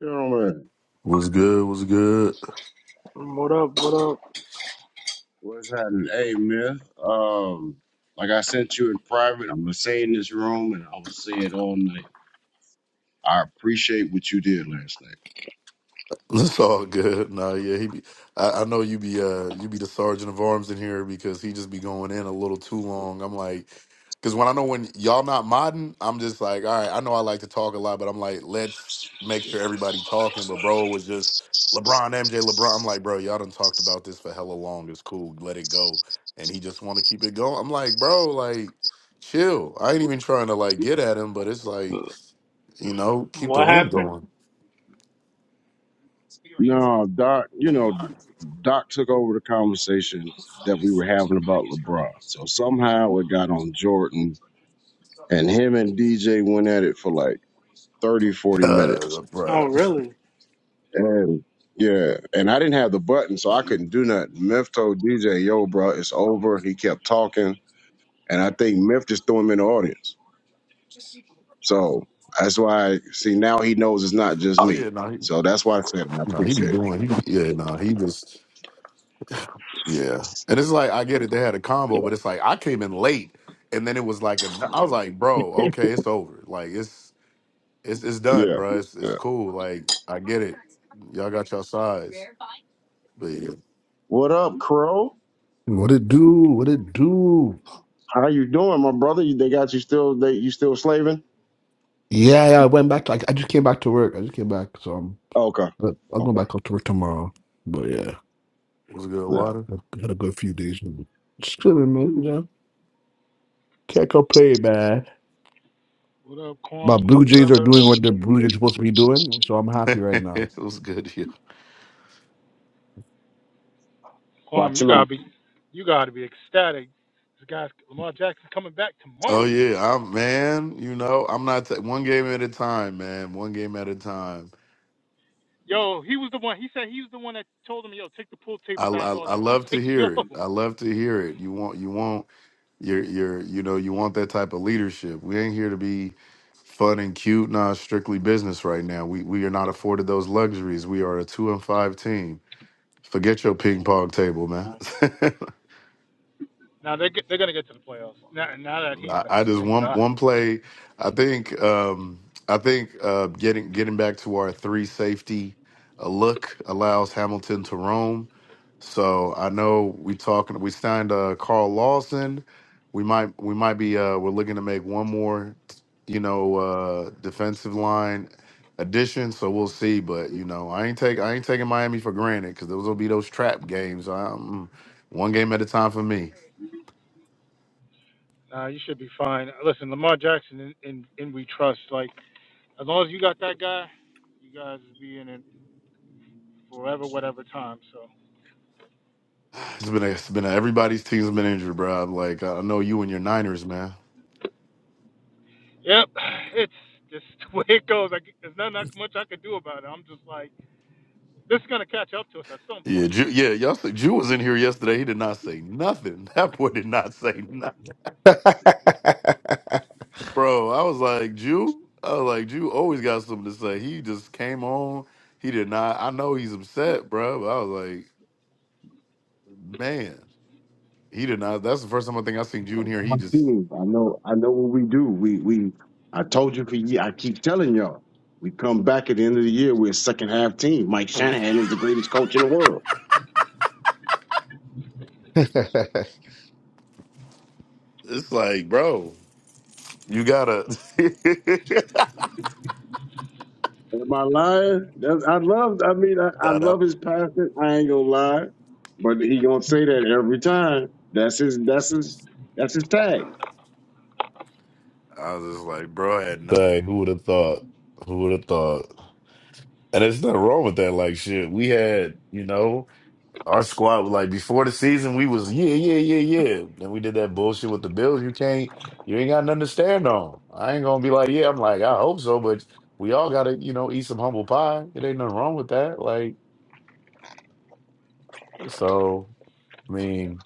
Gentlemen, Was good, was good. What up? What up? what's happening? Hey, Myth. Um, like I sent you in private, I'm gonna say in this room, and I'm gonna say it all night. I appreciate what you did last night. It's all good. Nah, yeah, he be. I, I know you be. Uh, you be the sergeant of arms in here because he just be going in a little too long. I'm like, because when I know when y'all not modding, I'm just like, all right. I know I like to talk a lot, but I'm like, let's make sure everybody talking. But bro was just LeBron, MJ, LeBron. I'm like, bro, y'all done talked about this for hella long. It's cool. Let it go. And he just want to keep it going. I'm like, bro, like, chill. I ain't even trying to like get at him, but it's like, you know, keep the What room happened? going. No, Doc. You know, Doc took over the conversation that we were having about LeBron. So somehow it got on Jordan, and him and DJ went at it for like 30, 40 minutes. Cause, Oh, bruh. really? And yeah, and I didn't have the button, so I couldn't do nothing. Myth told DJ, "Yo, bro, it's over." He kept talking. And I think Memphis threw him in the audience. So that's why, see, now he knows it's not just Oh me. yeah, no, he, So that's why I said it, and I no, he be appreciate doing. He, be- yeah, no, he just, yeah. And it's like I get it. They had a it. combo, but it's like I came in late, and then it was like a. I was like, bro, Yeah. okay, it's over. Like it's it's it's done, yeah. bruh. It's it's Yeah. cool. Like I get it. Y'all got your sides, but yeah. What up, Crow? What it do? What it do? How you doing, my brother? You- They got you still, they, you still slaving? Yeah, yeah. I went back to. I, I just came back to work. I just came back. So I'm. Okay. But I'll go Okay. back up to work tomorrow. But yeah, What's good, Yeah. water? I had a good few days. and Just chilling, man. Yeah. Can't complain, man. What up, My Quam? Blue What Jays up, are doing everyone? what the Blue Jays are supposed to be doing, so I'm happy right now. it was good, yeah. Quam, Watch you him gotta out. be, you gotta be ecstatic. This guy's Lamar Jackson coming back Oh tomorrow. yeah, I'm man. You know, I'm not t- one game at a time, man. One game at a time. Yo, he was the one. He said he was the one that told him, yo, take the pool I, tables out I and all I that. I was love to like, yo. hear it. I love to hear it. You want you want your your you know you want that type of leadership. We ain't here to be fun and cute. Nah, it's strictly business right now. We we are not afforded those luxuries. We are a two and five team. Forget your ping pong table, man. Nah. Now they get, they're gonna get to the playoffs. Now, now that he's I, I back, just thank one God. one play. I think um I think uh getting getting back to our three safety a look allows Hamilton to roam. So I know we talking. We signed uh, Carl Lawson. We might we might be uh, we're looking to make one more, you know, uh, defensive line addition. So we'll see. But you know, I ain't take I ain't taking Miami for granted because those will be those trap games. I'm one game at a time for me. Nah, you should be fine. Listen, Lamar Jackson, in, in, in we trust. Like as long as you got that guy, you guys be in it forever, whatever time. So. It's been a, it's been a, everybody's team's been injured, bro. I'm Like I know you and your Niners, man. Yep, it's just the way it goes. I, c- there's not, not much I could do about it. I'm just like, this is gonna catch up to us at some Yeah, point. Ju, yeah, So, y'all. Say, Jew was in here yesterday. He did not say nothing. That boy did not say nothing. Bro, I was like, Jew? I was like, Jew always got something to say. He just came on. He did not. I know he's upset, bro. But I was like, man, he did not. That's the first time I think I seen Jew I in know here. He my just, team. I know, I know what we do. We, we, I told you for ye I keep telling y'all, we come back at the end of the year, we're a second half team. Mike Shanahan is the greatest coach in the world. it's like, bro, you gotta. Am I lying? That's, I love. I mean, I, I that up. love his passion. I ain't gonna lie, but he gonna say that every time. That's his. That's his. That's his tag. I was just like, bro, I had no. Dang, who would have thought? Who would have thought? And there's nothing wrong with that. Like, shit, we had, you know. Our squad was like before the season, we was yeah, yeah, yeah, yeah. Then we did that bullshit with the Bills. You can't, you ain't got nothing to stand on. I ain't gonna be like, yeah. I'm like, I hope so, but we all gotta, you know, eat some humble pie. It ain't nothing wrong with that. Like, so I mean,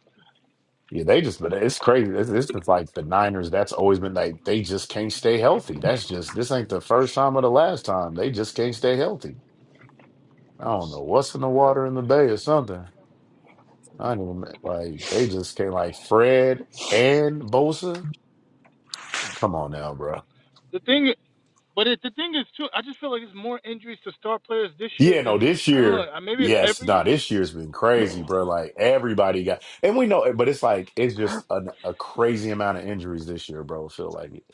yeah, they just, but it's crazy. It's, it's just like the Niners. That's always been like they just can't stay healthy. That's just this ain't the first time or the last time. They just can't stay healthy. I don't know what's in the yep. water in the bay or something. I don't even like they just came like Fred and Bosa. Come on now, bro. The thing, but it, the thing is too, I just feel like there's more injuries to star players this year Yeah, no, than like this I don't know. year, uh, Maybe it's yes, every nah, year. this year's been I don't crazy, know. bro. Like everybody got, and we know, it, but it's like it's just an, a crazy amount of injuries this year, bro. Feel like it.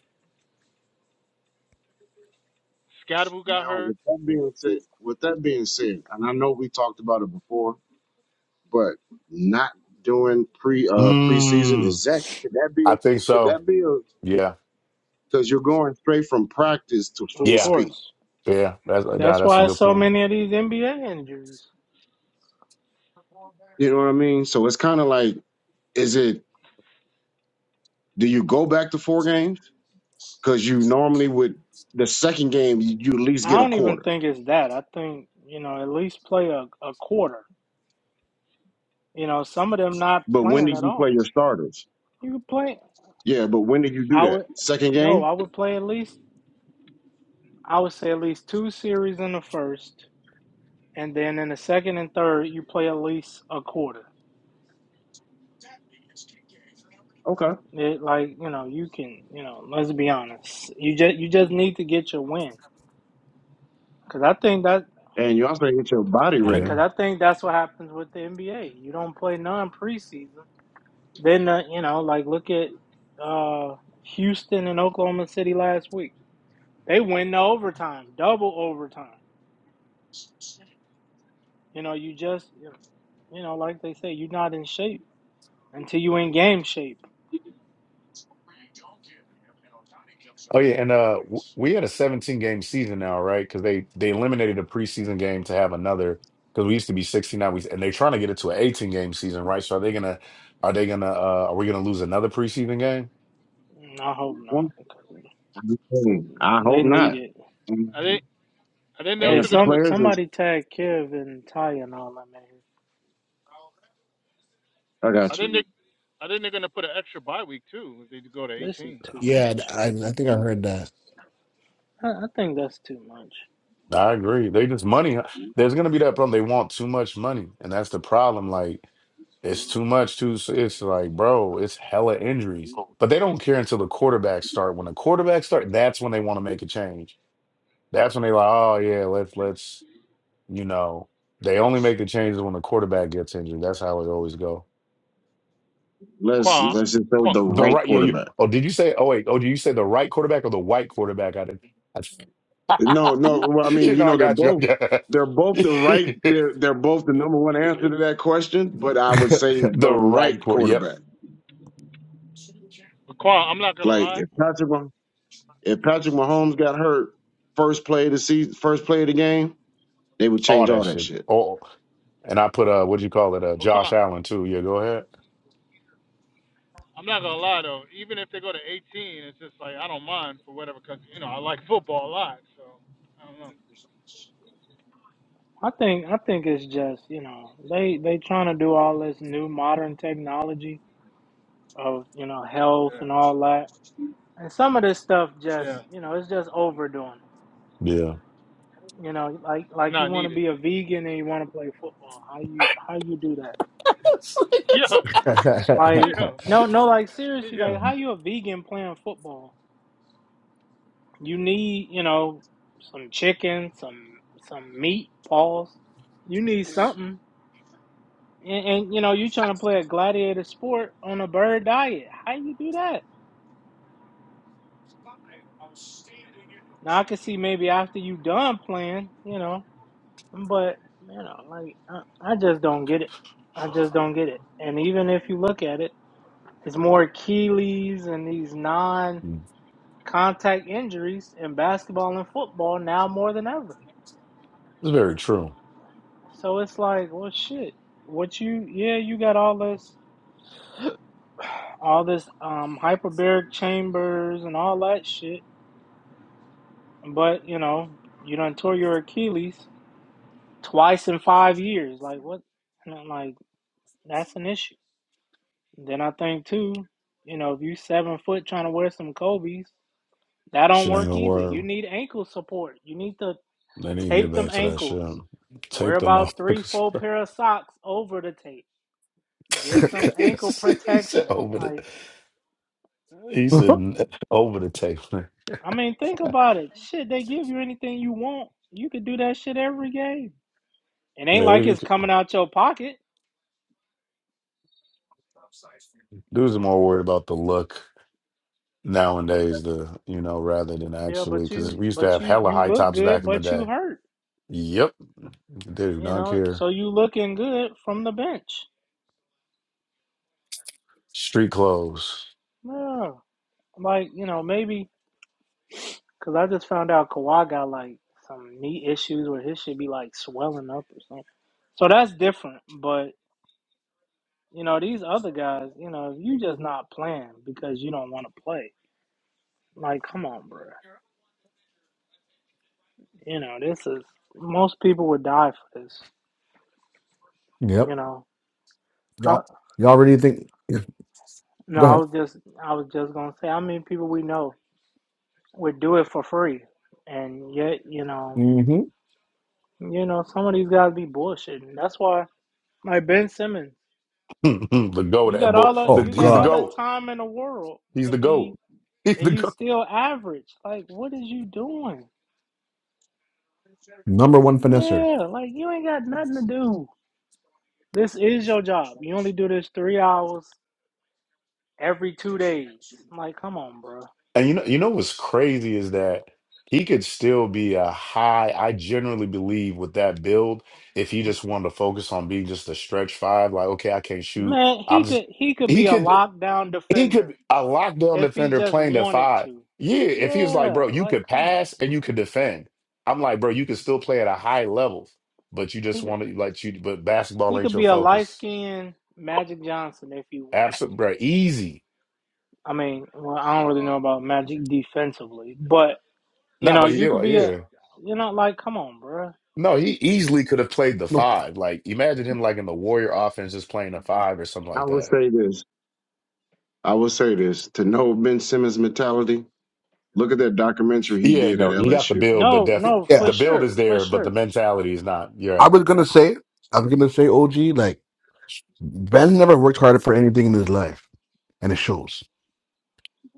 Scadaboo got Now, hurt. with that being said, with that being said, and I know we talked about it before, but not doing pre uh preseason Mm, is that could that be a I think could so. that be a Yeah, because you're going straight from practice to Of full yeah, speed. course. yeah. That's nah, That's that's a why good so point. many of these NBA injuries. You know what I mean? So it's kind of like, is it? Do you go back to four games? because you normally would the second game you, you at least I get a don't even quarter. think it's that. I think you know at least play a, a quarter. You know, some of them not But when playing did at you play all. your starters? You could play. Yeah, but when did you I do that? would Second no. game? I would play at least. I would say at least two series in the first, and then in the second and third, you play at least a quarter. Okay. It, like you know, you can you know. Let's be honest. You just you just need to get your win. Because I think that And you also get your body And ready. because Yeah. I think that's what happens with the NBA. You don't play none preseason. Then, uh, you know, like look at uh, Houston and Oklahoma City last week. They win the overtime, double overtime. You know, you just, you know, you know, like they say, you're not in shape until you in game shape. Oh yeah, and uh, w- we had a 17 game season now, right? Because they they eliminated a preseason game to have another. Because we used to be 69 weeks, and they're trying to get it to an 18 game season, right? So are they gonna are they gonna uh, are we gonna lose another preseason game? Mm, I hope not. 'cause I They hope need not. it. And I think. I think they're Hey, also if the gonna some put. players is, somebody tag Kev and Ty and all that, man. I I got you. think they. I think they're gonna put an extra bye week too if they go to This is 18. too Yeah, much. I, I think I heard that. I, I think that's too much. I agree. They just money. huh? There's gonna be that problem. They want too much money, and that's the problem. Like it's too much. Too. so It's like, bro, it's hella injuries. But they don't care until the Why quarterbacks start. When the quarterbacks start, that's when they want to make a change. That's when they like, oh yeah, let's let's. You know, they only make the changes when the quarterback gets injured. That's how it always go. But Let's Qua, let's just throw Qua, the The right right, yeah. You, quarterback. oh, did you say? Oh wait. Oh, did you say the right quarterback or the white quarterback? I did. I, No, no. Well, I you mean, you know, I know, they're got you. both they're both the right the they're they're both the number one answer to that question. But I would say the right right quarter. Yep. quarterback. Qua, I'm not gonna Like lie. if Patrick. If Patrick Mahomes got hurt first play of the season, first play of the game, they would All change that all that shit. shit. Oh, and I put uh, what do you call it? Uh, But Qua, Josh Allen too. Yeah. Go ahead. I'm not gonna lie though. Even if they go to 18, it's just like I don't mind for whatever because you know I like football a lot. So I don't know. I think I think it's just you know they they trying to do all this new modern technology of you know health Yeah, and all that, and some of this stuff just yeah, you know it's just overdoing it. Yeah, You know, like it's like you not want to needed. be a vegan and you want to play football. How you how you do that? Yeah, Like yeah, no no like seriously yeah. like how you a vegan playing football? You need you know some chicken, some some meat, pause. You need something. And, and you know, you trying to play a gladiator sport on a bird diet. How you do that? Now I can see maybe after you done playing, you know, but you know, like I, I just don't get it. I just don't get it. And even if you look at it, it's more Achilles and these non-contact Mm. injuries in basketball and football now more than ever. it's very true. So it's like, well, shit. What you? Yeah, you got all this, all this um hyperbaric chambers and all that shit But you know, you done tore your Achilles twice in five years. Like what? And I'm like, that's an issue. Then I think too, you know, if you seven foot trying to wear some Kobe's, that don't Shit ain't work gonna either. work. You need ankle support. You need to They need to get tape them back to that shit. ankles. Wear Tape them about three, motherfuckers. four pair of socks over the tape. Get some ankle he said protection. over the Like, He said over the table. I mean, think yeah, about it. Shit, they give you anything you want. You could do that shit every game. It ain't like you it's could- coming out your pocket. dudes are more worried about the look nowadays, the you know, rather than Yeah, actually but because you we used to but have you hella you high look tops back good, in the but you day. hurt. Yep, they do You not know, care. so you looking good from the bench. Street clothes. Yeah, like you know maybe because I just found out Kawhi got like some knee issues where his should be like swelling up or something. So that's different. But you know these other guys, you know, you just not playing because you don't want to play. Like, come on, bro. You know this is most people would die for this. yep. You know, how, Y'all, y'all really think? no, Go I ahead. was just I was just gonna say how many people we know would do it for free. And yet, you know, you know, some of these guys be bullshitting. That's why like Ben Simmons, the goat, you at got all Bull- the Oh the, you he's got the God, all the goat. time in the world he's to the goat. be He's and the you goat. still average. Like what is you doing? number one finesser. Yeah, like you ain't got nothing to do. This is your job. You only do this three hours every two days. I'm like, come on, bro. And you know, you know what's crazy is that he could still be a high. I generally believe with that build, if he just wanted to focus on being just a stretch five, like okay, I can't shoot. Man, I'm he just could he could he be a could lockdown he could defender be a lockdown if he defender just playing at wanted five. to. Yeah, if he was like, Yeah, bro, you like could come on, pass and you could bro. defend. I'm like, bro, you could still play at a high level, but you just He could- want to like you, but basketball He ain't could your be a light focus. skinned Magic Johnson if he wanted Absolutely, to. bro, easy. I mean, well, I don't really know about Magic defensively, but you Not, know, but you yeah, could like, be a, yeah. you know, like, come on, bruh. No, he easily could have played the No, five. Like, imagine him like in the Warrior offense, just playing a five or something I like would that. say this. I would say this. To know Ben Simmons' mentality, look at that documentary he Yeah, did at no, he got the LSU. build, but No, definitely no, yeah, for the build sure, is for there, but the sure. mentality is not. I Yeah, was gonna say, I was gonna say, OG, like Ben's never worked harder for anything in his life, and it shows.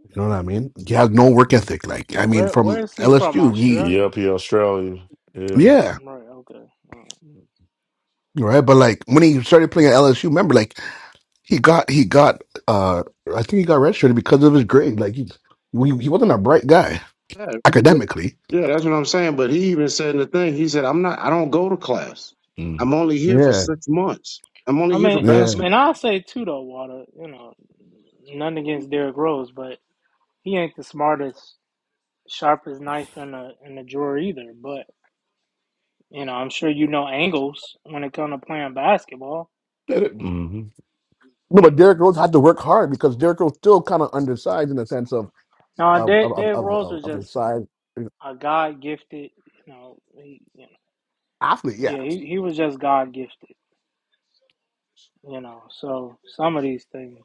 You know what I mean? He has no work ethic. Like I mean, Where, where from is he from? LSU, he Australia? yep, he Australia. Yeah, yeah, Right. Okay. Oh. right. But like when he started playing at LSU, remember, like he got he got uh, I think he got redshirted because of his grade. Like he we, he wasn't a bright guy Yeah, he was- academically. yeah, that's what I'm saying. But he even said in the thing, he said, "I'm not. I don't go to class. mm. I'm only here for Yeah, six months. I'm I only here for mean, yeah. I- basketball." and I'll say too though, Water. You know, nothing against Derrick Rose, but he ain't the smartest, sharpest knife in the in the drawer either. But you know, I'm sure you know angles when it comes to playing basketball. No, but Derrick Rose had to work hard because Derrick Rose still kind of undersized in the sense of. No, of of Derrick, of Derrick of, Rose of was of his just size. a God gifted. You know, he, you know, Athlete, yeah. yeah, he, he was just God gifted. You know, so some of these things.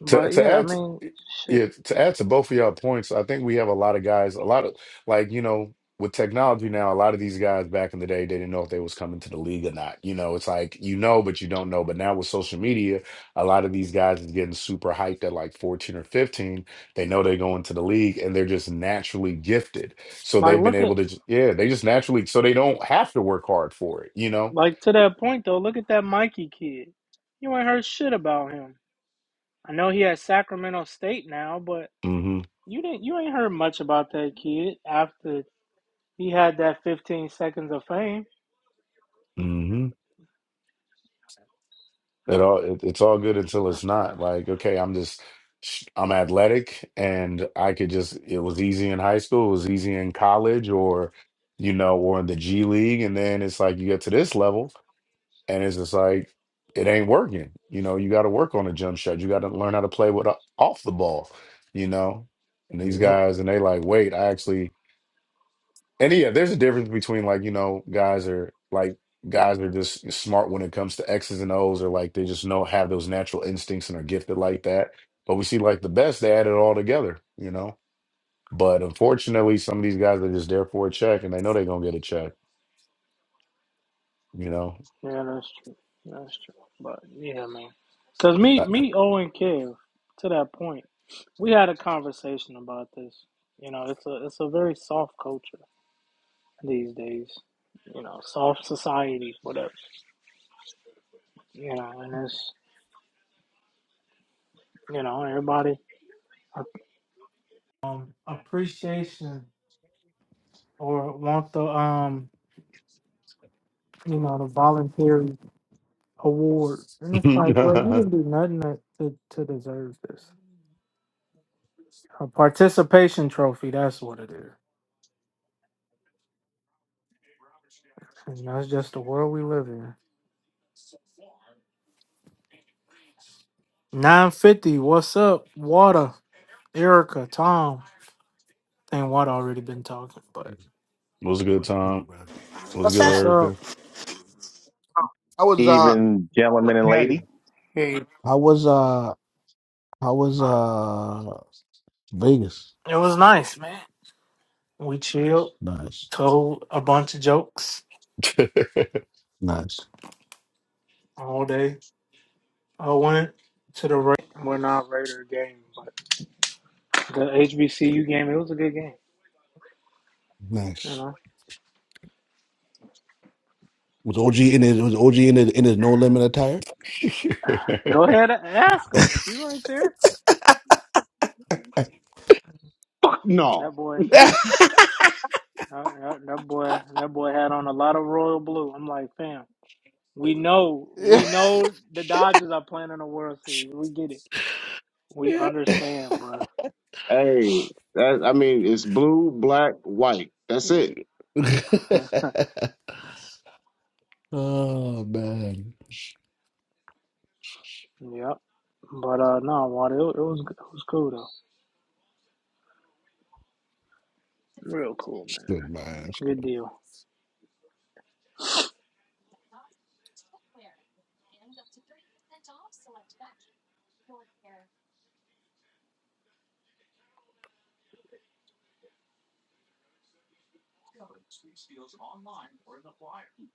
But to to yeah, I add to, mean, shit. yeah to add to both of y'all points i think we have a lot of guys a lot of like you know with technology now a lot of these guys back in the day they didn't know if they was coming to the league or not you know it's like you know but you don't know but now with social media a lot of these guys is getting super hyped at like 14 or 15 they know they're going to the league and they're just naturally gifted so Like, they've been look at able to j- yeah they just naturally so they don't have to work hard for it you know like to that point though. Look at that Mikey kid. You ain't heard shit about him. I know he at Sacramento State now, but mm-hmm you didn't. You ain't heard much about that kid after he had that 15 seconds of fame. Mm-hmm. It all it, it's all good until it's not. Like, okay, I'm just I'm athletic and I could just it was easy in high school, it was easy in college or you know, or in the G League and then it's like you get to this level and it's just like it ain't working. You know, you got to work on a jump shot. You got to learn how to play with a, off the ball, you know. And these Yep. guys and they like, "Wait, I actually and yeah, there's a difference between like, you know, guys are like guys are just smart when it comes to X's and O's or like they just know have those natural instincts and are gifted like that. But we see like the best, they add it all together, you know. But unfortunately, some of these guys are just there for a check and they know they're gonna get a check, you know. Yeah, that's true. That's true. But yeah, man. Cause me, me, Owen Kev, to that point, we had a conversation about this. You know, it's a it's a very soft culture these days. You know, soft society, whatever. You know, and it's you know everybody um appreciation or want the um you know the voluntary award, and it's it like, well, you didn't do nothing to to, to deserve this. A participation trophy. That's what it is. And that's just the world we live in. 950, what's up? Water, Erica, Tom. And Water already been talking, but was a good Really, time. bro. It was What's good, what's up? up? Erica. I was uh Even Like, gentleman and Daddy, lady. hey I was uh I was uh Vegas. It was nice, man. We chilled, Nice. told a bunch of jokes Nice. all day. I went to the Ra- well, not Raider game, but the HBCU game. It was a good game. You Nice. know, Was OG in his was OG in his in his no limit attire? go ahead and ask him. He right there. fuck no. That boy, that, that that boy, that boy had on a lot of royal blue. I'm like, fam. We know, we know the Dodgers are playing in a World Series. We get it. We understand, bro. Hey, that, I mean, it's blue, black, white. That's it. oh man. That's yep. But uh, no, water. It, it was it was cool though. Real cool, man. good, man. That's Good good. deal.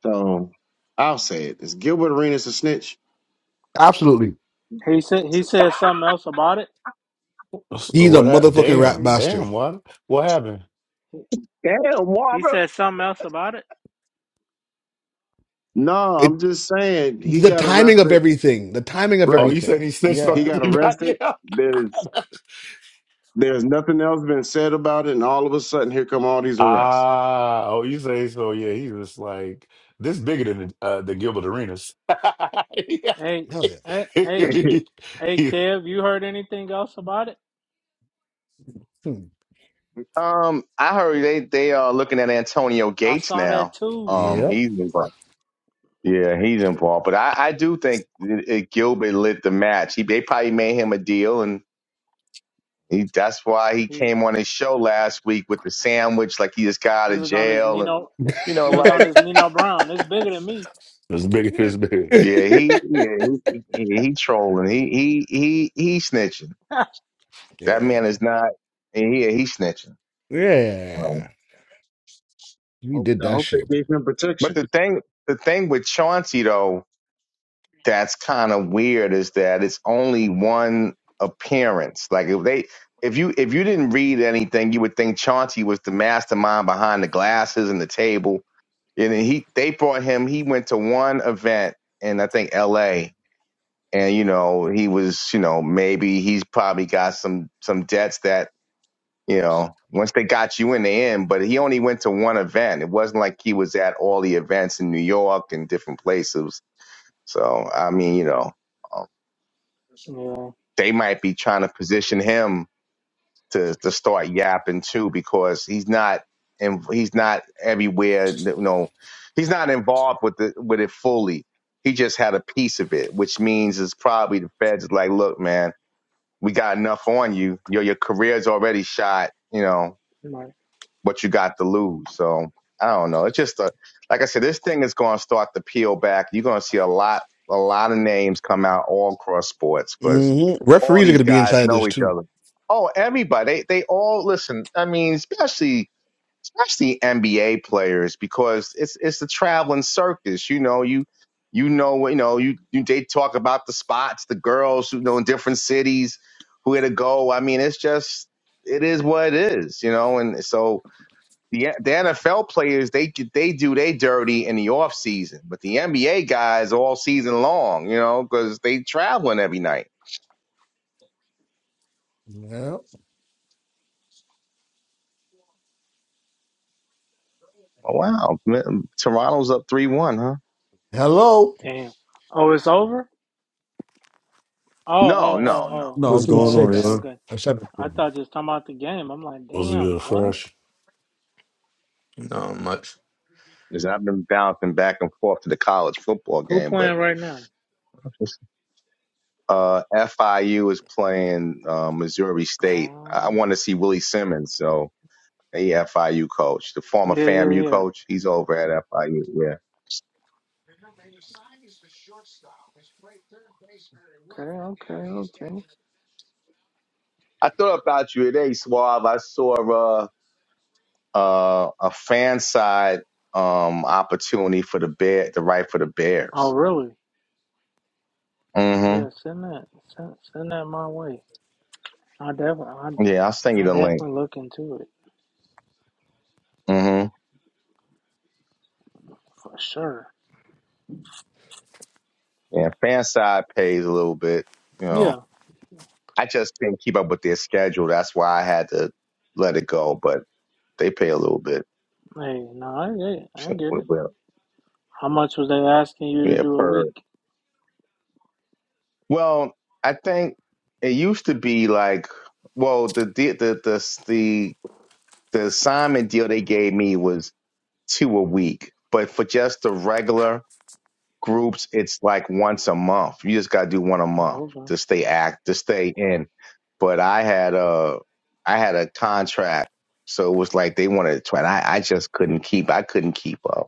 So I'll say it. Is Gilbert Arenas a snitch? Absolutely. He said he said something else about it. He's a what happened? motherfucking rap He Damn, bastard. damn, what what happened? he, Damn, he water. said something else about it. No, It I'm just saying he the got timing of arrested. everything. The timing of Oh, Right. you said he everything. snitched on He Yeah. got arrested. everybody There's there's nothing else been said about it, and all of a sudden here come all these arrests. Ah, oh, you say so? Yeah, he was like this bigger than uh, the Gilbert Arenas. Hey Hell yeah. hey hey hey, It's Kev, you heard anything else about it? Hmm. Um, I heard they they are looking at Antonio I Gates saw that now. too. Um, Yep. he's involved. Yeah, he's involved. But I, I do think it, it- Gilbert lit the match. He they probably made him a deal, and he, that's why he He came on his show last week with the sandwich, like he just got out he of was on his jail, and Nino. you know, He was on like his Nino Brown. It's bigger than me. bigger. it's bigger. yeah, he yeah he, he, he trolling. He he he he snitching. That Yeah. man is not. Yeah, he snitching. Um, Yeah. He Hope- did I that hope shit. they gave him but protection. the thing the thing with Chauncey though that's kind of weird is that it's only one appearance. Like if they if you if you didn't read anything, you would think Chauncey was the mastermind behind the glasses and the table. And then he they brought him, he went to one event in I think LA. And you know, he was, you know, maybe he's probably got some some debts that, you know, once they got you in the end, but he only went to one event. It wasn't like he was at all the events in New York and different places. So I mean, you know, yeah. they might be trying to position him to to start yapping too because he's not and he's not everywhere you know he's not involved with the with it fully he just had a piece of it which means it's probably the feds is like look man we got enough on you your your career's already shot you know right. what you got to lose. So I don't know. It's just a like I said, this thing is going to start to peel back. You're going to see a lot, a lot of names come out all across sports because hmm all Referees are these gonna be guys inside this know each too. other. Oh, everybody, they they all listen. I mean, especially especially NBA players because it's it's the traveling circus. You know, you you know you know you, you they talk about the spots, the girls you know in different cities who had to go. I mean, it's just it is what it is, you know, and so the the NFL players they they do they dirty in the off season, but the NBA guys all season long, you know, because they traveling every night. Yeah. Oh, wow, Toronto's up three one, huh? Hello. Damn. Oh, it's over? Oh, No, oh, no, oh, no. oh. No, I'm What's talking going Oh, on, okay, six. y'all? okay. I'm I seven. thought just talking about the game. I'm like, Was damn, good what? fresh. Not much. Because I've been bouncing back and forth to the college football Who game, but playing right now? uh, FIU is playing uh, Missouri State. I I Oh, want to see Willie Simmons, so the FIU coach, the former yeah, yeah, FAMU yeah. coach, he's over at FIU. Yeah, Okay, okay, okay. I thought about you today, Suave. I saw. Uh, uh, a fan side um, opportunity for the bear, the right for the Oh, Bears. really? hmm Yeah, send that, send, send that my way. I definitely, I, Yeah, I'll send you I the link. definitely look into it hmm for sure. Yeah, fan side pays a little bit. You know, Yeah. I just didn't keep up with their schedule. That's why I had to let it go. But they pay a little bit. Hey, no, I get, it. I Shit, get we- it. Well, How much was they asking you to yeah, do a per. week? Well, I think it used to be like, well, the the the the the, the assignment deal they gave me was two a week, but for just the regular groups it's like once a month you just got to do one a month Oh, okay. to stay act to stay in but i had a i had a contract so it was like they wanted to try and I, I just couldn't keep i couldn't keep up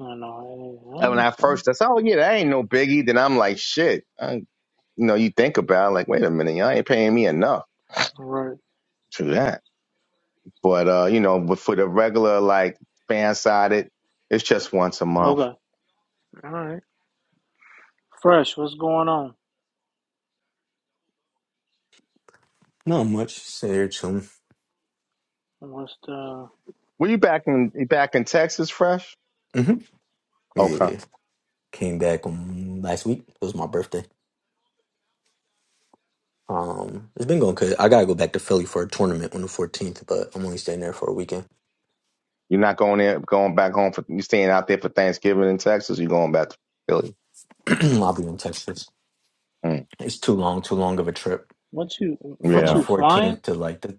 No, no, hey, and I when i understand. first i said oh yeah that ain't no biggie then i'm like shit I, you know you think about it, like wait a minute y'all ain't paying me enough Right. to that but uh you know but for the regular like fan sided it's just once a month Okay. All right. Fresh, what's going on? Not much. Stay here chilling. What's the were you back in back in texas fresh hmm Okay. Yeah, came back um, last week. It was my birthday. Um, it's been going good. I gotta go back to Philly for a tournament on the fourteenth, but I'm only staying there for a weekend. You're not going in, going back home for you are staying out there for Thanksgiving in Texas. You're going back to Philly. I'll be in Texas. Mm, It's too long, too long of a trip what you from what the yeah, you flying? fourteenth to like the.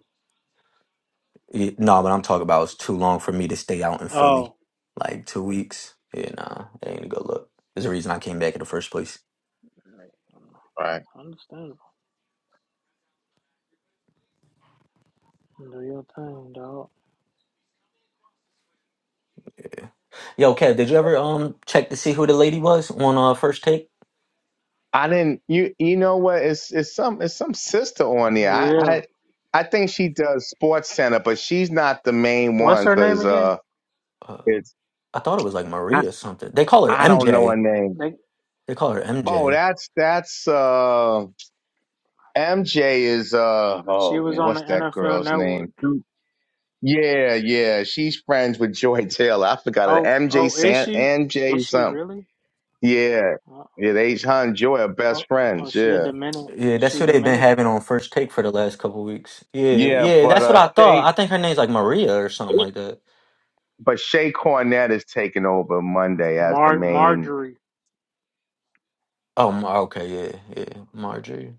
Yeah, no, what I'm talking about is too long for me to stay out in Philly, Oh, like two weeks. Yeah, nah, that ain't a good look. There's a reason I came back in the first place. right. understandable. Do your thing, dog. Yo, Kev, did you ever um check to see who the lady was on uh first take? I didn't. You you know what? It's it's some it's some sister on there. I Yeah. I, I think she does Sports Center, but she's not the main What's one her name because again? uh, uh, it's I thought it was like I, Maria or something. They call her I don't know MJ. her name. Like They call her Oh, MJ. that's that's uh MJ is uh she oh was man, on the what's that NFL girl's Network. name? Yeah, yeah, she's friends with Joy Taylor. I forgot it. Oh, MJ oh, is San she? Is MJ she something. really? Yeah. Oh, Yeah, they her and Joy are best oh, oh friends. she a Yeah. Dominican. Yeah, that's She who they've been Dominican. having on first take for the last couple weeks. Yeah, Yeah, yeah, but that's what uh I thought. Shay I think her name's like Maria or something like that. but Shay Cornett is taking over Monday as the Mar main Marjorie Oh, Ma- okay, yeah, yeah, Marjorie.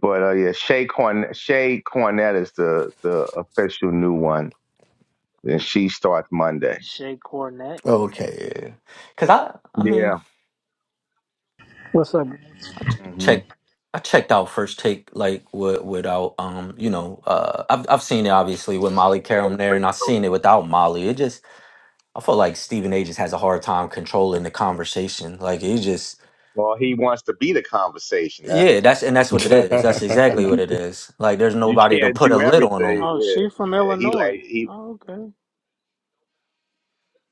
but uh yeah, Shay Corn Shay Cornett is the the official new one. And she starts Monday. Shea Cornett. Okay, yeah. Cause I, I mean, Yeah. What's up, I ch- hmm checked, I checked out first take like with, without, um, you know, uh, I've I've seen it obviously with Molly Carum there, and I've seen it without Molly. It just, I feel like Stephen A. just has a hard time controlling the conversation. Like it just Well, he wants to be the conversation, huh? Yeah, that's and that's what it yeah, is. That's exactly what it is. Like there's you nobody to can't put a do lid on them. everything. Oh, Yeah. she from yeah. He Illinois. like he Oh, okay.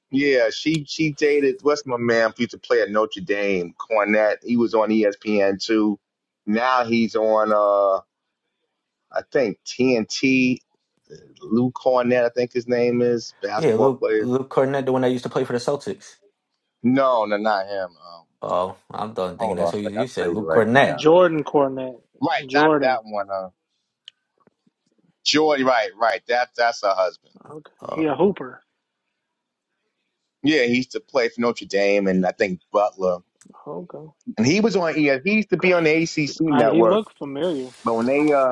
Yeah, she she dated what's my man who used to play at Notre Dame, Cornette. He was on ESPN too. Now he's on uh I think TNT. Lou Cornette, I think his name is Yeah, basketball Luke player. Luke Cornett, the one that used to play for the Celtics. No, no, not him. Um, Oh, I'm done thinking hold that's on a who you, sec, I'll you said, tell you Luke right Cornett. now. Jordan Cornett. Right, not Jordan. that one. Uh, Jordy. Right, right. That that's her husband. Okay. He a Oh, hooper. Yeah, he used to play for Notre Dame and I think Butler. Okay. And he was on. Yeah, he used to be on the ACC I he network. looked familiar. But when they uh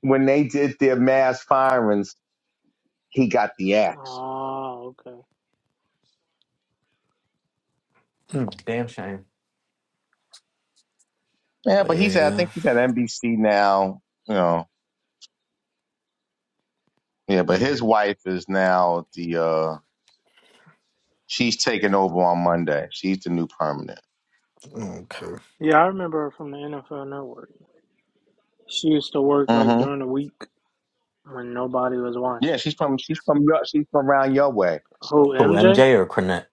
when they did their mass firings, he got the axe. Oh, okay. mm, damn shame. Yeah, But but he's at, I yeah, think he's at NBC now. You know, yeah, but mm, his wife is now the uh she's taking over on Monday. She's the new permanent. okay. Yeah, I remember her from the NFL Network. She used to work like hmm during the week when nobody was watching. Yeah, she's from she's from your she's from around your way. Who, Who MJ? MJ or Cornett?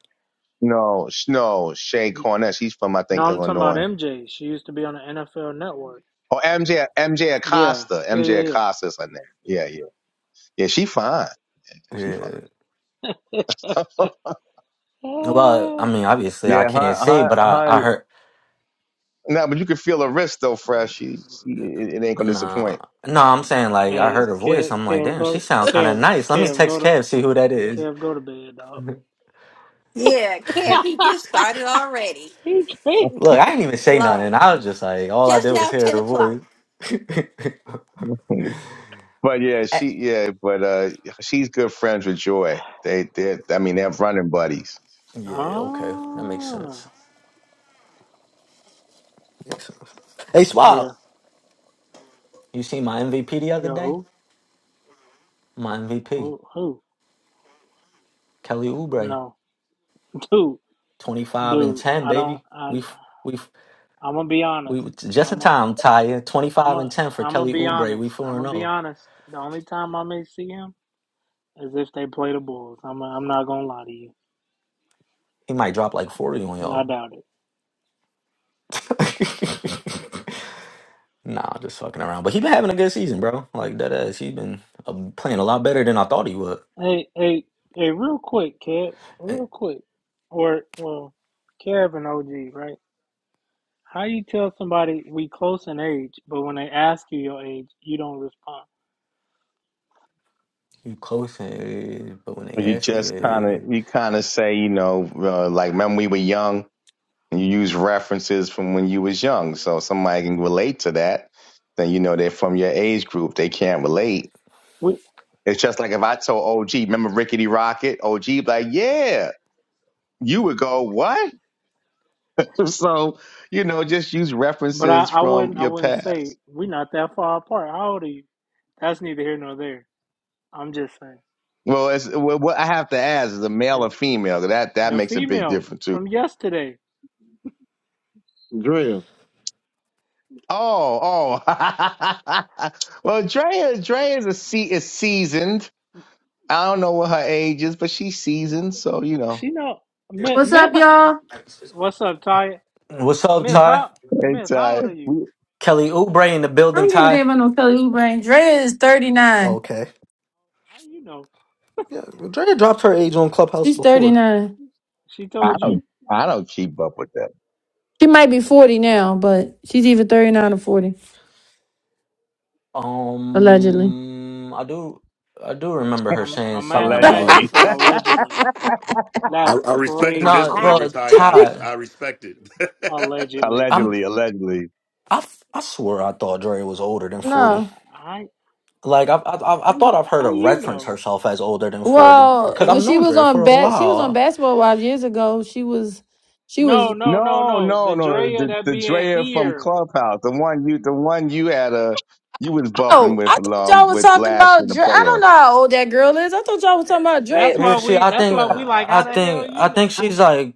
No, sh- no, Shay Cornett. She's from I No, think I'm talking about Illinois. MJ. She used to be on the NFL Network. Oh, MJ MJ Yeah, Acosta. yeah, MJ yeah, yeah. Acosta is her name. Yeah, yeah, yeah. She fine. Yeah, She fine. Yeah. Well, I Eh. mean, obviously I yeah, can't her, see, her, but I her. I heard No, but you can feel her wrist though, fresh. She, she it, it ain't gonna nah. disappoint. No, I'm saying like I heard Hey, her voice. Kev, I'm like, Kev, damn, she go, sound kind of Kev, nice. Let me Kev, text go to, Kev see who that is. Kev, go to bed, dog. Yeah, Kev, he gets started already. he crazy. Look, I didn't even say nothing. I was just like, all I Just did was now, hear 10 her voice. o'clock. but yeah, Eh, she yeah, but uh, she's good friends with Joy. They they, I mean, they're running buddies. yeah, okay. That makes Ah, sense. Makes sense. Hey, Swab, yeah. you seen my MVP the other Yo, day? who, My MVP, who, who? Kelly Oubre, No, dude, 25 and dude. 10, I don't. baby. We I f- we f- I'm gonna be we honest. w- just in I'm a, time, Taya. I'm 25 and a, 10 for I'm gonna Kelly be Oubre. honest. We I'm 4 and gonna be 0. honest. The only time I may see him is if they play the Bulls. I'm, i am i am not gonna lie to you. He might drop like 40 on I y'all. doubt it. nah, just fucking around. But he been having a good season, bro. Like that ass. He been uh, playing a lot better than I thought he would. Hey, hey, hey, real quick, Kev, Eh, real quick, or well, Kev and OG, right? How you tell somebody we close in age, but when they ask you your age, you don't respond. You close in your age, but when they You ask you just your kind of age. you kind of say you know uh, like when we were young, and you use references from when you was young, so somebody can relate to that. Then you know they're from your age group. They can't relate. We, It's just like if I told OG, remember Rickety Rocket? OG be like, yeah. You would go, what? so you know, just use but I, references I from wouldn't, I your wouldn't past. say we are not that far apart. How old are you? That's neither here nor there. I'm just saying. Well, as well, what I have to ask is a male or female. That that The makes a big female difference too. from yesterday. Drea, Oh, oh. well, Drea, Drea is a se- is seasoned. I don't know what her age is, but she's seasoned, so you know. She know myth. What's myth up, y'all? I what's up, Ty? What's up, Myth, Ty? how myth? It's How old uh, are you? we, Kelly Oubre in the building, don't give a Ty. damn about no Kelly Oubre. Drea is 39. Okay. How you know? Yeah, Drea dropped her age on Clubhouse She's before. 39. She told you. I don't keep up with that. She might be 40 now, but she's either 39 or 40, allegedly. Um, I do, I do remember her I'm saying I'm mad. something I'm mad about you Allegedly, said allegedly. I, That's I respect no. the Nah, crazy. disclaimer, Well, Taya. I dis- Ty, I respect it. Allegedly. I'm, allegedly, allegedly. I, f- I swear I thought Dre was older than forty. How No. how Like I, I, I I how thought you I've heard how her you reference know? herself as older than forty Well, because Cause when I've she known was Dre for on a bat, she was on while. Basketball Wives years ago. She was, she no was. no no No, no. The no, no, no. Drea The that the being Drea from here. Clubhouse, the one you, the one you had a, you was bumping Oh, I with thought y'all um was with talking Lash about in the Dre. I don't playoff. know how old that girl is. I thought y'all was talking about Dre. That's Yeah, why she, we. I That's think, why we like. How I the think, hell you I think know? she's like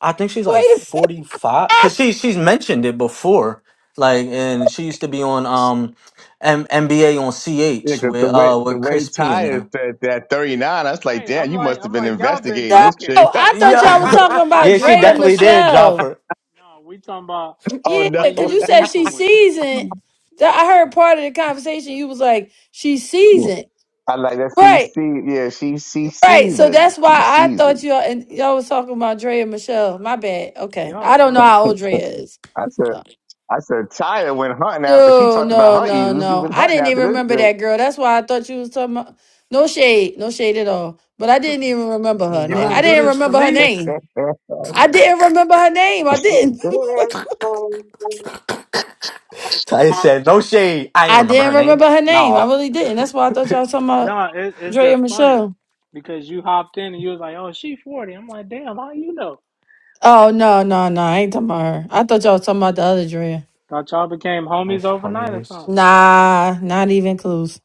I think she's Wait a like minute. 45 cuz she she's mentioned it before like and she used to be on um M- NBA on Yeah, CH 'cause with the way uh the with Chris way P Ty and had uh said that thirty nine, I was like, Right. I'm damn, you like. must have I'm been like. Y'all been investigating No, this talking. chick. I thought y'all was yeah talking about yeah she Dre and Fresh. definitely Fresh. did drop Michelle. her No, we talking about oh the Yeah, no, one you because was you said beefing she's with. why seasoned. Th- I heard part of the conversation. You was like, she's seasoned. I like that. She Right, see, yeah, she she right. So seasoned, that's she why I thought seasoned. y'all and y'all was talking about Dre and Michelle. My bad. Okay, Y'all I don't know funny. how old bro. Dre is. I said, So- I said, Tyra went hunting after she No, talked no, about her no, eagles. She no. went I hunting didn't even after remember that girl. That's why I thought you was talking about. No shade, no shade at all. But I didn't even remember her. You na- no, I gonna no. do didn't this to remember her me? this name. I didn't remember her name. I didn't. chick. Ty said no shade I didn't I remember her didn't name remember her name. I no really didn't. That's why I thought y'all was talking about No, it, it's Dre and just funny Michelle. because you hopped in and you was like, "Oh, she 40." I'm like, "Damn, how you know?" Oh no, no, no! I ain't talking about her. I thought y'all was talking about the other Drea. Thought y'all became that's homies funny overnight or as something, Nah, not even close.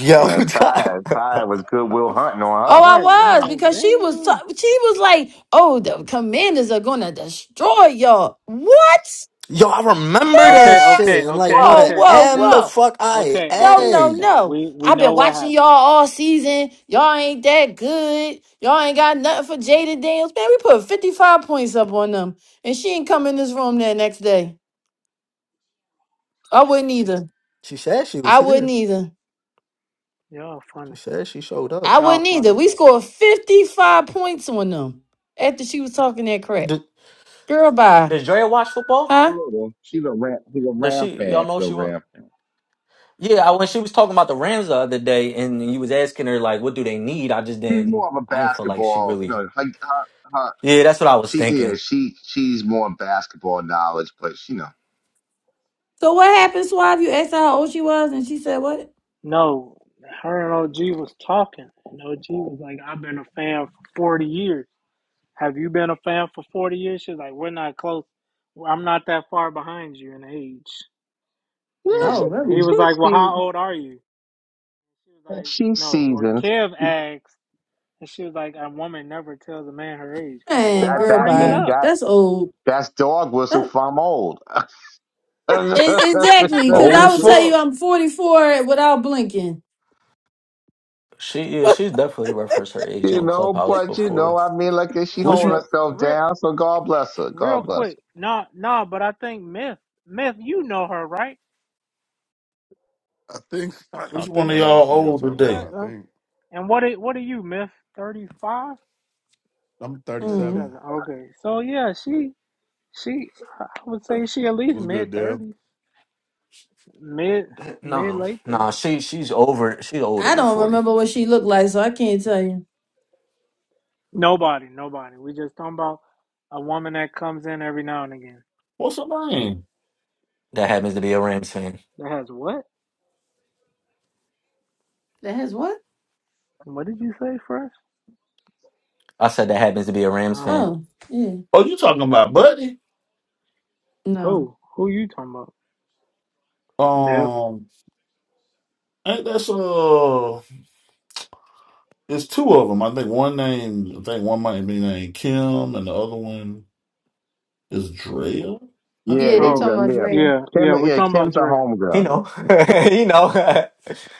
yo Uh, Ty, Ty was Goodwill Hunting Oh, on her. right? I'm I was like, because she was "Damn." ta- she was like, "Oh, the commanders are gonna destroy y'all." What? This? yo I remember that Okay, shit okay, and like okay, Whoa, what okay, whoa, okay, M the whoa! fuck I okay, A? No, okay, no, okay. no! We we I've been know what watching happened. y'all all season. Y'all ain't that good. Y'all ain't got nothing for Jaden Daniels. Man, we put fifty five points up on them, and she ain't come in this room that next day. I wouldn't either. she said she was I wouldn't here either. Y'all she funny. said she showed up I Y'all wouldn't either. funny. We scored 55 points on them after she was talking that crap. Girl, bye. Does Drea watch football? A Huh? little. She's a Ram. She's a Does Ram she? Y'all fan. know She's a she was. Ram fan. Yeah, I, when she was talking about the Rams the other day, and you was asking her like, "What do they need?" I just She's didn't. more of a I ain't feel like she basketball. You really. know, her, her, her, Yeah, that's what I was she yeah. thinking. She she's more basketball knowledge, but you know, So what happened, Suave? You asked her how old she was, and she said what? No, her and OG was talking, and OG was like, "I've been a fan for 40 years." Have you been a fan for 40 years? She's like, We're not close. I'm not that far behind you in age. yeah. She Oh, And she he really? was like, Well, she how old are you? She was like, she No. Or seasons. Kev asked, and she was like, A woman never tells a man her age. I'm like, Well, Man, That why girl, that bring it bye. mean up? that That's old. that's dog whistle That, from old. e- exactly, because Old I as would tell you fuck. I'm 44 without blinking. She yeah, she's definitely referenced her age you on know, Clubhouse but But I, you hey, know, before. I mean, like she but Which holding myth, one? herself real, down. So God bless her. real God bless. her. quick, nah, nah, but I think myth, myth, you know her, right? I think I I Which one think of I know which y'all one y'all old And talking about. what, today? I um, think and what, are- what are you, myth? 35, I'm thirty Mm. 37. seven. Okay. So yeah, she, She, I would say she at least What's good, mid Dale? thirties, mid mid No, late no, thirties. she she's over. She's older I than don't forty. remember what she looked like, so I can't tell you. Nobody, nobody. We just talking about a woman that comes in every now and again. What's her name? That happens to be a Rams fan. That has what? That has what? What did you say first? I said that happens to be a Rams fan. Oh, Oh, yeah. Oh, you talking about Buddy? No. who? Who you talking about? Dale. Um, ain't that's uh, it's two of them. I think one name, I think one might be named Kim, and the other one is Drea. I Yeah, Yeah, there think. they you Oh, talking go. about Yeah. Drea. yeah, yeah. Kim, We're yeah, talking about Kim's a Drea. He homegirl. know. he know.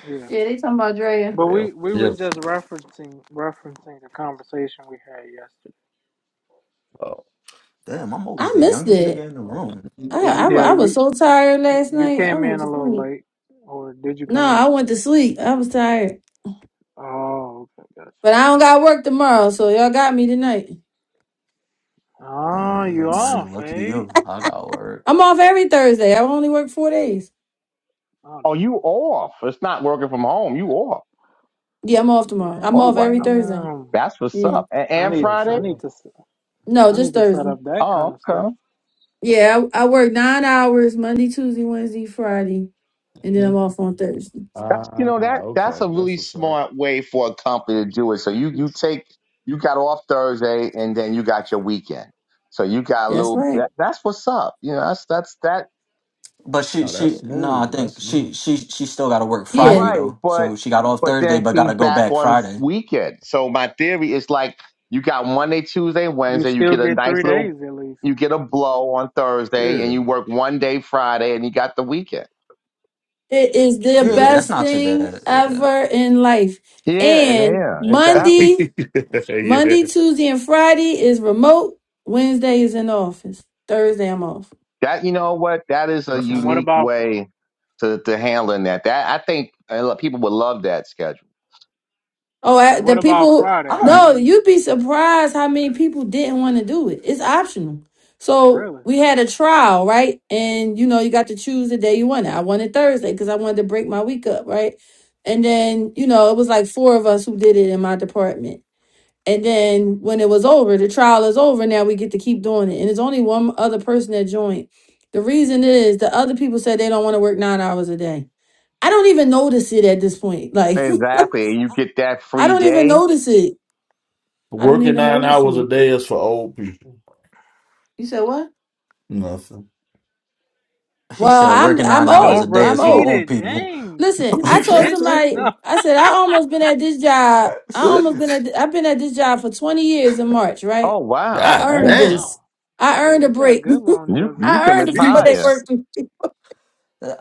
Yeah, Yeah, they talking about Drea. but Bill. we we Yeah. was just referencing referencing the conversation we had yesterday. Oh, Damn, I'm always I the missed youngest nigga it. in the I room. I, I, you. wa- Yeah, I was you so tired last you night. I came went in to a little sleep. late, or did you No, come in? I went to sleep. I was tired. Oh, okay, gotcha. But I don't got work tomorrow, so y'all got me tonight. Oh, you Mm, that is off, lucky eh? you. I got work. I'm off every Thursday. I only work four days. Oh, Oh, you off. It's not working from home. You off. Yeah, I'm off tomorrow. I'm Oh, off wow. every Thursday. damn. That's what's Yeah. up. And, I and need, No, I Friday? shut up. need to, s- No, I need just to set Thursday. up that kind Oh, of schedule. okay. Yeah, I, I work nine hours Monday, Tuesday, Wednesday, Friday, and then I'm Mhm. off on Thursday. That's, you Ah, know, that, that's okay, a that's really what's up. smart way for a company to do it. So you, you take, you got off Thursday and then you got your weekend. So you got a That's little, right. that, that's what's up. You know, that's, that's that. But she No, that's she no, I smooth. That's think smooth. she she she still got to work Yeah, Friday Right, though. but So she got off but Thursday, then but got she's to go back back on Friday. weekend. So my theory is like you got Monday, Tuesday, You Wednesday. You still get a get three nice little, days at least. you get a blow on Thursday, Yeah, and you work one day Friday, and you got the weekend. it is the Yeah, yeah, yeah. that's best not too thing bad. Yeah. ever in life. Yeah, And yeah, I, exactly. Monday, yeah. Monday, Tuesday, and Friday is remote. Wednesday is in the office. Thursday, I'm off. That you know what? That is a That's And what's what up. unique about, fr- way to to handling that. That I think uh, people would love that schedule. Oh, I, and the what about people. Friday? I How do don't. No, you you'd be surprised how many people didn't want to do it. It's optional. So really? we had a trial, right? And you know, you got to choose the day you wanted. I wanted Thursday because I wanted to break my week up, right? And then, you know, it was like four of us who did it in my department. And then when it was over, the trial is over. Now we get to keep doing it. And it's only one other person that joined. The reason is the other people said they don't want to work nine hours a day. I don't even notice it at this point. Like Exactly, and you get that I free don't even day. notice it. I don't Working even nine notice hours a it. day is for old people. You said what? Nothing. He Well, said I'm working I'm nine hours a Don't old. day I'm is for repeat old. old it. people. Dang, Listen, I told snitch. somebody. No. I said I almost been at this job. I almost been at. I've been at this job for 20 years in March. Oh Right. wow, I God earned Damn, damn. this. Wow. I Yeah, earned a you got break. good You longevity. you I can earned a four day retire. work Jesus. week.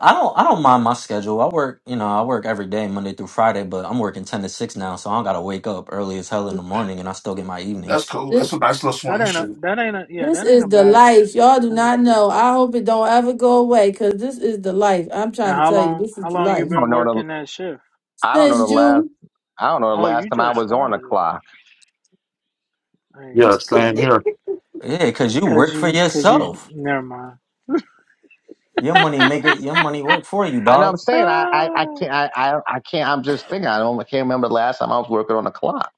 I don't. I don't mind my schedule. I work. You know, I work every day, Monday through Friday. But I'm working ten to six now, so I don't gotta wake up early as hell in the morning, and I still get my That's evenings. cool. This, That's a nice little That swing ain't a, shit. that ain't a, yeah, this that ain't is a the bad life. schedule. Y'all do Ten to not six. know. I hope it don't ever go away because this is the life. I'm And trying to how tell you, long, this is how the long I you life. been don't know the. working that shift? I don't know the Since last. June. I don't know the Oh, last you time I just was on a started it. clock. Hey, Yeah, cause same you here. Yeah, cause you Cause work for you, cause you, yourself. never mind. Your money make it. Your money work for you, I know what I'm dog. saying I I, I Ah, can't I, I I can't I'm just thinking I don't I can't remember the last time I was working on a clock.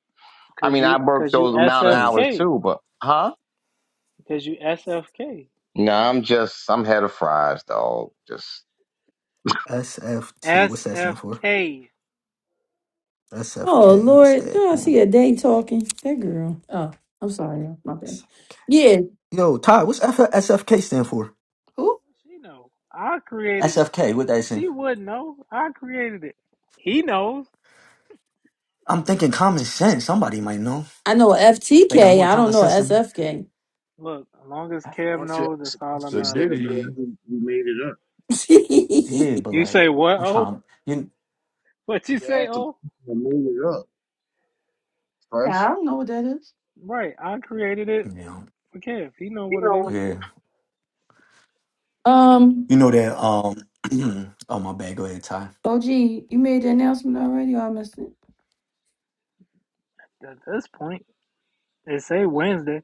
I cause mean you, I worked cause you those amount of hours SFK. too, but huh? Cause you S F K. No, I'm just I'm head of fries, dog. Just SFT. What's S that F stand for? K. Oh SFK. What's Lord, that? no, I see a Um, day talking. That girl. Oh, I'm sorry, y'all. my S bad. F Yeah, yo, Ty, What's F- SFK stand for? Who? She know. I created it. SFK. What that stand? For? She would not know. I created it. He knows. I'm thinking common sense. Somebody might know. I know a They got FTK. more I common don't know a sense than me. SFK. Look, as long as Kev don't FS. you knows, ask that's the all that So people say matters, bro. Diddy, who, who made it up? Yeah, but You like say what? I'm Oh, trying. You. what you You say? ask the Oh, people who made it up Yeah, first. I don't know what that is. right. I created it you know, for Kev. He know you what it know is. Yeah. um, You know that. Um. oh my bad. Go ahead, Ty. OG, you made the announcement already, or I missed it? At this point, it say Wednesday.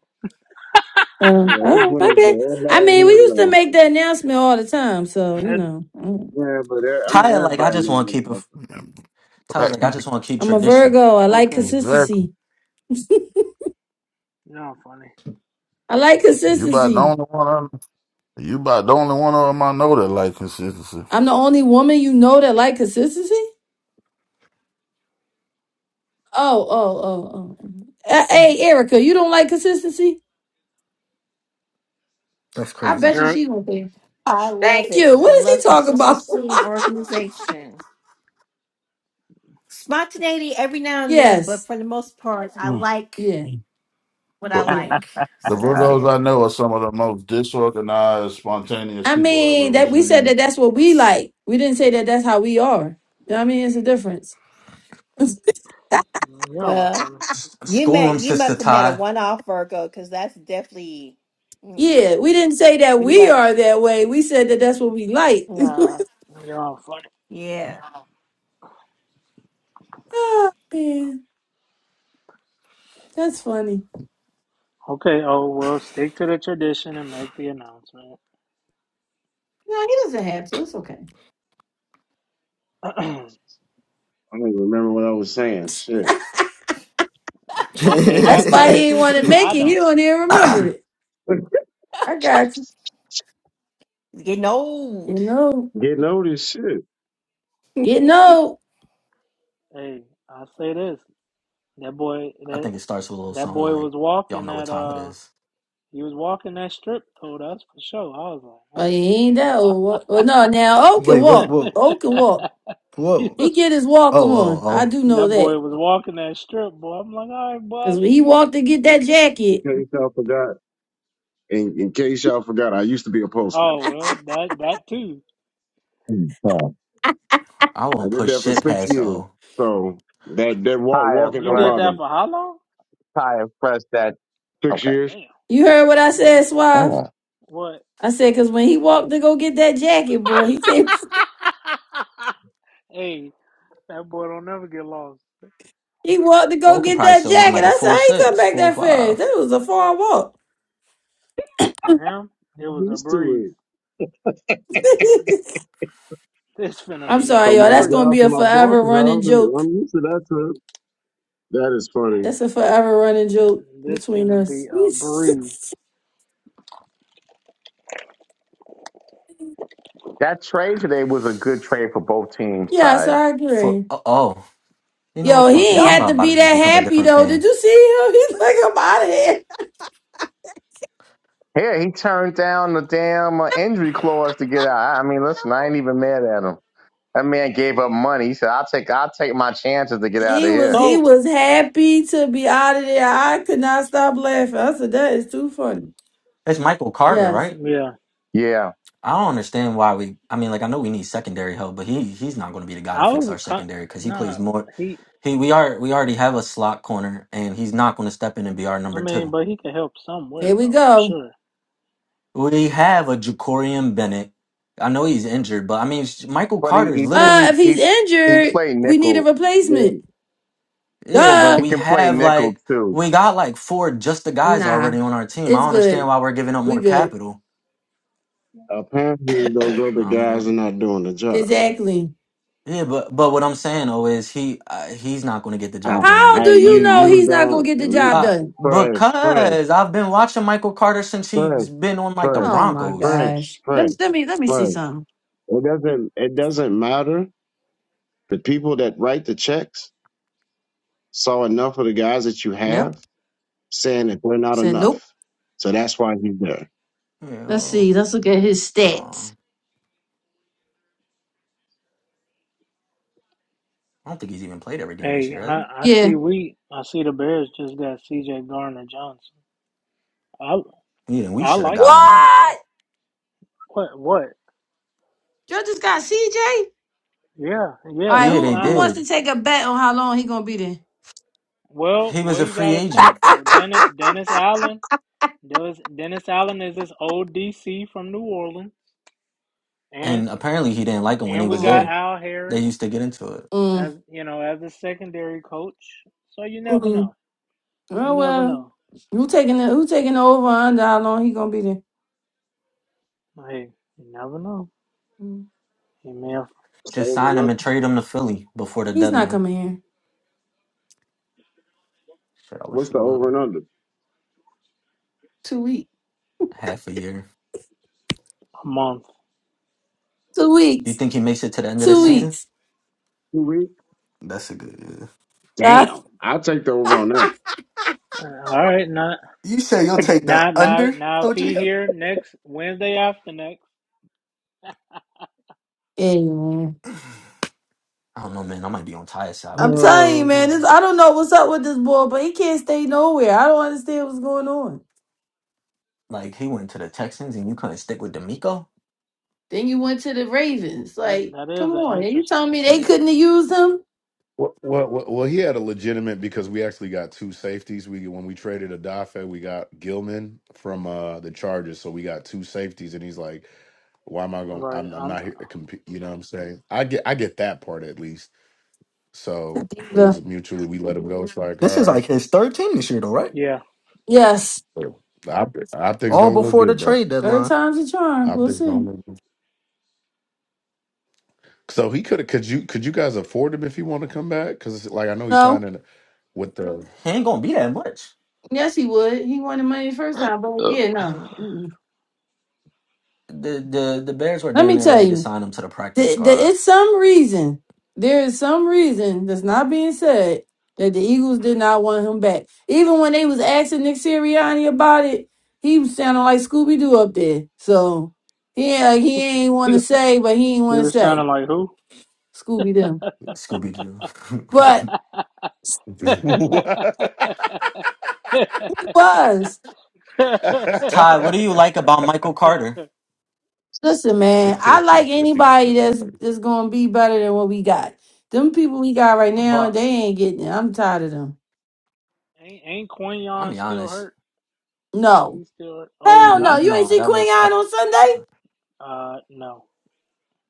Uh, Yeah, it's all right, my Wednesday. bad. I Everybody mean, we here used to know. make that announcement all the time, so you At, know, mm. Yeah, but e- I mean Ty, like I everybody just knows. want to keep. what A, happened. Black Ty's like I people. just want to keep I'm a tradition. Virgo. I like okay, Exactly. consistency. y'all funny. I like You about the consistency. only one. I, you about the only one of them I know that like consistency. I'm the only woman you know that like consistency. Oh, oh, oh, oh. Uh, hey, Erica, you don't like consistency? That's I crazy. bet you Eric. she don't care. I love Thank it. you. I What is he love talking about? consistency and organization. Spontaneity every now and then, but yes. for the most part, I Mm. like Yeah. what I But Yeah. like. The So that's Ah, Virgos it. I know are some of the most disorganized, spontaneous I people I've mean, ever that we said seen. that that's what we like. We didn't say that that's how we are. You know what I mean? It's a difference. Mm, Y'all are Well, funny. S- you school met 'em, you sister must have met a Ty. one off Virgo because that's definitely mm-mm. Yeah, we didn't say that we we like are that way. We said that that's what we like. nah. Y'all are funny. Yeah. oh, man, that's funny. Okay, oh well, stick to the tradition and make the announcement. No, he doesn't have to. It's okay. that, I don't even remember what I was saying. Shit, hey, mm, That's that why he that's didn't true want to too. make I it. He don't. don't even remember it. I got you. Getting You old. know, getting old is shit. getting old. Hey, I say this. That boy, I that think it starts with a little that something boy like, was y'all walking know what that. time it Uh, is. he was walking that strip though. That's for sure. I was Well, he ain't that old. Well, like, no, now O can Wait, what? walk. What? O can walk. oh. he Whoa. He was. get his Oh, walk oh, on. I oh. do That know that. boy was walking that strip, boy. I'm like, all right, boy. I Because when see. he you." walked to get that In jacket, case y'all forgot. in, in case y'all forgot, I used to be a postman. Oh well, that that too. mm, mm. I won't I did push that for shit six past years. O. So that that walk Tire walking You don't did press, bother that me. for how long? tire press that. Six Okay. years. Damn. you heard what I said, Suave? Mm. What? I said, because when he walked to go get that jacket, boy, he said, hey, that boy don't never get lost. He walked to O go could get probably that still run jacket. like a I said, 4 how you come six, back that four fast? five. That was a far walk. For him, it I'm was a used breeze. to it. This finna I'm be a sorry, From y'all. my That's gonna breeze. job be to a my forever boss's running house, and joke. I'm used to that trip. That is funny. That's a forever running joke This between finna be us. a breeze. That trade today was a good trade for both teams, yeah, so Ty. I For, agree. oh, oh. You know what? Yo, he Fuck this. ain't Yeah. I'm had to about be to just that become a happy different though. Did fan. you see him? He's like, I'm out of here. Yeah, he turned down the damn uh, injury clause to get out. I mean, listen, I ain't even mad at him. That man gave up money. He said, "I'll take I'll take my chances to get out of He was here." he So was happy to be out of there. I could not stop laughing. I said, that is too funny. It's Michael Carter, Yes. right? yeah, Yeah, I don't understand why we. I mean, like, I know we need secondary help, but he he's not going to be the guy to I fix was our I, secondary because he plays nah. more. He, He we are we already have a slot corner, and he's not going to step in and be our I number two. mean, but he could help somewhere Here we though. I'm go. sure. We have a Jacorian Bennett. I know he's injured, but I mean, sh- Michael but he Carter's he pl- Uh, if literally, he's he he injured, played we need a nickel. Then replacement. yeah, but Duh. He we can play have nickel like, too. we got like four just the guys Nah, already on our team. I it's don't understand good. why we're giving up We more good. capital. apparently those other Oh, guys man. are not doing the job. Exactly. Yeah, but but what I'm saying though is he uh, he's not going to get the I, job done How I do either. you you Like, know you it, he's not gonna don't get the you- job uh, done? fresh, fresh, because I've been watching Michael Carter since fresh, he's been on like the fresh, Oh my Broncos. fresh, gosh. Let fresh, me let me let me see fresh. something. It doesn't it doesn't matter. The people that write the checks saw enough of the guys that you Yep. have saying that they're not Said nope. enough. So that's why he's there. You Let's know, see. Let's look at his stats. um, I don't think he's even played every game this Hey, year, has I, I Yeah. see we I see the Bears just got C.J. Garner Johnson. I he? Yeah, we I should have like got it him. honestly. What? What what? Judges got CJ. Yeah All yeah right. we Yeah, Who they who signed him. wants did. to take a bet on how long he gonna be there? Well, He was well, a you free gotta think agent, though. Dennis Dennis Allen, Dennis, Dennis Allen is this old DC from New Orleans, and and apparently he didn't like him when he and we was got Mm, there. Al They Harris used to get into it. as mm, you know as the secondary coach. So you never mm. know. You Oh never well. know. Who taking the who taking the over under how long he gonna be there? Hey, you never know. Mm. He may have What's the Just over sign and him under? and trade him to Philly before the He's not deadline. coming here. Shit, I wish What's he the over would. and under? Two weeks. Half a year. a month, Two You weeks. think he makes it to the end of a the Two month. season? weeks. Two weeks? That's a good. Yeah. Damn. I'll take the over on Uh, All right, now, You say you'll that. take the now, now, under, now, if OG? he here next Wednesday after next, Amen. I don't know, man. I might be on Ty's side with I'm this one. telling you, man, Oh, this I don't know what's up with this boy, but he can't stay nowhere. I don't understand what's going on. Like he went to the Texans, and you couldn't stick with D'Amico. Then you went to the Ravens. that Like, that come is an on. And you interesting telling me they Eh, couldn't have used him? Well, well, well, well, he had a legitimate because we actually got two safeties. We when we traded Adafe, we got Gilman from uh the Chargers, so we got two safeties. And he's like, "Why am I one. going? Right? I'm I'm I'm. not here to compete." You know what I'm saying? I get I get that part at least. So it Diva. was mutually we let him go. It's like, This all is right, like his third team this year, though, right? Yeah. Yes. the opt- optics All don't look before the good though. trade Third deadline. time's a charm. We'll Optics don't see. look good. So he could have. Could you could you guys afford him if he want to come back? Because like I know he signed No. in with the. He ain't gonna be that much. Yes, he would. He wanted money the first time, but yeah, Mm-hmm. no. Mm-mm. the the the Bears were Let damn me near tell ready to you. sign him to the practice Th- There squad. is some reason. There is some reason that's not being said that the Eagles did not want him back. Even when they was asking Nick Sirianni about it, he was sounding like Scooby Doo up there. So he ain't- like, he ain't want to He say, but he ain't want to was sounding say like who? Scooby Doo. Scooby Doo. But ain't What? he was. Ty, what do you like about Michael Carter? Listen, man, I like anybody Shut up. that's that's gonna be better than what we got. Them people we got right now, But they ain't getting it. I'm tired of them. ain't I'm Quinion be still honest, hurt? Is No. he still hurt? Oh, he's Hell no. n- not. You ain't no, see that Queen was I, Anne on Sunday? Uh, no,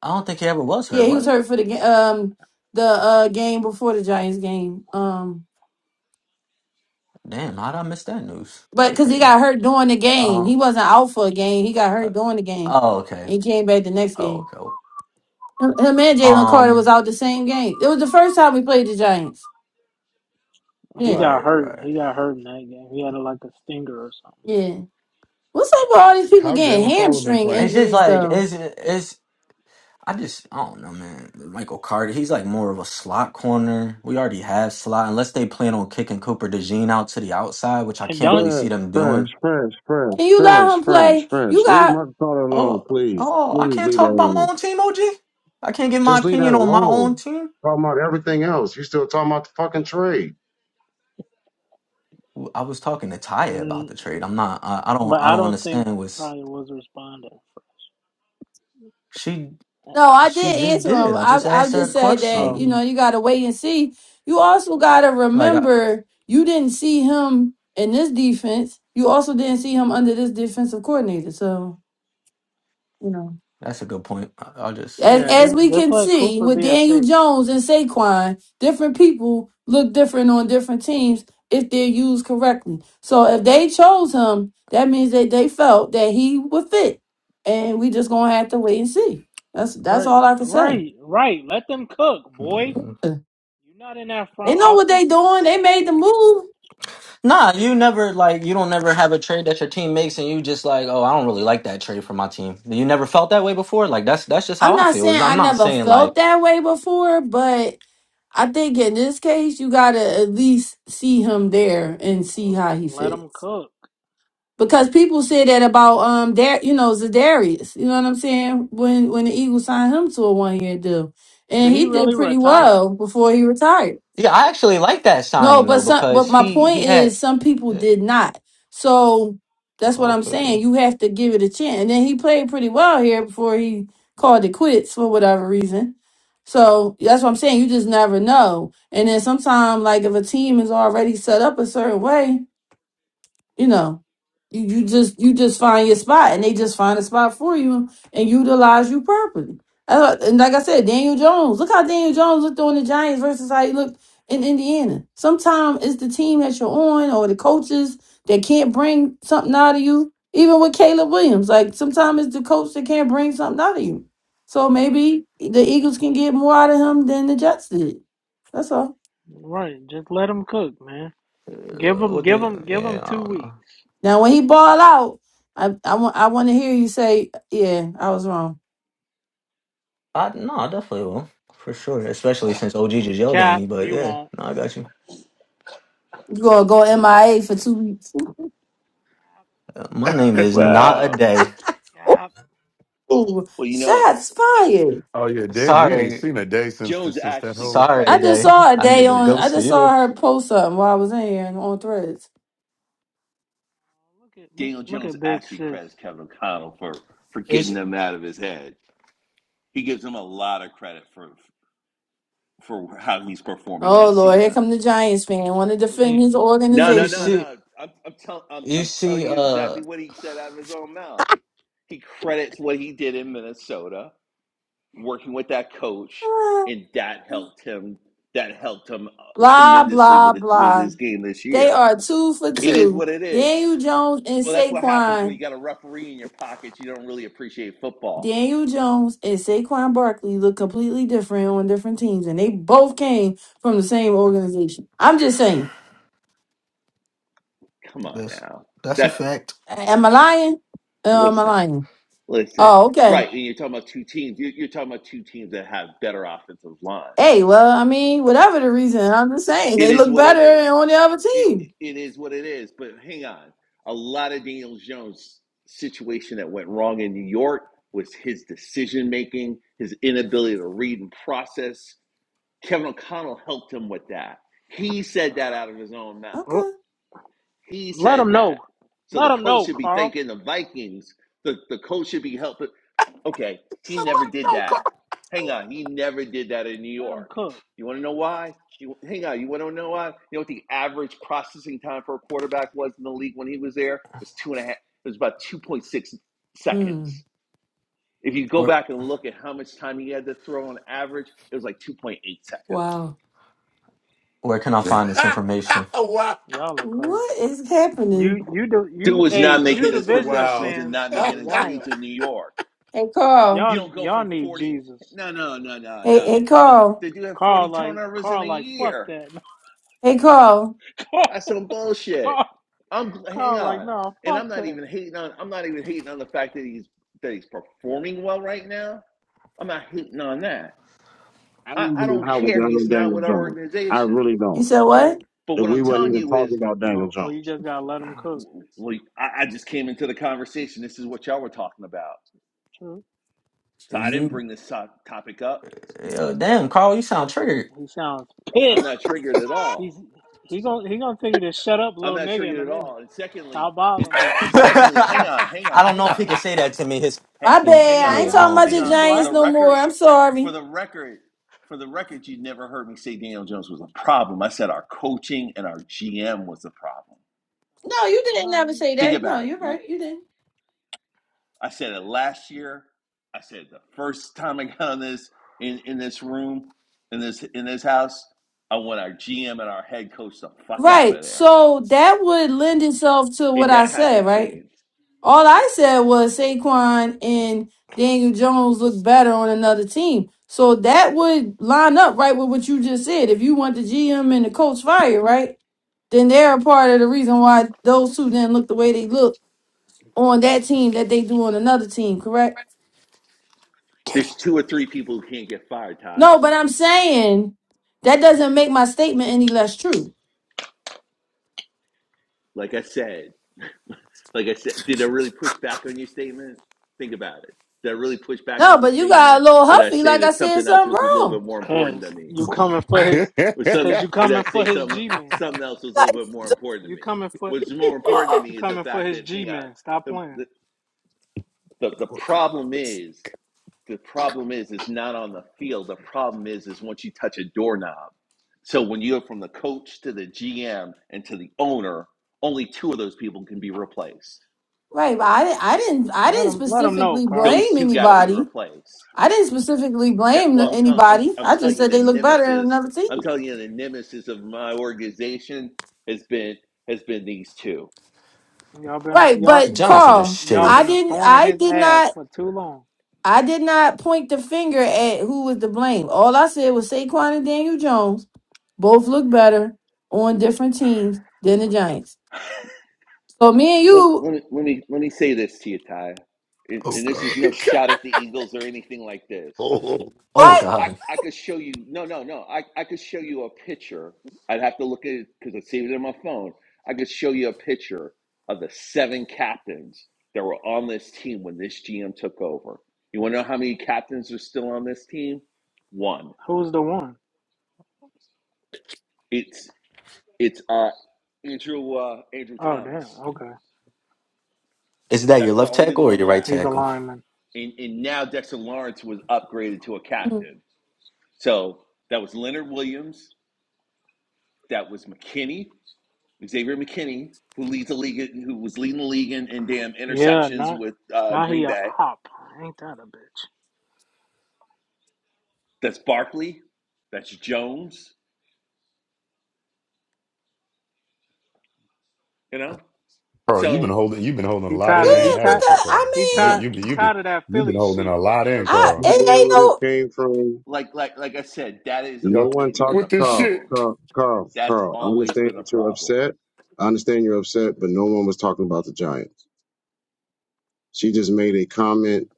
I don't think he ever was Yeah, hurt, he was was he? hurt for the ga- um the uh game before the Giants game. Um, Damn, how'd I miss that news? but That's because he crazy. got hurt during the game, Um. he wasn't out for a game. He got uh, hurt during the game, Oh, okay. and he came back the next Oh, game. okay. Him him and Jalen Carter Um. was out the same game. It was the first time we played the Giants. he Yeah, got Right. hurt. Right. He got hurt in that game. He had a, like a stinger or something. yeah. What's up with all these people How getting Jalen Carlin been hamstring playing? It's just injuries like though? it's it's. I just I don't know, man. Michael Carter, he's like more of a slot corner. We already have slot, unless they plan on kicking Cooper DeJean out to the outside, which I And can't don't. really see Fresh, them fresh, doing. fresh, fresh, Can you fresh, let him fresh, play? You fresh. Leave got Mark Carter alone, Oh, please. oh, I Please can't leave that talk about my alone. own team, OG. I can't give my Just leave that opinion on my own alone. team. Talking about everything else. You still talking about the fucking trade. I was talking to Taya about And, the trade. I'm not. I, I don't. but I I don't don't think understand what's Tanya was responding first. she. No, I She did just answer did. him. I I just I asked her a just said that Oh, question. you Mhm. know you got to wait and see. You also got to Like I, remember you didn't see him in this defense. You also didn't see him under this defensive coordinator. So you know, that's a good point. I, I just I as yeah. as Just we just can let see Cooper with be a Daniel safety. Jones and Saquon, different people look different on different teams if they're used correctly. So if they chose him, that means that they felt that he would fit, and we just gonna have to wait and see. That's that's Right, all I can say. right, right. Let them cook, boy. don't know. You're not in that They front know what office. they doing. They made the move. Nah, you never like you don't never have a trade that your team makes and you just like, oh, I don't really like that trade for my team. You never felt that way before? Like that's that's just I'm how I not feel. Is saying I I'm not never saying felt like that way before, but I think in this case you gotta at least see him there and see how he Let them fits. cook. Because people say that about um Dar- you know, Zadarius. You know what I'm saying? When when the Eagles signed him to a one year deal. Did And he he really did pretty no. retire? well before he retired. Yeah, I actually like that No, I signing but didn't though some but because understand my that. he he point had is some people eh, did not. So that's what I'm okay. saying. You have to give it a chance. And then he played pretty well here before he called it quits for whatever reason. So that's what I'm saying. You just never know. And then sometimes like if a team is already set up a certain way, you know you, you just you just find your spot and they just find a spot for you and utilize you properly Uh, and like i said daniel jones look how daniel jones looked on the giants versus how he looked in indiana sometimes it's the team that you're on or the coaches that can't bring something out of you even with caleb williams like sometimes it's the coach that can't bring something out of you so maybe the eagles can get more out of him than the jets did that's all Right, just let him cook, man. Uh, Give him, What give the him, give yeah, him I two don't know. weeks. Now, when he ball out, I I want I want to hear you say, "Yeah, I was wrong." I no, I definitely will. For sure, especially since OG just yelled at Cap, me, but he yeah, won't. no, I got you. You gonna go MIA for two weeks? Uh, my name is not a Wow. day. Cap, Ooh, Well, you know, shots fired. oh yeah, damn, we ain't Sorry. seen a day since the, Jones since that actually whole. Sorry a I just credits. day. saw a I'm day the on. Listen, I ghost of just you. saw her post something while I was in here and on Threads. look at look, Daniel look Jones at Big actually Sis. credits Kevin O'Connell for for It's getting them out of his head. He gives him a lot of credit for for how he's performing Oh this Lord, here season. come the Giants fan. Want to defend you his No, no, you no, organization? see no. I'm I'm, tell, I'm You I'm see, telling you uh, exactly what he said out of his own mouth. He credits what he did in Minnesota, working with that coach, and that helped him. That helped him uh, Ah, Blah tremendously blah with with blah. his game this They year. are two for It is two. what it is. Daniel Jones and Well, that's what happens when Saquon you got a referee in your pockets. You don't really appreciate football. Daniel Jones and Saquon Barkley look completely different on different teams, and they both came from the same organization. I'm just saying. Come on this now. that's a That fact. A- Am I lying? Uh, am I listen, lying? listen. Oh, okay. Right, and you're talking about two teams. you- are talking about two teams that have better offensive Hey, lines. well, I mean, whatever the reason, I'm just saying It they is look what it better is. on the other It team. it it is what it is. But hang on, a lot of Daniel Jones' situation that went wrong in New York was his decision making, his inability to read and process. Kevin O'Connell helped him with that. He said that out of his own mouth. Oh, Okay. He let said him know. that. So Let the him coach know, should be Carl. thanking the Vikings. The, the coach should be helping. Okay, It's a he never did lot of that. Hang on, he never did that in New Right, let him York. cook. You want to know why? You, hang on, you want to know why? You know what the average processing time for a quarterback was in the league when he was there? It was two and a half. It was about two point six Mm, seconds. If you go Where back and look at how much time he had to throw on average, it was like two point eight seconds. wow. where can I no find this Carl. information? wow, Y'all are crazy. What is You happening? you do Dude you was hey not this you making nigga's his been divisional progressions wild. and fans not are making his reads wild. in New York. Hey, Carl. You Y'all don't go y'all from need 40. Jesus. No, no, no, no, Hey, no. hey, The, Carl. they do have Carl 40 like turnovers in Carl a like fuck year. that. Hey, Carl. That's Carl some bullshit. Carl I'm hang Carl like on, no and fuck I'm not that. even hating on. I'm not even hating on the fact that he's that he's performing well right now. I'm not hating on that. I I, don't even I know don't how we got care. He's on not Daniel with our Jones. I organization. really You don't. said Hey what? But That what we I'm wasn't telling even you is, talking about Daniel oh oh Jones. you just gotta let him cook. well, I, I just came into the conversation. This is what y'all were talking about. True. So I didn't You, bring this so, topic up. uh, damn, Carl, you sound triggered. He sounds I'm pissed. not triggered at all. He's he gonna he gonna tell you to shut up, I'm little not nigga, in triggered a at minute. all. And secondly, Stop it, bothering him. it, it- secondly, hang I on, hang on, don't hang know if he on, could say that to me. His, hang, My mm, Um, hang bad. Why I on, ain't yeah, I not? talking don't. about hang your Yeah, He on. For Giants the black? no more. record, I'm sorry. for the record, for the record, you never heard me say Daniel Jones was a problem. I said our coaching and our GM was the problem. No, you didn't No, never you. say Think that. No, about it. you're L- right. You didn't. I said it last year. I said it the first time I got on this in, in this room, in this in this house. I want our GM and our head coach the fuck out Right. of there. So that would lend itself to what And I that said, hasn't right? changed. All I said was Saquon and Daniel Jones look better on another team. So that would line up right with what you just said. If you want the GM and the coach fired, right? Then they're a part of the reason why those two didn't look the way they look on that team that they do on another team, correct? There's two or three people who can't get fired, Ty. No, but I'm saying that doesn't make my statement any less true. Like I said, like I said, did I really push back on your statement? Think about it. Did I really push back No, on your but you got a statement, little or did I huffy, say like I that said something else something was a little wrong. bit more important Cause to me, you coming for his, or some, cause you or did I coming for say his some G man. something else was a little Like, bit more important to You me? coming for What's more important to you me is the coming for fact his that G hang on, man. Stop the playing. the the, the problem is the problem is is not on the field. The problem is is once you touch a doorknob. So when you're from the coach to the GM and to the owner, only two of those people can be replaced right, but I, di- I didn't, I Let didn't him let him know, specifically Carl. those blame two got to be anybody. replaced. I didn't specifically Ne- blame well, the- I'm, tell I'm, anybody. I'm I just telling you, said the they look better in nemesis. another I'm team. telling you, the nemesis of my organization has been has been these two. Y'all been a, Right, y'all the but Giants are Carl, just y'all shitty. I been a didn't, thorn in I his did ass not, for too long. I did not point the finger at who was to blame. All I said was Saquon and Daniel Jones both look better on different teams than the Giants. So me and Let, you, let, me, let me let me say this to you, Ty, and, Oh and this God. is no shot at the Eagles or anything like this. oh. Oh what? God, I, I could show you. No, no, no. I, I could show you a picture. I'd have to look at it because I saved it on my phone. I could show you a picture of the seven captains that were on this team when this GM took over. You want to know how many captains are still on this team? One. Who's the one? It's it's uh Andrew uh, Andrew Oh damn. Thomas. Okay, is that your That's the left only tackle or one your right he's a left. tackle? lineman. And and now Dexter Lawrence was upgraded to a Yeah, captain. So that was Leonard Williams. That was McKinney. Xavier McKinney, who leads the league, who was leading the league in, in damn Yeah, interceptions not with uh, now he Green a Bay. op. Ain't that a bitch? That's Barkley. That's Jones. You know, Bro, you've been so holding you've been holding a He lot tired in, of ain't he tired haven't you, because I Carl? he You mean, tired you be he you be tired of that you've been Philly holding a shit. lot I have in, I Carl. no it idea ain't where this no. came from. like like like I said, that has No Y'all one always been talked. the with this Carl, shit. problem. Carl, Carl, That's Carl. I always understand been the that you're problem. upset. I understand you're upset, but no one was talking about the Giants. She just made a comment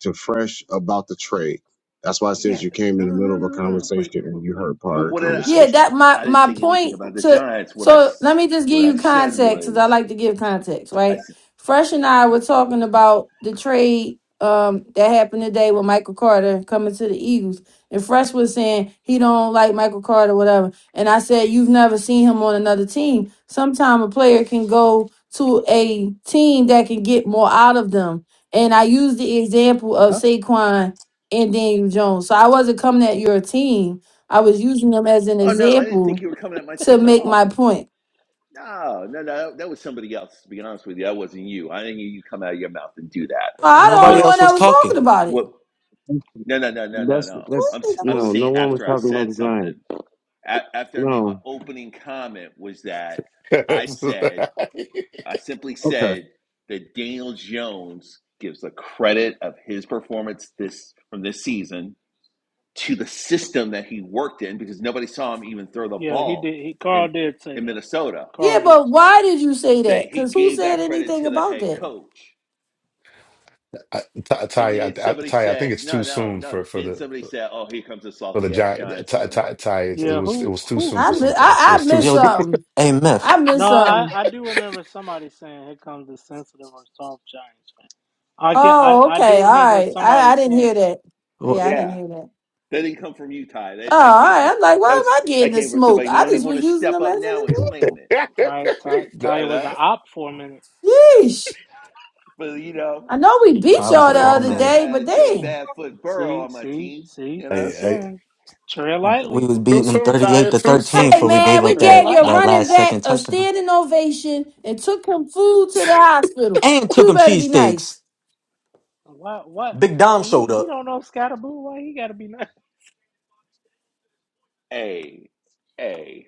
to Fresh about the trade. That's why I said Yeah, you came no, in the no, middle no, of a no. no. But conversation but and you heard part of the what did I? Yeah, conversation. that my I didn't my say anything point about the to Giants. What I so let me just give what I you said context because I was like to give context, I right? said, Fresh and I were talking about the trade um that happened today with Michael Carter coming to the Eagles. And Fresh was saying he don't like Michael Carter, whatever. And I said, You've never seen him on another team. Sometime a player can go to a team that can get more out of them. And I used the example uh of huh. Saquon and Daniel Jones. So I wasn't coming at your team. I was using them as an Oh no, I didn't think example you were coming at my to team at make my all. point. No, no, no. That was somebody else. To be honest with you, that wasn't you. I didn't hear you come out of your mouth and do that. Uh, I'm the Nobody only one else What? that was was He talking. talking about it. What? No, no, no, no, no, That's no. What that's I'm s- the- I'm no. No saying one was after I talking about said the Giants. something, a- after I made my No. opening comment was that I said I simply Okay. said that Daniel Jones gives the credit of his performance this from this season to the system that he worked in because nobody saw him even throw the yeah, he did ball he Carl in did say in that. Minnesota. Carl Yeah, did but say that. why did you say that that? he Because who gave said that credit anything to the about head that? coach. I, Ty, And Ty, I, then I, somebody Ty, I think said, it's too no, no, soon no. for for Then the somebody said, oh, here comes a for the salty ass giant. Giants Ty, fan. Ty, Ty it, it Yeah, was it who was too who soon I for who some mi- I, folks. It I was too missed Yo, soon. something. hey, Meth, I no, missed I, something. I do remember somebody saying here comes the sensitive or soft Giants fan. I can I, Oh, I do okay. All remember right. I, somebody I didn't saying hear that. that. what? Yeah, I didn't Yeah. hear that. That didn't come from you, Ty. That, Oh, that all came right. from I'm like, that why am was I getting that the came from smoke? somebody who I don't even just want was to using step them up as an now and claim example. it. Ty Ty Nah. Taya You was an know? op for a minute. Yeesh. But you know, I know we I'd beat Ty be was y'all the the more fall other upset man. if I day, but had Joe dang. Badfoot Burrow See, on my see, team, see, you I, too know? I, soon. Tread We lightly. was too beating them soon, thirty-eight Ty. to Too soon, thirteen Hey before we Ty. man, gave we up Tread gave that your that lightly. running last second back a touchdown standing ovation and took him food to the hospital. and took You them better be cheesesteaks. nice. What what Big Dom he showed he up. don't know Scatterboo, why he gotta be nice. Hey, hey,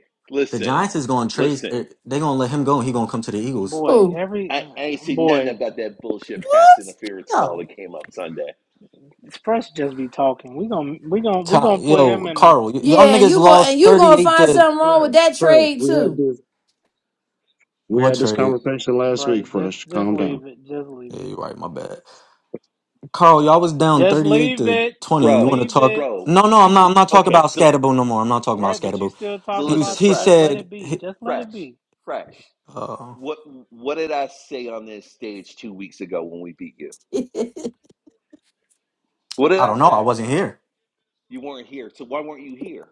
The listen, Giants is going to trade. er, listen. They going to let him go, and he going to come to the Eagles. Boy, Who? every I, I ain't seen nothing boy. about that bullshit pass What? interference call No. that came up Sunday. Fresh just be talking. We gonna we gonna we Ta- gonna put him Yo, in a Carl, y- y'all Yeah, and niggas you go and lost you thirty gonna eight find to something wrong Fresh, with that Fresh. trade We had too. this. We what had this trade? conversation last week. right. Just Fresh, just calm down. leave it. Just leave Yeah, it. you right. My bad. Carl, y'all was down Just thirty eight leave to it. twenty, and you want to Bro, Leave talk? it. bro, No, no, two I'm not. I'm not talking okay, about so Scatterboo no more. I'm not All talking about Right, but you Scatterboo. still so He talking was. listen, about He fresh, just let said. it be. He, Just let it fresh, be. fresh. uh, What what did I say on this stage two weeks ago when we beat you? What did I I don't know. I say? wasn't here. You weren't here, so why weren't you here?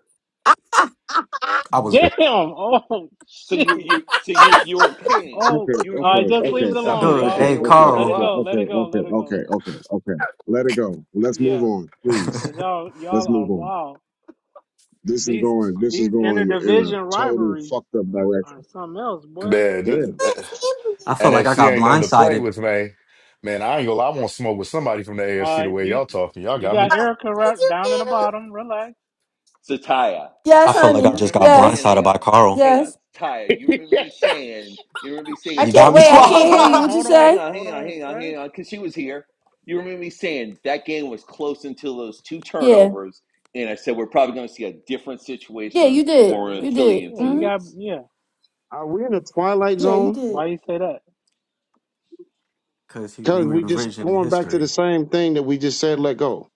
I Damn. was Oh So you shit. you so you you were in Okay. Oh, pain. Okay, all You were you okay, were right. in Just pain okay, leave and it okay, okay, alone, suffering, good. so okay, y'all. you Hey, didn't want okay, to Let show it Carl. okay, go. up. Let it go. okay, Let it okay, go. okay, okay. Let it go. Let's move Yeah, on, please. cause I y'all y'all Let's are move on. wild. This is These going this is these going in a interdivision total rivalries fucked up are direction. something else, boy. Yeah. man, this- felt like I NFC got ain't nothing to play blindsided. with, man. Man, I ain't gonna. lie, I want to smoke with somebody from the AFC. Uh, The way you y'all talking, y'all you got got me. Erica right down in the bottom. Relax. So Taya, I yes, felt Taya, like I honey. you just remember me got saying, Yes. blindsided hang by on, Carl. hang on, Yes. Taya, you remember me saying, you remember me saying I You it two got can't me wait, Hold I weeks can't on, hear hold ago, you. swallowed. on, What you hold on, hang say? on, hold hang on, on, hang on, fresh. hang on, because she was here. You remember me saying that game was close until those two Yeah. turnovers, and I said we're probably going to see a different Yeah, situation you did. when Yeah, we're in yeah, You did. Philly in yeah. two You hmm got weeks. yeah. Are we in a twilight Yeah, you zone? did. Why you say that? Cause he he Cause was we just revisioning going back to the history. same thing that we just said let go.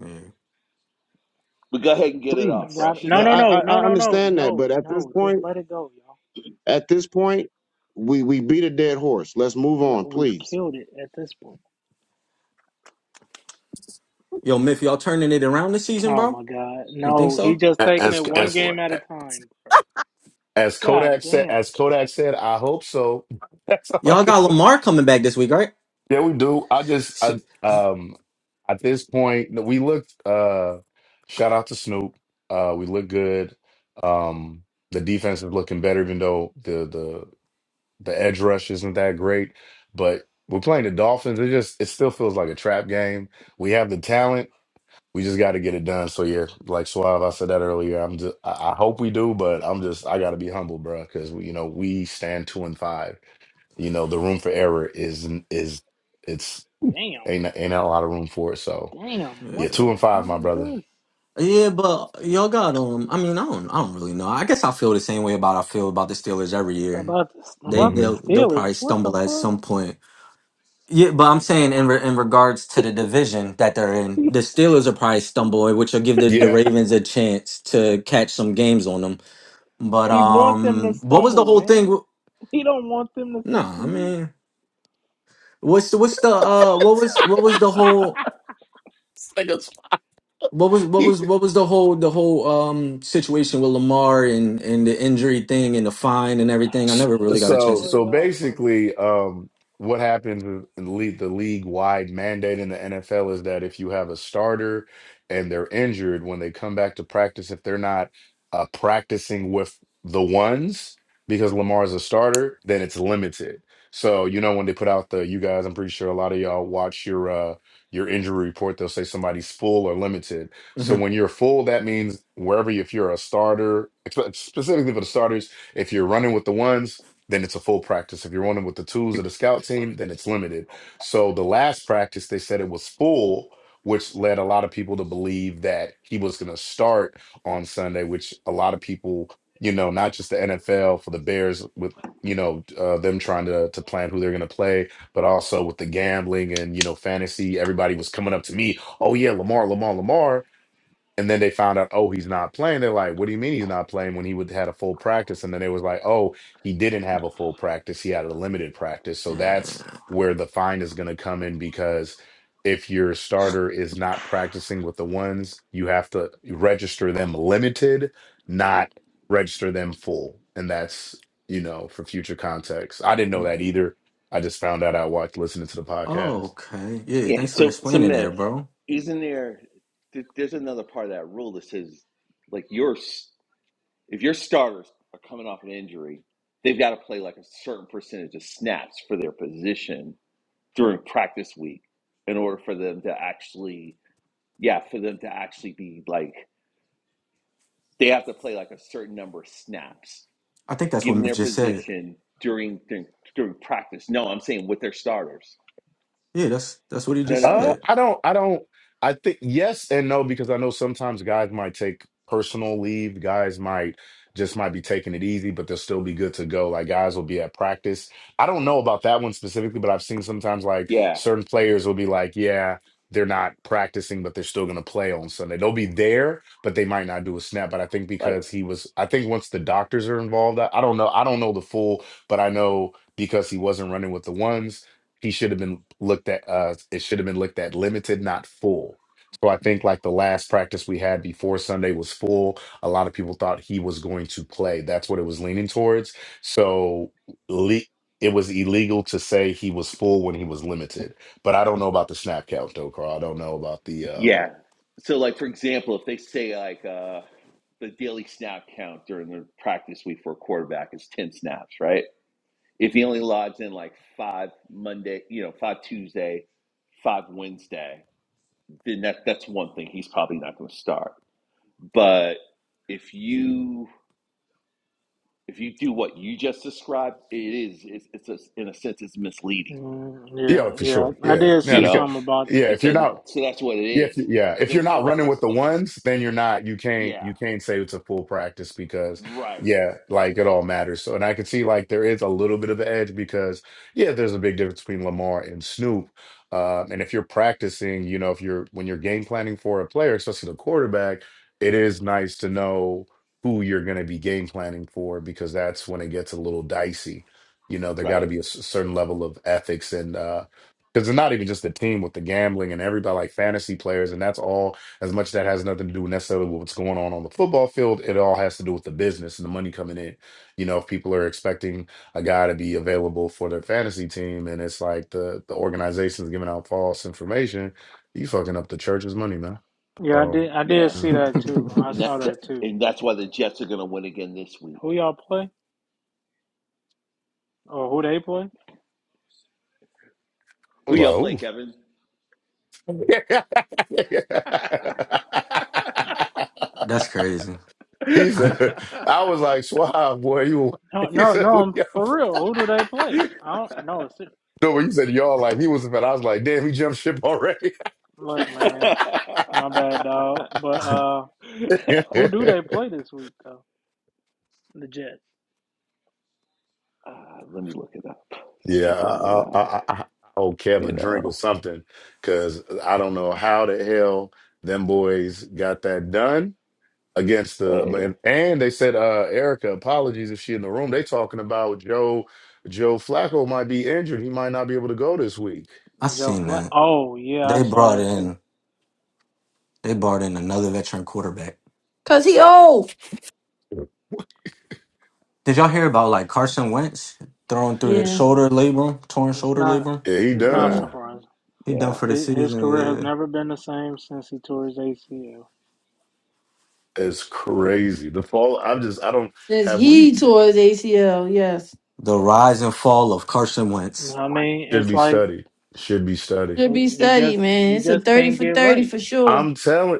Yeah. But go ahead and get it off Please. fresh. Got It's no, Now, no, all I, no, I, right. no, I no, no, understand that, no, but at this no. Just point let it go, y'all. at this point, we, we beat a dead horse. Let's move Yeah, on, We've please. killed it at this point. Yo, Myth, y'all turning it around this season, Oh bro? my God, You think no. He so? just taking As it one Oh as boy. game at a time, bro. as Kodak God said, damn, as Kodak said, I hope so. That's all I Y'all can got say. Lamar coming back this week, right? Yeah, we do. I just I Shit. um at this point no, we looked uh shout out to Snoop. Uh we look good. Um the defense is looking better even though the the the edge rush isn't that great, but we're playing the Dolphins. It just it still feels like a trap game. We have the talent. We just got to get it done. So yeah, like Suave, I said that earlier. I'm just I I hope we do, but I'm just I got to be humble, bro, cuz you know, we stand 2 and 5. You know, the room for error is is it's damn, Ain't ain't not a lot of room for it. So damn. yeah, What Yeah. two the and five, hell my is brother. this Yeah, but y'all got um. I mean, I don't. I don't really know. I guess I feel the same way about I feel about the Steelers every year. about? The They about the hmm they'll they'll Steelers? probably What the stumble at fuck? some point. Yeah, but I'm saying in re- in regards to the division that they're in, the Steelers will probably stumble, which will give the, the Yeah, Ravens a chance to catch some games on them. But He want them to um, what was the stumble, whole man. thing? with- He don't want them to No, I succeed. mean. What's the what's the uh what was what was the whole niggas. what was what was what was the whole the whole um situation with Lamar and and the injury thing and the fine and everything? I S- never really Oh, got a So, chance boy, to. so y'all funny. basically, um, what happens in the league, the league-wide mandate in the NFL is that if you have a starter and they're injured, when they come back to practice, if they're not uh, practicing with the ones because Lamar is a starter, then it's limited. So, you know, when they put out the, you guys, I'm pretty sure a lot of y'all watch your uh, your injury report. They'll say somebody's full or limited. So Mhm. when you're full, that means wherever if you're a starter, expe- specifically for the starters if you're running with the ones, then it's a full practice. If you're running with the twos of the scout team, then it's limited. So the last practice, they said it was full, which led a lot of people to believe that he was going to start on Sunday, which a lot of people, you know, not just the NFL for the Bears with, you know, uh, them trying to to plan who they're going to play, but also with the gambling and, you know, fantasy, everybody was coming up to me, oh yeah, Lamar, Lamar, Lamar. And then they found out, oh, he's not playing. They're like, what do you mean he's not playing when he would had a full practice? And then it was like, oh, he didn't have a full practice. He had a limited practice. So mm that's where the fine is going to come in because if your starter is not practicing with the ones, you have to register them limited, not register them full. And that's, you know, for future context. I didn't know that either. I just found out I watched listening to the Oh, podcast. okay. Yeah, Yeah. thanks for So, so explaining that, myth, bro. isn't there? there's another part of that rule that says like yours. if your starters are coming off an injury, they've got to play like a certain percentage of snaps for their position during practice week in order for them to actually, yeah, for them to actually be like, they have to play like a certain number of snaps I think that's what given Miff their just said. position during during, during practice. No, I'm saying with their starters. Yeah, that's that's what he No, just no, Uh, said. I don't. I don't. I think yes and no because I know sometimes guys might take personal leave. Guys might just might be taking it easy, but they'll still be good to go. Like guys will be at practice. I don't know about that one specifically, but I've seen sometimes like yeah, certain players will be like, yeah, they're not practicing, but they're still going to play on Sunday. They'll be there, but they might not do a snap. But I think like because he was, I think once the doctors are involved, I, I don't know. I don't know the full, but I know because he wasn't running with the ones he should have been looked at uh it should have been looked at limited not full so i think like the last practice we had before sunday was full a lot of people thought he was going to play that's what it was leaning towards so le- it was illegal to say he was full when he was limited but i don't know about the snap count though carl i don't know about the um yeah. So like for example, if they say like uh the daily snap count during the practice week for a quarterback is ten snaps, right? If he only logs in like five Monday, you know, five Tuesday, five Wednesday, then that that's one thing he's probably not going to start. But if you if you do what you just described, it is it's, it's a, in a sense it's misleading, Mm, yeah yeah, for yeah. sure I yeah did now you see because know. something about. yeah And if you're so not so that's what it Yeah, If is. you, yeah, if The you're reason not why running with this the this is ones, then you're not. You can't. yeah, You can't say it's a full practice because right. yeah, like it all matters. So, and I can see like there is a little bit of an edge because yeah, there's a big difference between Lamar and Snoop. Um, and if you're practicing, you know, if you're when you're game planning for a player, especially the quarterback, it is nice to know who you're going to be game planning for because that's when it gets a little dicey. You know, there got to Right. be a s- certain level of ethics and uh, because it's not even just the team with the gambling and everybody like fantasy players, and that's all. As much that has nothing to do necessarily with what's going on on the football field, it all has to do with the business and the money coming in. You know, if people are expecting a guy to be available for their fantasy team, and it's like the the organization's giving out false information, you fucking up the church's money, man. Yeah, I So, did. I did Yeah. yeah. see that too. I And that, saw that that too. and that's why the Jets are gonna win again this week. Who y'all play or who they play? I Who was y'all like, play, ooh. Kevin? That's crazy. uh, he said, I was like, Schwab, boy, you. No, He no, said, no. I'm for real. Who do they play? I don't. I know. It's No, when you said y'all, like he was a fan, I was like, damn, he jumped ship already. look, man. My bad, dog. But I uh, yeah, who do they play this week though? The Jets. let me look it up since I brought it I, I, up. I, I I owe Kev You a drink or know, something because I don't know how the hell them boys got that done against the. hey, And, and they said, uh, Erica, apologies if she in the room. They talking about Joe. Joe Flacco might be injured. He might not be able to go this week. Joe seen Flacco. that. Oh yeah, I They saw brought that too. in they brought in another veteran quarterback. Cause he old. Yeah, Did y'all hear about like Carson Wentz thrown through the Yeah. shoulder label, torn It's shoulder not. label? he It's yeah, not Mhm. done. surprising. He done yeah. for the Hi- His season, career has yeah. never been the same since he tore his ACL. It's crazy. The fall. I'm just. I don't Says have. he We tore his ACL, yes. The rise and fall of Carson Wentz. I mean, should it's be like studied. Should be studied. Should uh, be you studied, just man. you It's a just 30 can't for get 30 right. for sure. I'm telling.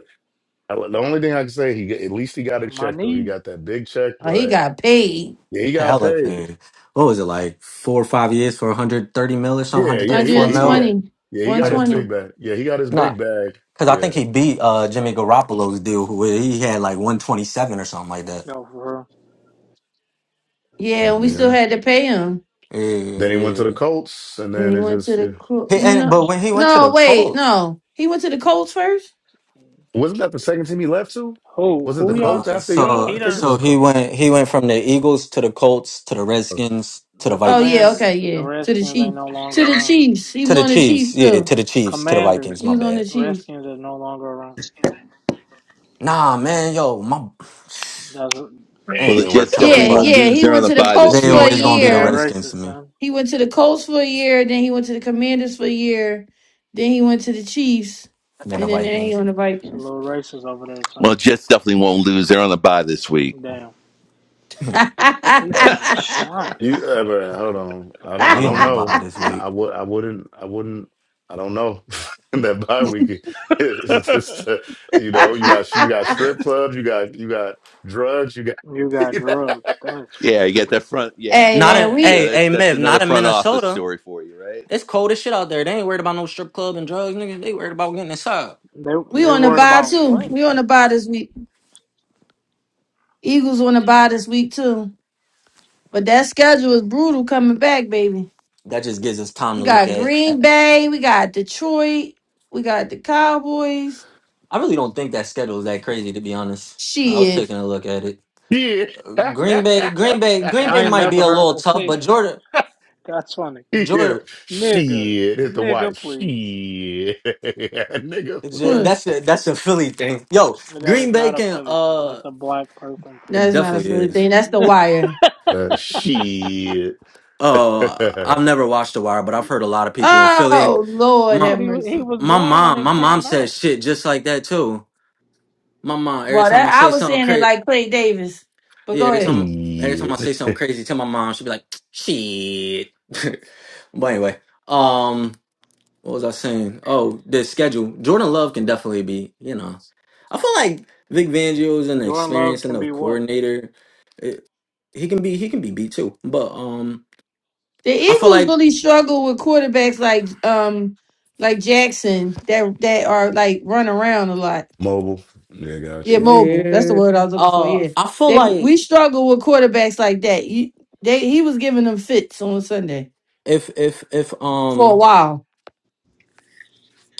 I- The only thing I can say, he at least he got a My check though. He knee, got that big check, Oh, he but got paid. yeah, he got Hell of paid. a what was it like four or five years for 130 mil or something, Yeah, yeah, he, 134 he yeah, mil? 120. yeah, he got his 120. big 120. bag. Yeah, he got his Nah. big bag. Cause I think Yeah, he beat uh Jimmy Garoppolo's deal where he had like 127 or something like that. you for Yeah, and we Mm-hmm. Yeah. still yeah. had to pay him. Yeah, Then he went to the yeah. Colts, and And then he it went just to the yeah. Col- He, and no but when he went to no, the wait, Colts, no. He went to the Colts first? Wasn't that the second team he left to? who Was it who the y'all no, Colts think after he y'all? he I so think it done was so the he Colts. went he went from the Eagles to the Colts to the Redskins to the the Oh yeah, Vikings. okay, Commanders, the yeah. To the Redskins ain't Chiefs. no longer To the around. Chiefs. He To was the on the Chiefs, Chiefs yeah, too. to the Chiefs, to the Vikings, He my Commanders, was on bad. the Chiefs. Redskins is no longer around. Nah, man, yo, my That's Well, ain't the even worth Jets telling, definitely Yeah, won't but yeah. lose. He They're on went the to the bye this Colts they for a week. always that's gonna be the mad year. Redskins racist, to me son. He went to the Colts for a year, then he went to the Commanders for a year, then he went to the Chiefs, than the and then now he Vikings. on the It's a Vikings. little racist over there, Well, son. the Jets definitely won't lose. They're on the bye this week. Damn, he throwing You shots. ever hold on? I don't. But I we don't on the Damn, bye know. this I, week. I would. I wouldn't. I wouldn't. I don't know. that bye week is it's just. Uh, you know. You got. You got strip clubs. You got. You got drugs. You got. you got drugs. That's Yeah, you get crazy. that front. Yeah, hey Not well, man, in you know we hey, hey that that's Miv, another not in front office Minnesota. story for you, right? It's cold as shit out there. They ain't worried about no strip club and drugs, nigga. They worried about getting inside. They we they on the worried bye about too. what? We on the bye this week. Eagles on the bye this week too. But that schedule is brutal coming back, baby. That just gives us time We to look got at. Green at- Bay, we got Detroit, we got the Cowboys. I really don't think that schedule is that crazy, to be honest. I was Shit. taking a look at it. yeah. Green Bay, Green Bay, Green Bay I ain't might be never a heard little her tough, say but that. Jordan, That's funny. he hit Jordan, him. Nigga, Shit. Hit the wife. nigga, please. Shit. Nigga. J- Huh, that's a that's a Philly thing. Yo, That is Green Bay not a can. Philly thing. Uh, That's a black person It That's not a definitely thing. funny is. thing. That's the wire. Uh, shit. Oh, I've never watched The Wire, but I've heard a lot of people in Philly. and Oh Lord My Shit, have he was, he mercy. was my born when mom, my it mom came out. says shit just like that too. My mom, every Well time that I I say was something saying it crazy, like Clay Davis. But yeah, go every ahead. time every time I shit. say something crazy to my mom, she'd be like, "Shit." but anyway, um, what was I saying? Oh, the schedule. Jordan Love can definitely be, you know. I feel like Vic Fangio is an Jordan Love experienced can enough be what? coordinator. It, he can be he can be beat too, but Oh. um, The I feel Eagles like. really struggle with quarterbacks like um like Jackson that that are like run around a lot. Mobile. Yeah, Yeah, gotcha. mobile. That's the Eh, word I was looking for. Uh, Yeah, I feel they like we struggle with quarterbacks like that. You, they he was giving them fits on Sunday if if if for a um while.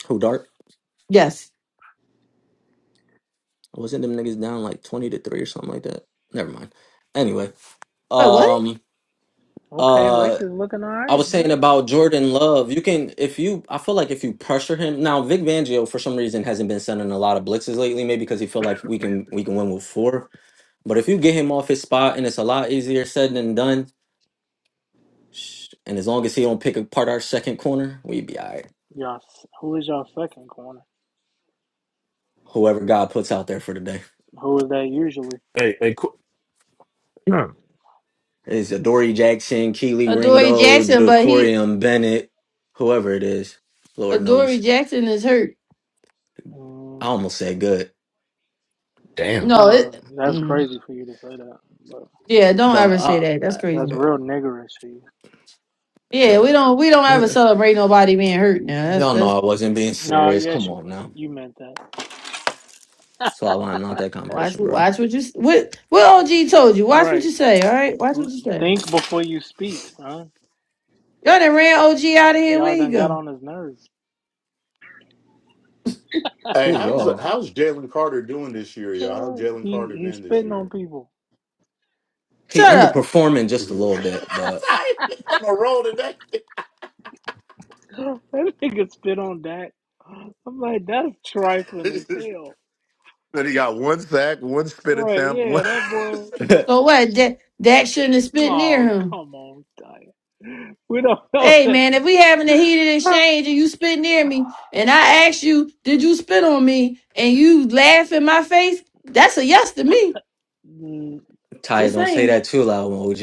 who dart Yes. wasn't them niggas down like twenty to three or something like that. Never mind. Anyway, Wait, what? um, Okay, uh, Lakers looking all I right, was boy. saying about Jordan Love. You can if you. I feel like if you pressure him now, Vic Fangio for some reason hasn't been sending a lot of blitzes lately. Maybe because he feel like we can we can win with four. But if you get him off his spot and it's a lot easier said than done. sh- And as long as he don't pick apart our second corner, we be all right. Y'all, who is y'all second corner? Whoever God puts out there for the day. Who is that usually? Hey. Hey. Qu- It's Adoree Jackson, Keely Adoree Ringo, Jackson, but he Jacorium Bennett, whoever it is. Lord Adoree knows. Jackson is hurt. I Mm, almost said good, it's Damn. No, kind of it. that's Mm, crazy for you to say that, but yeah, don't but ever say I, that. That's I that's crazy. real niggerish for you. Yeah, nah, we don't we don't ever celebrate nobody being hurt. Now that's y'all that's know I wasn't being No, serious. yes, Come you on were. now, You meant that, so I'm not wa- that kind of watch person, bro. watch what you s- what what OG told you. Watch what right? you say. All right, watch what you say. Think before you speak, son. Y'all done ran OG out of here. Y'all Where he done got go? on his nerves. Hey, Who's how's y'all? how's Jalen Carter doing this year, y'all? Uh, How's Jalen Carter he he's been this spitting on year? people. He Shut up. underperforming just a little bit, but I on a roll today. that nigga spit on Dak. I'm like, that's trifling as hell. But he got one sack, one spit Right, attempt, one. yeah, that boy. So what? Dak Dak shouldn't have spit near Oh, him. come on, Diane. We don't know Hey that. man, if we having a heated exchange and you spit near me, and I ask you, did you spit on me? And you laugh in my face, that's a yes to me. Mm, Ty, Just don't say saying. that too loud when OG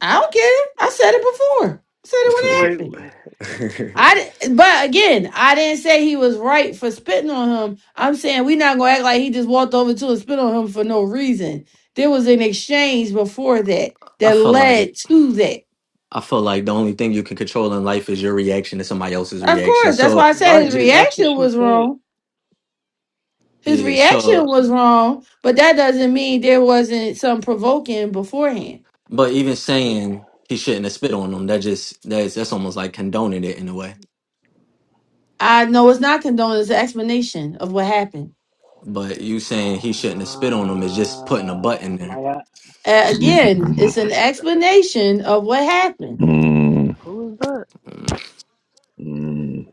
I don't care. I said it before. I said Wait, it when it happened. wait. around. I di- but again, I didn't say he was right for spitting on him. I'm saying we not gonna act like he just walked over to and spit on him for no reason. There was an exchange before that I that feel led like to that. I feel like the only thing you can control in life is your reaction to somebody else's Of reaction. course, that's So why I said his right, just. that's what reaction she was said. wrong His Yeah, reaction so was wrong, but that doesn't mean there wasn't some provoking beforehand. But even Yeah. saying he shouldn't have spit on them, that just that's that's almost like condoning it in a way. I know it's not condoned. It's an explanation of what happened. But you saying he Uh, shouldn't have spit on them is just putting a butt in my there. God. Uh, again, it's Mm, an explanation of what happened. mm, Who is that? Mm. mm.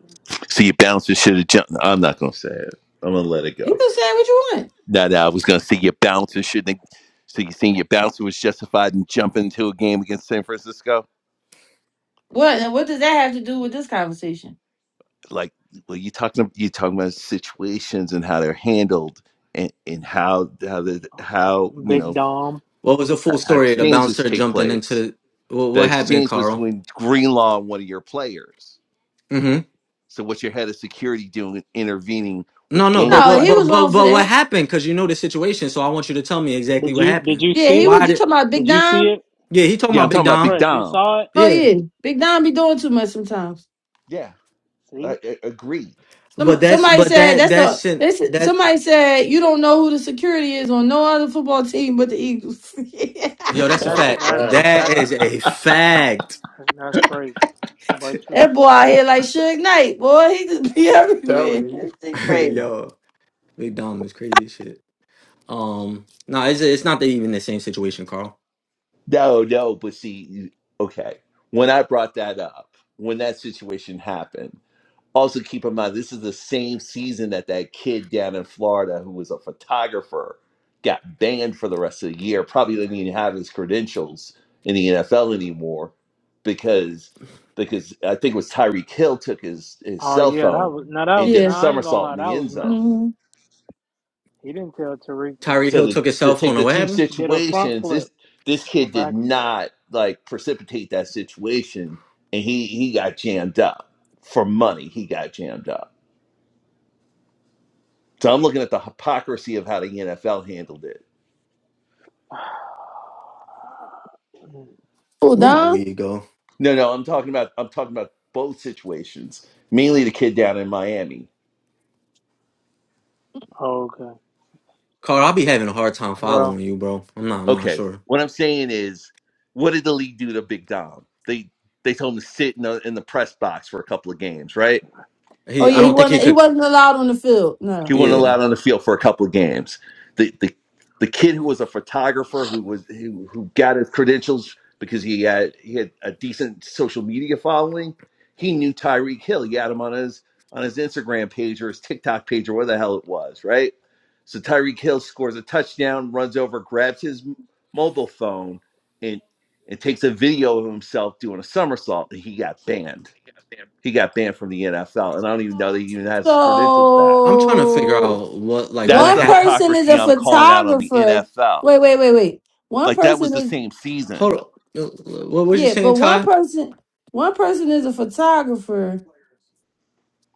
See, you bouncers should have jumped. I'm not gonna say it. I'm gonna let it go. You can say what you want. that I was going to see your bouncer shouldn't. Have, so you think your bouncer was justified in jumping into a game against San Francisco? What what does that have to do with this conversation? Like, well, you talking you talking about situations and how they're handled and and how how the how you Big know Dom. What was the how, full how story? of The exchanges bouncer take jumping into place. the, what, The what happened, exchange was Carl? between Greenlaw and one of your players. hmm So what's your head of security doing intervening No, with no, but No, but he gameplay? but was but wrong for but what that. happened? Because you know the situation, so I want you to tell me exactly Did what you did happened. you Yeah, see he it? Why was. You did? talking about Big Did you see Dom? it? Yeah, he talking Yeah, I'm about Big talking about Big Dom. Fresh, you Dom. saw it? Oh Yeah, yeah, Big Dom be doing too much sometimes. Yeah, I, See? I, agreed. but Some that's somebody but said that that's not. that's an- This that somebody said you don't know who the security is on no other football team but the Eagles. yo, no, that's a That's that's a fact. that's fact. That that's is true. a fact. That's that's crazy, but true. That boy out here like Suge Knight, boy. He just be Telling everywhere. you. That shit crazy. yo They dumb. It's crazy as shit. Um, no, it's it's not even the same situation, Carl. No, no, but see, okay. When I brought that up, when that situation happened, also keep in mind this is the same season that that kid down in Florida who was a photographer got banned for the rest of the year. Probably didn't even have his credentials in the NFL anymore because because I think it was Tyreek Hill took his his Oh cell yeah, that phone was now and that did a Yeah. now I ain't gonna somersault lie, in that the was end zone messed up. Mm-hmm. He didn't tell Tariq to. do Tyree so Hill to took his to cell take phone. and the What two happened? He did a front situations, flip this this or kid did back flip. not like precipitate that situation, and he he got jammed up for money. He got jammed up. So I'm looking at the hypocrisy of how the NFL handled it. Oh, Where my Don? weed go, No, no, I'm talking about I'm talking about both situations, mainly the kid down in Miami. okay. Carl? I'll be having a hard time following Well, you, bro. I'm not. I'm not Okay, sure. what I'm saying is, what did the league do to Big Dom? They they told him to sit in the in the press box for a couple of games, right? Oh He. I yeah, he don't think he wasn't he could. wasn't allowed on the field. No, He wasn't yeah. Yeah. allowed on the field for a couple of games. The the the kid who was a photographer who was who, who got his credentials because he had he had a decent social media following. He knew Tyreek Hill. He had him on his on his Instagram page or his TikTok page or where the hell it was, right? So Tyreek Hill scores a touchdown, runs over, grabs his mobile phone, and and takes a video of himself doing a somersault. And he got banned. He got banned from the NFL, and I don't even know that he even has his credentials back I'm trying to figure So out what like that's what one the happened. person is hypocrisy a I'm calling out on the photographer. NFL. Wait, wait, wait, wait. One Like that was person the is same Hold season. up. uh, What was you yeah, saying, but one Ty? person one person is a photographer.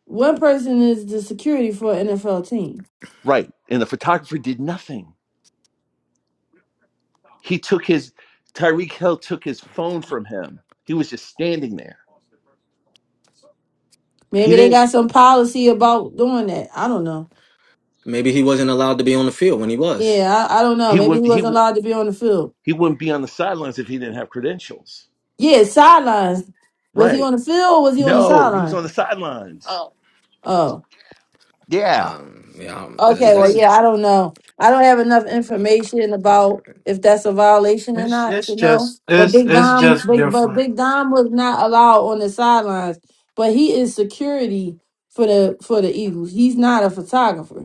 One person is the security for an NFL team. Right. And the photographer did nothing. He took his Tyreek Hill took his phone from him. He was just standing there. Maybe He they didn't got some policy about doing that. I don't know. Maybe he wasn't allowed to be on the field when he was. Yeah, I, I don't know. he Maybe he wouldn't he wasn't allowed to be on the field. he wouldn't be on the sidelines if he didn't have credentials. Yeah, sidelines. Was he Right. on the field or was he on the No, he was sideline? on the sidelines. Oh, Yeah. Um. Yeah. um, That's the That, okay. Well, that's. thing. yeah, I don't know. I don't have enough information about if that's a violation or It's not it's to know. just But it's Big it's Dom, just Big but different. Big Dom was not allowed on the sidelines. But he is security for the for the Eagles. He's not a photographer.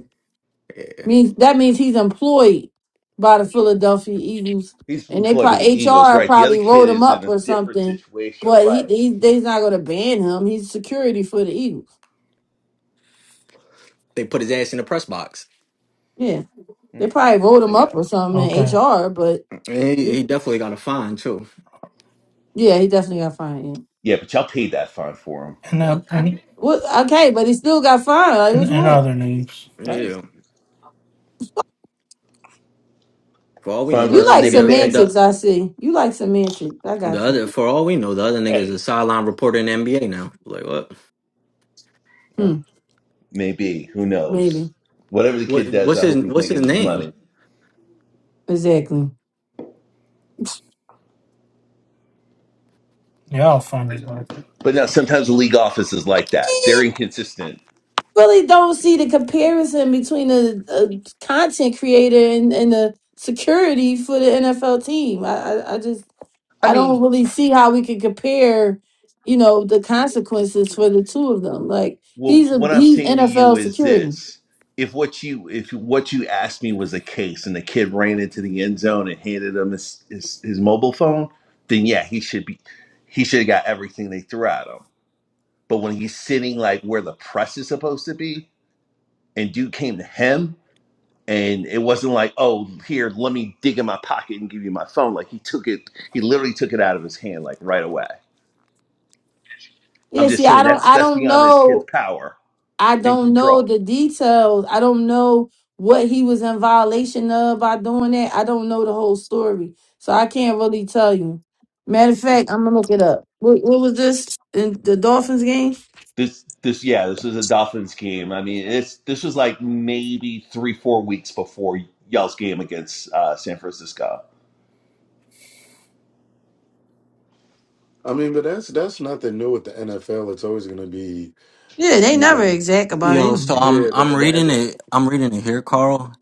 eh, Means that means he's employed by the Philadelphia Eagles, He's and they employed by the probably Eagles, HR right? The other probably kid wrote him is in up a or different something. situation, But he, right? he they's not gonna ban him. He's security for the Eagles. They put his ass in the press box. Yeah, Hmm. they probably wrote There him you up go. or something in Okay. HR. But And he, he- he definitely got a fine too. yeah, he definitely got fined. yeah. Yeah, but y'all paid that fine for him. And uh, and What? Okay, but he still got fined. Like and, what you and want? other news, Huh? Yeah. For all we know, the You other Funverse like get bad nigga. semantics? is I see. You like semantics. I The got you. other, for all we know, the other nigga's a hey, sideline reporter in the NBA now. Like what? huh? Hmm. maybe who Maybe. knows? Whatever the What? kid does, What's I hope his? he's What's his making his name? money. Exactly. y'all funny like it. But now sometimes the league office is like that; they're inconsistent. really don't see the comparison between a, a content creator and, and the security for the NFL team. I, I, I just I I don't mean, really see how we can compare, you know, the consequences for the two of them. Like well, he's a what I'm he's saying to you NFL is security. this: if what you if what you asked me was a case, and the kid ran into the end zone and handed him his his, his mobile phone, then yeah, he should be he should have got everything they threw at him. But when he's sitting like where the press is supposed to be, and dude came to him and it wasn't like oh here let me dig in my pocket and give you my phone like he took it he literally took it out of his hand like right away i'm Yeah, just see, saying I don't that's I that's don't beyond this know kid's power I and don't know control the details. I don't know what he was in violation of by doing that. I don't know the whole story. So I can't really tell you. Matter of fact, I'm gonna look it up. What, what was this in the Dolphins game? this this yeah this is a dolphins game i mean it's this was like maybe three four weeks before y'all's game against uh, san francisco I mean, but that's that's nothing new with the NFL. It's always going to be, Yeah, they you never know. exact about Yo, so anything. I'm Yeah, I'm reading that, it. I'm reading it here, Carl.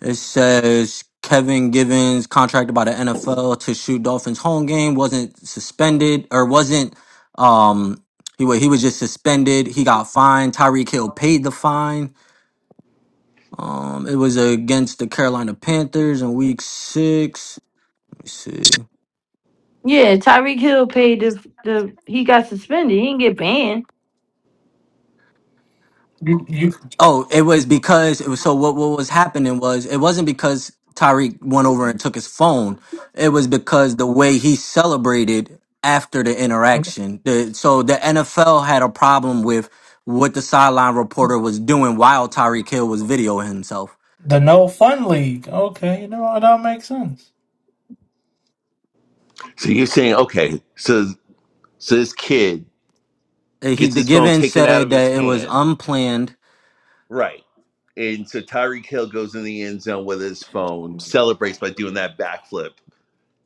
It says Kevin Givens contracted by the NFL to shoot Dolphins home game wasn't suspended or wasn't um he wa- he was just suspended. He got fined. Tyreek Hill paid the fine. Um, it was against the Carolina Panthers in Week Six. Let me see. Yeah, Tyreek Hill paid this the he got suspended. He didn't get banned. Oh, it was because it was so what what was happening was it wasn't because Tyreek went over and took his phone. It was because the way he celebrated after the interaction. The, so the NFL had a problem with what the sideline reporter was doing while Tyreek Hill was videoing himself. The no fun league. Okay, you know what? That makes sense. so you're saying okay so so this kid Uh, He gets the his phone given taken out said of his that it was hand unplanned. Right. And so Tyreek Hill goes in the end zone with his phone, celebrates by doing that backflip.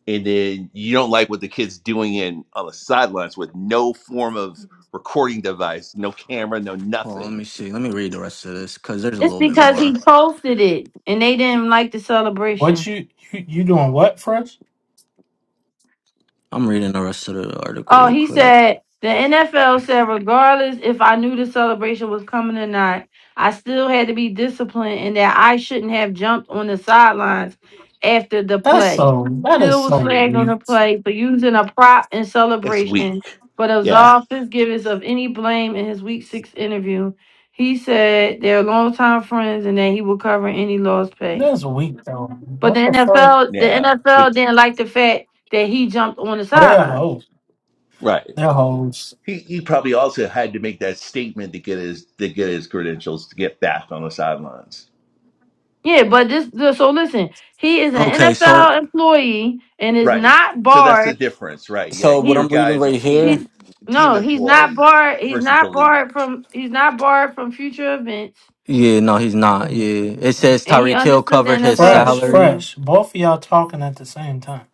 And then you don't like what the kid's doing in on the sidelines with no form of recording device, no camera, no Hold on, let me nothing. see. Let me read the rest of this because there's a It's little bit because more. he posted it and they didn't like the What celebration. you you, you doing? What for us? I'm reading the rest of the article Oh, real he quick. said the NFL said regardless if I knew the celebration was coming or not, I still had to be disciplined and that I shouldn't have jumped on the sidelines after the That's play. so. That is Hill was so flagged on the weird. play for using a prop in It's celebration, weak. but Yeah. absolved Fitzgibbons of any blame in his week six interview. He said they're longtime friends and that he will cover any lost pay. That's weak though. But the What the fuck? NFL, the Yeah. NFL But didn't like the fact that he jumped on the Oh, they're sideline. hoes. right. They're hoes. He he probably also had to make that statement to get his to get his credentials to get back on the sidelines. Yeah, but this the- so listen, he is an Okay, so NFL employee and is Right. not So that's the barred. difference, right? Yeah. so what Your I'm He guy reading is a right here he team team no, he's not employee barred. He's versus the not league. barred from he's not barred from future events Yeah, no, he's not. Yeah, it says and he Tyreek Hill understood the covered his NFL Fresh, salary. decision. fresh. Both of y'all talking at the same time.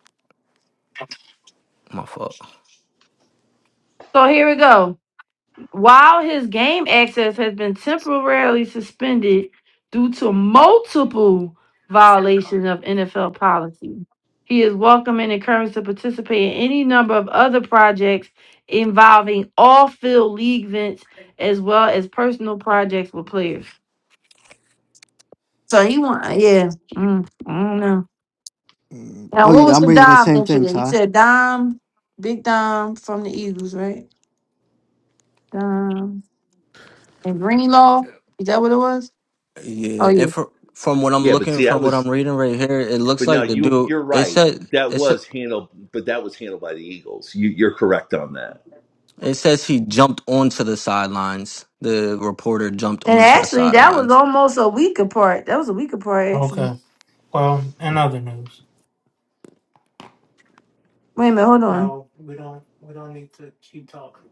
My fault. So here we go. While his game access has been temporarily suspended due to multiple violations of NFL policy, he is welcome and encouraged to participate in any number of other projects involving all field league events as well as personal projects with players. So he want, yeah, mm, I don't know. Now, Oh what Yeah. yeah, was I'm the reading the Dom same thing, incident? He Ty. said Dom, Big Dom from the Eagles, right? Dom and Greenlaw. Is that what it was? Oh Yeah, yeah. and for, from what I'm Yeah, but looking, see, that from what I'm was, reading right here, it looks but now like the you dude. you're It right. said That it said, was handled, but that was handled by the Eagles. You, you're correct on that. it says he jumped onto the sidelines. The reporter jumped And onto the actually, that was sidelines, almost a week apart. That was a week apart, actually. Okay. Well, in other news. Wait a minute, hold on. No, we don't. We don't need to keep talking.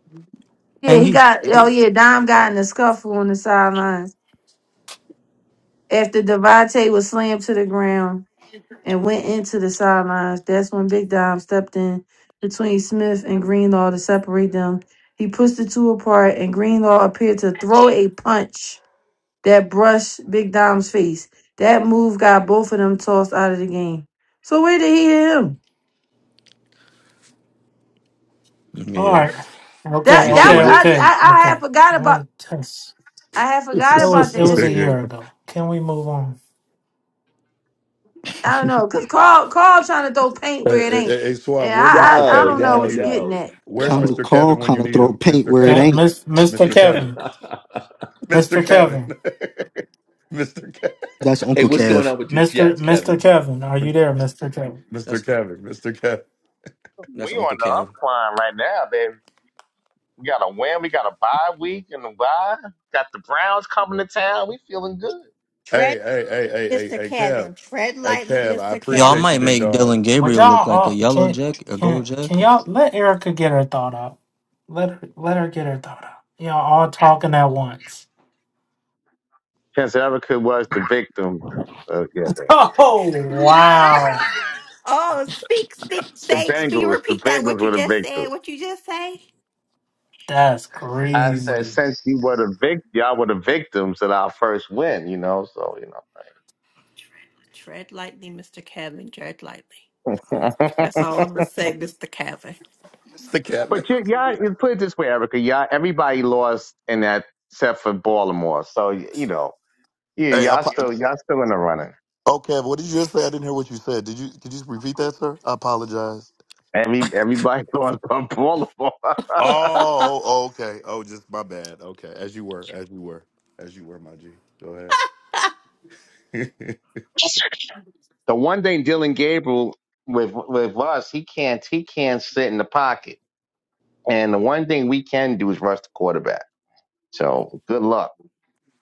Yeah, and he he's got. Oh he, yeah, Dom got in a scuffle on the sidelines after Devontae was slammed to the ground and went into the sidelines. That's when Big Dom stepped in between Smith and Greenlaw to separate them. He pushed the two apart, and Greenlaw appeared to throw a punch that brushed Big Dom's face. That move got both of them tossed out of the game. So where did he hit him? All yeah. right. Okay. That You're that Okay. saying was- what? I Okay. I, I had Okay. forgot about Wait. Tess. I had that. forgot It about was. It the was a hey, year incident. ago. Can we move on? I don't know, cause Carl Carl trying to throw paint where it hey, ain't, hey, hey, and Suave, where's I Mr. I, I No, Kevin don't when know you no, what need you're him? getting no, at. Where's Kind of Mr. no. Kevin Carl when you kind of need throw him? paint Mr. where it Ke- Kevin. ain't. Miss, Mr. Mr. Kevin. Kevin. hey, Mr. Mr. Kevin. Kevin. Mr. Kevin. That's Uncle what's going Kev. on with your Mr. Jets, Mr. Kevin? Kevin. Are you there, Mr. Kevin? Mr. That's Kevin. Mr. Kevin. that's We Uncle on the Kev. upcline right now, baby. We got a win. We got a bye week and a bye. Got the Browns coming to town. We feeling good. Tread, Hey, hey, hey, hey, hey, Mr. hey, Kev. Kevin. Tread Hey, lightly, Kev, I Mr. Y'all Kevin. appreciate you, might big make dog. Dylan Would Gabriel look y'all like a all yellow can jack, a can gold jack. can y'all let Erica get her thought out? Let her let her get her thought out. Y'all all talking at once. Chance Erica was the victim. Uh, yeah, man. Oh What? wow, Oh, speak, speak, the say, speak, Bengals. The repeat that, Bengals what were you the just said, victim. what you just say. that's I said, crazy. since you were the victim, y'all were the victims at our first win. You know, so Tread lightly, Mr. Kevin, tread lightly. you That's know. all I'm going to say, Mr. Kevin. Mr. Kevin. But you, yeah, you put it this way, Erica. Yeah, everybody lost in that except for Baltimore. So you know, yeah, Hey, I, y'all apo- still y'all still in the running. oh Kevin, what did you just say? I didn't hear what you said. Did you? Could you just repeat that, sir? I apologize. Every everybody lost from Baltimore. Oh, oh, okay. Oh, just my bad. Okay, as you were, as you were, As you were, my G. Go ahead. The one thing Dylan Gabriel with with us, he can't he can't sit in the pocket. And the one thing we can do is rush the quarterback. So good luck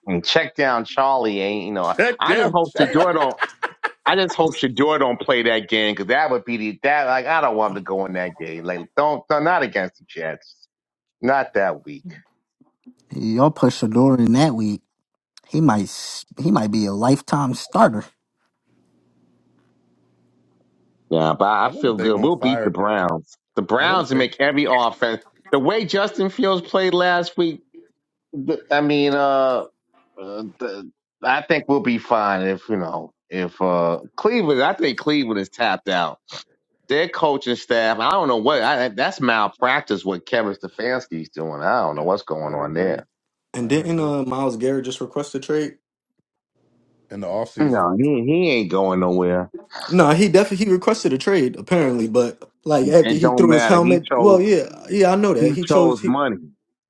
and check down Charlie. Ain't you know? Check I them. just hope Sedor don't. I just hope Shador don't play that game because that would be the that like I don't want him to go in that game. Like don't, don't not against the Jets. Not that week. Y'all push Shador in that week. He might s- he might be a lifetime starter. Yeah, but I I wonder if feel they good. gonna We'll beat the fire. Browns. The I wonder if Browns will they. make every offense. The way Justin Fields played last week, th- I mean, uh, uh the, I think we'll be fine if you know if uh Cleveland. I think Cleveland is tapped out. Their coaching staff. I don't know what. I, that's malpractice. What Kevin Stefanski's doing. I don't know what's going I on there. agree. And I didn't agree. uh, Miles Garrett just request a trade? In the off season, No, he he ain't going nowhere. No, he definitely he requested a trade apparently, but like It after he don't threw his matter. He helmet, well, chose yeah, yeah, I know that he he chose chose he, money.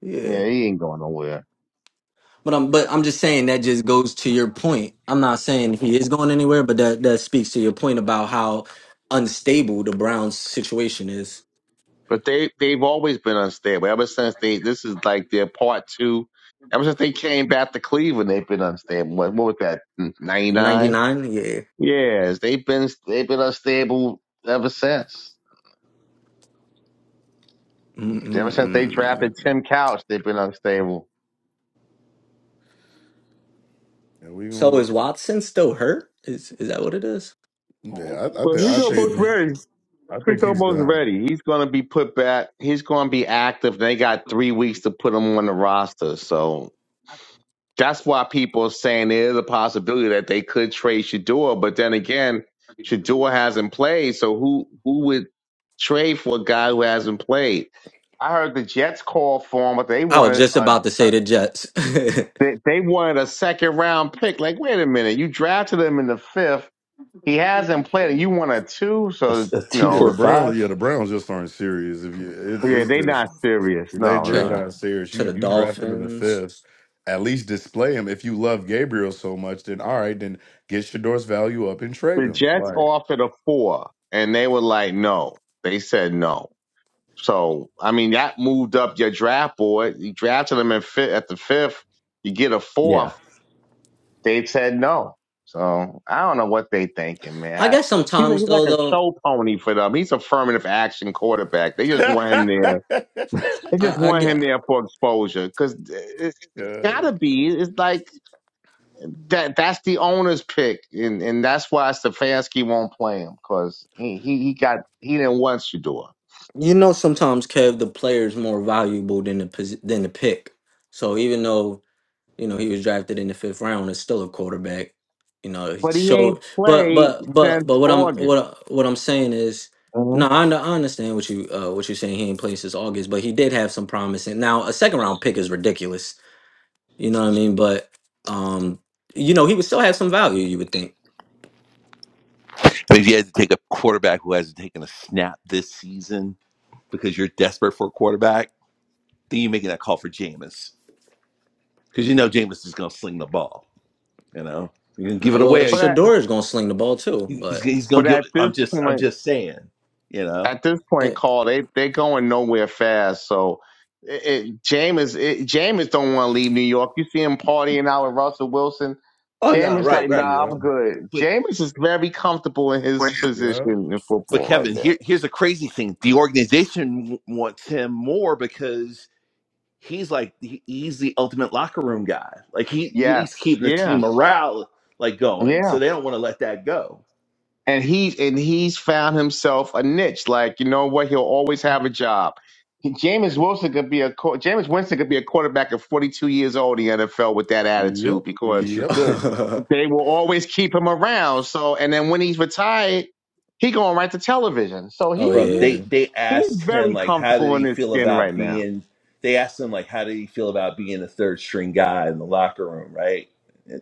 yeah. Yeah, he ain't going nowhere. But I'm but I'm just saying that just goes to your point. I'm not saying he is going anywhere, but that that speaks to your point about how unstable the Browns situation is. But they they've always been unstable. Ever since they this is like their part two. Ever since they came back to Cleveland, they've been unstable. What, what was that? Ninety Ninety nine. nine, yeah. Yes, they've been they've been unstable ever since. Ever since they drafted Mm-mm-mm. Tim Couch, they've been unstable. and we So gonna is Watson still hurt? Is is that what it is? Yeah, I, I Well, think he's I almost think A, ready. I think he's Cristobal's done. ready. He's going to be put back. He's going to be active. They got three weeks to put him on the roster. So that's why people are saying there is a possibility that they could trade Shador. But then again, Shador hasn't played. So who, who would trade for a guy who hasn't played? I heard the Jets called for him, but they I was wanted just a, about to a say the Jets. they, they wanted a second round pick. Like, wait a minute, you drafted him in the fifth. He hasn't played, and you want a two. So a two Yeah, no. for the a Browns. five? Yeah, the Browns just aren't serious. If you, it, Yeah, it's they not just serious. they No, they Trade Yeah, no. him not serious. to You the you draft him in the Dolphins. fifth. At least display him. If you love Gabriel so much, then all right, then get Shador's value up and trade The him. Jets Like, offered a four, and they were like, no. They said no. So I mean, that moved up your draft board. You drafted them in fifth, at the fifth. You get a yeah. fourth. They said no. So I don't know what they thinking, man. I I, guess he's like, sometimes he's though, like a though show pony for them. He's affirmative action quarterback. They just yes, want him there. They just I, I want him get there for exposure because it's gotta be. It's like that that's the owner's pick, and and that's why Stefanski won't play him because he, he he got he didn't want Shador, you know sometimes Kev the player is more valuable than the posi- than the pick. So even though You know, he was drafted in the fifth round. Is still a quarterback. You know, he but he ain't showed. But played but but since but what I'm what August. I- what I'm saying is, hmm no, I, under- I understand what you uh, what you're saying. He ain't played since August, but he did have some promise. And now a second round pick is ridiculous. You know what I mean? But um, you know, he would still have some value. You would think. I mean, if you had to take a quarterback who hasn't taken a snap this season because you're desperate for a quarterback, then you're making that call for Jameis because you know Jameis is going to sling the ball. You know, you're going to No, give it Well, away But at, Shador is gonna sling the ball too, He- He's but he's gonna but give. at I'm this just I'm point, just saying, you know. at this point, eh. Carl, they they going nowhere fast. So it, it, Jameis it, Jameis don't want to leave New York. You see him partying out with Russell Wilson. Oh no, Jameis right, yep, like, right. nah, yep, I'm good. But Jameis is very comfortable in his yep, position in but football right Kevin, there. here here's a crazy thing. The organization w- wants him more because he's like he, he's the ultimate locker room guy. Like he Yes, he's keeping the yeah, team morale like going. yeah. So they don't want to let that go. and he's and he's found himself a niche. Like you know what, he'll always have a job. Jameis Wilson could be a qu- Jameis Winston could be a quarterback at 42 years old in the NFL with that attitude because He sure yep, could. they will always keep him around. So and then when he's retired, he going right to television. So he oh bro he yeah. they they he's asked him very like how did comfortable he in his feel skin about right now. being they asked him like how did he feel about being the third string guy in the locker room right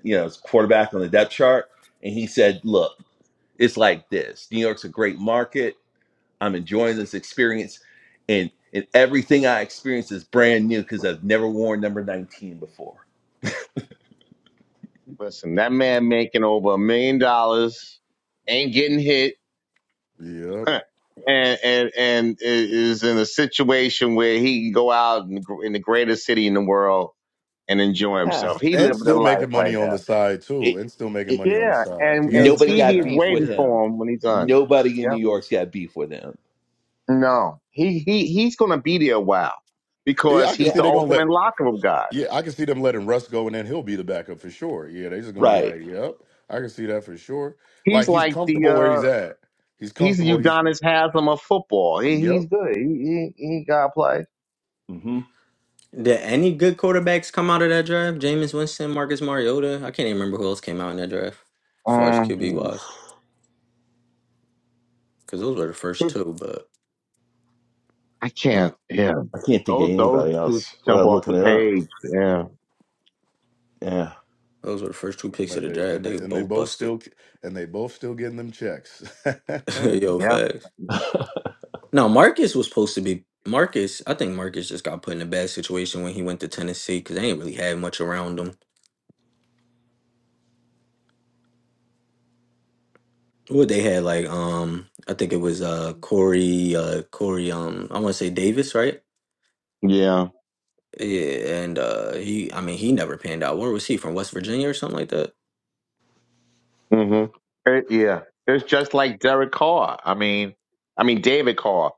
you know as quarterback on the depth chart and he said look it's like this new york's a great market i'm enjoying this experience and and everything i experience is brand new because i've never worn number 19 before Listen, that man making over a million dollars, ain't getting hit yep, and and and is in a situation where he can go out in the, gr- in the greatest city in the world and enjoy Ah, himself. He and living a still life making right money on the now. side too, it and still making it money on the Yeah, side. and He has and a nobody TV got is beef personality. with waiting Yeah, him for him when he's done. nobody in Yep. new york's got beef with him No, he he he's gonna be there a while yeah, because I can he's see the yeah. they're gonna ultimate let locker room guy. Yeah, I can see them letting Russ go, and then he'll be the backup for sure. Yeah, they just gonna be right like, "Yep, I can see that for sure." He's Like he's like the comfortable where he's uh at. He's he's comfortable. the He's Udonis Haslam of football. He, he's yep. good. He he, he got to play. hmm Did any good quarterbacks come out of that draft? Jameis Winston, Marcus Mariota. I can't even remember who else came out in that draft as far as Um, QB wise, because those were the first two. But I uh, can't. Yeah, I can't think of those those anybody two else jump without off the looking it up. page. Yeah. Yeah. those were the first two picks of But the they, draft. and They they were and they both both busted. still and they both still getting them checks. yeah, Yo, Yeah. facts. No, Marcus was supposed to be Marcus. I think Marcus just got put in a bad situation when he went to Tennessee because they ain't really had much around him. What they had like, um, I think it was uh Corey, uh Corey, um, I want to say Davis, right? Yeah. Yeah, and uh he I mean he never panned out. Where was he from? West Virginia or something like that? hmm It, yeah. It's just like Derek Carr. I mean, I mean David Carr.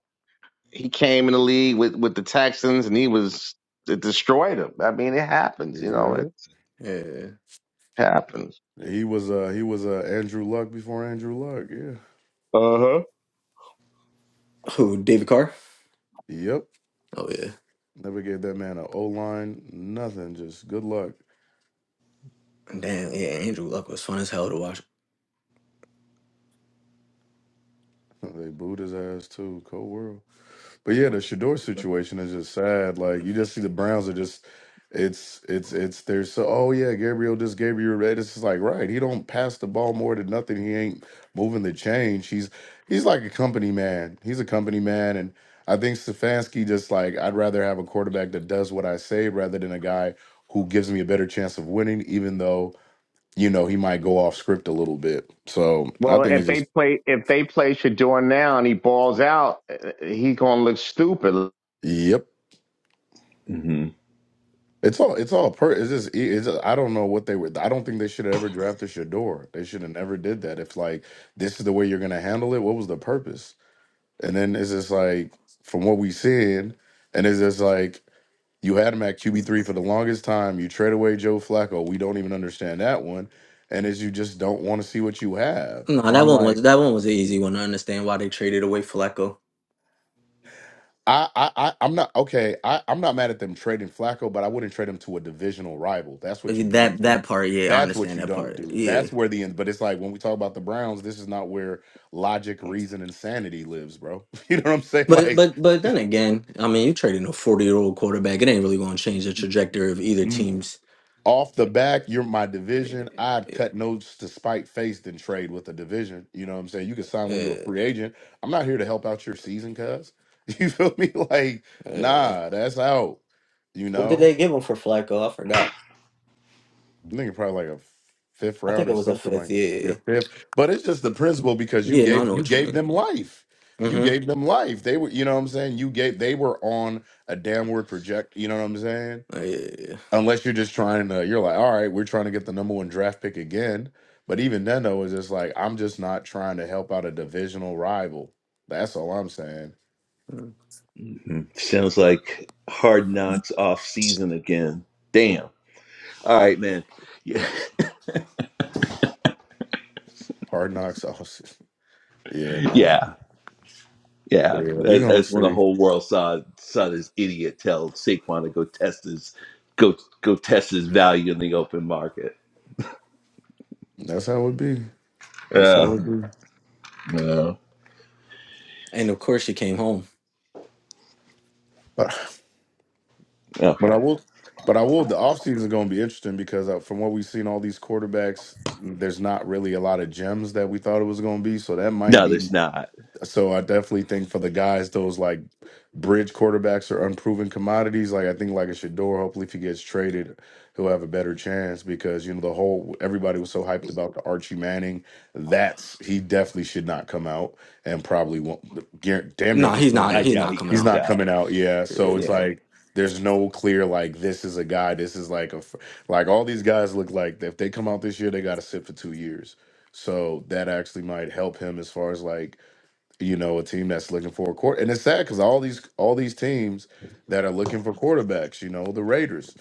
He came in the league with with the Texans, and he was it destroyed him. I mean, it happens. You know, it he Yeah. happens. was uh he was uh Andrew Luck before Andrew Luck. Yeah, Uh huh. Who, David Carr? yep. Oh yeah. Never gave that man an O line, nothing. Just good luck. Damn, yeah, Andrew Luck was fun as hell to watch. They booed his ass too. Cold world. But yeah, the Shador situation is just sad. Like you just see the Browns are just it's it's it's they're so oh yeah, Gabriel this Gabriel that it's just like right, he don't pass the ball more than nothing. He ain't moving the change. He's he's like a company man. He's a company man and I think Stefanski just like I'd rather have a quarterback that does what I say rather than a guy who gives me a better chance of winning, even though, you know, he might go off script a little bit. So I Well, think if it's they just play if they play Shador now and he balls out, eh, eh, he gonna look stupid yep. hmm It's all it's all per it's just it's I don't know what they were I don't think they should have ever drafted Shador. They should have never did that. If like this is the way you're gonna handle it, what was the purpose? And then it's just like from what we seen, and it's just like you had him at QB three for the longest time. You trade away Joe Flacco. We don't even understand that one. And is you just don't want to see what you have. No, And that I'm one like. was that one was an easy one. I understand why they traded away Flacco. I, I, I, I'm not okay. I, I'm not mad at them trading Flacco, but I wouldn't trade him to a divisional rival. That's what Okay, you don't That do. that part, yeah, I That's what understand you that don't part. do. Yeah. That's where the end. But it's like when we talk about the Browns, this is not where logic, reason, and sanity lives, bro. You know what I'm saying? But Like but but then again, I mean you traded a forty year old quarterback, it ain't really gonna change the trajectory of either mm, team's off the uh, back, you're my division. I'd cut notes to spite face than trade with a division. You know what I'm saying? You can sign when you're a uh, free agent. I'm not here to help out your season, cuz. You feel me? Like, uh, nah, that's out. You what did know? they give him for Flacco? I forgot. I think probably like a fifth I round think or it was a something fifth, like yeah yeah. fifth. But it's just the principle because you Yeah, no, I gave know you what you gave mean. them life. You Mm-hmm. gave them life. They were you know what I'm saying. You gave they were on a downward project. You know what I'm saying. Uh, Yeah, yeah, yeah. Unless you're just trying to you're like all right we're trying to get the number one draft pick again. But even then though it's just like I'm just not trying to help out a divisional rival. That's all I'm saying. Mm. hmm Sounds like Hard Knocks off season again. Damn. All right, man. Yeah. Hard knocks. Oh, yeah, no. nah. Yeah. Yeah. But yeah, we That, gonna that's when the see. whole world saw saw this idiot tell Saquon to go test his go go test his value in the open market. That's how it would be. That's how it Yeah. would be. No. And of course she came home. But But Okay. I will, but I will. The offseason is going to be interesting because uh, from what we've seen, all these quarterbacks, mm, there's not really a lot of gems that we thought it was going to be. So that might No, be. there's not. So I definitely think for the guys, those like bridge quarterbacks are unproven commodities. Like I think like a Shador, hopefully if he gets traded, he'll have a better chance because you know the whole everybody was so hyped about the Archie Manning. That's he definitely should not come out and probably won't. guar- Damn near at No, this he's point, not. I He's guarantee doubt not he coming he's comes out. not coming out. out. Yeah, so it's Yeah. like there's no clear like this is a guy. This is like a fr- like all these guys look like if they come out this year, they got to sit for two years. So that actually might help him as far as like you know, a team that's looking for a quarter. And it's sad because all these all these teams that are looking for quarterbacks, you know, the Raiders,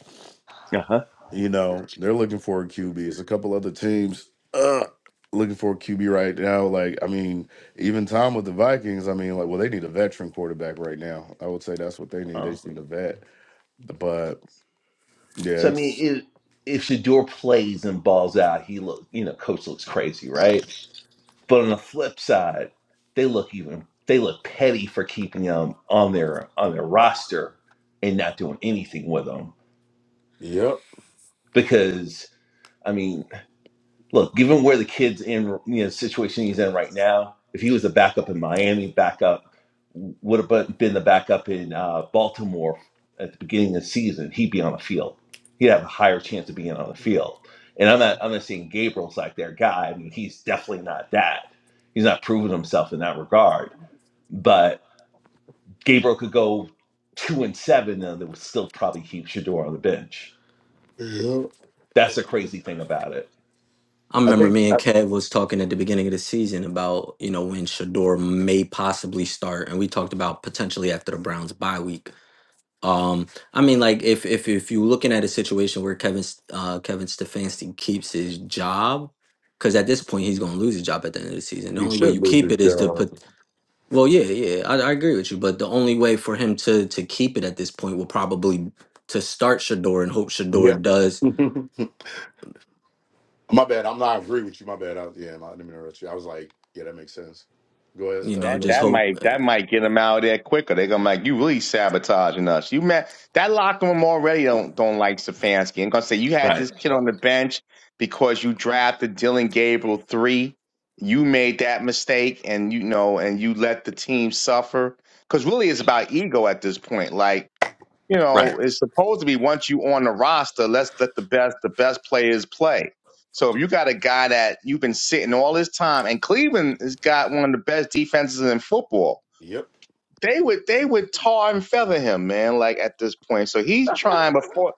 Uh you know, they're looking for a QB. It's a couple other teams uh, looking for a QB right now. Like, I mean, even Tom with the Vikings, I mean, like, well, they need a veteran quarterback right now. I would say that's what they need. They huh. just need a vet. But So yeah, I mean, it's if if Shador plays and balls out, he look you know, coach looks crazy, right? But on the flip side, they look even they look petty for keeping him on their on their roster and not doing anything with him yep, because. I mean. look, given where the kid's in, you know, situation he's in right now, if he was a backup in Miami, backup would have been the backup in uh, Baltimore at the beginning of the season, he'd be on the field. He'd have a higher chance of being on the field. And I'm not, I'm not saying Gabriel's like their guy. I mean, he's definitely not that. He's not proven himself in that regard. But Gabriel could go two and seven, and they would still probably keep Shador on the bench. yep. That's the crazy thing about it. I I remember think me and I, Kev was talking at the beginning of the season about you know when Shador may possibly start, and we talked about potentially after the Browns bye week. Um, I mean, like if if if you're looking at a situation where Kevin S- uh, Kevin Stefanski keeps his job, because at this point he's going to lose his job at the end of the season. The you only way should you move keep this it is to down. put Well, yeah, yeah, I, I agree with you. But the only way for him to to keep it at this point will probably to start Shador and hope Shador does. Yeah. My bad. I'm not agree with you. My bad. I, yeah, I didn't mean to interrupt you. I was like, yeah, that makes sense. Go ahead. You Uh, know, That go just that ahead. hope. might uh, that might get them out of there quicker. They're gonna be like you really sabotaging us. You man, that locker room already don't don't like Stefanski. I'm gonna say you had Right. this kid on the bench because you drafted Dylan Gabriel three. You made that mistake, and you know, and you let the team suffer. Because really, it's about ego at this point. Like you Right. know, it's supposed to be once you on the roster, let's let the best the best players play. So if you got a guy that you've been sitting all this time, and Cleveland has got one of the best defenses in football, Yep. they would they would tar and feather him, man. Like at this point, so he's trying before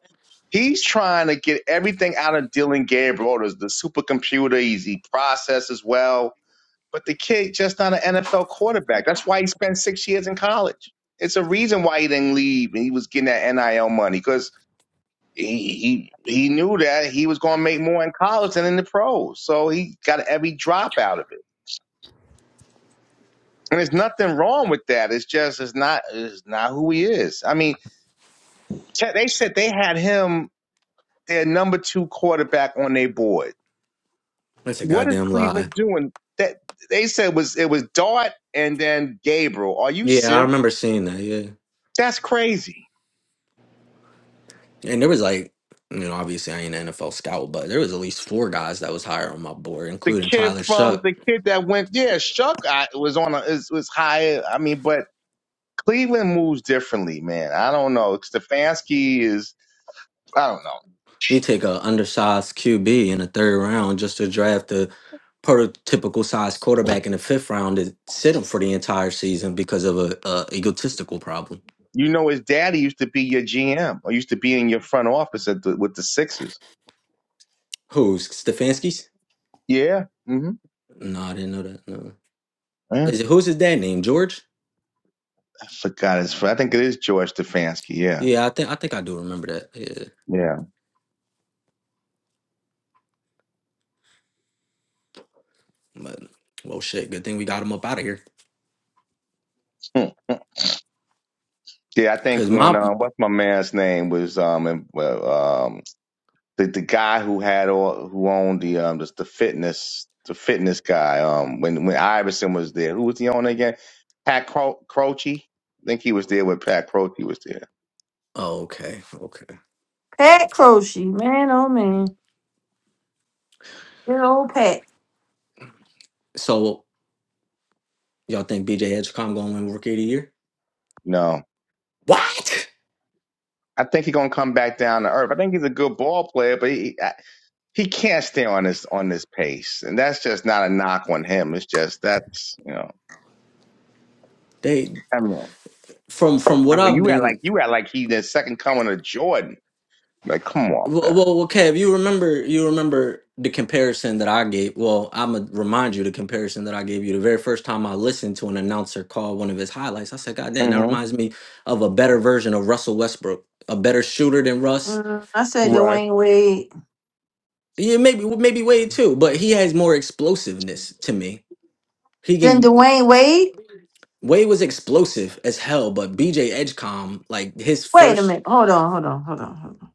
he's trying to get everything out of Dylan Gabriel. There's the supercomputer, he's, he processes well but the kid just not an NFL quarterback. That's why he spent six years in college. It's a reason why he didn't leave and he was getting that NIL money because he, he he knew that he was going to make more in college than in the pros. So he got every drop out of it. And there's nothing wrong with that. It's just it's not it's not who he is. I mean, te- they said they had him their number two quarterback on their board. That's a What is goddamn lie. Cleveland doing? That they said was it was Dart and then Gabriel. Are you Yeah, I serious? remember seeing that. Yeah, That's crazy. and there was like, you know, obviously I ain't an NFL scout, but there was at least four guys that was higher on my board, the including kid Tyler from Shuck. the kid that went, yeah, Shuck I, was on a, is was higher. I mean, but Cleveland moves differently, man. I don't know. Stefanski is, I don't know. He take a undersized QB in the third round just to draft a prototypical size quarterback in the fifth round to sit him for the entire season because of a, a egotistical problem. You know, his daddy used to be your GM or used to be in your front office at the, with the Sixers. Who's Stefanski's? Yeah. hmm No, I didn't know that. No, Yeah. is it who's his dad name? George? I forgot his. I think it is George Stefanski. Yeah. Yeah, I think I think I do remember that. Yeah, Yeah. but well, shit. Good thing we got him up out of here. Hmm. Yeah. I think Cause when, my uh, what's my man's name was, um, in, well, um, the the guy who had all who owned the um the, the fitness the fitness guy um when when Iverson was there who was he on again Pat Cro- Croce I think he was there when Pat Croce was there oh, okay, okay. Pat Croce, man, oh man, good old Pat. So y'all think BJ Edgecomb gonna win Rookie of the Year? no What? I think he's gonna come back down to earth I think he's a good ball player but he I- he can't stay on this on this pace and that's just not a knock on him it's just that's you know They I mean from from I what mean I've you act been like you act like he the second coming of Jordan like come on man Well, well, well, Kev, you remember you remember the comparison that I gave. Well, I'm gonna remind you the comparison that I gave you the very first time I listened to an announcer call one of his highlights. I said, "God damn, that hmm reminds me of a better version of Russell Westbrook, a better shooter than Russ." Mm, I said He, right. Dwayne Wade. yeah, maybe maybe Wade too, but he has more explosiveness to me. He Then can Dwayne Wade. Wade was explosive as hell, but BJ Edgecom, like his Wait a first minute. Hold on. Hold on. Hold on. Hold on.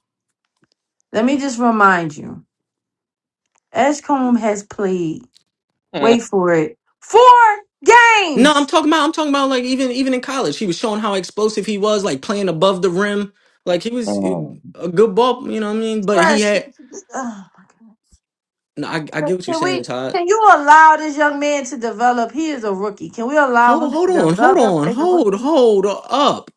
Let me just remind you. Escombe has played. Wait for it. Four No, I'm games. talking about I'm talking about like even even in college, he was showing how explosive he was, like playing above the rim. Like he was uh, Mm. a good ball, you know what I mean? But he Fresh. had Oh my God. no, I, I get what you're Can saying, we? Todd. Can you allow this young man to develop? He is a rookie. Can we allow Hold him to hold on, hold develop on, as a hold, rookie? hold up.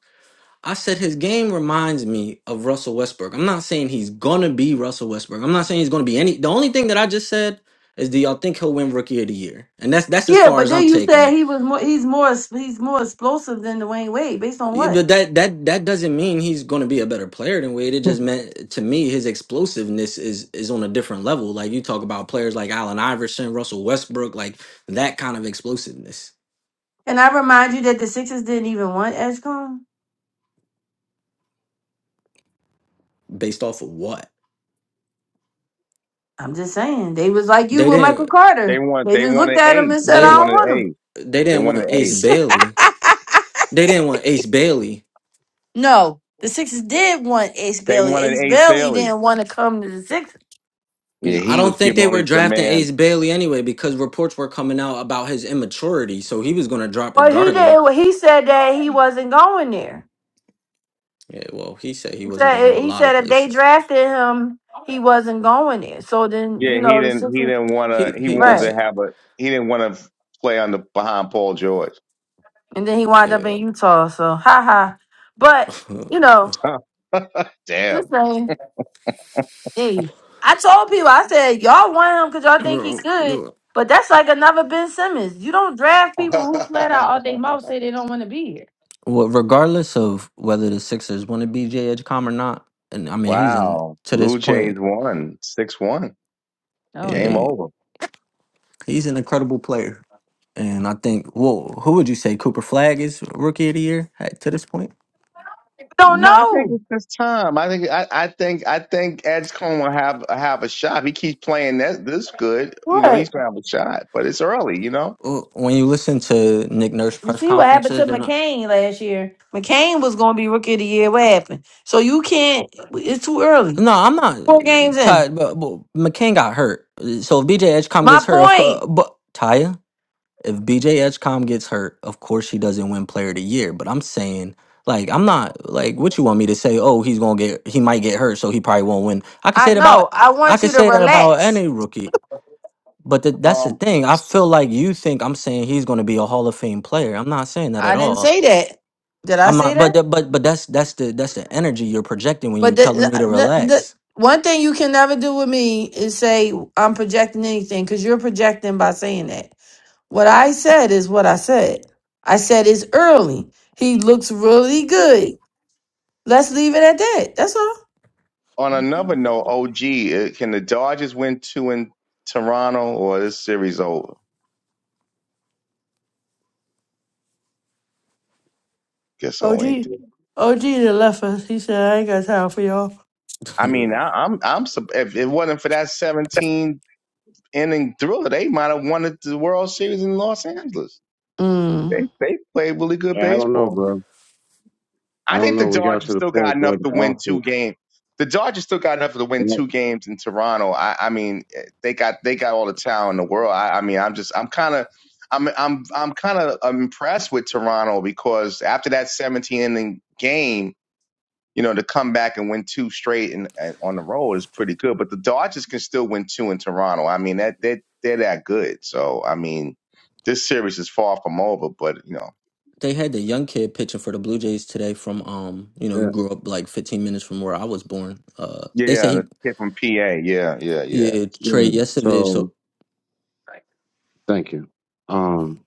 I said his game reminds me of Russell Westbrook. I'm not saying he's gonna be Russell Westbrook. I'm not saying he's gonna be any the only thing that I just said is do y'all think he'll win rookie of the year? And that's that's as Yeah, far but as I'm then you taking it. said he was more. He's more. He's more explosive than Dwayne Wade. Based on Yeah, what? But that that that doesn't mean he's going to be a better player than Wade. It just meant to me his explosiveness is is on a different level. Like you talk about players like Allen Iverson, Russell Westbrook, like that kind of explosiveness. And I remind you that the Sixers didn't even want Edgecomb. Based off of what I'm just saying they was like you they with Michael didn't They Carter. want They they just looked wanted at him Ace. and said, They "I they don't wanted want Ace. they They didn't want wanted Ace Ace. Bailey. him." They didn't want Ace Bailey. no, the Sixers did want Ace They Bailey. wanted Ace Ace Bailey Bailey. didn't want to come to the Sixers. Yeah, N- I he was don't think giving they all were these drafting demands. Ace Bailey anyway because reports were coming out about his immaturity, so he was going to drop Well, he regardless. did. He said that he wasn't going there. Yeah, well, he said he wasn't going to a said he lot of said if they places. drafted him, he wasn't going there. So then you Yeah, he know the didn't he Sixers, didn't wanna He he he did wanted right? to say. have a he didn't want to play on the behind Paul George. And then he wound up yeah. in Utah. So ha ha. But you know, Huh. just Damn. saying. Hey, I told people I said y'all want him because y'all think he's Re- good. well, But that's like another Ben Simmons. You don't draft people who flat out all they mouth say they don't want to be here. regardless of whether the Sixers want to be J. Edgecom or not, and I mean he's in Wow. to this Blue Jays point, won. Six one. Oh Game damn. eh, We over. he's an incredible player. And I think, well, who would you say Cooper Flag is Rookie of the Year at, to this point? don't No, I think know. it's this time. I think I, I think I think Edge Cone will have have a shot. he keeps playing that this good, you know, he's What? gonna have a shot. But it's early, you know. Well, When you listen to Nick Nurse You press see what happened to conferences, and uh, McCain last year. McCain was gonna be rookie of the year. What happened? So you can't it's too early. no, I'm not four uh, games in. tied, but, but McCain got hurt, Uh, so if B.J. Edgecom My gets hurt, of point, course, but Ty. if BJ Edgecom gets hurt, of course he doesn't win player of the year. But I'm saying, like, I'm not like what you want me to say, oh, he's gonna get he might get hurt, so he probably won't win. I could I say it know. about I I want could you to say that about relax. any rookie. But th- that's Um. the thing. I feel like you think I'm saying he's gonna be a Hall of Fame player. I'm not saying that I at didn't all. say that. Did I I'm say not but that? th- but but that's that's the that's the energy you're projecting when you But the, telling me to the, the relax. one thing you can never do with me is say I'm projecting anything because you're projecting by saying that. What I said is what I said. I said it's early. He looks really good. Let's leave it at that. That's all. on another note, OG, uh, can the Dodgers win two in Toronto or this series over? Guess I ain't OG, do. OG done left us. He said I ain't got time for y'all. I mean, Dude. I, I'm I'm sup- if it wasn't for that 17 inning thriller, they might have won the World Series in Los Angeles. They Mm. they played really good Yeah, I don't know, baseball. bro. I I don't think the know. We got Dodgers to the still got point where enough the to win two offense. games. The Dodgers still got enough to win two games in Toronto. I, I mean, eh, they got they got all the talent in the world. I, I mean, I'm just I'm kind of I'm I'm I'm kind of impressed with Toronto because after that 17 inning game, you know, to come back and win two straight and, and on the road is pretty good. But the Dodgers can still win two in Toronto. I mean, that they they're that good. So I mean, this series is far from over. But you know, They had the young kid pitching for the Blue Jays today from um, you know, he Yeah, grew up like 15 minutes from where I was born. Uh they say yeah, he the kid from PA, yeah, yeah, yeah, Yeah, Trey, yeah. yesterday, So so thank you. Um,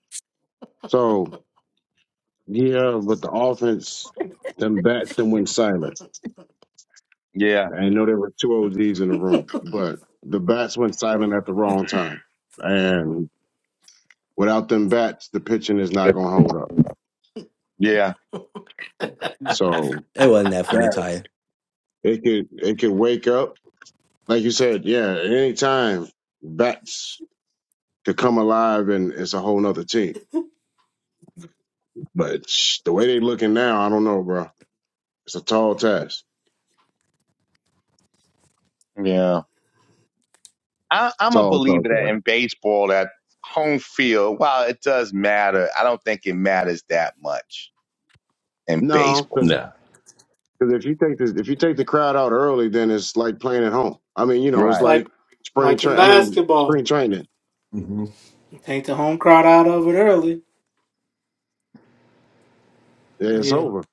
so yeah, but the offense, them bats, them went silent. yeah. I know there were two OGs in the room, but the bats went silent at the wrong time, and without them bats, the pitching is not going to hold up. Yeah, So it wasn't that funny, that Ty. it could it could wake up, like you said. Yeah, at any time bats could come alive, and it's a whole nother team. But sh- the way they looking now, I don't know, bro. It's a tall task. yeah. I, I'm a Tall, tall believer task. that in baseball, that home field, while it does matter, I don't think it matters that much in No, baseball. because Yeah. if you take this, if you take the crowd out early, then it's like playing at home. I mean, you know, it's It's Right. like like spring like in train. I mean, spring basketball, training. hmm take the home crowd out of it early. Yeah, It's Yeah. over.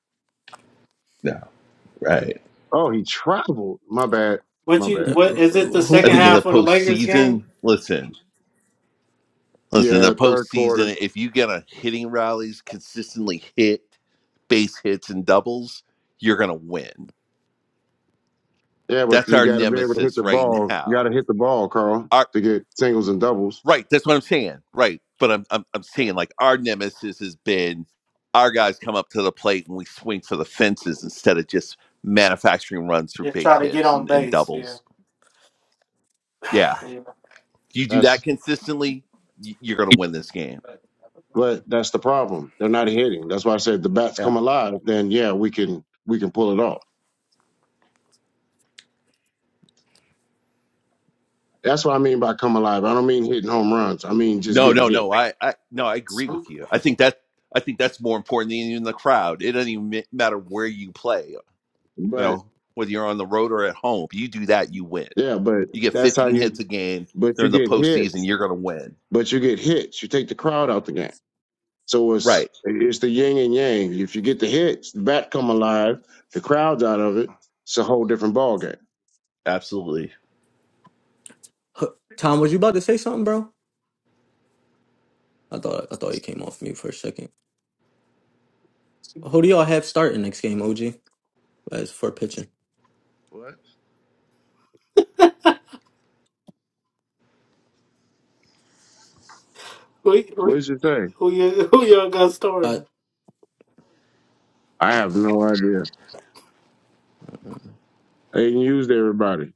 Right. Oh, he traveled. My bad. What My you Uh, bad. what uh, is it the uh, Who I second think in will? the half of the Lakers game? postseason, listen, listen, the Yeah, third quarter. postseason, if you get on hitting rallies, consistently hit base hits and doubles, you're gonna win. Yeah, but That's you our got to be able to hit nemesis the right ball. You got now. to hit the ball, Carl, Our to get singles and doubles. right, that's what I'm saying. Right. But I'm I'm I'm saying like our nemesis has been our guys come up to the plate and we swing for the fences instead of just manufacturing runs through Just base try to get hits on and, and base. Yeah. doubles. Yeah. Yeah. You do that That's consistently, y- you're gonna win this game. but that's the problem. They're not hitting. That's why I said the bats Yeah. come alive. Then yeah, we can we can pull it off. That's what I mean by come alive. I don't mean hitting home runs. I mean just No, getting no, hit. no. I, I, no, I agree with you. I think that, I think that's more important than even the crowd. It doesn't even ma- matter where you play. You But. know, whether you're on the road or at home, you do that, you win. Yeah, but You get that's how 15 hits you. a game But you during the get postseason, hits. you're going to win. But you get hits. You take the crowd out the game. So it's Right. it's the yin and yang. If you get the hits, the bat come alive. The crowd's out of it. It's a whole different ball game. Absolutely. huh, Tom, was you about to say something, bro? I thought I thought you came off mute for a second. Who do y'all have starting next game, OG? As for pitching, What? Who What who did you say? who you who you got I starting? I have no idea. They used everybody.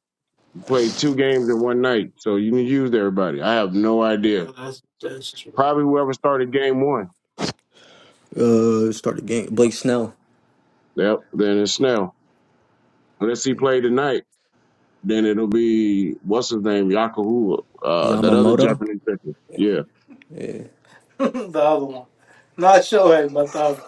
You played two games in one night, so you used everybody. I have no Yeah, idea. that's that's true. Probably whoever started game one. uh start the game. Blake Snell, Yep. Then it's Snell. Unless he played tonight. Then it'll be what's his name, Yakuhu, uh, that other Yamamoto. Japanese pitcher. Yeah. Yeah, the other one. Not Shohei, but the other.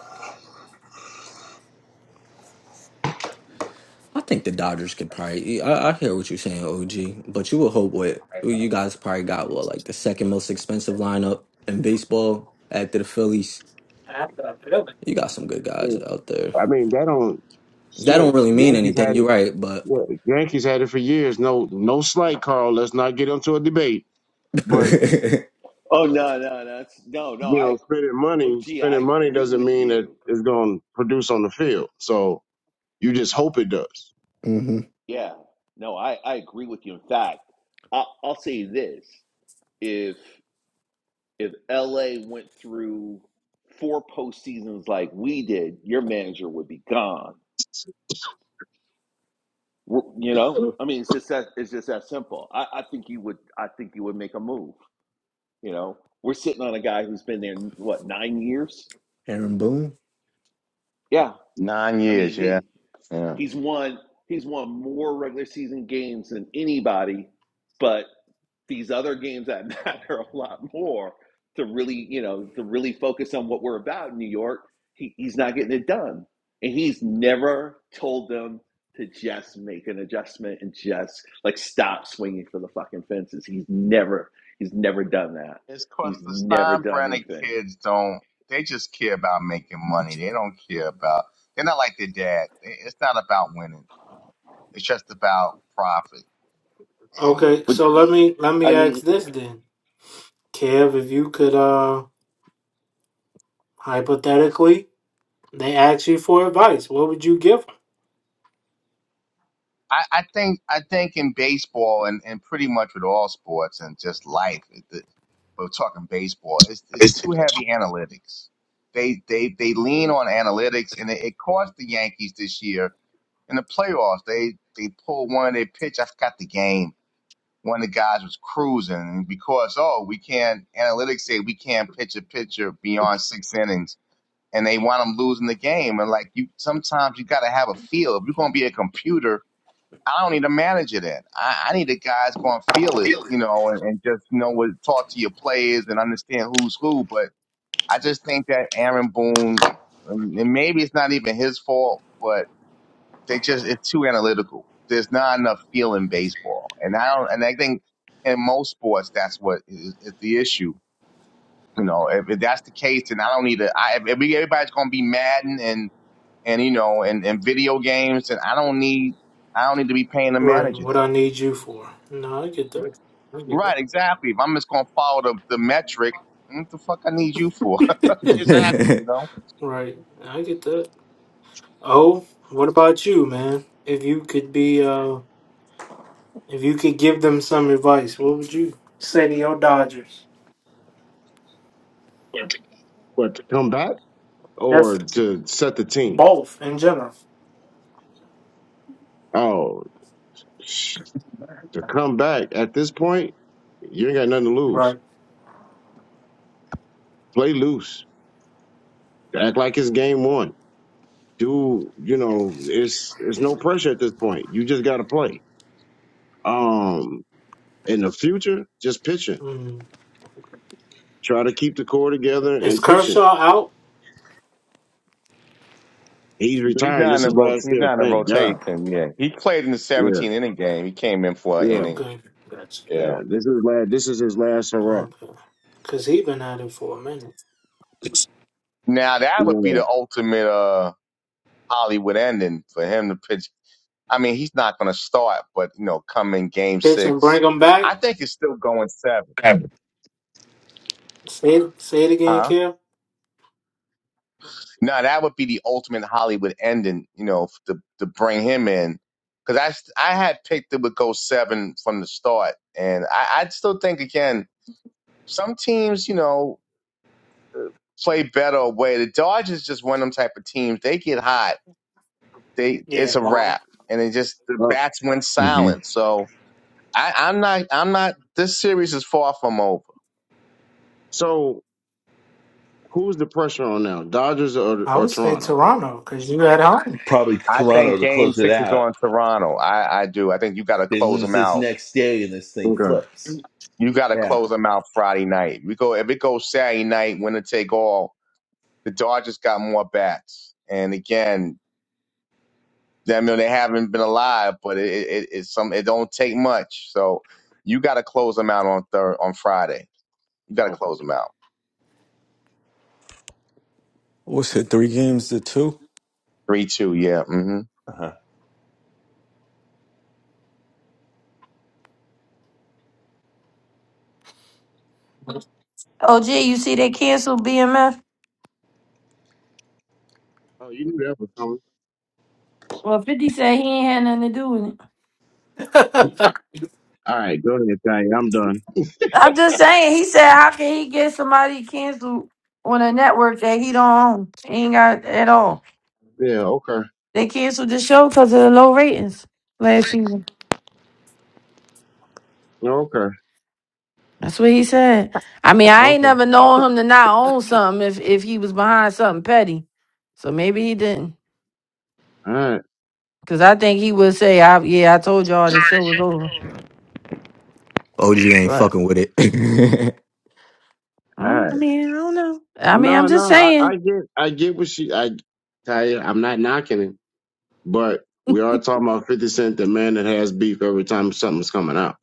I think the Dodgers could probably. I, I hear what you're saying, OG, but you would hope with you guys probably got what like the second most expensive lineup in baseball after the Phillies. You got some good guys Yeah. out there. I mean, that don't That don't shit. really mean Yankees anything. had You're it. right, but Yeah, Yankees had it for years. No, no slight, Carl. Let's not get into a debate. But Oh no, no, no, it's, no, no. you know, I spending oh money, gee, I spending money agree doesn't with mean that you. it's going to produce on the field. So you just hope it does. hmm Yeah, no, I I agree with you. In fact, I, I'll say this: if if LA went through four postseasons like we did, your manager would be gone. You know, I mean, it's just that it's just that simple. I, I think you would. I think you would make a move. You know, we're sitting on a guy who's been there what nine years. Aaron Boone. Yeah, Nine I years, mean, yeah. he Yeah. He's won he's won more regular season games than anybody, but these other games that matter a lot more to really, you know, to really focus on what we're about in New York, he, he's not getting it done. And he's never told them to just make an adjustment and just like stop swinging for the fucking fences. He's never, he's never done that. It's 'cause He's the never done Steinbrenner anything. kids don't, they just care about making money. They don't care about, they're not like their dad. It- It's not about winning. It's just about profit. Okay, But so let me let I me ask mean, this then, Kev. If you could, uh, hypothetically, they ask you for advice, what would you give them? I, I think I think in baseball and, and pretty much with all sports and just life, it, the, we're talking baseball. It's it's too heavy analytics. They they they lean on analytics, and it, it cost the Yankees this year in the playoffs. They they pulled one of their pitch. I forgot the game. One of the guys was cruising and because oh we can't analytics say we can't pitch a pitcher beyond six innings, and they want them losing the game. And like you, sometimes you got to have a feel. If you're gonna be a computer I don't need a manager then. I, I need a guy that's going to feel it, you know, and, and just you know what talk to your players and understand who's who. But I just think that Aaron Boone, um, and maybe it's not even his fault, but they just it's too analytical. There's not enough feel in baseball, and I don't. And I think in most sports that's what is, is the issue. You know, if, if that's the case, then I don't need to. I, if we, everybody's going to be Madden and and you know and, and video games, and I don't need I don't need to be paying a Right, manager what then. I need you for. No, I get Right, exactly. If I'm just gonna follow the, the metric, what the fuck I need you for? that. exactly, you know. right, I get that. Oh, what about you, man? If you could be, uh, if you could give them some advice, what would you say to your Dodgers? But to come back or to set the team. Both in general. Oh, sh- to come back at this point, you ain't got nothing to lose. Right. Play loose Act like it's game one. Do you know it's it's no pressure at this point. You just gotta play. Um in the future, just pitching. Mm. Try to keep the core together Is and pitching. Kershaw out? He's But he's retiring. not in This the is rot- last he's year, not in thank God. rotation. Yeah, he played in the Yeah, 17 inning game. He came in for an yeah, inning. Okay, gotcha. yeah. Yeah. This is last this is his last hurrah. Okay. Cause he been at it for a minute. Now that would be Yeah. the ultimate uh Hollywood ending for him to pitch. I mean, he's not gonna start, but you know, come in game Pitch and bring six. him back. I think it's still going seven. Say it, say it again, Huh? Kim. Now that would be the ultimate Hollywood ending, you know, f- to to bring him in, because I st- I had picked it would go seven from the start, and I I still think again some teams you know play better away. The Dodgers just one of them type of teams. They get hot, they Yeah, it's a bomb. wrap, and it just the Uh, bats went hmm silent. So I I'm not I'm not this series is far from over. so who's the pressure on now? Dodgers or I or would say Toronto? Toronto, cause you had home. Probably I Toronto think to Game close it Six is out. on Toronto. I I do. I think you got to They close lose them this out next day, and this thing Okay. flips. You got to Yeah. close them out Friday night. We go if it goes Saturday night, winner take all. The Dodgers got more bats, and again, I mean they haven't been alive, but it, it, it's some. It don't take much, so you got to close them out on third on Friday. You got to Okay. close them out What's it? Three games to two. three two. Yeah. hmm Uh-huh. OG, you see they canceled BMF. Oh, you knew that was coming. Well, 50 said he ain't had nothing to do with it. what All right, go ahead, Ty. I'm done. I'm just saying, he said, how can he get somebody canceled on a network that he don't own? He ain't got it at all. Yeah, okay. They canceled the show because of the low ratings last season. Okay. That's what he said. I mean, Okay. I All ain't never known him to not own something if, if he was behind something petty. So maybe he didn't. right. Because I think he would say, I, yeah, I told y'all the show was over. OG ain't But, fucking with it. All mm, right. I mean, I don't know. I mean, I'm No, no, just I, saying. I get, I get what she, I, Kaya, I'm not knocking it, but we are talking about 50 Cent, the man that has beef every time something's coming out.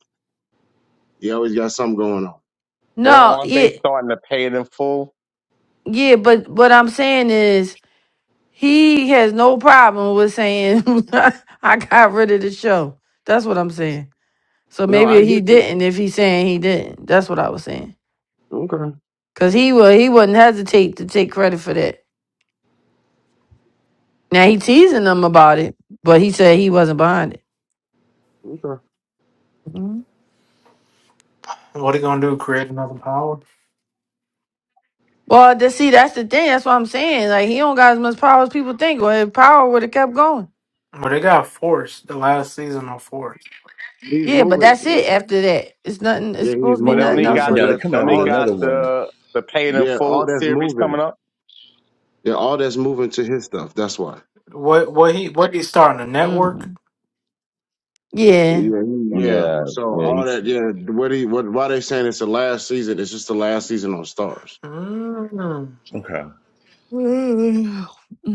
He always got something going on. Well, No, aren't yeah, they starting to pay it in full? yeah, but what I'm saying is He has no problem with saying I got rid of the show. That's what I'm saying. So No, I maybe he get it. didn't if he's saying he didn't. That's what I was saying. Okay, Cause he would he wouldn't hesitate to take credit for that. Now he teasing them about it, but he said he wasn't behind it. okay. Mhm. are they gonna do? Create another power? Well, to see that's the thing. That's what I'm saying. Like he don't got as much power as people think. Well, his power would have kept going. Well, they got forced the last season on force. He's Yeah, but moving. that's it. After that, it's nothing. It's Yeah, he's supposed to be But they nothing moving. only He's, else. got but Now he, they're the they coming out only with all, got another one, the the pay it in yeah, full all that's series coming moving. up. Yeah, all that's moving to his stuff. That's why. What? What he? What he starting a network? mm Yeah. Yeah, he- yeah. Yeah, So yeah, all he's- that, yeah. What he, what? Why they saying it's the last season? It's just the last season on Stars. Mm. Okay.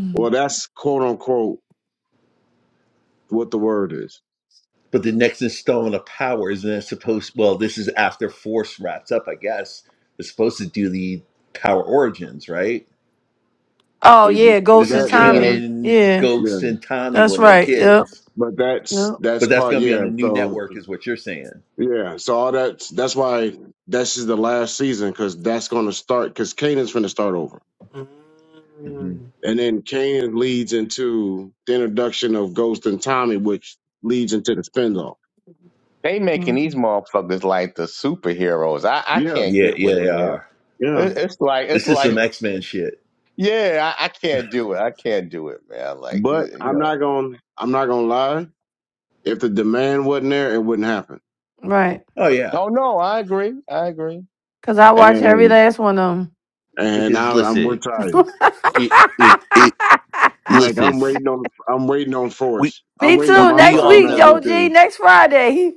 Well, that's quote unquote what the word is. but the next installment of Power isn't that supposed? Well, this is after Force wraps up, I guess. They're supposed to do the Power Origins, right? Oh It- yeah, Ghost This and is that yeah. yeah Tommy. Kanan, Yeah, yeah Ghost, and Tommy that's when they were right. Yep, kids, but that's yep. that's but that's part going to be yeah on the new so network, is what you're saying. yeah so all that's that's why this is the last season because that's going to start because Kanan's going to start over hmm Mm. and then Kanan leads into the introduction of Ghost and Tommy which leads into the spin-off They making these Mhm. motherfuckers like the superheroes. I, I yeah can't Yeah, get yeah, with it, they man. are. yeah It, it's like it's This is some like X Men shit. yeah, I, I can't do it. I can't do it, man. Like you but you I'm know. not going to I'm not going to lie if the demand wasn't there it wouldn't happen Right. Oh yeah, Oh no, I agree. I agree. Cause I watch every and last one of them. and because I, I'm with listen, tired it, it, it, like listen, I'm waiting on I'm waiting on we, Force I'm Me waiting on we, too. my we Next Friday all week, night Joe know. routine G. Next Friday.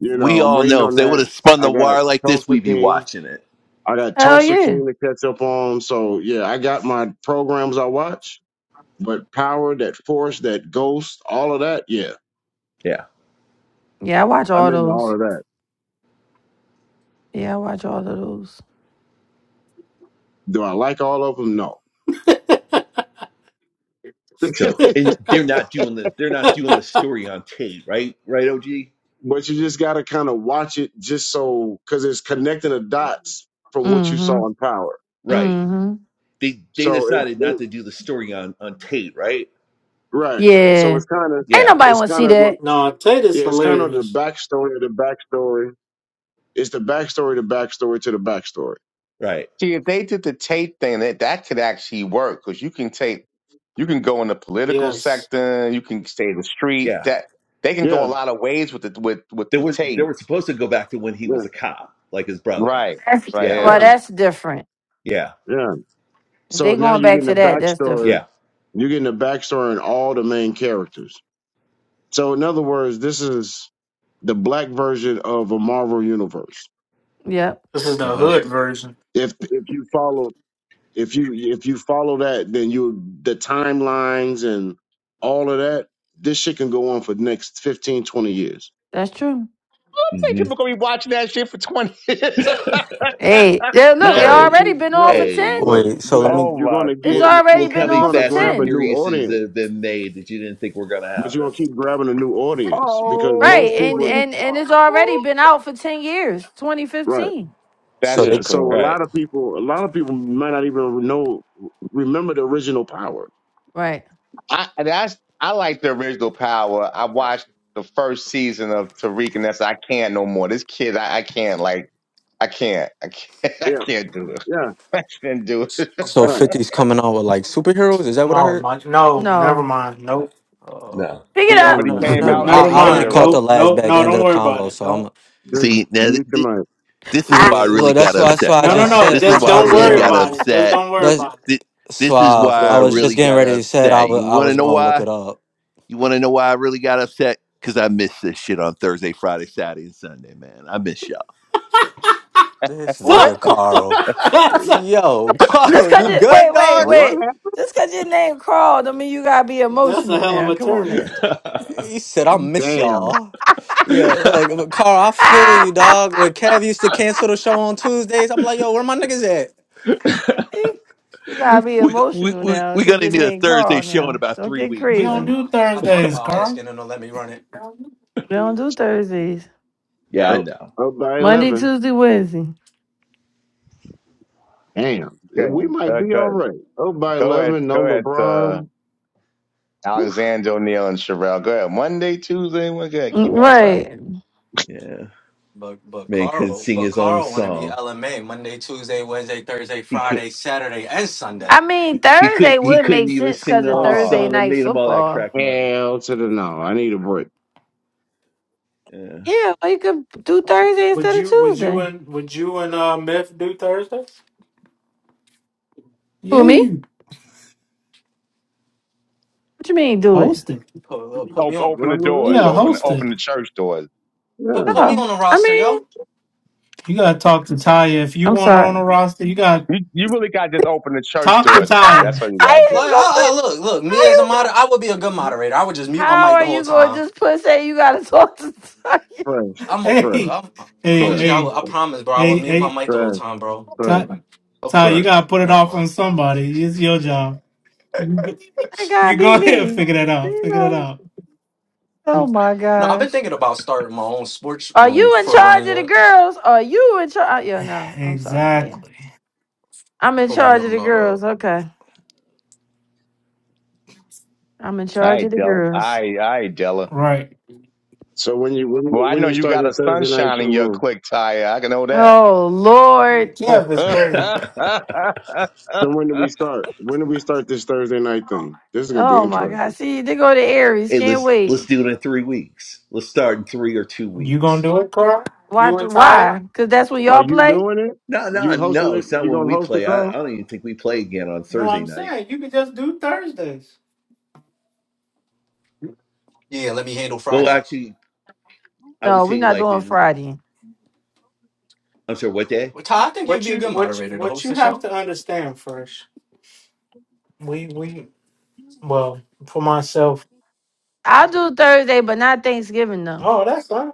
You know, we I'm all waiting know on if they would that. have spun I the got wire like this, Tulsa we'd be King. watching it. I got Hell Tulsa yeah. King to catch up on. So yeah, I got my programs I watch, but Power, that Force, that Ghost, all of that. Yeah, Yeah. Yeah, I watch I'm all into all those. of that. Yeah, I watch all of those. Do I like all of them? No. but So and they're not doing the they're not doing the story on tape, right? Right, OG? you just got to kind of watch it just so because it's connecting the dots from what you Mm-hmm. saw in Power. Right. Mm-hmm. They they So it, decided not it to do the story on on tape, right? right. So Yeah. it's kind of Ain't Yeah. nobody it's wanna kind see of that. no, Tatum's yeah, it's kind of the hilarious. backstory of the backstory It's the backstory, the backstory to the backstory. Right. See, if they did the tape thing, that that could actually work because you can tape. You can go in the political Yes, sector. You can stay in the street. Yeah. That they can go a Yeah, lot of ways with the with with They the were they tape. were supposed to go back to when he was yeah, a cop, like his brother. Right. Right. Yeah. Well, Yeah. yeah, that's different. Yeah. yeah. If So they now going you're back getting the to that, that's backstory. Yeah. different. You're getting the backstory in all the main characters. So in other words, this is the black version of a Marvel universe. Yep. this is the Uh-huh. hood version. If if you follow if you if you follow that, then you the timelines and all of that. This shit can go on for the next 15 20 years. That's true. I think hmm people gonna be watching that shit for twenty years. Hey, yeah, look, it No, but God. Hey. already you been on for no, Hey, ten. but look. Wait. So but let me. Oh you're my gonna It's get Look, already look how been you're many on for gonna Fast and grab a ten, new Furiouses audience that have been made that you didn't think were going to but you're happen. gonna keep grabbing a new audience because right? most And people, Holy and and it's Rumble. already been out for ten years, twenty right? fifteen, So That's they. Yeah. c- So true. a Right. lot of people, a lot of people might not even know, remember the original power. right? I that's I like the original Power. I watched the first season of Tariq, and that's I can't no more. This kid, I, I can't like I can't I can't I Yeah. can't do it. Yeah. I can't do it. So Uh, 50's coming out with like superheroes. Is that what I Oh heard? my! No, never No, mind. Nope. No. Uh, pick it eh, he uh, up. already no, came no. out uh, the Never I, I only mind. caught superhero. the Nope. last Nope. back No, end of don't the worry about convo. it. So Don't. I'm. just See, now th- mute th- your mic. this is Ah, why I Yeah, really well, that's got why. So upset, I No, no, just y'all. no. said. This is Just That's why why I I was don't really worry getting. got So, about it. Just upset. don't worry That's about it. Th- This is suave. why I I was so just really getting got ready to said I upset. was. You I want to was know gonna look why? it up. You want to know why I really got upset? Because I missed this shit on Thursday, Friday, Saturday, and Sunday, man. I miss y'all. This So what? nigga Carl. that's a Yo, Just Carl, cause you you good, wait, wait, dog? what wait. happened? Just cause your name crawled, I mean you gotta be that's a emotional hell of now. a Come on turn. now. He said, I miss Damn. y'all. Yeah, look, but Carl, I feel Ah, you, dog. When Kev used to cancel the show on Tuesdays, I'm like, yo, where my niggas at? you gotta be we, we, emotional we, now, we're cause going to your need a name Thursday crawled show in now. about Don't three get We weeks, don't man. crazy. do I thought Thursdays, about Carl. asking him to let me run it. We don't do Thursdays. Yeah, I Up, know. up by Monday, eleven. Tuesday, Wednesday. Damn. We Good, might good, be all good. right. Up by Go ahead, eleven. No go ahead. Uh, LeBron. Oof. Alexander O'Neill and Sherelle. Go ahead. Monday, Tuesday. We're good. Mm, Keep on time. Right. Yeah. But but Man couldn't Carl, sing but his own Carl wanna be song. LMA Monday, Tuesday, Wednesday, Thursday, He could Friday, Saturday, and Sunday. I mean, He could Thursday he would couldn't make even sense sing because the of own Thursday Oh, song that night made him all that football. crack money. Hell to the no. I need a break. Yeah. Yeah, well, you could do Thursday Would instead of you? Would you Tuesday. and would you and uh Myth do Thursdays? Who Yeah, me? you What you mean, do it? host it. Put, put me open, on open the put, Run the put, doors. put, Yeah, room. Open, put, host put, open it. the church doors. put Yeah. put me on Oh, the I roster, mean, yo. You gotta talk to Taya if you I'm want her on sorry. the roster. You gotta You, you really got to just open the church talk to doors, Ty. That's Taya. what you How got to you do. just Like, gonna I, I, put? look, look, How me as a you go? moderator, I would be a good moderator. I would just mute my How mic the are whole you gonna time just put? Say you gotta talk to. Fresh. I'm a, Fresh. I'm Hey, hey, OG. Fresh. I, will- hey, I promise, bro. I hey, would mute my hey, mic the whole Fresh. time, bro. Fresh. Ty, Okay, Ty, you Fresh. OG. gotta put it Never off mind. on somebody. It's your job. That You gotta be go ahead and me. figure that out. You Figure that know. out. Oh my No, I've been gosh. thinking about starting my own sports Are room you in for when charge of the you girls? Are you in charge? Yeah, no, I'm sorry. Yeah, Exactly. I'm in for when charge y'all of the not uh. girls. Okay, I'm in All charge of right, the Della. All girls. right, all right, Della. Right. So when you when Well, you- I when know you you start got your a Thursday night sunshine show in your room, clique, Ty. I can know that. Oh Lord. Yeah, that's no, crazy. so when do we start? When do we start this Thursday night thing? This is gonna be Oh my God. interesting. See, they go to Aries. Hey, Can't let's let's wait. do it in three weeks. Let's start in three or two You gonna weeks. do it, Carl? Why? You retired? Why? Because that's when Are y'all you play. doing it? No, no, You hosting no. it? It's not You when gonna we host it, play. I, I Carl? don't even think we play again on No, Thursday I'm night. saying you could just do Thursdays. Yeah, let me handle Well, Friday. actually, I would No, we're say not like doing in. Friday. I'm sorry. What day? Well, Ty, I think you'd What be a you good what you, moderator to what host you the have show. to understand first. We we well for myself. I'll do Thursday, but not Thanksgiving though. Oh, that's fine.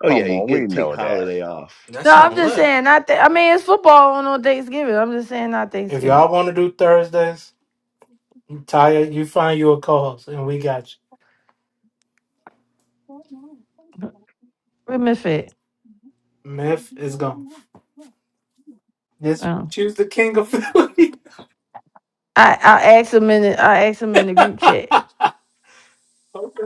Oh yeah, come you on. We get take know that. holiday off. That No, I'm sound just look. saying. Not. Th- I mean, it's football on on Thanksgiving. I'm just saying not If Thanksgiving. y'all want to do Thursdays, you tired, you find you a co-host, and we got you. We are it. Myth is gone. Just Oh. choose the king of Philly. I I asked them in. The, I asked them in the group chat. Okay.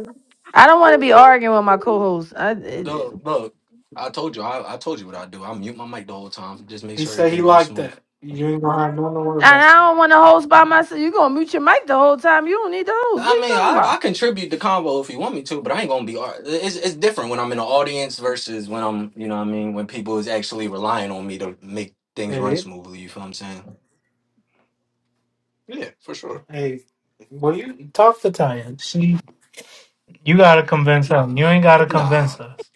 I don't want to be arguing with my co-host. I, it- Look, look. I told you. I, I told you what I do. I mute my mic the whole time. Just make He sure said he everything goes liked smooth. that. You ain't gonna have nothing to worry and about. I don't want to host by myself. You're going to mute your mic the whole time. You don't need the host. What are I you mean, talking I, I about? contribute the combo if you want me to, but I ain't gonna be. ar- It's it's different when I'm in the audience versus when I'm, you know, what I mean, when people is actually relying on me to make things It run is. smoothly. You feel what I'm saying? Yeah, for sure. Hey, well, you talk to Tanya. She, you gotta convince her. You ain't gotta Nah, convince us.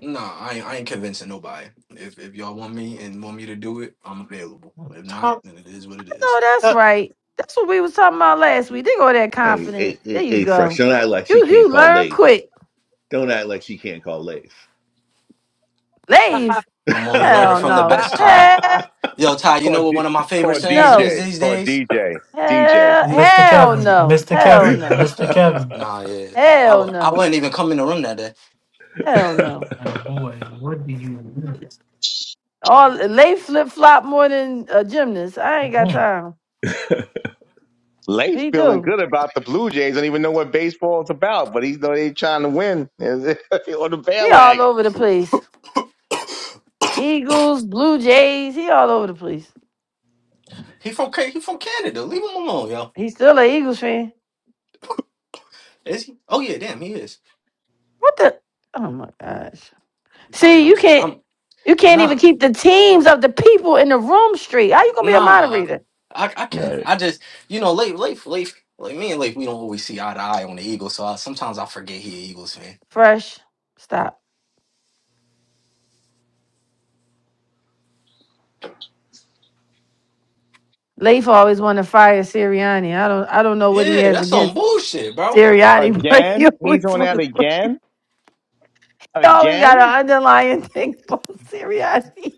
nah, I ain't, I ain't convincing nobody. If if y'all want me and want me to do it, I'm available. If not, Talk, then it is what it is. No, that's talk right. That's what we was talking about last week. They go that Hey, hey, confident. There hey, you hey fresh. go. Don't act like she You you can't call learn Leif. quick. Don't act like she can't call Leif. Shit, Leave. I'm only learning Hell from the no. best, Ty. Hell Yo, Ty, you call, know what D- one of my favorite call sayings is no. DJ. these Call days? DJ. DJ. Hell Yeah. Mr. hell Kevin, no. Mr. Hell Kevin, no. Mr. Kevin. Nah, yeah. I Hell w- I no. wouldn't even come in the room that day. Hell no. My boy, what do you want? All lay flip flop more than a gymnast. I ain't got want? time. Late He feeling do. good about the Blue Jays. Don't even know what baseball is about, but he's know they trying to win on the He all bandwagon over the place. Eagles, Blue Jays. He all over the place. He from Ca- he from Canada. Leave him alone, yo. He still a Eagles fan. Is he? Oh yeah, damn, he is. What the? Oh my gosh. Italian. See, I'm you s- can't. I'm You can't even nah keep the teams of the people in the room straight. How you gonna be a nah. moderator? I I can. Right. I just you know late late late like me and late we don't always see eye to eye on the Eagles. So I, sometimes I forget he an Eagles fan. Fresh. Stop. Leif always want to fire Sirianni. I don't. I don't know what he Yeah, has that's some against bullshit, bro. Sirianni, but again. he He's always on want that to. again. You always got an Again. underlying thing about Sirianni.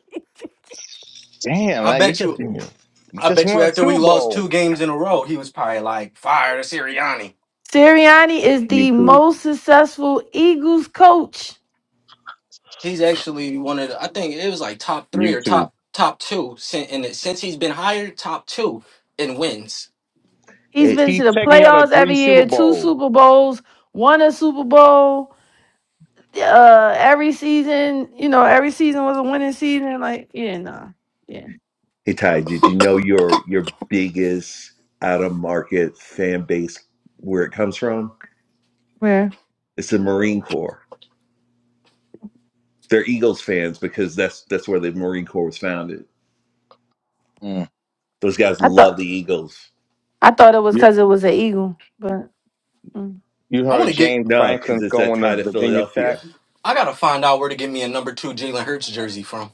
Damn, I like it bet just. you. Yeah. I Just bet you won after we Super lost Bowl. two games in a row, he was probably like fire to Sirianni. Sirianni is the YouTube. most successful Eagles coach. He's actually one of the, I think it was like top three or YouTube. top top two since and since he's been hired top two in wins. He's hey, been to He's the taking y'all to playoffs three every year, Super two Bowls. Super Bowls, won a Super Bowl. Uh, every season, you know, every season was a winning season. Like, yeah, nah, yeah. hey, Ty. Did you know your your biggest out of market fan base where it comes from? Where It's the Marine Corps. They're Eagles fans because that's that's where the Marine Corps was founded. Mm. Those guys I thought love the Eagles. I thought it was You because it was an Eagle, but mm. you I want heard to get James No, because Franklin's it's that going to tie to Virginia Tech. Philadelphia. I gotta find out where to get me a number two Jalen Hurts jersey from.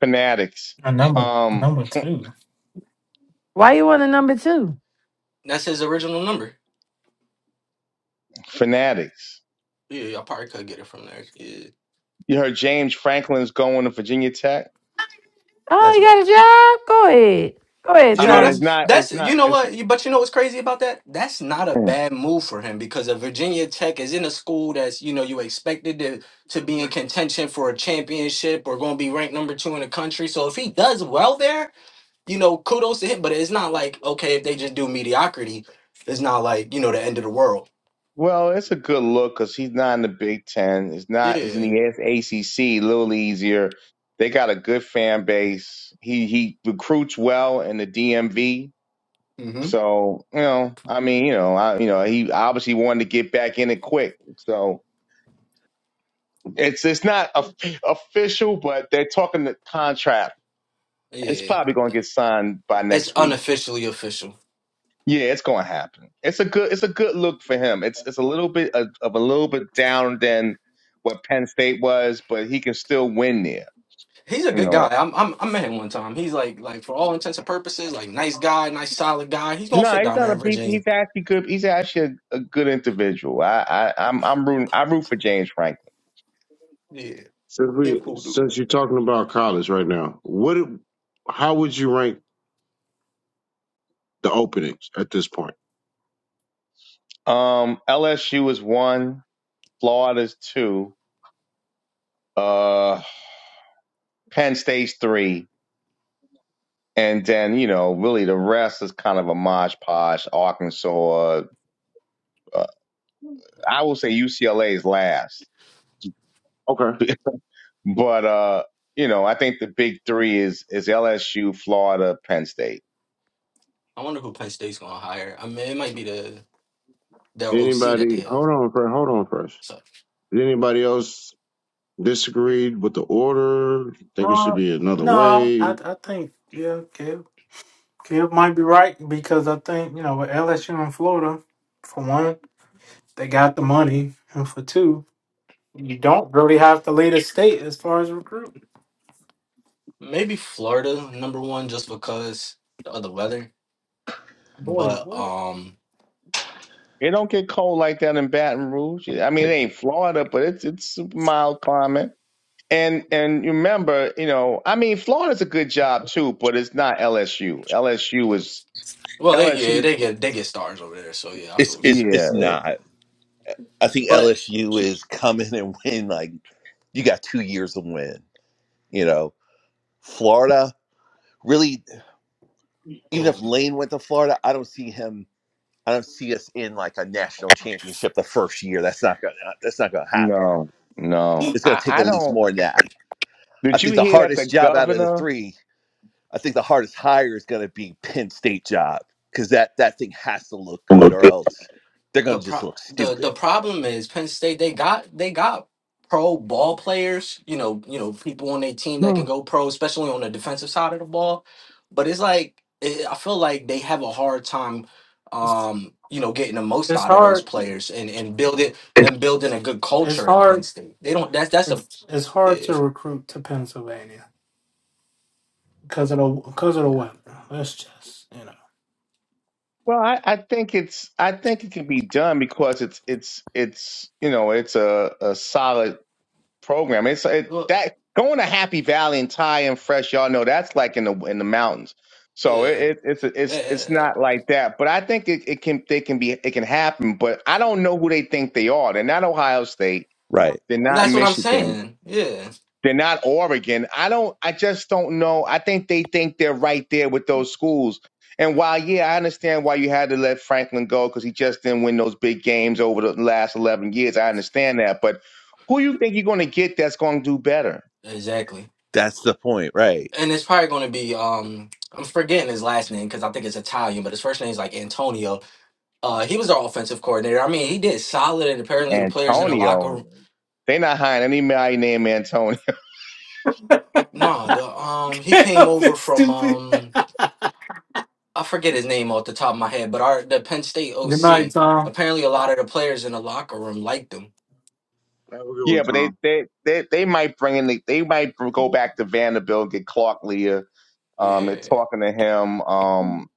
Fanatics. Uh, number Um, number two. why you want a number two? That's his original number. fanatics. Yeah, yeah, I probably could get it from there. Yeah, You heard James Franklin's going to Virginia Tech. Oh, that's you got what. a job? Go ahead, go ahead, You I know mean, it's Tommy. that's not. It's that's not. you know It's, what. You, but you know what's crazy about that? That's not a mm. bad move for him because a Virginia Tech is in a school that's you know you expected to to be in contention for a championship or going to be ranked number two in the country. So if he does well there, you know kudos to him. But it's not like okay if they just do mediocrity, it's not like you know the end of the world. Well, it's a good look because he's not in the Big Ten. It's not. He's in Yeah. the ACC. A little easier. They got a good fan base. He he recruits well in the DMV Mm-hmm. So, you know, I mean, you know, I, you know, he obviously wanted to get back in it quick. So it's it's not of official, but they're talking the contract. It's Yeah. probably going to get signed by It's next week. unofficially official. Yeah, it's going to happen. It's a good it's a good look for him. It's it's a little bit of, of a little bit down than what Penn State was, but he can still win there. He's a You good guy. know, I'm, I'm, I met him one time. He's like, like for all intents and purposes, like nice guy, nice solid guy. He's gonna no, fit he's down not there a in beast. Virginia. He's actually good. He's actually a, a good individual. I, I I'm I'm rooting. I root for James Franklin. Yeah, Since yeah, we cool dude. since you're talking about college right now, what? How would you rank the openings at this point? Um, LSU is one. Florida's two, uh, Penn State's three, and then you know really the rest is kind of a mosh posh. Arkansas, uh, I will say UCLA is last, Okay. but uh, you know I think the big three is is LSU, Florida, Penn State. I wonder who Penn State's gonna hire. I mean, it might be the their OC that they Anybody? had. Hold on first. Hold on first. So Did anybody else disagreed with the order? Think it should Uh, be another no, I way? I think yeah, Kev, Kev might be right because I think you know with LSU and Florida, for one, they got the money, and for two, You don't really have to lead a state as far as recruiting. maybe Florida number one just because of the weather. Boy, But what? um, It don't get cold like that in Baton Rouge. I mean, it ain't Florida, but it's it's a mild climate. And and you remember, you know, I mean, Florida's a good job too, but it's not LSU. yeah. LSU is well, they LSU. yeah they get they get stars over there. So yeah, I feel It's what you're it's saying. Yeah, it's not. I think But. LSU is coming and win. Like you got two years to win. You know, Florida really. Even if little Lane went to Florida, I don't see him. I don't see us in like a national championship the first year. That's not gonna. That's not gonna happen. No, no. It's gonna I, take I at least don't. more than that. I Did you think the hear that hardest the job out of the governor? three I think the hardest hire is going to be Penn State job because that that thing has to look good or else they're going the to just pro- look the stupid. the problem is Penn State they got they got pro ball players, you know, you know, people on their team that can No. go pro, especially on the defensive side of the ball. But it's like it, I feel like they have a hard time It's, um, you know, getting the most it's out of those hard. players and and building and building a good It's culture in Penn hard. State. They don't that's that's a It's, it's hard yeah. to recruit to Pennsylvania because of the because of the Yeah, weather. That's just you know. Well, I, I think it's I think it can be done because it's it's it's you know it's a, a solid program. It's it, well, that going to Happy Valley and Thai and Fresh, y'all know that's like in the in the mountains. So yeah. it, it it's it's eh, it's eh, not like that. But I think it, it can they can be it can happen. But I don't know who they think they are. They're not Ohio State. right. They're not That's what I'm Michigan. saying. Yeah. They're not Oregon. I don't. I just don't know. I think they think they're right there with those schools. And while yeah, I understand why you had to let Franklin go because he just didn't win those big games over the last eleven years. I understand that, but who you think you're going to get that's going to do better? Exactly. That's the point, right? and it's probably going to be um I'm forgetting his last name because I think it's Italian, but his first name is like Antonio. Uh, he was our offensive coordinator. I mean, he did solid, and apparently the players in the locker Antonio. room. They're not hiring anybody named Antonio. No. No, the um he came Damn, over It's from stupid. um I forget his name off the top of my head, but our the Penn State Good night, OC. Tom. Apparently, a lot of the players in the locker room liked him. Have a good one, Yeah, but they Tom. they they, they might bring in the, they might go back to Vanderbilt get Clark Leah. Um, they're Yeah, talking to him. Mm, Um,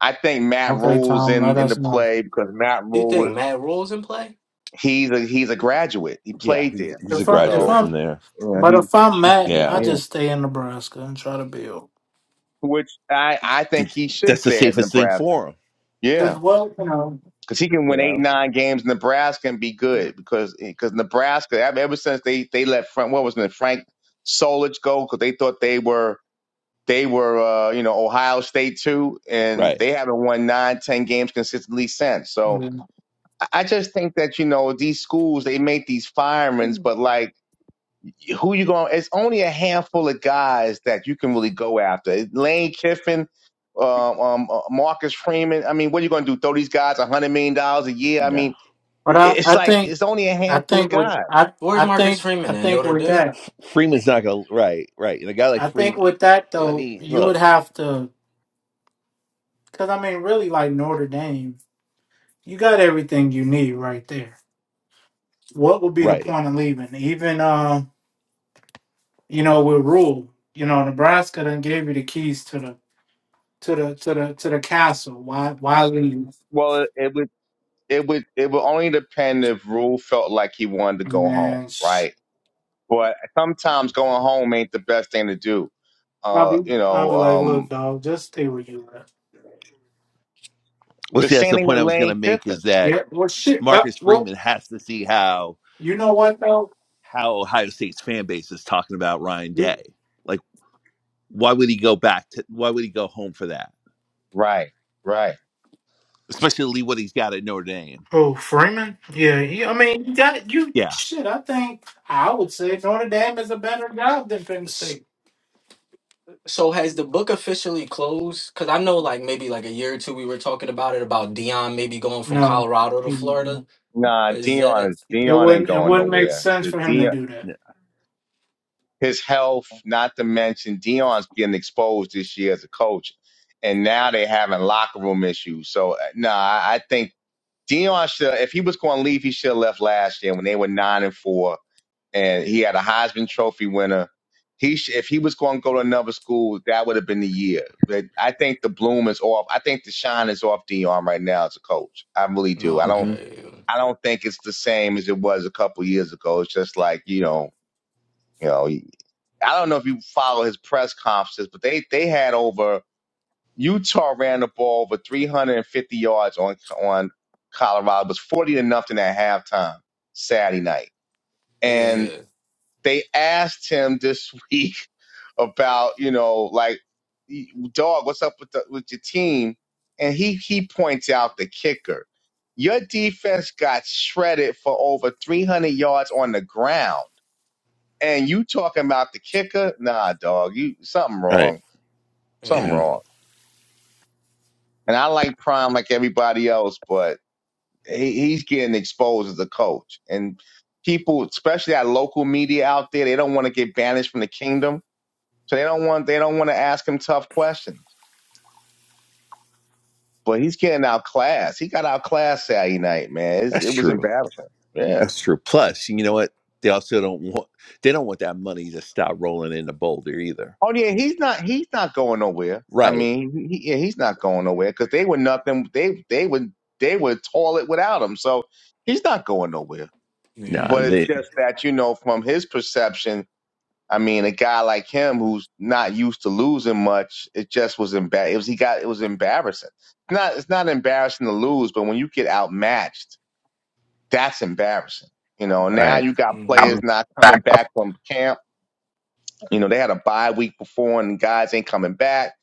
I think Matt Okay, Rule's Tom. Let in in the us know play because Matt you Rule think Matt Rule's in play? He's a he's a graduate. He Yeah, played he's, there, he's a if I if graduate Yeah, so from I'm there. yeah, but he if I'm Matt, I Yeah, yeah. just stay in Nebraska and try to build. Which I I think he should that's the stay at safest thing Nebraska. for him, Cause Yeah, well, you know, because he can you win eight know. nine games in Nebraska and be good because because Nebraska I mean, ever since they they let Frank what was it Frank Solich go because they thought they were they were uh, you know Ohio State too and Right. they haven't won nine ten games consistently since. So yeah. I I just think that you know these schools they make these firings, mm. but like who you going? It's only a handful of guys that you can really go after. Lane Kiffin, uh, um, uh, Marcus Freeman. I mean, what are you going to do? Throw these guys a hundred million dollars a year? I Yeah, mean, but I it's I like think it's only a I handful of think with guys. I where's I Marcus think Freeman I at think Notre with Dame? that. Freeman's not going to right, right. And a guy Yeah. like I think Freeman, with that I Yeah. though, mean, you would look, have to, because I mean, really, like Notre Dame, you got everything you need right there. What would be the right. point of leaving? Even, uh, you know, with Rule, you know, Nebraska then gave you the keys to the to the to the to the castle. Why why leave? Well, it would it would it would only depend if Rule felt like he wanted to go home, And sh- right? But sometimes going home ain't the best thing to do. I'll Uh, be you I'll know, be like, look, um, dog, just stay where you at. Well, the see, that's same the thing with point I was going Lane to make is Kiffin. that Yeah, well, shit. Marcus That, well, Freeman has to see how you know what though? how Ohio State's fan base is talking about Ryan Day like. Why would he go back to? Why would he go home for that? Right, right. Especially what he's got at Notre Dame. Oh, Freeman? Yeah, he, I mean, you got you. Yeah. Shit, I think I would say Notre Dame is a better job than Penn S- State. So has the book officially closed? Because I know, like maybe like a year or two, we were talking about it about Dion maybe going from No, Colorado to he. Florida. Nah, Is Dion that is It Dion ain't wouldn't. It going wouldn't make nowhere. sense 'Cause for him to Deion- do that. yeah. his health, not to mention Dion's getting exposed this year as a coach, and now they're having locker room issues. So uh, no, I, I think Dion should, if he was going to leave, he should have left last year when they were nine and four, and he had a Heisman Trophy winner. He sh- if he was going to go to another school, that would have been the year. But I think the bloom is off. I think the shine is off Dion right now as a coach. I really do. I no? don't. hmm Okay. I don't think it's the same as it was a couple years ago. It's just like you know, you know. I don't know if you follow his press conferences, but they they had over Utah ran the ball over 350 yards on on Colorado. It was 40 to nothing at halftime Saturday night, Yeah, yeah, and yeah, they asked him this week about you know like dog, what's up with the, with your team? And he he points out the kicker. Your defense got shredded for over 300 yards on the ground and you talking about the kicker? Nah, dog, you something Right. wrong, yeah. something Yeah. yeah. wrong. And I like Prime like everybody else, but he, he's getting exposed as a coach, and people, especially our local media out there, they don't want to get banished from the kingdom, so they don't want they don't want to ask him tough questions. But he's getting outclassed. He got outclassed Saturday night, man. It's, That's it was true. embarrassing. Yeah. That's true. Plus, you know what? They also don't want. They don't want that money to stop rolling into Boulder either. Oh yeah, he's not. He's not going nowhere. I Right. mean, he, yeah, he's not going nowhere because they were nothing. They they would they would toil it without him. So he's not going nowhere. Yeah, No. yeah, But yeah. it's They. just that you know, from his perception, I mean, a guy like him who's not used to losing much, it just was embar. It was he got it was embarrassing. It's not it's not embarrassing to lose, but when you get outmatched, that's embarrassing. You know, now Right. you got Mm-hmm. players not coming back from camp you know, they had a bye week before and guys ain't coming back.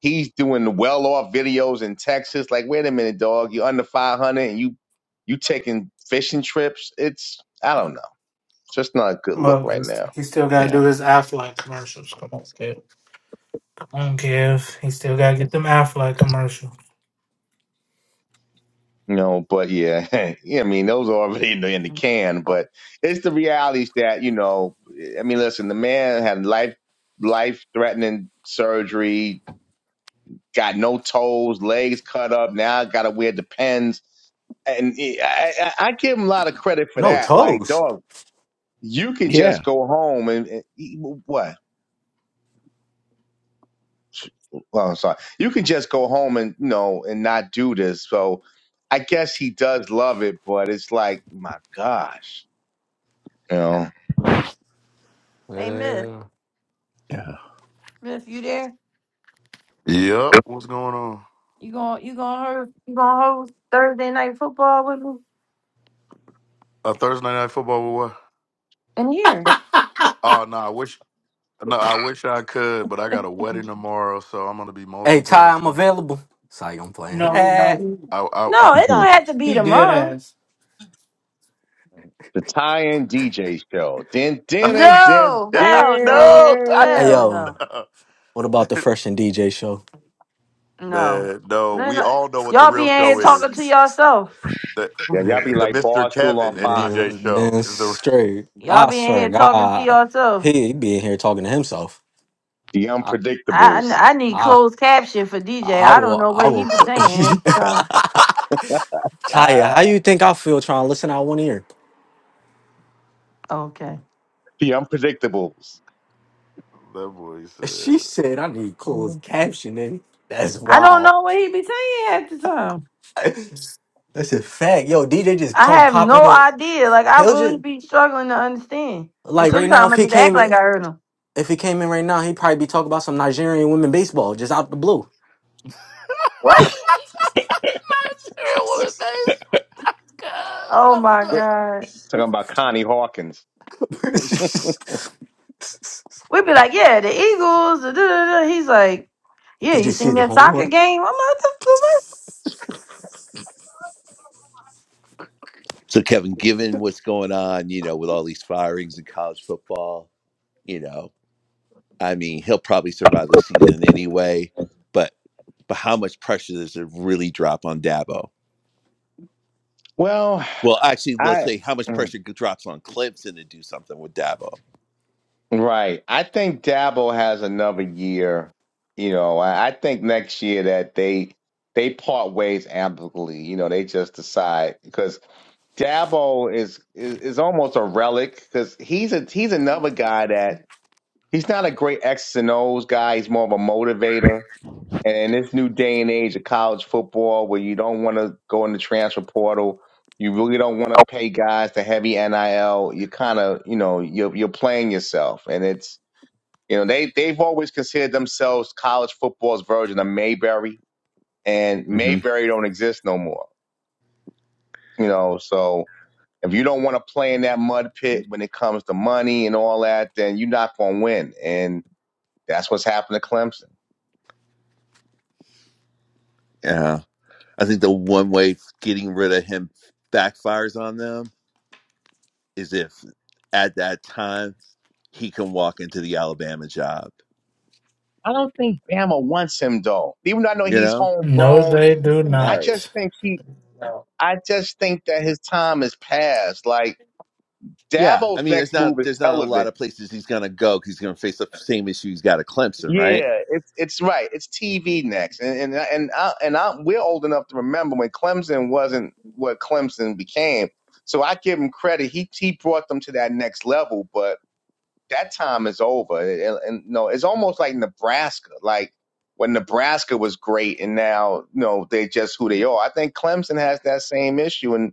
He's doing well off videos in Texas. Like, wait a minute, dog, you're under 500 and you, you taking fishing trips. It's, I don't know. It's just not a good look Well, right he's now. he still got to do Yeah. his Aflac commercials. Come on, kid. I don't care if he still got to get them Aflac commercials. You know, but yeah, yeah, I mean, those are already in the, in the can, but it's the realities that, you know, I mean, listen, the man had life, life threatening surgery, got no toes, legs cut up. Now I got to wear the pens. And he- I, I, I give him a lot of credit for No that. Like, toes. dog, you can just Yeah. go home and, and he- what? Well, I'm sorry. You can just go home and, you know, and not do this. So I guess he does love it, but it's like, my gosh, you know, Hey, Miss, Yeah. Yeah. Miss, you there? yep. What's going on? You going you gonna host you gonna host Thursday night football with me A Thursday night football with what? in here? Oh no, I wish. No, I wish I could, but I got a wedding tomorrow, so I'm gonna be Hey Ty, I'm multitasking. available. Sorry, I'm playing. No, Eh. no, I, I, No, it don't Mhm. have to he be he did tomorrow. ask. the tie-in DJ show. Din, din, din, din, No, I, hell no, no, Tyson. Hey hell din. yo, no, what about the Fresh and DJ show? no. Man, no, no, we no. all know what the Y'all be real in here show is. talking to yourself. The Yeah, y'all be What? the like Mr. Barstool on Kevin and Fox, DJ damn, show damn is the straight. Y'all I be in swear to here talking to God, yourself. he, he be in here talking to himself. the I unpredictables. I I need I, closed caption for I DJ. I I don't will. know I what will. he be cook. saying at the time. Kaya, Ah. how you think I feel trying to listen out one ear? Okay, The unpredictables. That boy said. She said I need closed Mhm. captioning. That's I don't wild. know what he be saying at the time. That's a fact. Yo, DJ just I come have popping no it. idea. Like I He'll really just be struggling to understand. And like right now. sometimes If I he just act came, in- like I heard him. if he came in right now, he'd probably be talking about some Nigerian women baseball just out the blue. What? Nigerian woman face. Cause Oh I'm my Great. done. God. Talking about Connie Hawkins. We'd be like, yeah, the Eagles. Da, da, da, da. He's like, yeah, Did you you see seen the that home soccer run? game? I'm like, what the fuck? So, Kevin, given what's going on, you know, with all these firings in college football, you know. I mean, he'll probably survive the season anyway, but but how much pressure does it really drop on Dabo? Well, Well, actually, let's I say how much mm, pressure drops on Clemson to do something with Dabo. right. I think Dabo has another year. You know, I, I think next year that they they part ways amicably. You know, they just decide because Dabo is, is is almost a relic because he's a he's another guy that he's not a great X and O's guy. He's more of a motivator And in this new day and age of college football, where you don't want to go in the transfer portal, you really don't want to pay guys the heavy NIL. You kind of, you know, you're you're playing yourself, and it's you know they they've always considered themselves college football's version of Mayberry, and hmm Mayberry don't exist no more. You know, so if you don't want to play in that mud pit when it comes to money and all that, then you're not going to win, and that's what's happened to Clemson. Yeah, I think the one way getting rid of him backfires on them is if at that time he can walk into the Alabama job. I don't think Bama wants him though. Even though I know You he's know, No, homegrown, they do I right? just not. think he. I just think that his time is past. Like Yeah, I Dabo's mean, there's next move not is there's not a lot television. of places he's gonna go go because he's gonna face the same issue he's got at Clemson, right? Yeah, it's it's right. It's TV next, and and and I, and I, we're old enough to remember when Clemson wasn't what Clemson became. So I give him credit. He he brought them to that next level, but that time is over. And, and no, it's almost like Nebraska. Like when Nebraska was great, and now you know, they're just who they are. I think Clemson has that same issue, and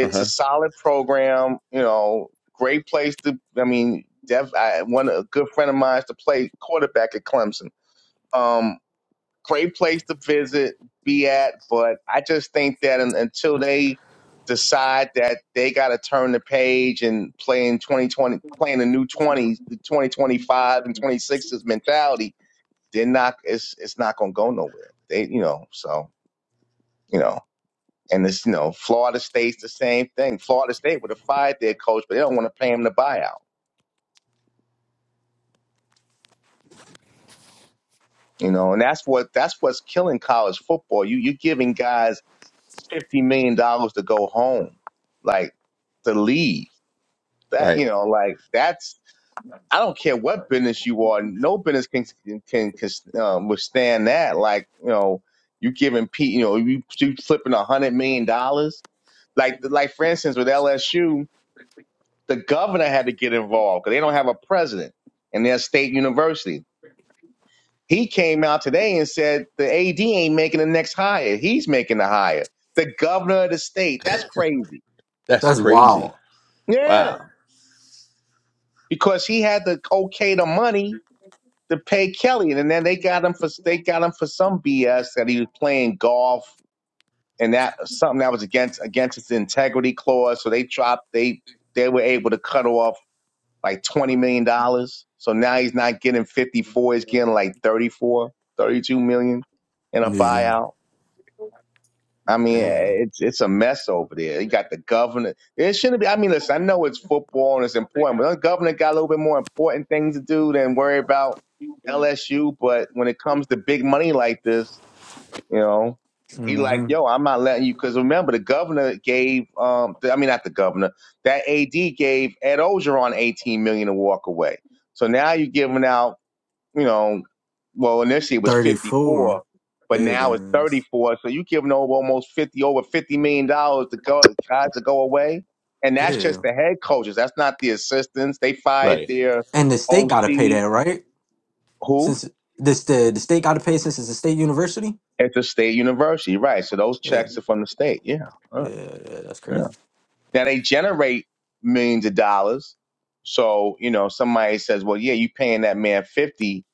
Uh a huh. solid program. You know, great place to. I mean, Dev. I, one a good friend of mine is to play quarterback at Clemson. Um, great place to visit, be at. But I just think that un, until they decide that they got to turn the page and play in 2020, playing the new 20s, the 2025 and 26s mentality, they're not. It's it's not going to go nowhere. They, you know, so you know. And it's, you know, Florida State's the same thing. Florida State would have fired their coach, but they don't want to pay him the buyout. You know, and that's what that's what's killing college football. You you're giving guys fifty million dollars to go home, like to leave. That Right. you know, like that's I don't care what business you are. No business can can, can um, withstand that. Like you know, you giving Pete, you know, you, you flipping a hundred million dollars. Like like for instance with LSU, the governor had to get involved because they don't have a president in their state university. He came out today and said the AD ain't making the next hire. He's making the hire. The governor of the state. That's crazy. That's That's crazy. wild. Yeah, Wow. because he had to okay the money to pay Kelly, and then they got him for they got him for some BS that he was playing golf and that something that was against against his integrity clause. So they dropped they they were able to cut off like $20 million. dollars. So now he's not getting 54, he's getting like thirty four, thirty two million in a Yeah. buyout. I mean, Damn. it's it's a mess over there. You got the governor. It shouldn't be. I mean, listen, I know it's football and it's important, but the governor got a little bit more important things to do than worry about LSU. But when it comes to big money like this, you know, he like, hmm yo, I'm not letting you. Because remember, the governor gave, um, the, I mean, not the governor, that AD gave Ed Ogeron 18 million to walk away. So now you're giving out, you know, well, initially it was Thirty-four. 54, but now it's Yeah. 34. So you're giving over almost 50, over 50 million dollars to go guys to go away, and that's Yeah. just the head coaches. That's not the assistants. They fired Right. their And the state got to pay OC. that, right? Who? Since this the the state got to pay since it's a state university. At the state university, right? So those Yeah, checks are from the state. Yeah. yeah, Uh, yeah that's yeah. crazy. Now they generate millions of dollars. So, you know, somebody says, well, yeah, you paying that man 50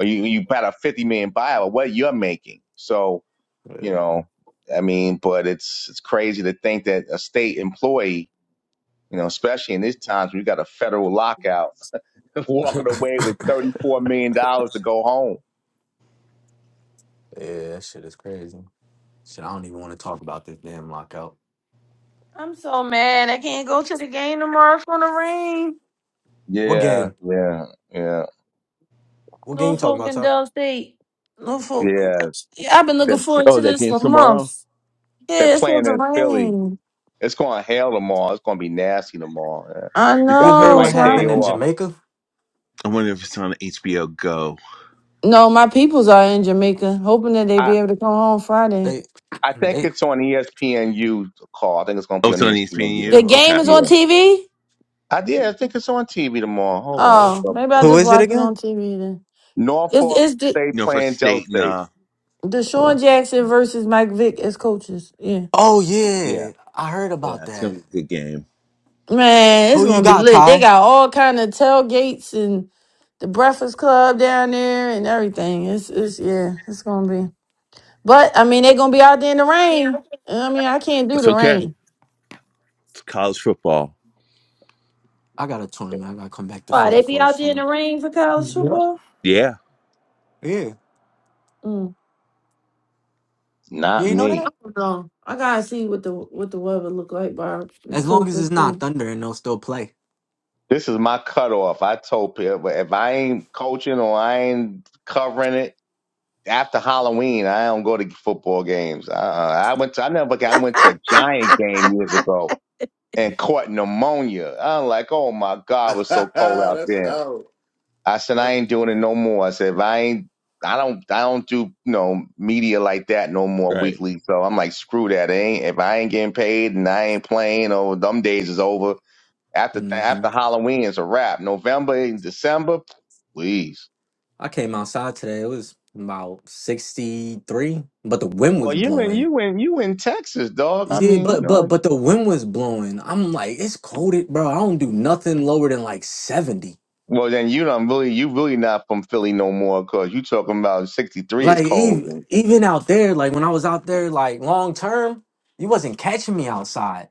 or you, you bought a 50 million buyout, Well, what you're making. So, you know, I mean, but it's, it's crazy to think that a state employee, you know, especially in these times, we got a federal lockout yeah, walking away with $34 million dollars to go home. that shit is crazy. Shit, I don't even want to talk about this damn lockout. I'm so mad. I can't go to the game tomorrow. It's gonna rain. What Yeah. game? Yeah. Yeah. What game you talking Norfolk about, and Ty? Dell State. Norfolk. Yeah. Yeah, I've been Uh, looking They're, forward Oh, to that this for game's tomorrow? months. they're Yeah, it's supposed playing to in Philly. rain. It's going to hail tomorrow. It's going to be nasty tomorrow. Yeah. I You you got the heard know. what right So I, day happened in off. Jamaica? I wonder if it's on HBO Go. no, my peoples are in Jamaica, hoping that they I, be able to come home Friday. They, I think they. it's on ESPNU call. I think it's going to Oh, be on it's on ESPNU. The ESPNU. game Okay. is on Yeah. TV. I did. I think it's on TV tomorrow. Hold on. let me Oh, double maybe I check. Who just is it watch it again? on TV then. It's Norfolk it's the State You know, for playing Dell state and State. uh, Uh, Deshaun Jackson versus Mike Vick as coaches. Yeah. oh yeah, yeah, I heard yeah, about it's gonna that. be a good game. Man, it's Who you gonna be got, lit. They Ty? got all kind of tailgates and the Breakfast Club down there and everything. It's it's yeah, it's gonna be. But I mean, they gonna be out there in the rain. I mean, I can't do It's the okay. rain. It's college football. I got a tournament. I gotta come back to Why Philly they be for out there in something. the rain for college Yep. football? Yeah. Yeah, Mm. yeah, Not you know I that. me. don't know. I gotta see what the what the weather look like by As long as Cooper it's not too. Thunder and they'll still play. This is my cutoff. I told people if I ain't coaching or I ain't covering it after Halloween, I don't go to football games. Uh, I went. To, I never. I went to a Giant game years ago and caught pneumonia. I'm like, oh my God, it was so cold out That's there. out. I said, I ain't doing it no more. I said, if I ain't, I don't, I don't do, you know, media like that no more Right. weekly. So I'm like, screw that. It ain't, if I ain't getting paid and I ain't playing, or them days is over. After, th- hmm after Halloween is a wrap. November and December, please. I came outside today. It was about 63, but the wind was Well, you in, blowing. you in, you in Texas, dog. I Yeah, mean, you but but know. but the wind was blowing. I'm like, it's cold, it- bro. I don't do nothing lower than like 70. Well, then you don't really, you really not from Philly no more, cause you talking about 63 Like is even cold. even out there, like when I was out there, like long term, you wasn't catching me outside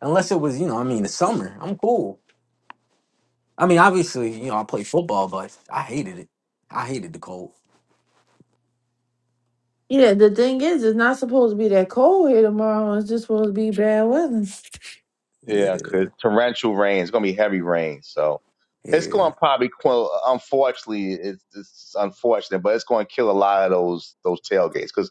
unless it was, you know, I mean, the summer. I'm cool. I mean, obviously, you know, I play football, but I hated it. I hated the cold. Yeah, the thing is, it's not supposed to be that cold here tomorrow. It's just supposed to be bad weather. Yeah, it could torrential rain. It's gonna be heavy rain, so it's Yeah, gonna probably qu- unfortunately it's, it's unfortunate, but it's gonna kill a lot of those those tailgates because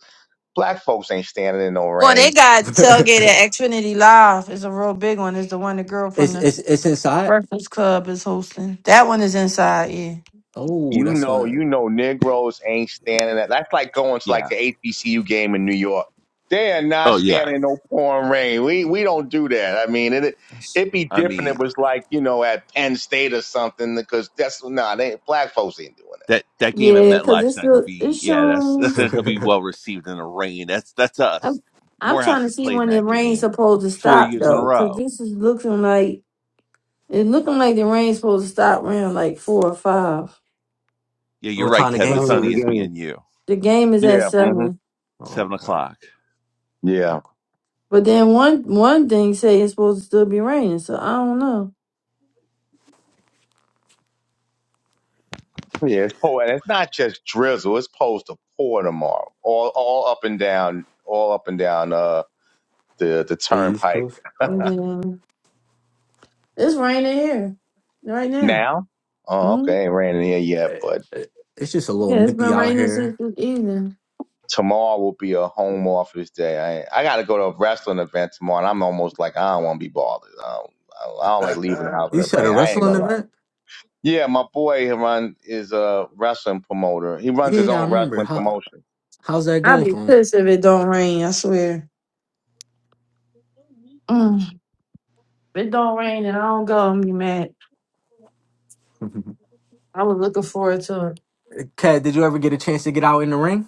black folks ain't standing in no Well, they rain. got tailgate at Xfinity Live. It's a real big one. It's the one the girl from it's the it's it's inside. Breakfast Club is hosting. That one is inside. Yeah. Oh, You that's know, gonna. you know, Negroes ain't standing. At, that's like going to like Yeah. the HBCU game in New York. They are not Oh yeah. standing in no pouring rain. We we don't do that. I mean, it it'd be I different. If it mean was like you know at Penn State or something because that's nah. They black folks ain't doing that. that that game at Yeah, because it's MetLife's not gonna still be it's yeah, that's showing. that's not gonna be well received in the rain. That's that's us. I'm I'm trying Morehouse to has see played when in the that rain's game supposed to four stop years in a though, because row. this is looking like it's looking like the rain's supposed to stop around like four or five. Yeah, you're what right, time the What Kev. game It's time on is start? the game? ESPNU. The game is at Yeah. hmm seven, Oh, Seven wow. o'clock. Yeah. but then one one thing say it's supposed to still be raining, so I don't know. Yeah, it's pour, and it's not just drizzle. It's supposed to pour tomorrow, all all up and down, all up and down uh the the The East turnpike. Coast? Oh, Yeah, it's raining here right now. Now, oh Mm-hmm. okay, ain't raining here yet, but It, it's just a little Yeah, it's nippy been out raining since here. this evening. tomorrow will be a home office day. I I got to go to a wrestling event tomorrow, and I'm almost like I don't want to be bothered. I don't, I don't I don't like leaving the house in You the said a rain. I ain't wrestling gonna lie. event? Yeah, my boy he run is a wrestling promoter. He runs Yeah, his yeah, I own remember. wrestling How promotion. how's that I'd going be for him? pissed if it don't rain, I swear. Mm. If it don't rain and I don't go, I'm be mad. I was looking forward to it. Cat, did you ever get a chance to get out in the ring?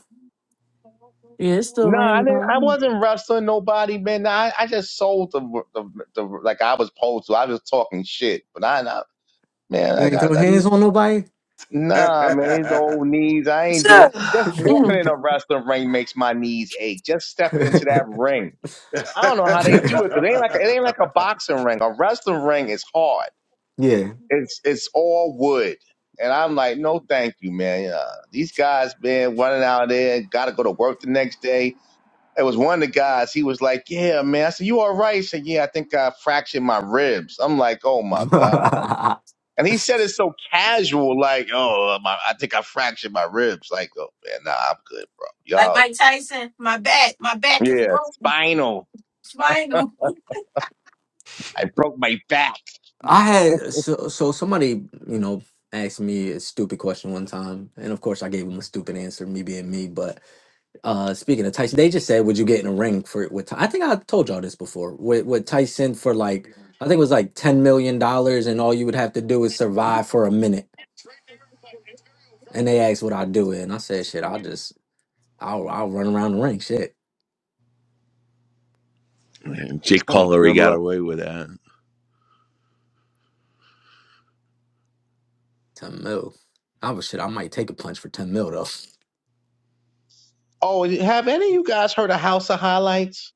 Yeah, it's still No, I raining didn't. out I here. wasn't wrestling nobody, man. I, I just sold the, the the like I was supposed to. I was talking shit, but I, I man, You I ain't throw got I, hands on nobody? nah, man. The old knees. I ain't doing. Yeah. Just walking Mm. in a wrestling ring makes my knees ache. Just stepping into that ring. I don't know how they do it because it ain't like it ain't like a boxing ring. A wrestling ring is hard. yeah. It's it's all wood. And I'm like, no, thank you, man. Uh, these guys, man, running out of there, got to go to work the next day it was one of the guys. He was like, "Yeah, man." I said, "You all right?" He said, "Yeah, I think I fractured my ribs." I'm like, "Oh my god!" And he said it so casual, like, "Oh, uh, my, I think I fractured my ribs." Like, "Oh man, nah, I'm good, bro." Like Y'all, Mike Tyson, my back, my back is yeah, broken. spinal. Spinal. I broke my back. I had so so somebody, you know, asked me a stupid question one time, and of course I gave him a stupid answer, me being me, but Uh, speaking of Tyson, they just said, "Would you get in a ring for with?" Ty-" I think I told y'all this before. With with Tyson for like, I think it was like ten million dollars, and all you would have to do is survive for a minute. And they asked, "Would I do it?" And I said, "Shit, I'll just, I'll, I'll run around the ring. Shit, And Jake Hmm, Paul already good got luck. away with that. ten mil. I was shit. I might take a punch for ten mil though. Oh, have any of you guys heard of House of Highlights?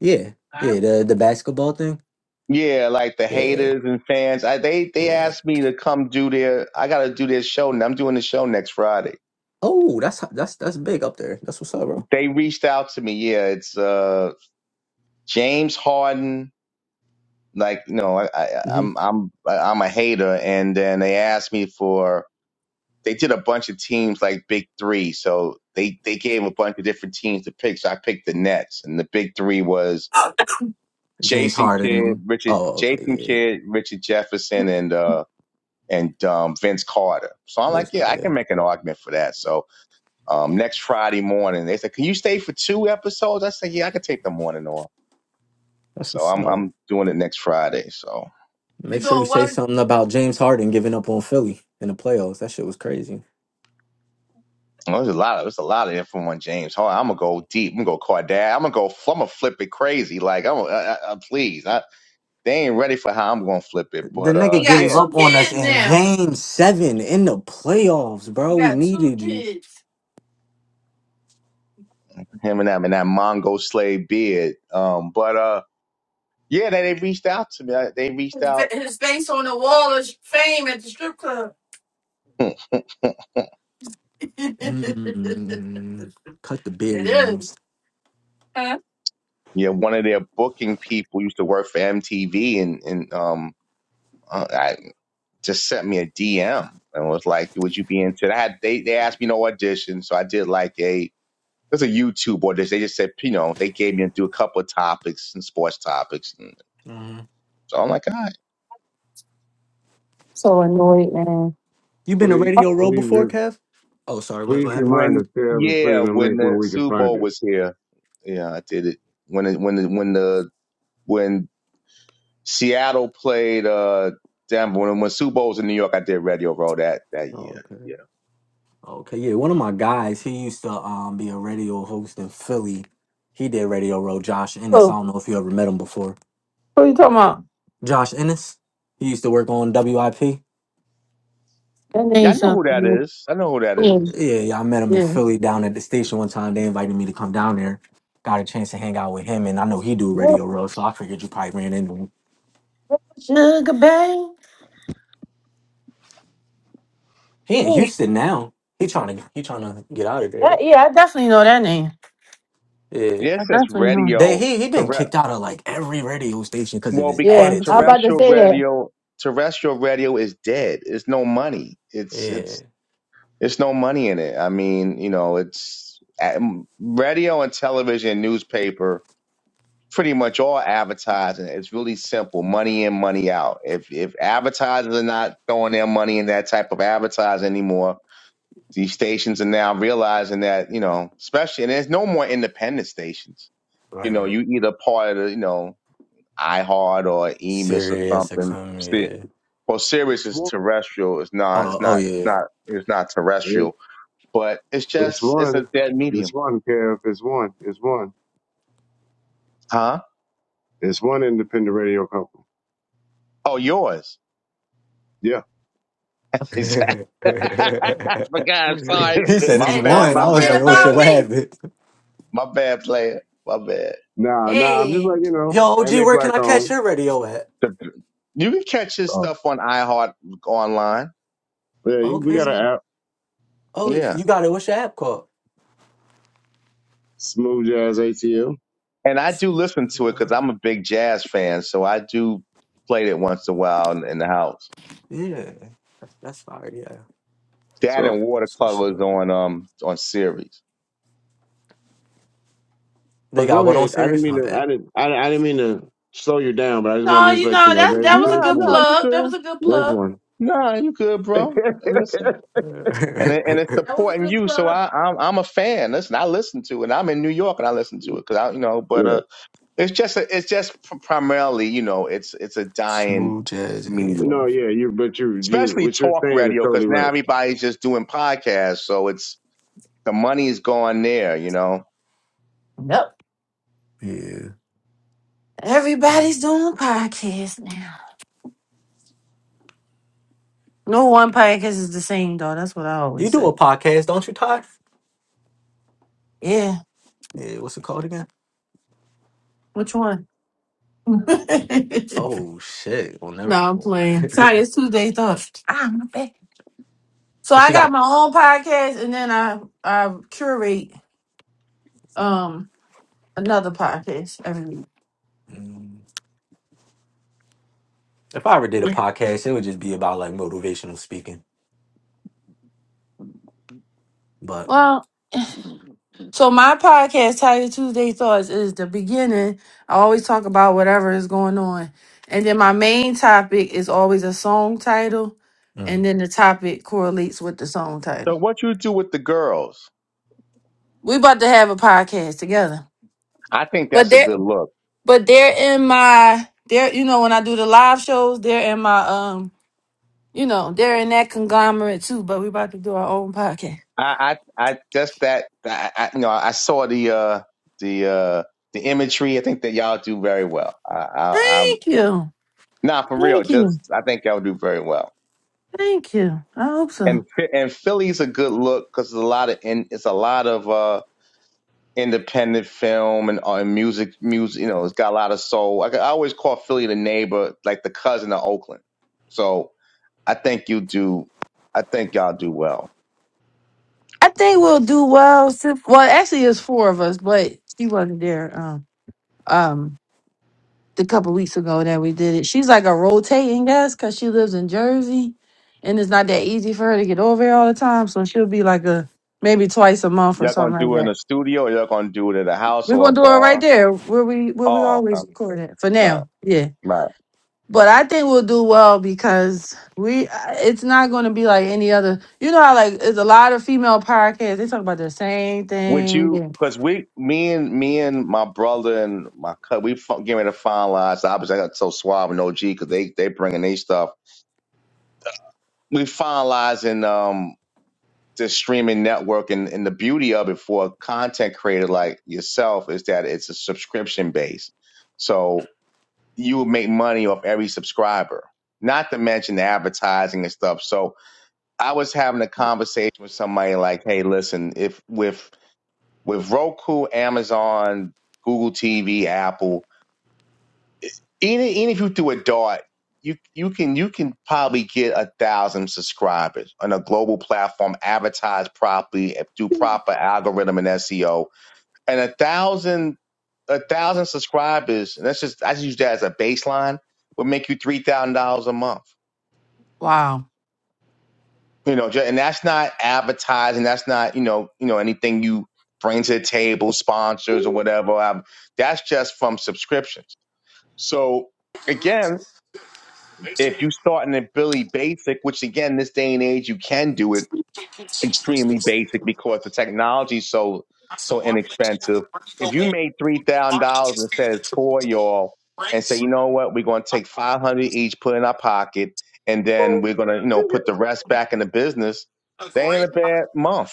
Yeah, yeah. The the basketball thing. Yeah, like the Yeah, haters and fans. I, they they yeah. asked me to come do their. I got to do their show. and I'm doing the show next Friday. Oh, that's h- that's that's big up there. That's what's up, bro. They reached out to me. Yeah, it's uh James Harden, like you know, I, I, hmm I'm I'm I'm a hater, and then they asked me for they did a bunch of teams like Big Three, so they they gave a bunch of different teams to pick. So I picked the Nets, and the Big Three was James Jason Kidd, Harden. Richard Oh, okay, Jason yeah. Kidd, Richard Jefferson, and uh and um, Vince Carter. So I'm like, Vince yeah, I Carter. yeah. can make an argument for that. So um, next Friday morning, they said, can you stay for two episodes? I said, yeah, I can take the morning off. That's So what's I'm up. I'm doing it next Friday. So. You Make sure you doing say what? something about James Harden giving up on Philly in the playoffs. That shit was crazy. Well, there's a lot of there's a lot of info on James. Hold on, I'm gonna go deep. I'm gonna go Cordell. I'm gonna go. I'm gonna flip it crazy. Like I'm, I, I, I- please. I, they ain't ready for how I'm gonna flip it. The But uh, nigga He got gave yeah, two up on us kids in now. game seven in the playoffs, He bro. We got two needed you. kids. him and that and that Mongo slave beard. Um, but uh, yeah, they, they reached out to me. I, they reached His, fa- out. his face on the wall of fame at the strip club. Hmm. it mm Cut the beer, is. James. Yeah, one of their booking people used to work for MTV, and and um, uh, I just sent me a DM and was like, "Would you be into that?" They they asked me no audition, so I did like a There's a YouTube or this. They just said, you know, they gave me into a couple of topics and sports topics, and Mhm. so I'm like, all right. Mm. You been a Please, radio row please, before, re- Kev? Oh, sorry. What, please what happened? remind Jose? When us, Kev, and put yeah, in a when link where the we can Super find Bowl it. was here, yeah, I did it. When it, when the, when the when Seattle played uh Denver, when when Super Bowl was in New York, I did Radio Row that that Oh, year. okay. Yeah, Okay, yeah. One of my guys, he used to um be a radio host in Philly. He did radio row, Josh Ennis. I Oh, don't know if you ever met him before. who you talking about? Josh Ennis? He used to work on WIP. That name yeah, I know who that something. is. I know who that Yeah, is. Yeah, yeah, I met him in yeah. Philly down at the station one time. They invited me to come down there. Got a chance to hang out with him, and I know he do Radio Row, so I figured you probably ran into him. Sugar Bang. He in Oh, Houston now. He trying to he trying to get out of there that, though. yeah, I definitely know that name. Yeah, I Yes, that's definitely know it. they radio. he he been Terre- kicked out of like every radio station because of Well, his because Yeah, I'm attitude. about to terrestrial say that. radio, terrestrial radio is dead. It's no money. It's it's Yeah, There's no money in it. I mean, you know, it's um, radio and television, newspaper, pretty much all advertising. It's really simple: money in, money out. If if advertisers are not throwing their money in that type of advertising anymore, these stations are now realizing that you know, especially and there's no more independent stations. right, You know, right. you either part of the you know iHeart or Emis or Sirius something. XM. See, Yeah. well, Sirius It's is one. terrestrial. It's not. Oh, It's oh not. It's yeah. not. It's not terrestrial It, but it's it's just it's one. a dead It's medium. one, Kev. It's one. It's one. Huh? It's one independent radio company. Oh, yours. Yeah. Exactly. but God, sorry. he He said My it's said, bad, "Don't one. my I was like, forget bad oh shit, about player. what me." happened? My bad player. My bad. Nah, nah. I'm just Hey. letting you Yo, know. OG, And they where can I black catch owned. your radio at? The- You can catch his So stuff on iHeart online. yeah, you- we It's, got an Okay. app, Oh, if yeah. you got it. What's your app called? Smooth Jazz ATL. And I S- do listen to it uh, because I'm a big jazz fan, so I do play it once in a while in, in the house. Yeah, that's that's fire. Yeah, That So, and Let me switch it watercolors up. on um on series. They but got go what on ahead. I didn't serious? mean My to. bad. I didn't. I, I didn't mean to slow you down, but I just want No, to just you let you know know that there's that Nah, was a there's good one. nah, you plug. That good. was a good Yeah. There's plug. one. Nah, you good, bro. Listen. and it, and it's That was a supporting good you. So plug. I I'm, I'm a fan. Listen, I listen to it. I'm in New York and I listen to it because I you know. But Yeah. uh, it's just a, it's just pr- primarily you know it's it's a dying Smooth jazz No, medium, AM. yeah, you but you you especially what you're talk saying is radio totally because right. now everybody's just doing podcasts. So it's the money's gone there, you know. Yep. Yeah. yeah. Everybody's doing podcasts now. No one podcast is the same, though. That's what I You always do a say. podcast, don't you, Todd? Yeah. Yeah. What's it called again? Which one? no, Oh shit! Well, never. I'm well, playing. Sorry, and it's Tuesday thought. Ah, my bad. So I she got got. my own podcast, and then I I curate um another podcast every Mm, If I ever did a week. podcast, it would just be about like motivational speaking. But Well, so my podcast, Tiger Tuesday Thoughts, is the beginning. I always talk about whatever is going on, and then my main topic is always a song title, and mm, then the topic correlates with the song title. So what you do with the girls? We about to have a podcast together, I think but that's a they're good look. but they're in my they're you know when I do the live shows, they're in my um You know, they're in that conglomerate too, but we're about to do our own podcast. I I, I just that I, I you know I saw the uh the uh the imagery. I think that y'all do very well. I, I, I'm Thank you. Nah, for real. Thank you. Just I think y'all do very well. Thank you. I hope so. And and Philly's a good look because it's a lot of in, it's a lot of uh independent film and, uh, and music music. You know, it's got a lot of soul. I, I always call Philly the neighbor, like the cousin of Oakland. So I think you do. I think y'all do well. I think we'll do well. Sif- Well, actually, it's four of us, but she wasn't there um, um, the couple weeks ago that we did it. She's like a rotating guest because she lives in Jersey and it's not that easy for her to get over here all the time. So she'll be like a maybe twice a month or Y'all gonna something like do it in that. a studio, or y'all gonna do it at a house We're or a going to do it right bar? there where we where we Oh, always okay. record it for right, now. Yeah. right. But I think we'll do well because we it's not going to be like any other. You know how like it's a lot of female podcasts. They talk about the same Would thing. you? and- Because we, me and me and my brother and my cousin, we fu- getting ready to finalize. Obviously, I got so suave and OG because they they bringing their stuff. We finalizing um the streaming network and, and the beauty of it for a content creator like yourself is that it's a subscription base. So you would make money off every subscriber, not to mention the advertising and stuff. So I was having a conversation with somebody like, hey, listen, if with with Roku, Amazon, Google TV, Apple, even, even if you do a dart, you you can you can probably get a thousand subscribers on a global platform, advertise properly, do proper algorithm and SEO, and a thousand a thousand subscribers. And that's just I just use that as a baseline. Would make you three thousand dollars a month Wow. you know and that's not advertising that's not you know you know anything you bring to the table sponsors or whatever um, that's just from subscriptions so again if you start in a billy basic which again this day and age you can do it extremely basic because the technology is so so inexpensive. If you made three thousand dollars and says four y'all and say, you know what, we're gonna take five hundred each, put in our pocket, and then we're gonna, you know, put the rest back in the business, they ain't a bad month.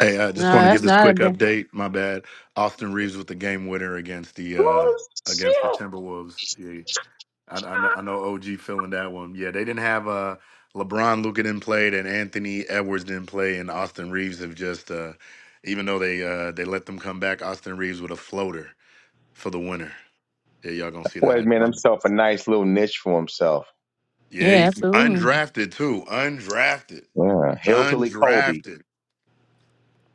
Hey, I No, just want to give that's this not a quick bad. update. My bad. Austin Reeves with the game winner against the uh against the Timberwolves. I, I, kn- I know OG feeling that one. Yeah, they didn't have uh LeBron Luka didn't play, and Anthony Edwards didn't play, and Austin Reeves have just uh even though they uh they let them come back, Austin Reeves with a floater for the winner. Yeah, y'all gonna see the Boy high. made himself a nice little niche for himself. Yeah, Yeah, he, absolutely. undrafted too. Undrafted. Yeah. Hillbilly Kobe. Undrafted.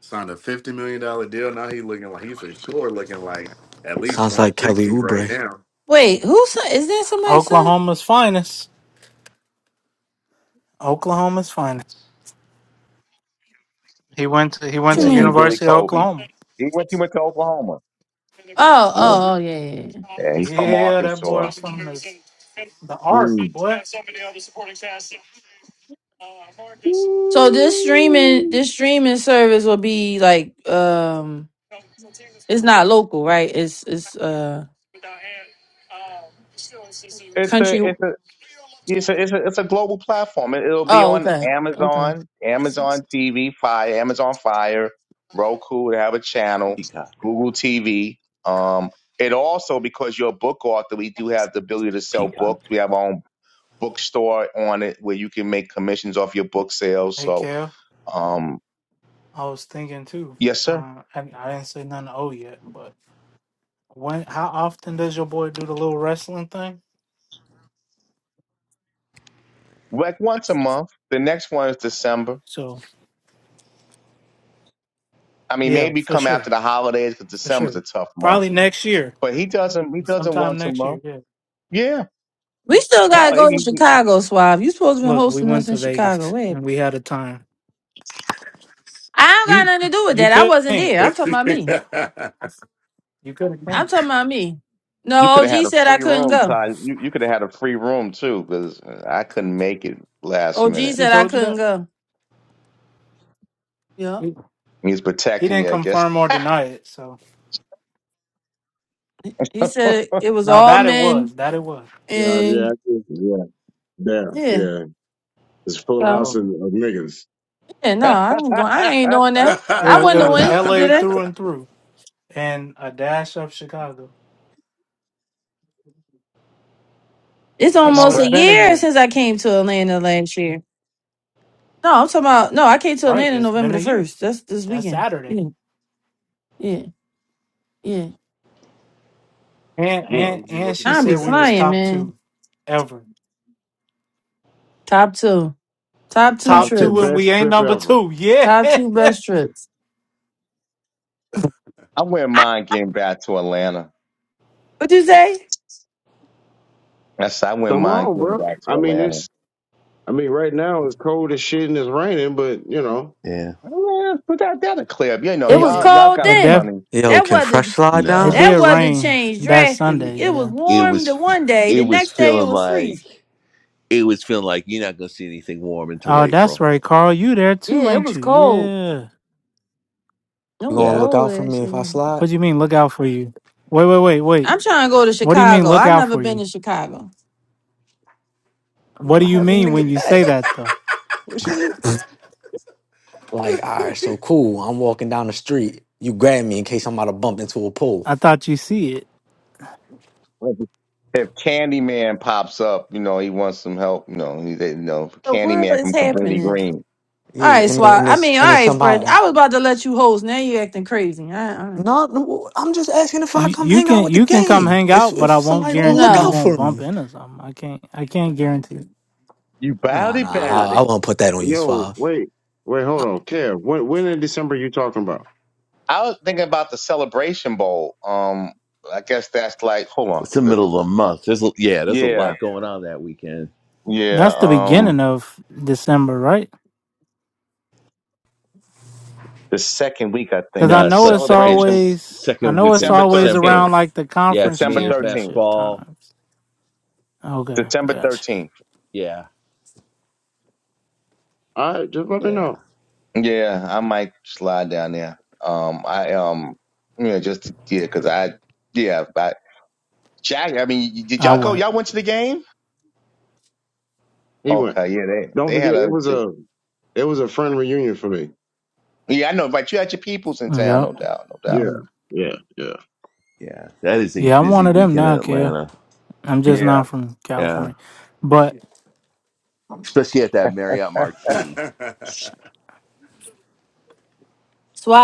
Signed a fifty million dollar deal. Now he looking like he's for sure looking like at least sounds one like Kelly sixty right Oubre. now. Wait, who's son? Is that somebody's son? What Oklahoma's finest. Oklahoma's finest. He went to he went you Yeah, to mean? Hillbilly University of Kobe. Oklahoma. He went he went to Oklahoma. Oh, Uh, Yeah, oh, oh, yeah, yeah. yeah. yeah he's from Yeah, that boy Arkansas. from the the Ark, mm, boy. So this streaming, this streaming service will be like, um, it's not local, right? It's it's uh It's It's country. a. it's a. It's a, it's a, it's a global platform. It, it'll be Oh, on okay, okay. Amazon, Amazon TV, Fire, Amazon Fire, Roku. They have a channel, Peacock. Google TV. Um, it also because you're a book author, we do have the ability to sell Peacock. books. We have our own bookstore on it where you can make commissions off your book sales. Hey, So, Kel. um, I was thinking too. yes, sir. Uh, I, I didn't say nothing to O yet, but when? How often does your boy do the little wrestling thing? Like once a month. The next one is December. So I mean, yeah, maybe for come sure, after the holidays because for December's sure. a tough month. Probably next year, But he doesn't. He doesn't sometime once a next year. month. Yeah. Yeah. We still Hell, gotta go to he, he, Chicago, Suave. You supposed to be Look, we hosting us went in to Chicago. Vegas and Wait. we had a time. I don't got You nothing to do with you that. I could have wasn't came. there. I'm OG, talking about me. You could have I'm came. talking about me. You No, could OG have had a said I free couldn't room, go. Todd. You you could have had a free room too, because I couldn't make it last OG minute. He said I told you couldn't that. go. Yeah. He, He's he protecting didn't you, I guess. confirm or deny it. So He said it, it was now all that it men was that it was. yeah, yeah, and yeah, damn, yeah. yeah. It's full So house Um, of, of niggas. yeah, no, That's I ain't going I ain't doing that. it I was it wouldn't have was went to L.A. that. through and through. and a dash of Chicago. It's No, almost it's a right. been a year year. since I came to Atlanta last year. No, I'm talking about no, I came to Right, Atlanta it's been November a the year. first. That's this That's weekend. Saturday. Yeah. Yeah. Yeah. And Damn. and and what you she think Time be about said we that was flying, game? top man. two ever. Top two. Top two Top Top two two trips. and best we ain't trip number ever. two. Yeah. Top two best trips. I wouldn't mind getting back to Atlanta. what you say? That's I wouldn't Come mind on, getting bro. back I to mean, Atlanta. it's, I mean, right now it's cold as shit and it's raining, but you know. Yeah. Yeah, but that that'll clear up. You know, It It was y'all it y'all cold got a it then. def funny. Yo, That can weather Fresh slide it now? Nah. that did weather rain changed that Sunday, drastically. It was yeah. It warm the was one day, it the was next day it feeling was freezing. like it was feeling like you're not gonna see anything warm until Oh, that's April. right, Carl. You there too, Yeah, it ain't was you? cold. Yeah. It You was gonna Yeah. look cold out for last me if I year. slide? What do you mean look out for you? Wait, wait, wait, wait. I'm trying to go to What do you mean Chicago. look i have out never for been you? to Chicago. you What know, do you have a mean when nigga you say back. that though? What you mean? Like, all right, so cool. I'm walking down the street. You grab me in case I'm about to bump into a pole. I thought you see it. like, If Candyman pops up, you know he wants some help. You know, he, they, you know The world Candyman is from Cabrini happening. Green. All right, Yeah, and then Swat. and I it's mean, all and then right, Fred. somebody. I was about to let you host. Now you acting crazy. I, I, No, no, I'm just asking if I You come you hang out can with the you can come gang. hang If out, if but I won't somebody gonna look guarantee you out no. won't for bump me. into something. I can't I can't guarantee. it. You bout Nah, it, nah, Yo, bout it. I, I won't put that on you, yo, Suave. wait, wait, hold I, on. Kev, when, when in December you talking about? I was thinking about the Celebration Bowl. Um, I guess that's like, hold on. It's the The, middle of the month. There's a, yeah, there's a yeah, lot going on that weekend. That's yeah. the beginning Um, of December, right? the second week, I Because think. I No, The it's know like it's second Celebration, always I second know it's weekend December always December. 13th. around like the Yeah, it's conference December Mayor's Mass 13th. championship Ball. times. Okay, December gotcha. 13th. Yeah, All right, just let me yeah, know. Yeah, I might slide down there. Um, I, um, yeah, just, yeah, cause I, yeah, but Jack, I mean, did I y'all go, went. y'all went to the game? He went. Okay, yeah, they, Don't they forget, had it a, was a, it was a friend reunion for me. yeah, I know, but you had your peoples in town, Yep. no doubt, no Yeah, doubt. Mm. yeah, yeah. yeah. That is a Yeah, I'm one busy of them weekend in now, Kale. Atlanta. I'm just Yeah. not from Yeah. California. But Especially at that Marriott hey, Marquis.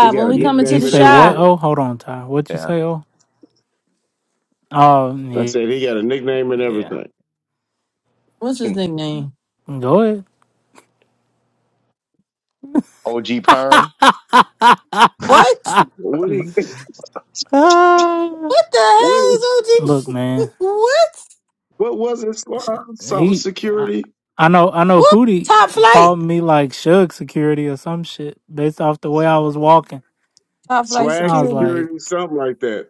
He got when a we you coming to you nickname the and say what? shy, everything. Oh, hold on, Ty. What you Yeah. say? Oh, oh I yeah, said he got a nickname and yeah. everything. what's his nickname? Go OG Perm. ahead. What? What he, Ah, What the what hell is look, OG? man, what? What was it? Swag? Something he, I, security? I know, I know What? Hootie Top he flight. called me like Shug Security or some shit based off the way I was walking. Top flight Swag I was security. like, security? Something like that.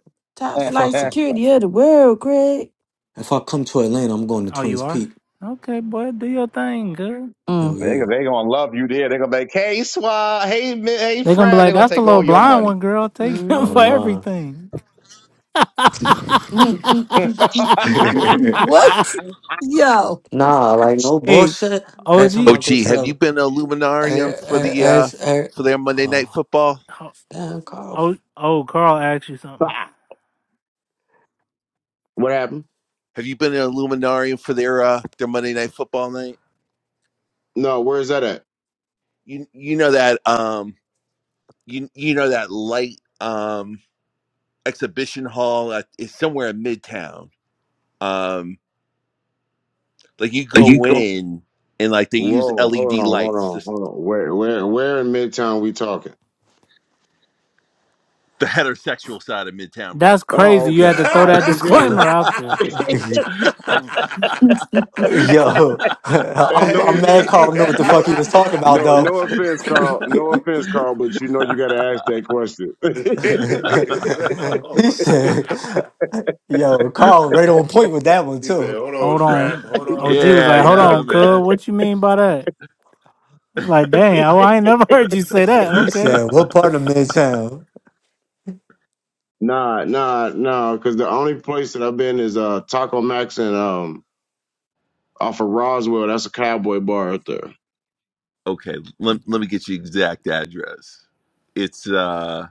Top they if I flight come, security of the world, Craig. if I come to Atlanta, I'm going to "Oh, you Twins are Peak. okay, boy. Do your thing, girl." Hell Mm. yeah. they gonna love you there. They're gonna be like, hey Swa, hey Mi- hey They gonna be Fred. like, They're gonna "That's the take little all your blind money. one, girl. Take him Hell for Mm. nah. everything." That's what? Yo. nah, like no hey, bullshit. Every OG, time Oh I go gee, to have you the, been to every, Luminarium for every, the uh every, every- for their Monday oh. night football? oh, Damn, Carl. oh, oh, Carl asked you something. What happened? Have you been to Luminarium for their uh their Monday night football night? No, where's that at? You you know that um you you know that light um exhibition hall at, is somewhere in Midtown. Um like you go in and like they use Whoa, hold LED on, hold lights, on, just hold on. Where, where, where in Midtown we talking? the heterosexual side of Midtown, bro. That's Oh, crazy. You had to okay. throw All that right, continue. disclaimer out Hold Yo, And I'm, no I'm mad he offense, Carl knew what the no, fuck he was talking about, no, though. no offense, Carl. No offense, Carl. But you know you got to ask that question. he said, Yo, Carl right on point with that one, said, too. "Hold on, trap. on. Hold on, OG was trap." yeah, like, hold nah on, cuz, man. what you mean by that? I was like, dang, oh, I ain't never heard you say that. He Okay. said, What part of Midtown? nah, nah, nah. Because the only place that I've been is uh Taco Max and um off of Roswell. That's a cowboy bar out there. Okay, let, let me get you exact address. It's uh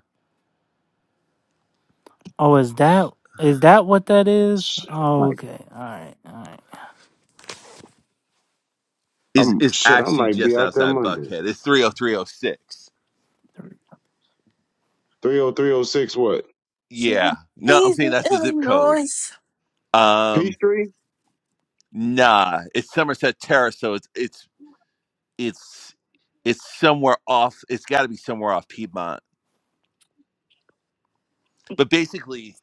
Oh, is that is that what that is? Shit. Oh, okay. All right. All right. is I'm is shit. I actually might be just out there outside Monday. Buckhead. It's 30306. Three oh three oh six. What? she was Yeah. No, I'm raised saying in that's the zip code. Illinois. Um, Peachtree? nah, it's Somerset Terrace, so it's it's it's it's somewhere off. It's got to be somewhere off Piedmont. But basically,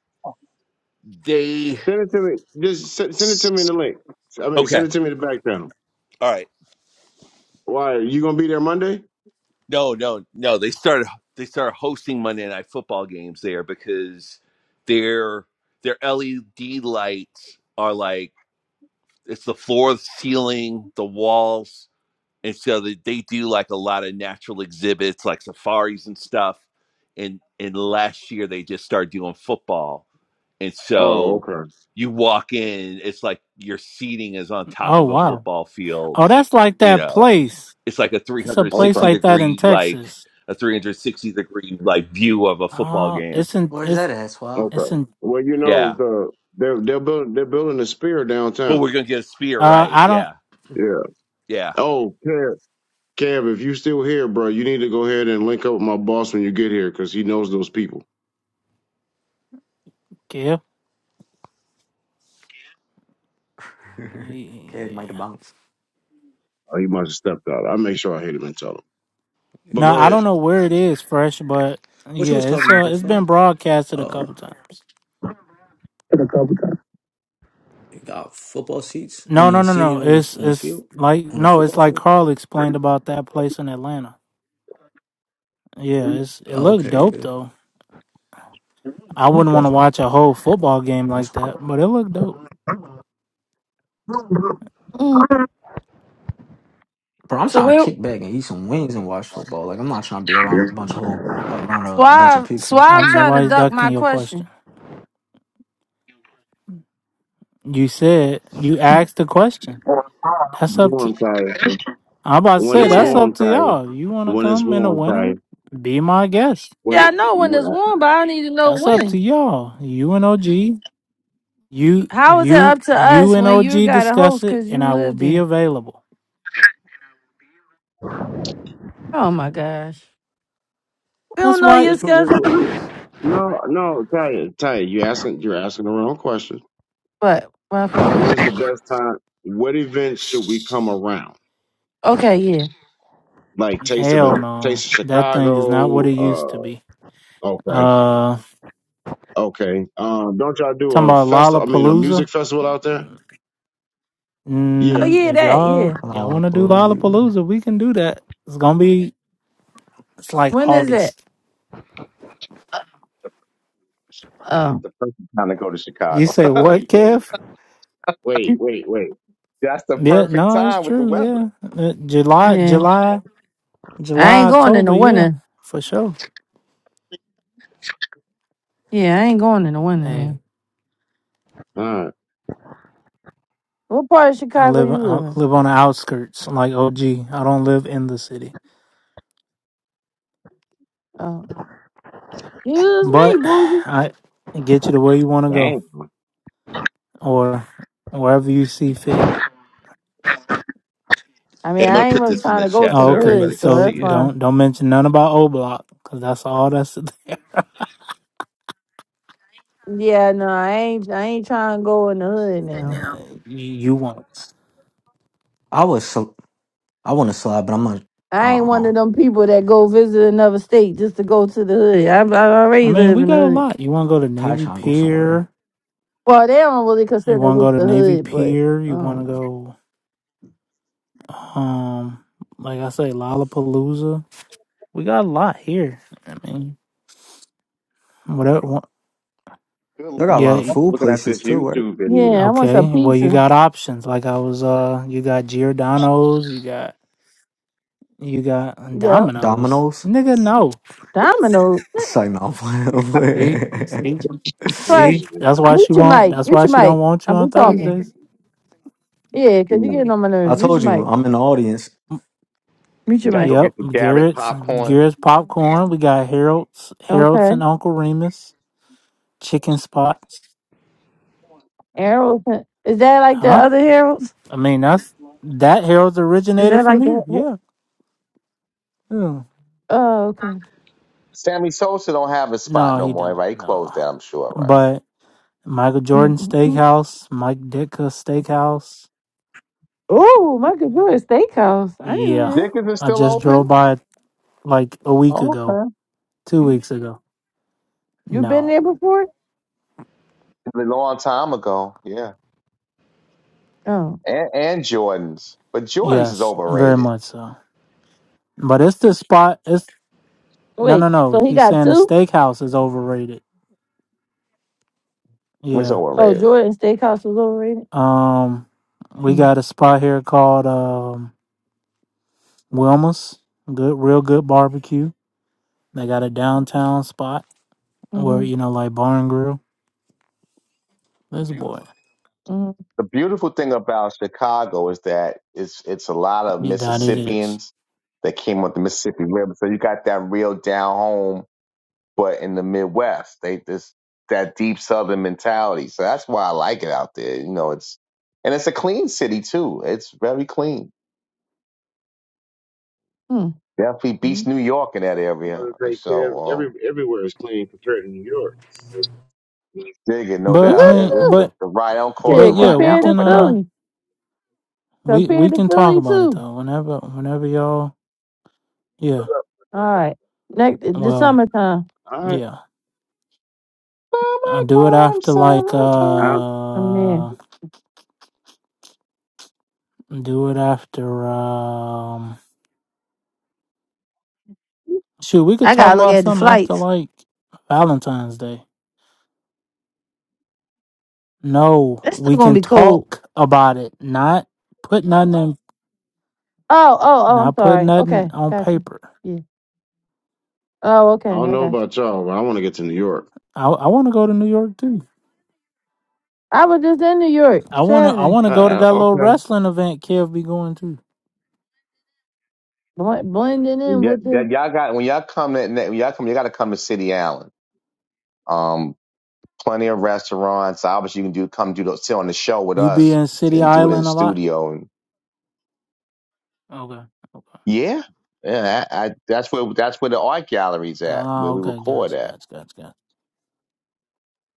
they Send it to me. Just send, send it to me in the link. I mean, send okay. it to me in the back channel. All right. Why? You gonna be there Monday? No, no, no. They started they started hosting Monday night football games there because their their LED lights are like it's the floor, the ceiling, the walls and so they, they do like a lot of natural exhibits like safaris and stuff and and last year they just started doing football and Oh, so okay, you walk in it's like your seating is on top Oh of a wow. football field Oh, that's like you that know place. it's like a It's a place 360 okay, like that in degree like Texas. a 360 degree like view of a football Uh game it's in Where's it's that at, Swab? it's okay. in Well, you know yeah the they're they're building they're building a spear but downtown. we're gonna get a spear uh right I don't yeah Yeah. yeah Oh, Kev, Kev, if you still here, bro, you need to go ahead and link up with my boss when you get here because he knows those people. give Kid yeah. might have bounced. Oh, he must have stepped out. I'll make sure I hit him and tell him. But No, Yeah. go I ahead. don't know where it is fresh, but What you yeah, was it's talking about, uh though, it's Swab? been broadcasted a Uh, couple times. you got football seats? I No, mean, no, no, seating no. on the, It's on the it's field? like On the no, it's football like field? Carl explained about that place in Atlanta. Yeah, it's it Oh, looked okay, dope yeah. though. I wouldn't and want to watch a whole football game like That's what up. that, but it looked dope. Mm. Bro, I'm So trying to where kick back and eat some wings and watch football. Like I'm not trying to be around a bunch of whole around a bunch of Suave people. Suave Um, trying to nobody's duck ducking my your question. question. You said you asked the question. That's up to. Warm tire. I'm about to When say it's that's Yeah. up warm to tire. y'all. You want to When it's come in a warm tire. winter? Be my guest. Yeah, When, I know when when it's I, warm, but I need to know That's up to when. y'all. You and OG, you How is it you up to you us and when you OG got a discuss host it, because and you I will live be there? available. Oh my gosh. We That's don't know why. your just put this, schedule, no, no, Taya, Taya, you asking, you're asking the wrong question. but raffle day. When is the best time? What events should we come around? Okay, yeah. Like Taste of a Hell no. Taste of That thing is not what it used to Chicago. be. Uh, okay, Uh okay. Um, don't y'all do talking a about festival? I mean, a music Lollapalooza. festival out there? Oh Yeah. Mm, yeah, if that, y'all yeah. A y'all lot of wanna do fools, dude. Lollapalooza, we can do that. It's gonna be it's like When is that? August. Oh, the perfect time to go to You Chicago. say what, Kev? Wait, wait, wait. That's the Yeah, perfect no, it's time with the true, weather. yeah. Uh, July yeah. July I July, ain't going in October, the yeah, winter. for sure. Yeah, I ain't going in the winter Hey. now. Uh, What part of I Chicago live you I live in? live on the outskirts, like OG. I don't live in the city. Oh. Use me, But boo. I get you to where you wanna go. dang. or wherever you see fit. I mean, i'm gonna I ain't put really this in trying the to go chat to Oh, so the okay. hood, everybody can so So that's see it fine. don't don't mention none about O Block because that's all that's there. Yeah, no, I ain't I ain't trying to go in the hood now. Uh, you, you want? I was so I want to slide, but I'm gonna uh I ain't one uh of them people that go visit another state just to go to the hood. I, I I already mean, live we in the got a hood. lot. You want to go to Ty Navy trying to go somewhere. Pier? Well, they don't really You consider want to this go to the Navy hood, but Pier? I You want to don't know. go? Um, like I say, Lollapalooza. We got a lot here. I mean, whatever. wa- Good Lord. Y'all got a Yeah. lot of y- I'm food Looking at this places too, right? YouTube video, Yeah, I want some Okay. Well, you pizza. got options. Like I was. Uh, you got Giordano's. You got you got Yep. Domino's. Domino's. Nigga, no. Domino. It's like no, I'm playing. I'm See, playing. see, see. Fresh. That's why she Mute your won't. mic. you That's Mute why your she don't mic. want you I'm we on talking. Thursdays. I'm Yeah, because you're getting on my I nerves. Mute told your you mic. I'm in the audience. Mm, Mute your gotta go mic. get Yep, the Garrett Garrett's popcorn. Garrett's popcorn. We got Harold's Harold's Okay. and Uncle Remus chicken spots. Arrows. Is that like the Huh? other arrows? I mean that's that Harold's Is originated that from like here. that? Yeah. yeah. Oh, okay. Sammy Sosa don't have a spot No, no he more, right? don't. He No, closed that, I'm sure, right? but Michael Jordan Steakhouse, Mike Ditka Steakhouse. Oh, my God. You're a steakhouse. I didn't Yeah, know that. Dickens is I still just open. drove by it like a week Oh, ago, okay, two weeks ago. You No. been there before? a long time ago, yeah. Oh. And, and Jordans, but Jordans is Yes, very overrated. much so. But it's the spot. It's no, Wait. no, no. So he He's got saying the two? steakhouse is overrated. It's Yeah, Oh, overrated. yeah. Jordan Steakhouse was overrated? Um, we Mm-hmm. got a spot here called um Wilma's. Good, real good barbecue. They got a downtown spot where you Mm-hmm. know, like bar and grill. This boy, mm-hmm. the beautiful thing about Chicago is that it's it's a lot of you doubt it is. Mississippians that came with the Mississippi River. So you got that real down home, but in the Midwest, they this that deep Southern mentality. So that's why I like it out there. You know, it's and it's a clean city too. It's very clean. Definitely beats Mm. New York in that area. gonna say Kev, So every um, everywhere is clean compared to New York. dig it, no But I doubt. Yeah, mean, it's Woo! the, but the right. I don't call it the but Shit, yeah, rotten we compared apple to can for uh, nothing. Philly. we we Compared to can talk Philly about it too. though. Whenever whenever y'all, yeah. All right. Next the Well, summertime. All right. yeah. Uh, do it Summertime, after like I summertime. I'm there. uh do it after um shoot, we could I talk gotta look about at the something after flights. like Valentine's Day. No, It's we still gonna can be cold. talk about it, not put nothing in, Oh, oh, oh, I'm not put sorry. nothing Okay, on gotcha. paper. Yeah. Oh, okay, I don't I know got you. about y'all, but I want to get to New York. I I wanna go to New York too. I was just in New York I wanna I Saturday. wanna Uh, go to uh, that little okay. wrestling event Kev be going to. Bl- blending in Yeah, with yeah, the y'all got when y'all come to when y'all come, you got to come to City Island. Um, plenty of restaurants. Obviously, you can do come do the, sit on the show with You be us in City and do it in Island a lot? studio. And Okay. Okay. yeah, yeah, I, I, that's where that's where the art gallery's at, Ah, where we okay, record gotcha, at. gotcha, gotcha, gotcha.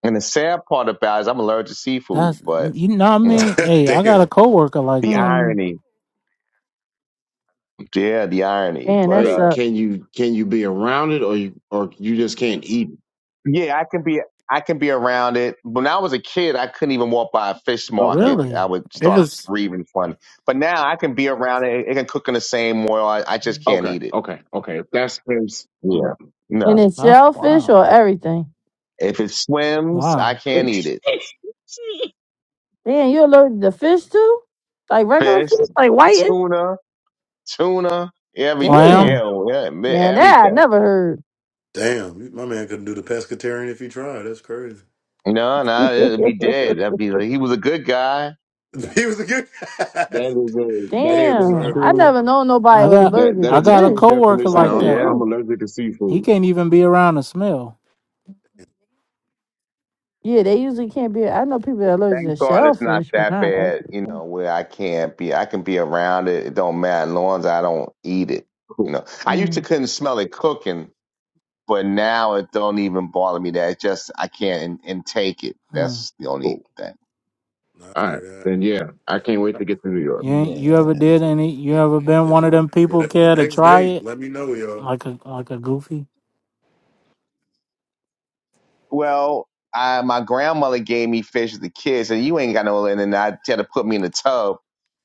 And the sad part about it is I'm allergic to seafood, That's but you know what I you know mean? Hey, I got a damn, coworker like the that. mm, irony. Yeah, the irony. man, But that uh, Wait, sucks. can you can you be around it or you or you just can't eat it? Yeah, I can be I can be around it. When I was a kid, I couldn't even walk by a fish Okay. market. I Really? would It Yeah. start was breathing funny. But now I can be around it. It can cook in the same oil. I, I just can't Okay. eat it. Okay. Okay. If that's the case, yeah. Yeah. And No. it's that's shellfish wow. or everything. If it swims, I Wow. can't that eat it. Damn, you allergic to fish too? Like regular Fish, fish? Like whiting? tuna, tuna, everything. Clam, Yeah, Damn. oh, yeah, Yeah, that I everything. never heard. damn, my man couldn't do the pescatarian if he tried. That's crazy. No, no, it'd be dead. That'd be like he was a good guy. He was a good guy. is a that is damn, sorry a Damn, I about that, true never bro. known nobody I was got that allergic that I to is a got a true fish, coworker definition. of like regular I'm Yeah. that. I'm fish. allergic to He seafood. can't even be around the smell. Yeah, they usually can't be. I know people are allergic to Thank God it's not shellfish, but that not. actual bad, you fish. know, where I can't be. I can be around it. It don't matter. As long as I don't eat it. You Cool. know, I used to Mm. couldn't smell it cooking, but now it don't even bother me that it's just I can't in, intake it. Hmm. That's the only Cool. thing. Not All right. hear Then yeah, I can't wait that. to get to New York. You ain't, you ever man did any you ever been If one of y'all, them well, people the care to next try date, it? let me know, y'all. Like a like a goofy? Well, I, my grandmother gave me fish as a kid, and you ain't got no, and then I tell her to put me in the tub.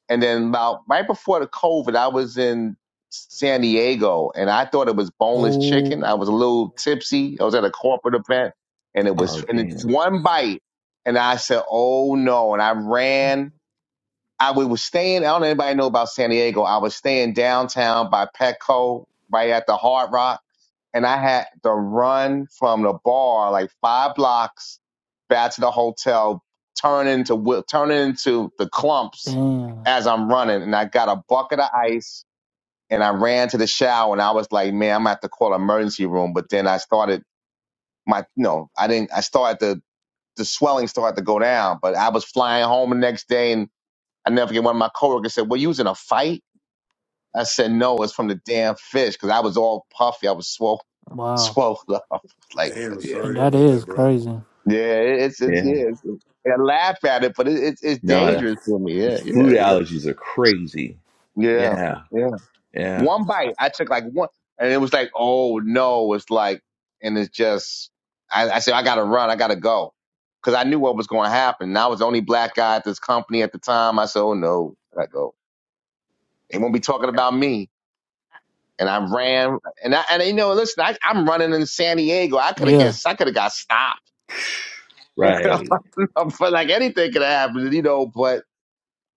And then about right before the COVID, I was in San Diego and I thought it was boneless chicken. I was a Oh little tipsy. I was at a corporate event and it Oh was, and it's damn. one bite. And I said, oh no. And I ran. I we was staying, I don't know if anybody know about San Diego. I was staying downtown by Petco, right at the Hard Rock and I had to run from the bar like five blocks back to the hotel, turn into turn into the clumps damn. as I'm running. And I got a bucket of ice and I ran to the shower and I was like, man, I'm gonna have to call an emergency room. But then I started my no, I didn't. I started the the swelling started to go down, but I was flying home the next day and I never forget one of my coworkers said, "Well, you was in a fight." I said, no, it's from the damn fish because I was all puffy. I was swole, Wow. swole up. Like, but Damn, yeah, And sorry that about is that, bro. crazy. yeah, it's, it's, yeah. Yeah. it's- I laugh at it, but it, it's, it's No, that- dangerous for me. Yeah, those food yeah, yeah, allergies are crazy. yeah, Yeah. yeah. Yeah. One bite, I took like one, and it was like, oh no, it's like, and it's just, I, I said, I gotta run, I gotta go, because I knew what was going to happen. And I was the only black guy at this company at the time. I said, oh no, I gotta go. They won't be talking about me. and I ran and I and you know listen I, I'm running in San Diego I could have Yeah. guessed I could have got stopped You Right. know, but like anything could have happened you know but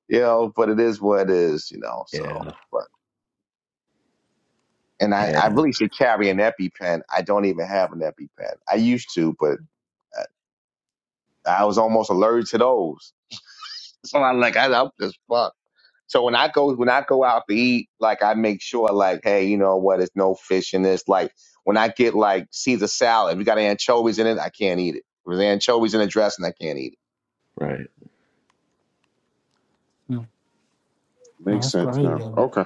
you know but it is what it is you know so Yeah. but and I I Yeah. really should carry an EpiPen I don't even have an EpiPen I used to but I, I was almost allergic to those so I like I up this fuck So when I go when I go out to eat, like I make sure like, hey, you know what, it's no fish in this. Like when I get like Caesar salad, we got anchovies in it, I can't eat it. If there's anchovies in the dressing, I can't eat Right. Mm, no, Makes That's sense crazy. now. Okay.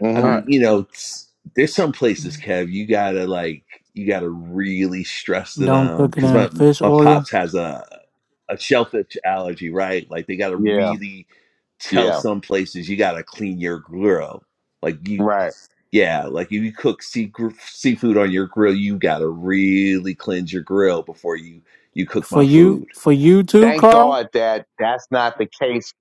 it. I All hmm mean, right. you know, it's- there's some places, Kev, you gotta like you gotta really stress to Don't them cook it because in my fish my oil. pops has a a shellfish allergy, right? Like they gotta Yeah, really tell yeah, some places you gotta clean your grill. Like you right. Yeah, like if you cook sea, seafood on your grill, you gotta really cleanse your grill before you you cook For my you food. for you too, Thank Carl? God that that's not the case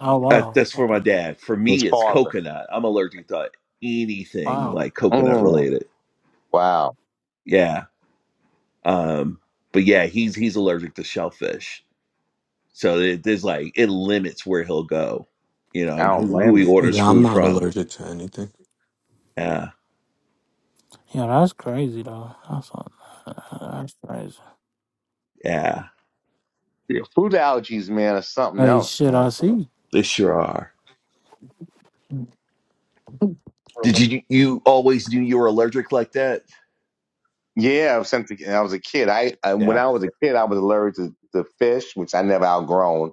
Oh Uh, wow. that's for Okay. my dad. For with his me, it's father. coconut. I'm allergic to anything Wow. like coconut Mm, related. wow, Yeah, um, but yeah, he's he's allergic to shellfish, so it, there's like it limits where he'll go, you know, I and don't who blame who he him. orders Yeah, I'm food not from. allergic to anything. Yeah, Yeah, that's crazy though. That's that's crazy. yeah, Yeah, food allergies, man, is something Hey else, shit I man. see. they sure are. Did you you always knew you were allergic like that? Yeah, since I was a kid, I, I when Yeah. I was a kid, I was allergic to, to fish, which I never outgrown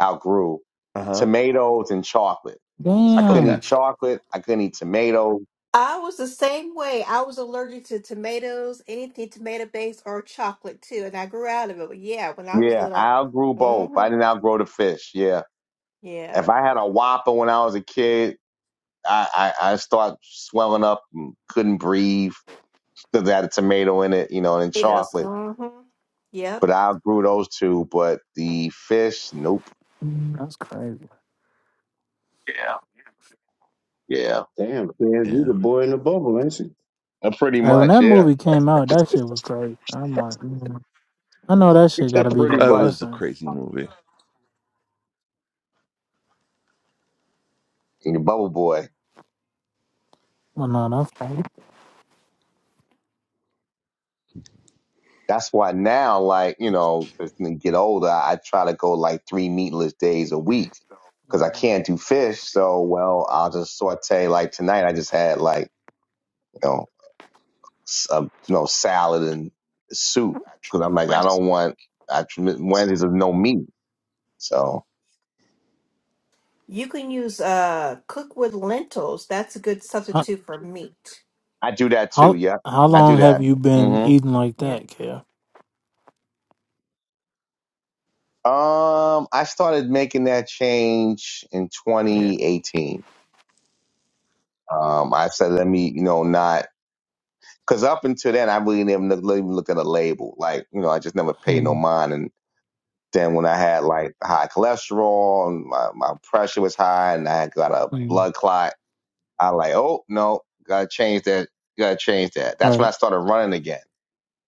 outgrew Uh huh. tomatoes and chocolate. I couldn't Okay. Damn. eat chocolate. I couldn't eat tomatoes. I was the same way. I was allergic to tomatoes, anything tomato based or chocolate too, and I grew out of it. But yeah, when I was Yeah, I little, outgrew both. hmm I didn't outgrow the fish. Yeah. yeah, If I had a Whopper when I was a kid, I, I, I start swelling up and couldn't breathe because I had a tomato in it, you know, and Tomatoes. chocolate. hmm Yep. But I outgrew those two. But the fish, nope. That's crazy. Yeah. Damn, man, yeah. you the boy in the bubble, ain't you? Uh, Pretty Hey, when much, that yeah. movie came out, that shit was crazy. I'm like, mm. I know that shit gotta be pretty Oh, It much. was a depressing. crazy movie. And are bubble boy. Well no, that's crazy. That's why now, like, you know, as I get older, I try to go like three meatless days a week because I can't do fish. So, well, I'll just saute. Like tonight, I just had like, you know, s- uh, you know salad and soup because I'm like, I don't want I, Wednesdays of no meat. So You can use uh cook with lentils. That's a good How substitute for meat. I do that too. how Yeah, how I do long have hmm that. you been hmm eating like Yeah. that, Kev? Um, I started making that change in Yeah. 2018. Um, I said, let me, you know, not Because up until then, I really didn't even look, even look at a label. Like, you know, I just never paid no Mm, mind. And then when I had like high cholesterol and my, my pressure was high and I got a mm. blood clot, I like, oh, no, gotta change that. Gotta change that. That's when Right. I started running again.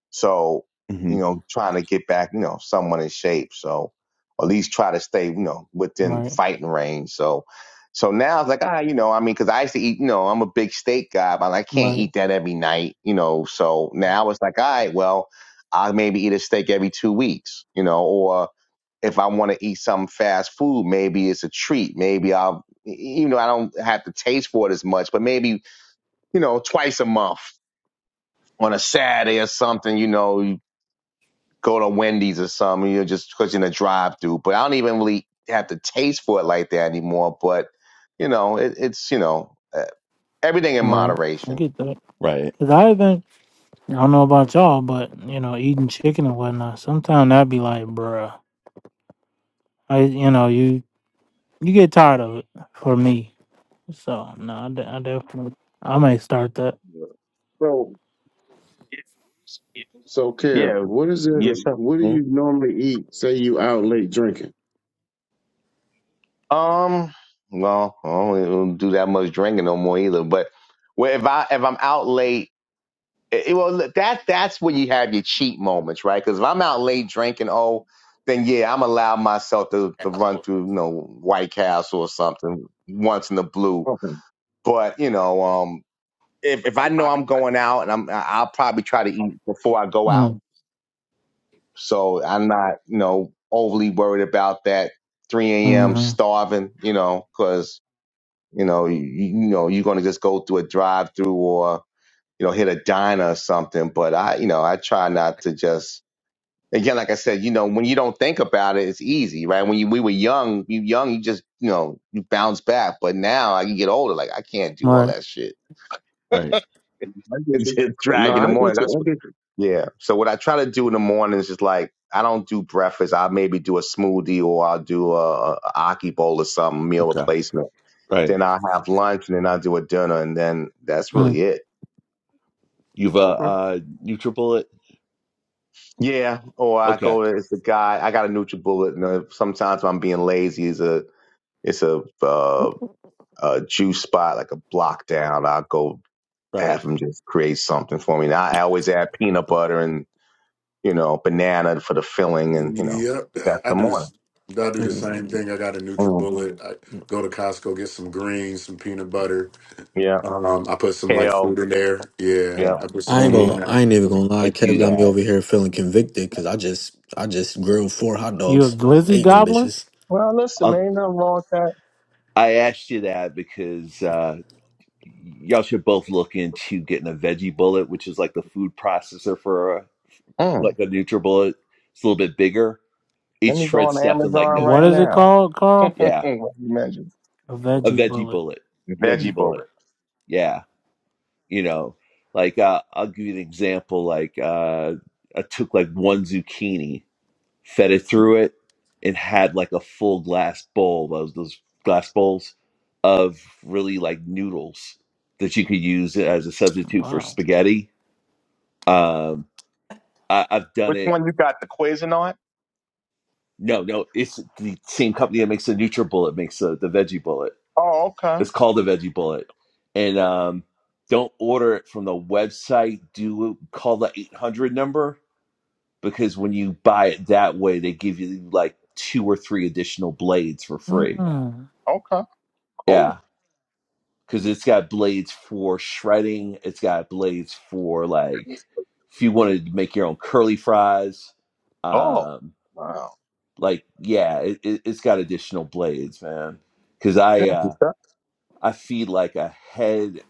So, hmm you know, trying to get back, you know, someone in shape. So, or at least try to stay, you know, within Right, fighting range. So, so now it's like, ah, you know, I mean, because I used to eat, you know, I'm a big steak guy, but like, I can't right, eat that every night, you know. So now it's like, all right, well, I'll maybe eat a steak every two weeks, you know, or if I want to eat some fast food, maybe it's a treat. Maybe I'll, you know, I don't have to taste for it as much, but maybe, you know, twice a month on a Saturday or something, you know, go to Wendy's or something, you know, just because you're in a drive through. But I don't even really have the taste for it like that anymore. But, you know, it, it's, you know, uh, everything in right. I moderation. get that. Right. Cause I haven't, I don't know about y'all, but you know, eating chicken and whatnot, sometimes I'd be like, bruh, I, you know, you, you get tired of it for me. So no, I, de- I definitely, I may start that. So, so, Kev, Yeah. what is it? Yes, sir. What do Mhm. you normally eat? Say you out late drinking. Um, well, I don't really really do that much drinking no more either. But well, if I if I'm out late, it, it- well, that that's when you have your cheat moments, right? Because if I'm out late drinking, oh, then yeah, I'm allowed myself to to run through, you know, White Castle or something once in the blue. Oh. But you know, um, if if I know I'm going out and I'm, I- I'll probably try to eat before I go out. Mm, So I'm not, you know, overly worried about that 3 a.m. mm-hmm. starving, you know, because you know, you, you know, you're gonna just go through a drive-through or you know, hit a diner or something. But I, you know, I try not to just. Again, like I said, you know, when you don't think about it, it's easy, right? When you we were young, you young, you just, you know, you bounce back. But now I can get older, like I can't do all Right. that shit. Right. I get It's you. a No, drag in the I morning. get That's you. I what. get you. Yeah. So what I try to do in the morning is just like I don't do breakfast. I'll maybe do a smoothie or I'll do a, a aki bowl or some meal Okay. replacement. Right. Then I'll have lunch and then I'll do a dinner and then that's Mm. really it. You've uh, Okay. uh NutriBullet. Yeah. Or I Okay. go to it's the guy. I got a NutriBullet and uh, sometimes when I'm being lazy. It's a it's a uh, a juice spot like a block down. I'll go Right. have him just create something for me. And I, I always add peanut butter and. you know, banana for the filling and, you know, Yep, that's I the do morning. this. I do the same Mm. thing. I got a Mm. NutriBullet. I go to Costco, get some greens, some peanut butter. Yeah. Um, I put some like Kale. fruit in there. Yeah, Yeah. Yeah. I put some I ain't Yeah. hmm fruit in gonna. Yeah. there. I ain't even gonna I lie. Kev do got me that. over here feeling convicted because I just, I just grilled four hot You a dogs, glizzy ate them gobbler? bitches. Well, listen, man, Um, ain't nothing wrong with that. I asked you that because uh, y'all should both look into getting a veggie bullet, which is like the food processor for uh, Mm. like a NutriBullet. It's a little bit bigger. Let It me go shreds on stuff in like Amazon no What right is time. it now. called, Carl? what Yeah. you mentioned? A A veggie veggie bullet. bullet. Veggie Mm, Veggie bullet. bullet. Yeah. you know like uh, i'll give you an example like uh i took like one zucchini fed it through it and had like a full glass bowl those those glass bowls of really like noodles that you could use as a substitute for wow. spaghetti um I, i've done Which it one you got? The Cuisinart? no no it's the same company that makes the nutribullet makes the, the veggie bullet Oh, okay. it's called the veggie bullet and um don't order it from the website do call the 800 number because when you buy it that way, they give you like two or three additional blades for free. Mm. Okay. Cool. Yeah, because it's got blades for shredding. It's got blades for like if you wanted to make your own curly fries. Oh, Um, wow. like yeah, it, it, it's got additional blades, man. Because I Thank you, uh, sir. I feed like a head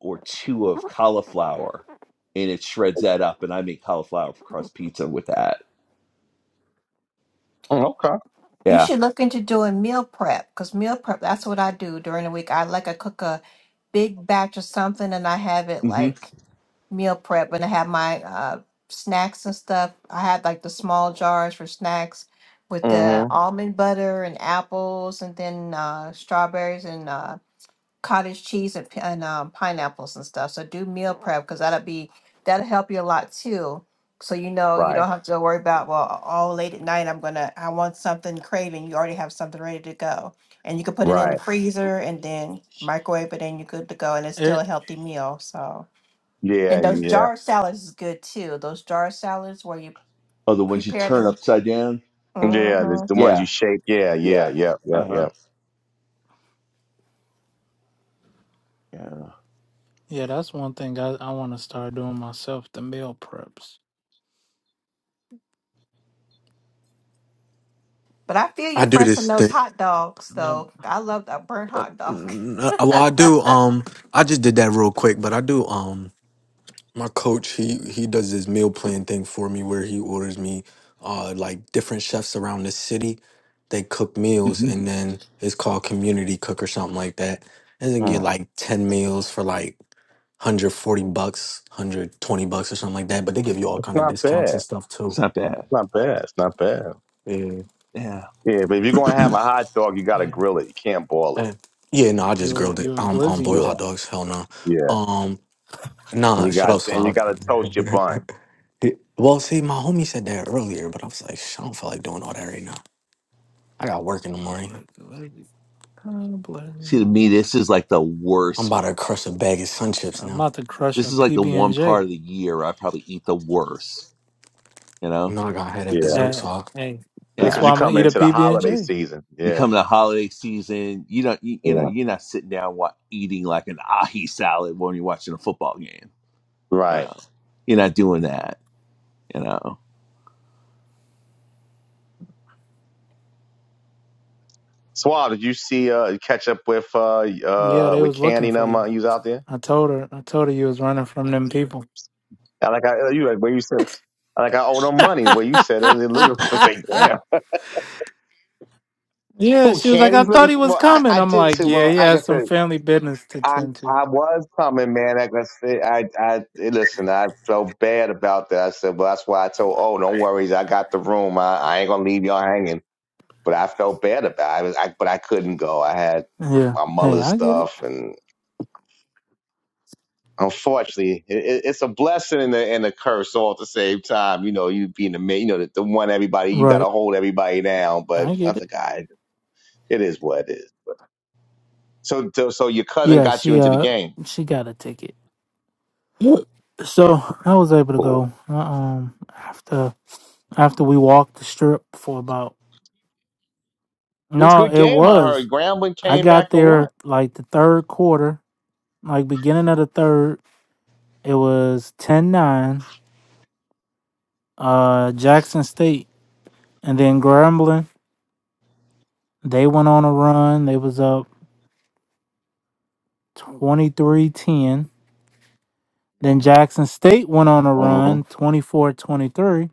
or two of cauliflower, and it shreds that up, and I make cauliflower crust pizza with that. Mm, Okay. You Yeah. should look into doing meal prep because meal prep, that's what I do during the week. I like I cook a big batch of something and I have it hmm like meal prep and I have my uh, snacks and stuff. I had like the small jars for snacks with the hmm almond butter and apples and then uh, strawberries and uh, cottage cheese and, pi- and um, pineapples and stuff. So do meal prep because that'll be that'll help you a lot too. So you know you Right. don't have to worry about well all late at night I'm gonna I want something craving. You already have something ready to go, and you can put it in the Right. freezer and then microwave it, and you're good to go. And it's still a It, healthy meal. So Yeah. and those Yeah. jar salads is good too. Those jar salads where you Oh, the ones you prepare turn them. upside down. Yeah. There's hmm the ones you Yeah, shake. Yeah. Yeah. yeah. Yeah. Yeah. Uh huh. Yeah. Yeah. yeah, that's one thing I, I want to start doing myself, the meal preps. But I feel I you do fresh on this those thing. hot dogs That, though. I love that burnt hot dog. Mm, uh, Well, I do. Um, I just did that real quick, but I do. Um, my coach, he he does this meal plan thing for me where he orders me, uh, like different chefs around the city. They cook meals, hmm and then it's called community cook or something like that. And then get Mm. like ten meals for like 140 bucks, 120 bucks or something like that. But they give you all It's kind of not discounts bad. and It's stuff too. It's not bad. not bad. It's not bad. Yeah. Yeah. Yeah, but if you're gonna have a hot dog, you gotta yeah. grill it. You can't boil it. Eh. yeah, no, You I just you a, grilled it. you a Um on glizzy. boiled Yeah, hot dogs, hell no. yeah. Um And nah, you shut got up, and you Swab. gotta toast your bun. Di- Well, see, my homie said that earlier, but I was like, "Sh- I don't feel like doing all that right now. I got work in the I'm morning. about to glizzy. I'm See, to glizzy. me, this is like the I'm worst. about to crush a bag of sun chips I'm now. about to crush This a is like the PB and one part J. of the year where I probably eat the worst. You know? No, I got had a Yeah, dessert, so Hey, hey, that's because Yeah. why you I'm gonna come eat a into the PB and holiday J. season. You Yeah, come to the holiday season, you don't, you, you know, yeah. you're not sitting down wa- eating like an ahi salad when you're watching a football game. You Right. know, you're not doing that. You know, Swab, did you see uh catch up with uh Yeah, uh they with was Candy looking and for them you. uh, you was out there? I told her. I told her you was running from them people. And like I you like when you said I like I owe them money. Well, you said it, they're looking for. It's like damn, yeah, who she was like, I Candy's thought looking he for? was Well, I coming. I I'm did like, too. yeah, Well, he like I can has some say. family business to I tend to. I was coming, man. Like I said, I I listen. I felt bad about that. I said, well, that's why I told. Oh, don't worry, I got the room. I, I ain't gonna leave y'all hanging. But I felt bad about. It. I was, I, but I couldn't go. I had Yeah. my Hey, mother's I get it. stuff, and unfortunately, it, it, it's a blessing and a, and a curse all at the same time. You know, you being the ma- you know the, the one everybody you got to Right. hold everybody down. I But I get was it. like, "All right, it is what it is. So so so your cousin Yeah, got you she into the uh game. she got a ticket. So I was able to Cool. go. Uh, Um after after we walked the strip for about It was a no good it game, I heard. was Grambling i came back got and won. there like the third quarter like beginning of the third it was ten nine, uh jackson state and then grambling they went on a run they was up twenty three ten, then jackson state went on a hmm run twenty four twenty three,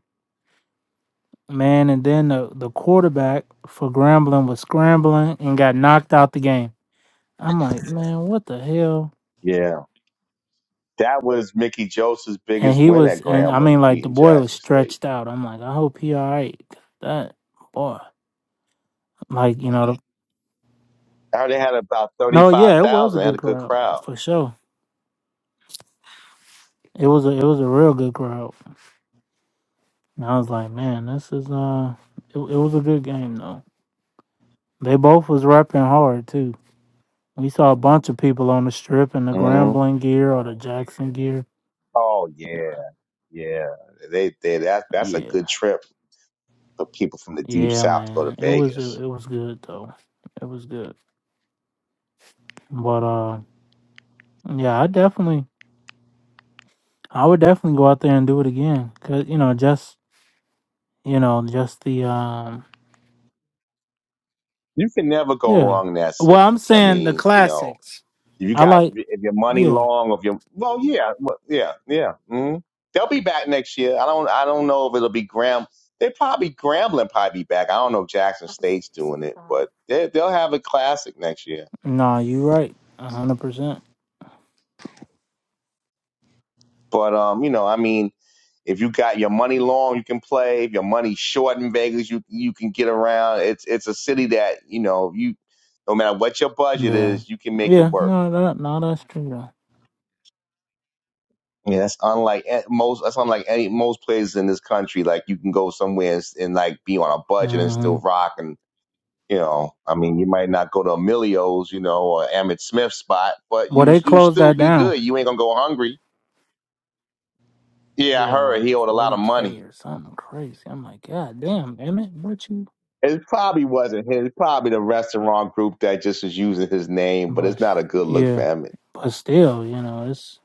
man and then the, the quarterback for grambling was scrambling and got knocked out the game i'm like Yeah. man what the hell Yeah. That was Mickey Joseph's and biggest he win at was, and I mean, Grambling, like the beating boy was Jackson State. stretched out. I'm like, I hope he all right. 'cause That boy, like you know, the, Now they had about no, yeah, it was 35,000. a They had good a good crowd crowd. for sure. It was a, it was a real good crowd. And I was like, man, this is uh, it, it was a good game though. They both was repping hard too. We saw a bunch of people on the strip in the hmm Grambling gear or the Jackson gear. Oh, yeah. Yeah. They, they that That's a Yeah, good trip for people from the deep yeah, south to go to man, it was it, Vegas. it was good though. It was good, but uh, yeah, I definitely I would definitely go out there and do it again. Cause you know, just you know, just the um You can never go yeah. wrong in that Well city. I'm I saying the mean, you know, classics. If you I got like if, you- if your money yeah. long, if your well, yeah, well, yeah, yeah. hmm They'll be back next year. I don't I don't know if it'll be Graham. They probably Grambling probably be back. I don't know if Jackson State's doing it, but they they'll have a classic next year. Nah, you right. a hundred percent. But um, you know, I mean, if you got your money long, you can play. If your money short in Vegas, you you can get around. It's it's a city that you know you no matter what your budget Yeah. is, you can make it Yeah, work. no, that no, that's true though. Yeah, that's unlike a- most. That's unlike any most places in this country. Like you can go somewhere and, s- and like be on a budget and hmm still rock. And you know, I mean, you might not go to Emilio's, you know, or Emmett Smith spot, but Well you they you closed still that be down. good. You ain't gonna go hungry. Yeah, I Yeah, heard like he owed a lot forty of money. K or something crazy. I'm like, God damn, Emmett, what you It probably wasn't him. It's probably the restaurant group that just was using his name, but it's but not a good look for yeah. Emmett. But still, you know, it's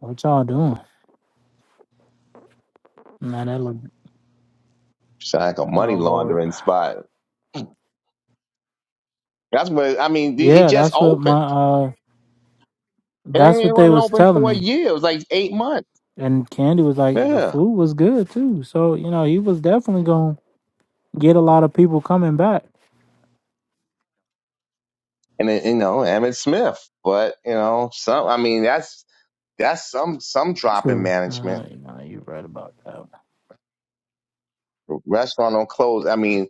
what y'all doing? Now that look It's like a money oh Lord. laundering spot. That's what I mean. It it Yeah, just that's what my opened, uh that's and it what they wasn't was open telling for a me. year. It was like eight months. And Candy was like the Yeah. food was good too. So, you know, he was definitely going to get a lot of people coming back. and you know Emmitt Smith. But you know, some I mean that's that's some some drop in True. Uh, management. no, you're right about that. one. Restaurant don't close. I mean,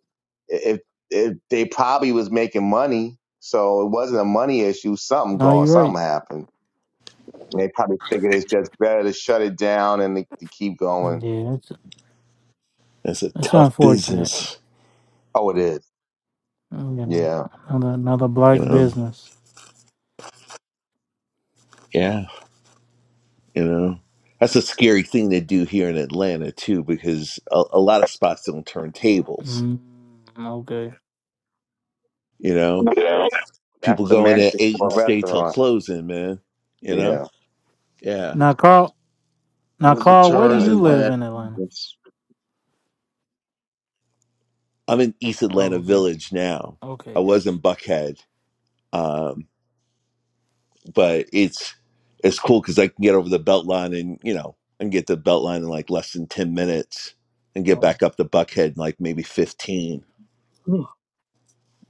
if if they probably was making money, so it wasn't a money issue. Something No, going, you're right. something happened. And they probably figured it's just better to shut it down and to, to keep going. Yeah, it's that's a it's tough unfortunate. business. Oh, it is. You know, Yeah, another another black You know, business. yeah. You know, that's a scary thing they do here in Atlanta too, because a, a lot of spots don't turn tables. Mm, okay. You know, Yeah. that's people the go in magic at eight for and a stay till restaurant. closing, man. You know, Yeah, yeah. Now, Carl. Now, Carl, you where do Overcharged gotta you and tell live bad. in Atlanta? Yes. I'm in East Oh, Atlanta okay. Village now. Okay, I was gotcha. in Buckhead, um, but it's it's cool because I can get over the Beltline and you know and get the Beltline in like less than ten minutes and get Okay. back up to Buckhead in like maybe fifteen. 'em.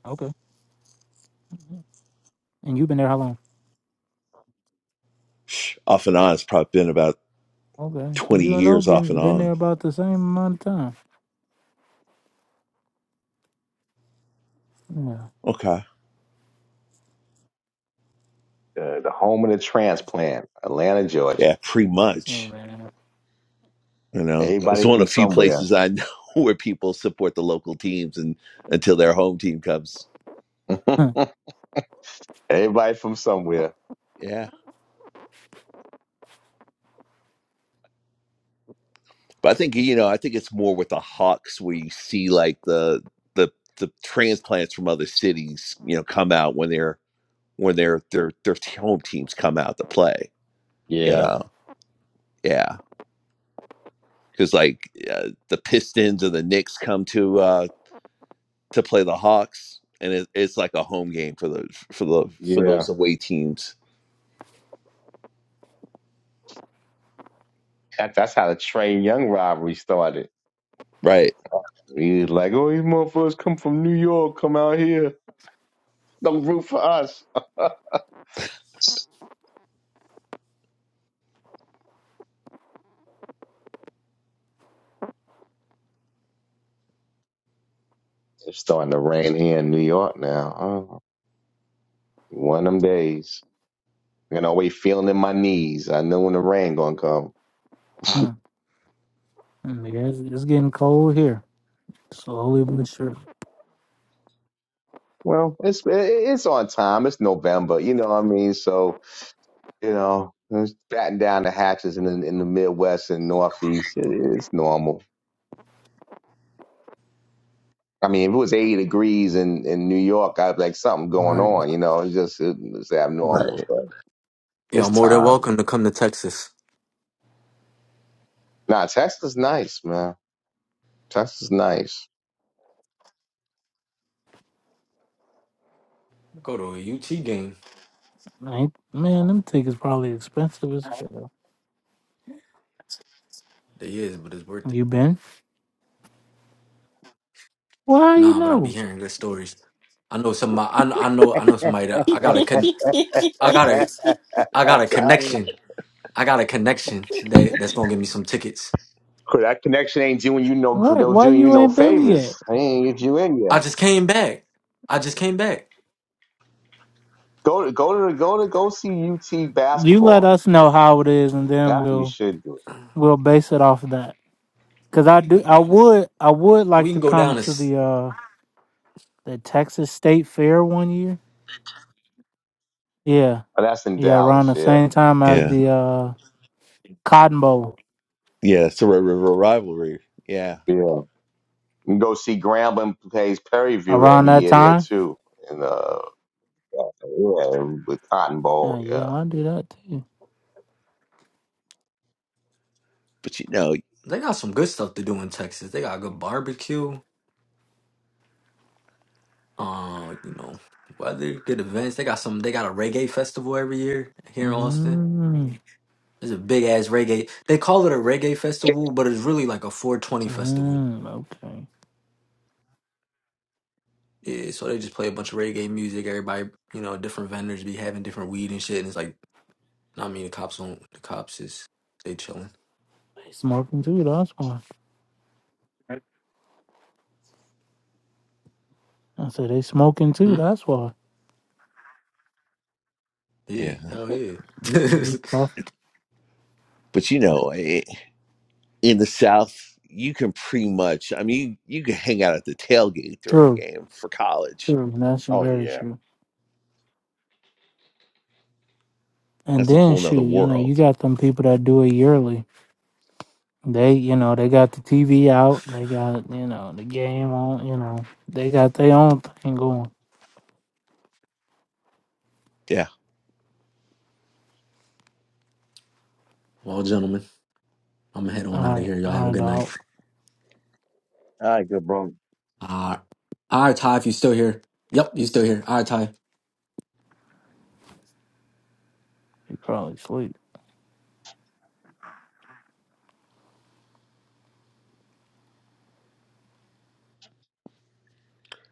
Okay. And you've been there how long? Off and on, it's probably been about Okay, so twenty you and O years off been and been there on. about the same amount of time. Yeah, Okay. the, the home of the transplant, Atlanta, Yeah, Georgia. pretty yeah, much. man. You know, it's Everybody one of from the few somewhere. places I know where people support the local teams and until their home team comes. Huh, Everybody from somewhere. Yeah, but I think you know, I think it's more with the Hawks where you see like the the the transplants from other cities, you know, come out when their when their their their t- home teams come out to play. You yeah, know, yeah, because like uh, the Pistons and the Knicks come to uh to play the Hawks, and it, it's like a home game for those for the for yeah. those away teams, That, that's how the Train Young rivalry started. right? We was like, oh, these motherfuckers come from New York, come out here. Don't root for us. it's starting to rain here in New York now. Oh, one of them days. You know, we feeling in my knees. I know when the rain gonna come. huh. Mm, yeah, It's, it's getting cold here, slowly but sure. Well, it's it's on time. It's November. You know what I mean? So you know, it's batting down the hatches in the, in the Midwest and Northeast. It- it's normal. I mean, if it was 80 degrees in, in New York, I'd be like, something going Right, on, you know, it's just it, it's abnormal. Right. So it's y'all more than time. welcome to come to Texas. Nah, Tesla's nice, man. Tesla's nice. Go to a UT game. ain't man, them tickets probably expensive as hell. They is, but it's worth it. You been? Why you Nah, but I be know? hearing good stories. I know somebody. I, kn- I know. I know somebody that I got a con. I got a. I got a that connection. I got a connection that that's gonna give me some tickets. connection ain't doing you no Right, no why doing you you no ain't been favors. yet? I ain't get you in I yet. just came back. I just came back. Go to go to go to go see UT You let basketball. us know how it is, and then That's what you we'll should do. we'll base it off of that. Cause I do, I would, I would We like can to go down come to. to s- the uh the Texas State Fair one year. Yeah, Oh, that's in Yeah, around Dallas, the yeah. same time as Yeah. the uh, Cotton Bowl. Yeah. It's a Red River rivalry. Yeah. Yeah. And go see Grambling plays Perryview Around every that year there time. too. And uh yeah, with Cotton Yeah, Bowl, yeah, yeah. I do that too. But you know, They got some good stuff to do in Texas. They got a good barbecue. Uh, you know, weather, good events. They got some. They got a reggae festival every year here in Austin. Mm, It's a big ass reggae. They call it a reggae festival, but it's really like a 420 festival mm, okay. Yeah, so they just play a bunch of reggae music. Everybody, you know, different vendors be having different weed and shit. And it's like, nah, I mean, the cops don't. The cops is they chilling. They smoking too. That's why. I said they smoking too. Hmm? That's why. Yeah, yeah. hell yeah. We talk- But you know, i- in the South, you can pretty much, I mean, you, you can hang out at the tailgate during a True, game for college. true. That's Oh very yeah. true. And That's a then whole shoot, nother you know, you world. got them people that do it yearly. They, you know, they got the TV out. They got, you know, the game on. You know, they got their own thing going. Yeah. well, gentlemen, I'm gonna head on All out of right, here. Y'all have all a right, good night. dog. All right, good bro. Uh, all right, Ty, if you still here. Yep, you still here. All right, Ty. You probably sleep.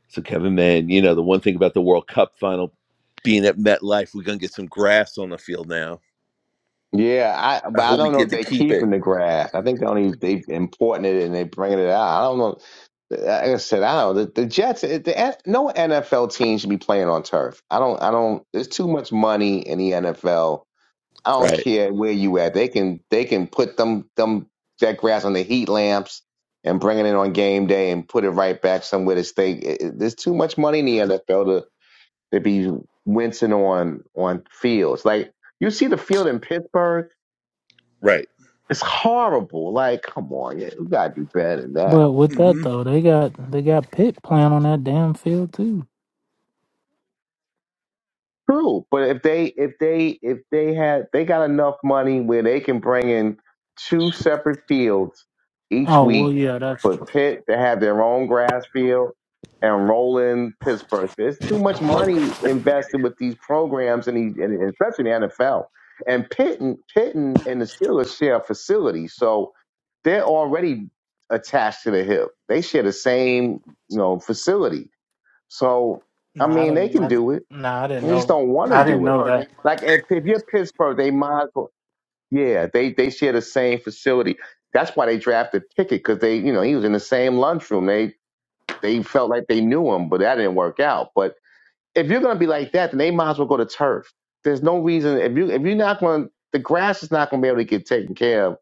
So, Kevin, man, you know, the one thing about the World Cup final being at MetLife, we're going to get some grass on the field now. Yeah, I I but I hope we don't know get if to they keep keeping it. the grass. I think they only they importing it and they bringing it out. I don't know. Like I said, I don't. know. The, the Jets, it- the, N- no NFL team should be playing on turf. I don't. I don't. There's too much money in the NFL. I don't Right. care where you at. They can they can put them them that grass on the heat lamps and bring it in on game day and put it right back somewhere to stay. It- it- There's too much money in the NFL to be wincing on on fields. Like you see the field in Pittsburgh, Right. it's horrible. Like, come on, yeah, you gotta do better than that. But with that hmm though, they got they got Pitt playing on that damn field too. True, but if they if they if they had they got enough money where they can bring in two separate fields each Oh well, week yeah, that's for true. Pitt to have their own grass field and roll in Pittsburgh. There's too much money invested with these programs and, these, and especially the NFL. And Pitt and, Pitt and, and the Steelers share a facility, so they're already attached to the hip. They share the same you know facility, so I Nah, I mean they didn't. can I, do it. nah, I didn't They just know. don't want to I didn't do it. know that. Like if, if you're Pittsburgh, they might as well. Yeah, they they share the same facility. That's why they drafted Pickett because they, you know, he was in the same lunchroom. They they felt like they knew him, but that didn't work out. But if you're gonna be like that, then they might as well go to turf. There's no reason if you if you're not going, to the grass is not gonna be able to get taken care of,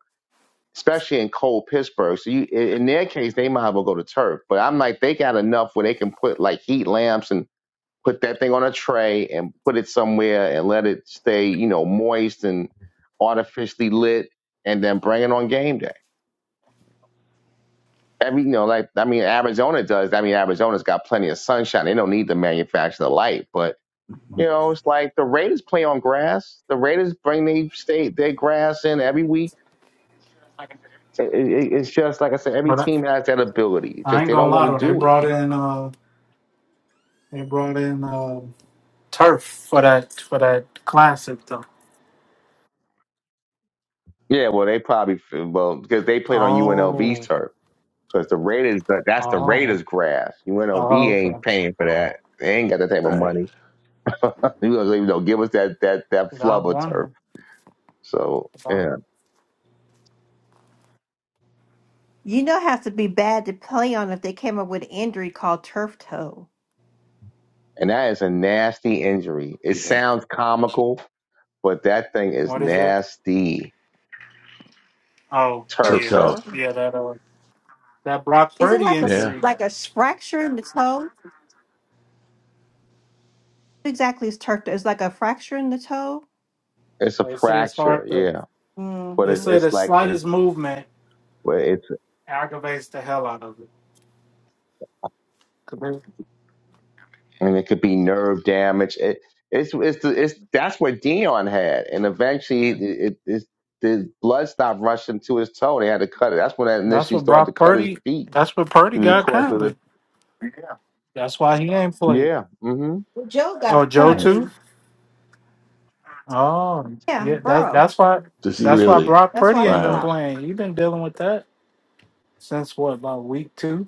especially in cold Pittsburgh. So you, in in their case, they might as well go to turf. But I'm like, they got enough where they can put like heat lamps and put that thing on a tray and put it somewhere and let it stay, you know, moist and artificially lit and then bring it on game day. Every, you know, like, I mean, Arizona does. I mean, Arizona's got plenty of sunshine. They don't need to manufacture the light, but, you know, it's like the Raiders play on grass. The Raiders bring their state, their grass in every week. It- it- it's just, like I said, every But I, team has that ability. It's I just ain't they gonna don't lie want to though. They do it. brought in uh, they brought in uh, turf for that for that classic though. Yeah, well, they probably, well, because they played on UNLV's Oh, turf. Because the Raiders, that's the oh, Raiders grass. UNLV oh. Okay. ain't paying for that. They ain't got that type of Right. money. You know, you know, give us that that that 'Cause I was flubber turf. wondering So about yeah, You know how to be bad to play on if they came up with an injury called turf toe. and that is a nasty injury. It Yeah. sounds comical, but that thing is what is that? nasty. Oh, Turf Turf Turf yeah, toe. toe. toe. yeah. That uh, that Brock Is it Purdy like a s- Yeah. injury. like a s- fracture in the toe? What exactly is turf toe? It's like a fracture in the toe. It's a They say it's fracture. hard to. Yeah, but They it's Mm-hmm. say the it's like slightest movement. it, aggravates the hell out of it. 'Cause they- and it could be nerve damage. It, it's it's the, it's that's what Dion had, and eventually it, it, it's the blood stopped rushing to his toe. They had to cut it. That's when I That's initially what started to brought cut his Purdy. feet. That's what Purdy It was the got course of the currently. That's why he ain't played. yeah, hmm Joe Oh, got Joe Mhm. currently. too. Oh, Yeah, yeah. That's Burrow. that's why. Does he That's why really? Brock That's why Purdy ain't he been Wow. out. playing. He been dealing with that since what about week two?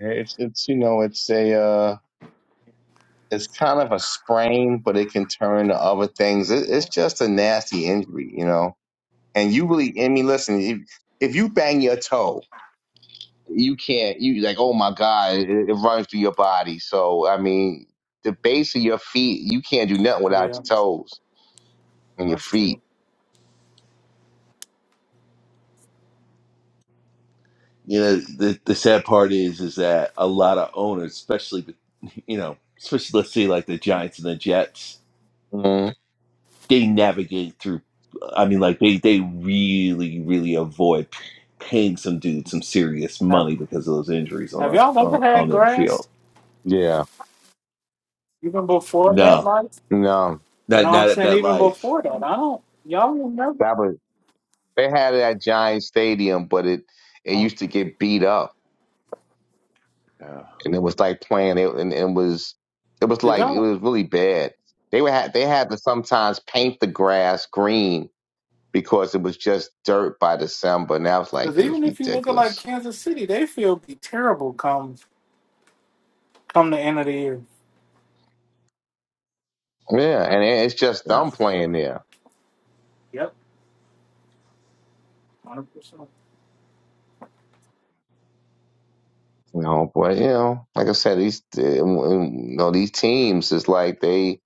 Yeah, It's it's you know it's a uh, it's kind of a sprain, but it can turn to other things. It, it's just a nasty injury, you know. And you really, I mean, listen, if, if you bang your toe. you can't you like oh my god it, it runs through your body so i mean the base of your feet you can't do nothing without Yeah, your toes and your that's feet true. you know the, the sad part is is that a lot of owners especially you know especially let's say like the giants and the jets hmm they navigate through i mean like they they really really avoid paying some dude some serious Have money because of those injuries on Have y'all a, ever on, on had their field grass yeah even before no MetLife? no not No, I'm not at saying even MetLife. before that. I don't. Y'all remember? that was they had it at giant stadium but it it Um, used to get beat up No, and it was like playing it and it was it was cause like it y'all. was really bad they would had they had to sometimes paint the grass green because it was just dirt by december and i was like Cause it was even if you look at like ridiculous Kansas City, they feel be terrible come Come the end of the year. yeah and it, it's just no. dumb playing there Yep, hundred percent. You know, but you know, like I said, these uh, you know these teams is like they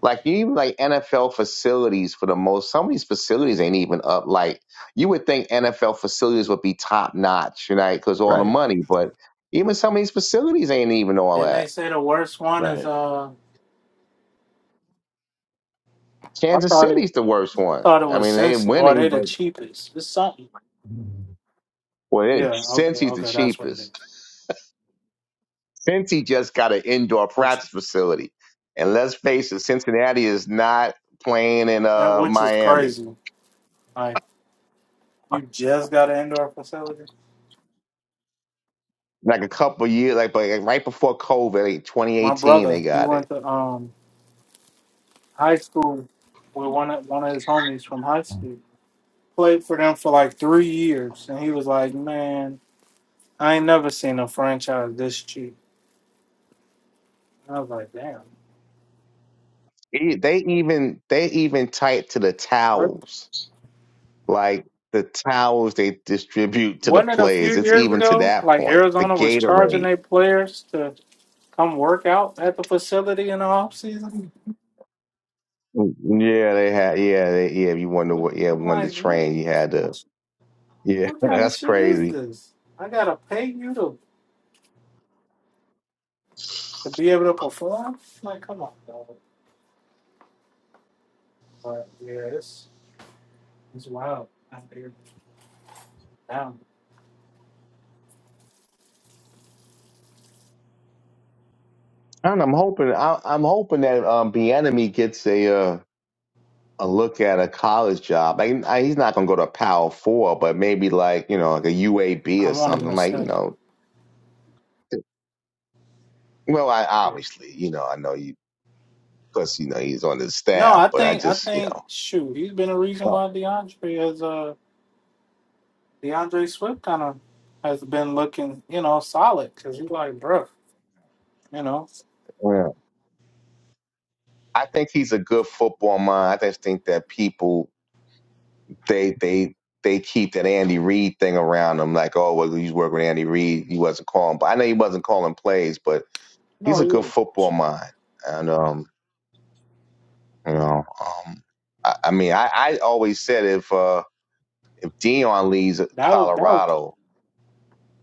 like even like NFL facilities for the most. Some of these facilities ain't even up. Like you would think NFL facilities would be top notch, you know, because all the Right. money. But even some of these facilities ain't even all Didn't they that. say the worst one is Right. uh? I Kansas thought it. City's the worst I one. thought it I was mean, they ain't Cincy, or are they winning, the but cheapest? It's something. well, it, Yeah. Okay. Cincy's the Okay. That's what it cheapest. is. Cincy just got an indoor Which, practice facility. And let's face it, Cincinnati is not playing in and uh, which is Miami. crazy. Like you just got an indoor facility. Like a couple years, like, but like right before COVID, like My 2018, brother, they he got it. went to um high school with one of one of his homies from high school. Played for them for like three years, and he was like, "Man, I ain't never seen a franchise this cheap." I was like, "Damn." E- They even they even tight to the where towels, like the towels they distribute to the Wasn't it a players. few It's years even to ago? that Like point. The Arizona was charging Gatorade. their players to come work out at the facility in the off season. Mm, Yeah, they had. Yeah, they, yeah. If you wanted to, yeah, I'm wanted to like, what? train, you had kind of to. sh- Yeah, What kind of that's shit is crazy. this? I gotta pay you to to be able to perform. Like, come on, dog. But yeah, it's it's wild out here. Damn, And I'm hoping I, I'm hoping that um, Bienemy gets a uh, a look at a college job. Like I, he's not gonna go to Power Four, but maybe like you know like a UAB I or want him something. to Like you stay. know, well, I Yeah. obviously you know I know you because you know he's on the No, staff, I but I think I just you know. think shoot, he's been a reason Well, why DeAndre has uh DeAndre Swift kind of has been looking you know solid because he's like, bruh. You know? yeah. I think he's a good football mind. I just think that people they they they keep that Andy Reid thing around them, like oh well, he's working with Andy Reid. He wasn't calling, but I know he wasn't calling plays, but he's No, a yeah. good football Sure. mind, and um, you know, um, I, I mean, I, I always said if uh, if Dion leaves That was that was Colorado,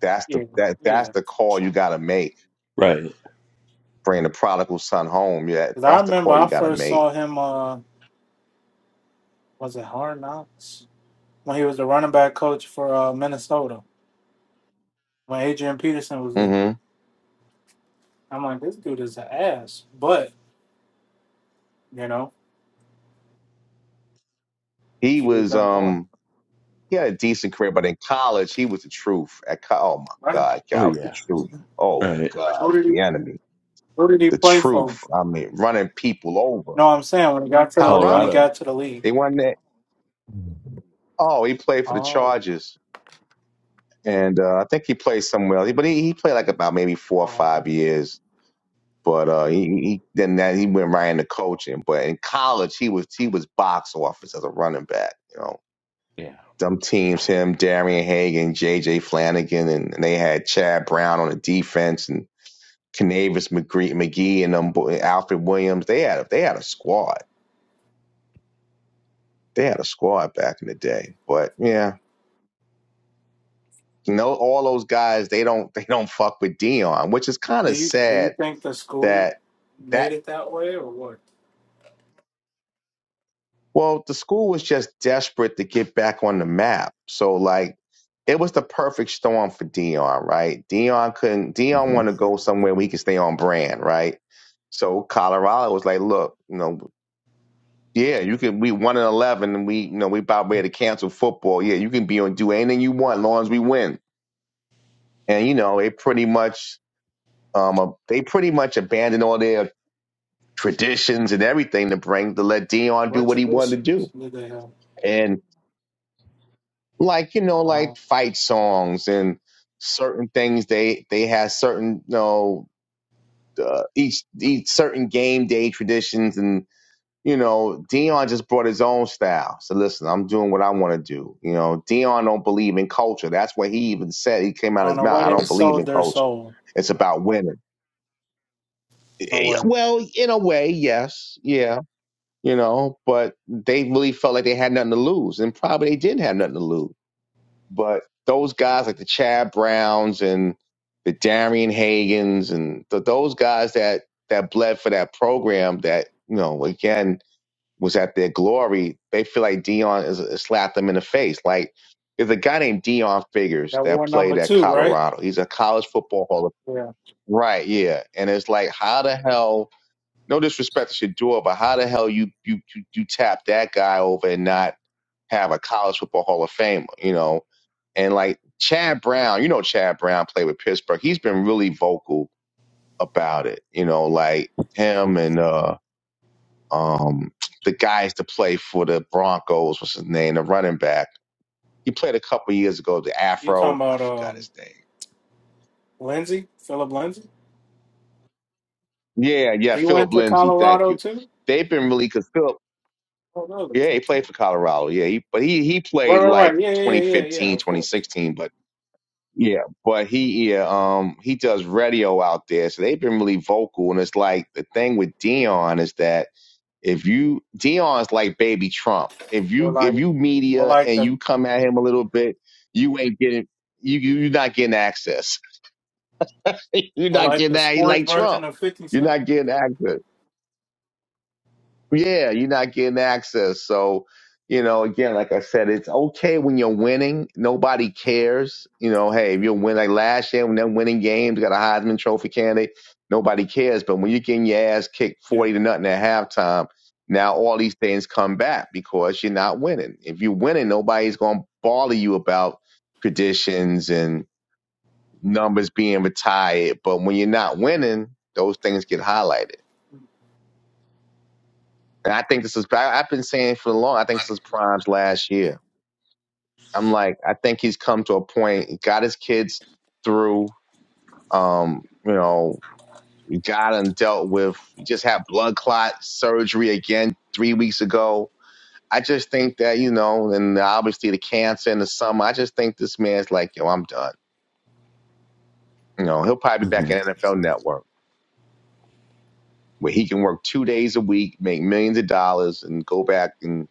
that's the yeah, that that's yeah. the call you got to make. Right. Bring the prodigal son home. Yeah, Cause I that's the remember call you I got to first make. saw him uh was it Hard Knocks? When he was the running back coach for uh Minnesota. When Adrian Peterson was there. hmm I'm like, this dude is an ass. But, you know, He he was was that boy. um, he had a decent career, but in college, he was the truth. At co- oh my Running God, Oh God, the yeah. truth. Oh Right. God, who did he the enemy, who did he the play truth. for? I mean, running people over. No, I'm saying when he got to the when he Colorado, Colorado. got to the league. they won that. Oh, he played for the Oh, Chargers and uh, I think he played somewhere else. But he, he played like about maybe four or um, five years. But uh, he, he then that he went right into coaching. But in college, he was he was box office as a running back. You know, Yeah. them teams, him, Darian Hagan, J J. Flanagan, and, and they had Chad Brown on the defense and Canavis McGree, McGee and them boy- Alfred Williams. They had a, they had a squad. They had a squad back in the day. But yeah, you know, all those guys they don't they don't fuck with Dion, which is kind do of you do sad you think the school that made that it that way or what? well the school was just desperate to get back on the map so like it was the perfect storm for dion right dion couldn't dion hmm want to go somewhere where he could stay on brand right so colorado was like look you know yeah you can we 1 and 11 and we you know we about ready to cancel football yeah you can be on do anything you want as long as we win and you know they pretty much um uh, they pretty much abandoned all their traditions and everything to bring to let dion do What what he wanted to traditions do did they have? and like you know like Oh. fight songs and certain things they they have certain you know uh, each each certain game day traditions and you know Dion just brought his own style. So listen, I'm doing what I want to do. You know Dion don't believe in culture. That's what he even said. He came out So of in his a mouth. way, I they don't believe sold in their culture. soul. It's about winning. In a Eh, eh, way, Well, in a way, yes, yeah, you know, but they really felt like they had nothing to lose, and probably they didn't have nothing to lose But those guys like the Chad Browns and the Darian Hagens and th those guys that that bled for that program that you know again was at their glory. They feel like Dion is, is slapped them in the face. Like there's a guy named Dion Figures that that war number played at two, right? Colorado. He's a college football hall of Yeah. right, yeah. And it's like how the hell no disrespect to Shador, but how the hell you you you, you tap that guy over and not have a college football Hall of Famer, you know? And like Chad Brown, you know Chad Brown played with Pittsburgh. He's been really vocal about it, you know, like him and uh um the guys to play for the Broncos, what's his name, the running back. He played a couple years ago, the You talking Afro, I about forgot um, his name. Lindsey, Philip Lindsey? Yeah, yeah, He went Philip to Lindsay, thank Colorado you. too. They've been really because Oh, really? Yeah, he played for Colorado. Yeah, he, but he he Right, played right, like right. Yeah, yeah, yeah, yeah. yeah, 2015, Of course. 2016, but yeah, but he yeah, um he does radio out there, so they've been really vocal. And it's like the thing with Dion is that if you Dion's like baby Trump. If Or you if like, you or media like and you the, come at him a little bit, you ain't getting you you you're not getting access. you're or not like getting the that. He sports like version Trump. of Fifty You're Cent. not getting access. Yeah, you're not getting access. So, you know, again, like I said, it's okay when you're winning. Nobody cares. You know, hey, if you're winning, like last year when they're winning games, got a Heisman Trophy candidate, nobody cares. But when you're getting your ass kicked Yeah. 40 to nothing at halftime, now all these things come back because you're not winning. If you're winning, nobody's going to bother you about traditions and numbers being retired. But when you're not winning, those things get highlighted. And I think this is, I, I've been saying for long, I think this is Prime's last year. I'm like, I think he's come to a point, he got his kids through, um, you know, he got him dealt with, he just had blood clot surgery again three weeks ago. I just think that, you know, and obviously the cancer in the summer, I just think this man's like, yo, I'm done. You know, he'll probably be back hmm in NFL Network where he can work two days a week, make millions of dollars, and go back and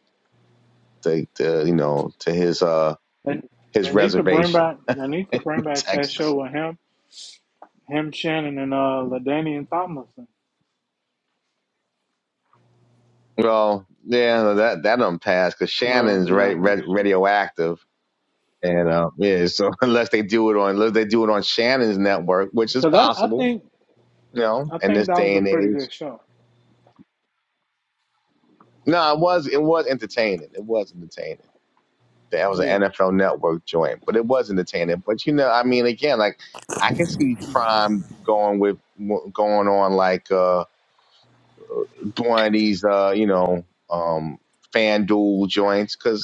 to, to you know, to his, uh, They, his they need to bring reservation back. They need to bring back that show Texas. with him, him, Shannon, and uh, Ladanian Tomlinson. Well, yeah, no, that that don't pass because Well, Shannon's yeah, ra- ra- that's true. radioactive, and uh, yeah, so unless they do it on unless they do it on Shannon's network, which is Because I, I possible, think, you know, I in think this that was day a and pretty age. good show. No, it was it was entertaining. It was entertaining. That was Yeah. an NFL Network joint, but it was entertaining. But you know, I mean, again, like I can see Prime going with going on like uh one of these uh you know um FanDuel joints because.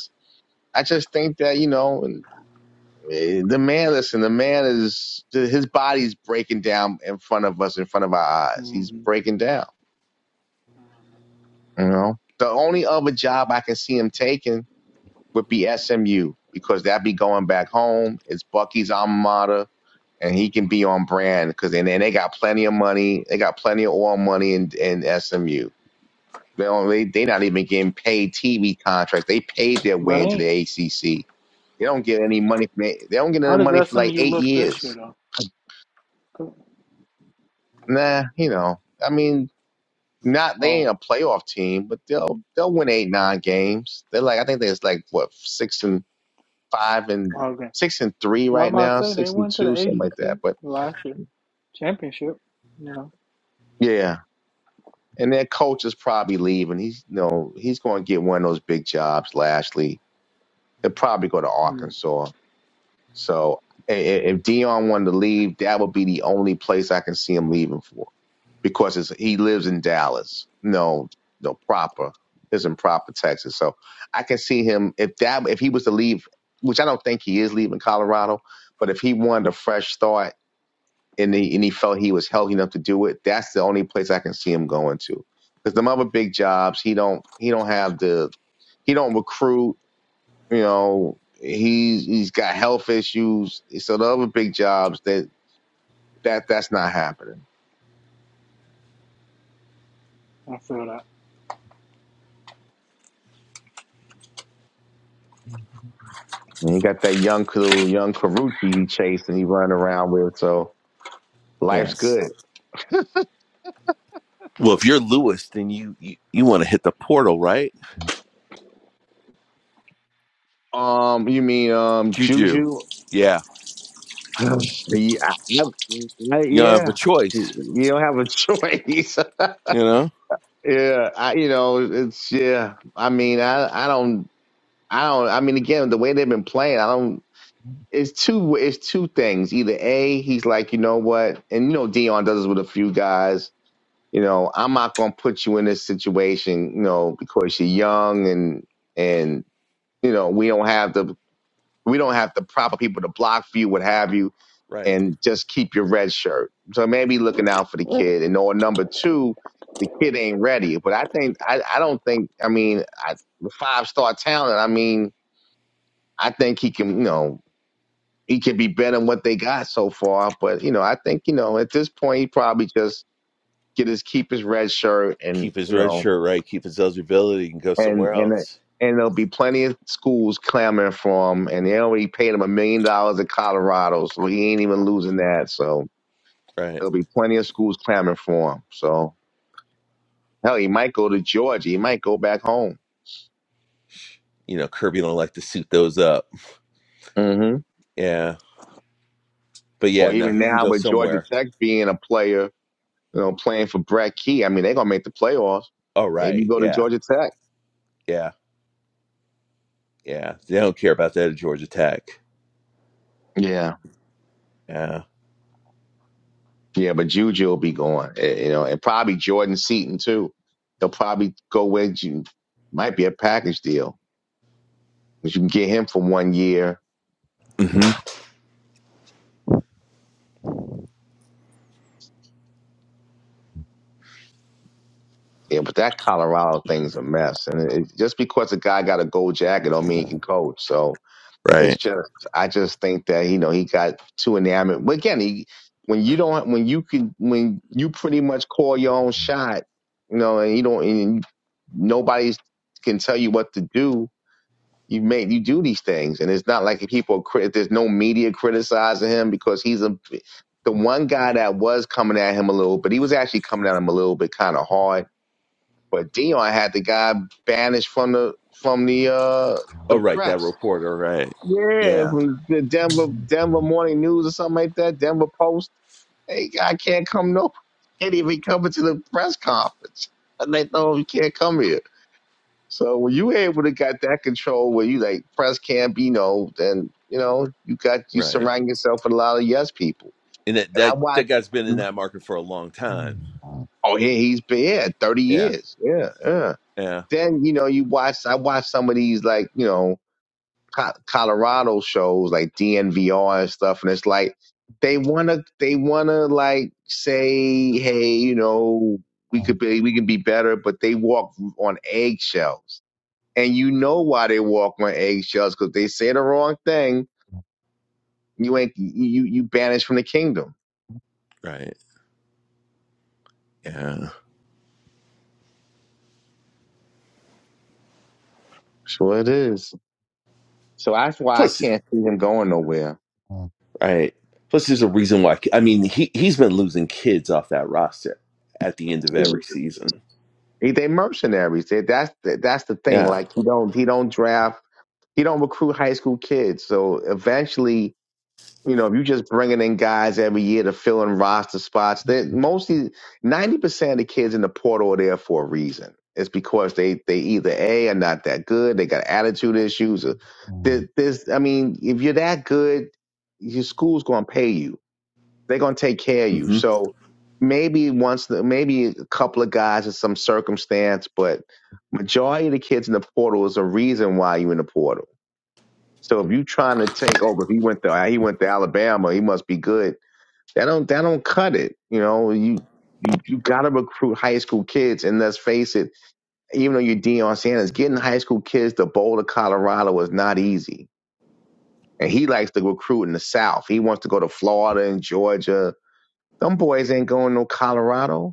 I just think that you know and, eh, the man. Listen, the man is his body's breaking down in front of us, in front of our eyes. He's Mm-hmm. breaking down. You know, the only other job I can see him taking would be SMU because that'd be going back home. It's Bucky's alma mater. And he can be on brand because and, and they got plenty of money. They got plenty of oil money in, in SMU. They don't, they they not even getting paid TV contracts. They paid their But way into ain't the ACC. They don't get any money. From, it- they don't get how any money does for like SMU eight look this year years. though? 'Cause- Nah, you know. I mean, not they Oh, ain't a playoff team, but they'll they'll win eight nine games. They're like I think there's like what six and five and well, okay. six and three 'Cause I'm right about to now, say they six and went to the two, something like that. ACC But last year championship. You know, yeah, and their coach is probably leaving. He's you know he's going to get one of those big jobs. Lashley, he'll probably go to mm, Arkansas So i- i- if Dion wanted to leave, that would be the only place I can see him leaving for, because it's, he lives in Dallas. No, no proper is in proper Texas. So I can see him if that if he was to leave, which I don't think he is leaving Colorado, but if he wanted a fresh start and he and he felt he was healthy enough to do it, that's the only place I can see him going to. Because the other big jobs, he don't he don't have the he don't recruit you know, he's he's got health issues. So the other big jobs that that that's not happening. I feel that And you got that young little young Karuchi he chased and he running around with. So life's Yes. good. Well, if you're Lewis, then you you, you want to hit the portal, right? Um, you mean um Juju. Juju? Yeah. yeah, I- I- You don't have a yeah. choice, You you don't have a choice. you know? Yeah, I, you know, it's yeah. I mean, I, I don't, I don't. I mean, again, the way they've been playing, I don't. it's two it's two things. Either A, he's like, you know what, and you know Dion does this with a few guys. You know, I'm not gonna put you in this situation, you know, because you're young and and you know we don't have the we don't have the proper people to block for you, what have you, Right. and just keep your red shirt. So maybe looking out for the kid. And or number two, the kid ain't ready. But I think I I don't think I mean I, the five star talent. I mean I think he can. You know, he could be better than what they got so far. But you know, I think you know at this point he probably just get his keep his red shirt and Keep his you red know shirt, right? Keep his eligibility and go and somewhere and uh, else. and there'll be plenty of schools clamoring for him. And they already paid him a million dollars in Colorado, so he ain't even losing that. So Right. there'll be plenty of schools clamoring for him. So hell, he might go to Georgia. He might go back home. You know, Kirby don't like to suit those up. hmm Yeah. But Or yeah, no, even he can now go with Georgia somewhere. Tech being a player, you know, playing for Brett Key. I mean, they're gonna make the playoffs. Oh Maybe right. go to Yeah. Georgia Tech. Yeah. Yeah. They don't care about that at Georgia Tech. Yeah. Yeah. Yeah, but Juju will be gone, eh, you know, and probably Jordan Seaton too. They'll probably go with you. Might be a package deal because you can get him for one year. hmm Yeah, but that Colorado thing's a mess, and it, it- just because a guy got a gold jacket don't mean he can coach. So it's Right. just, I just think that you know he got too enamored. But again, he, when you don't, when you can, when you pretty much call your own shot, you know, and you don't, and nobody can tell you what to do you make you do these things, and it's not like people. crit- There's no media criticizing him because he's a the one guy that was coming at him a little, but he was actually coming at him a little bit kind of hard. But Dion had the guy banished from the from the uh Oh the right, that press. reporter, right. Yeah, Yeah. from the Denver Denver Morning News or something like that, Denver Post. Hey, I can't come no, can't even come to the press conference. And they know you can't come here. So when you able to got that control where you like press can be no, then you know you got you Right. surround yourself with a lot of yes people. And that, And I that that watch. guy's been in that market for a long time. Oh yeah, he's been yeah, thirty Yeah. years. Yeah, yeah. Yeah. Then you know you watch. I watch some of these like you know Co- Colorado shows like DNVR and stuff, and it's like they wanna they wanna like say hey you know we could be we could be better, but they walk on eggshells and you know why they walk on eggshells because they say the wrong thing, you ain't you you banished from the kingdom. Right. Yeah. Sure it is. So that's why I Plus, can't see him going nowhere. right. Plus, there's a reason why. I mean, he he's been losing kids off that roster at the end of Yeah. every season. He, they mercenaries. They, that's the, that's the thing. Yeah. Like he don't he don't draft he don't recruit high school kids. So eventually You know, if you're just bringing in guys every year to fill in roster spots, they mostly 90% of the kids in the portal are there for a reason. It's because they, they either A, are not that good, they got attitude issues. Or there- there's, I mean, if you're that good, your school's going to pay you. They're going to take care of you. hmm So maybe once, the, maybe a couple of guys in some circumstance, but majority of the kids in the portal is a reason why you're in the portal so if you trying to take over, if he went to he went to Alabama, he must be good. That don't that don't cut it. You know, you you, you got to recruit high school kids, and let's face it, even though you're Deion Sanders, getting high school kids to Boulder, Colorado is not easy. And he likes to recruit in the South. He wants to go to Florida and Georgia. Them boys ain't going to Colorado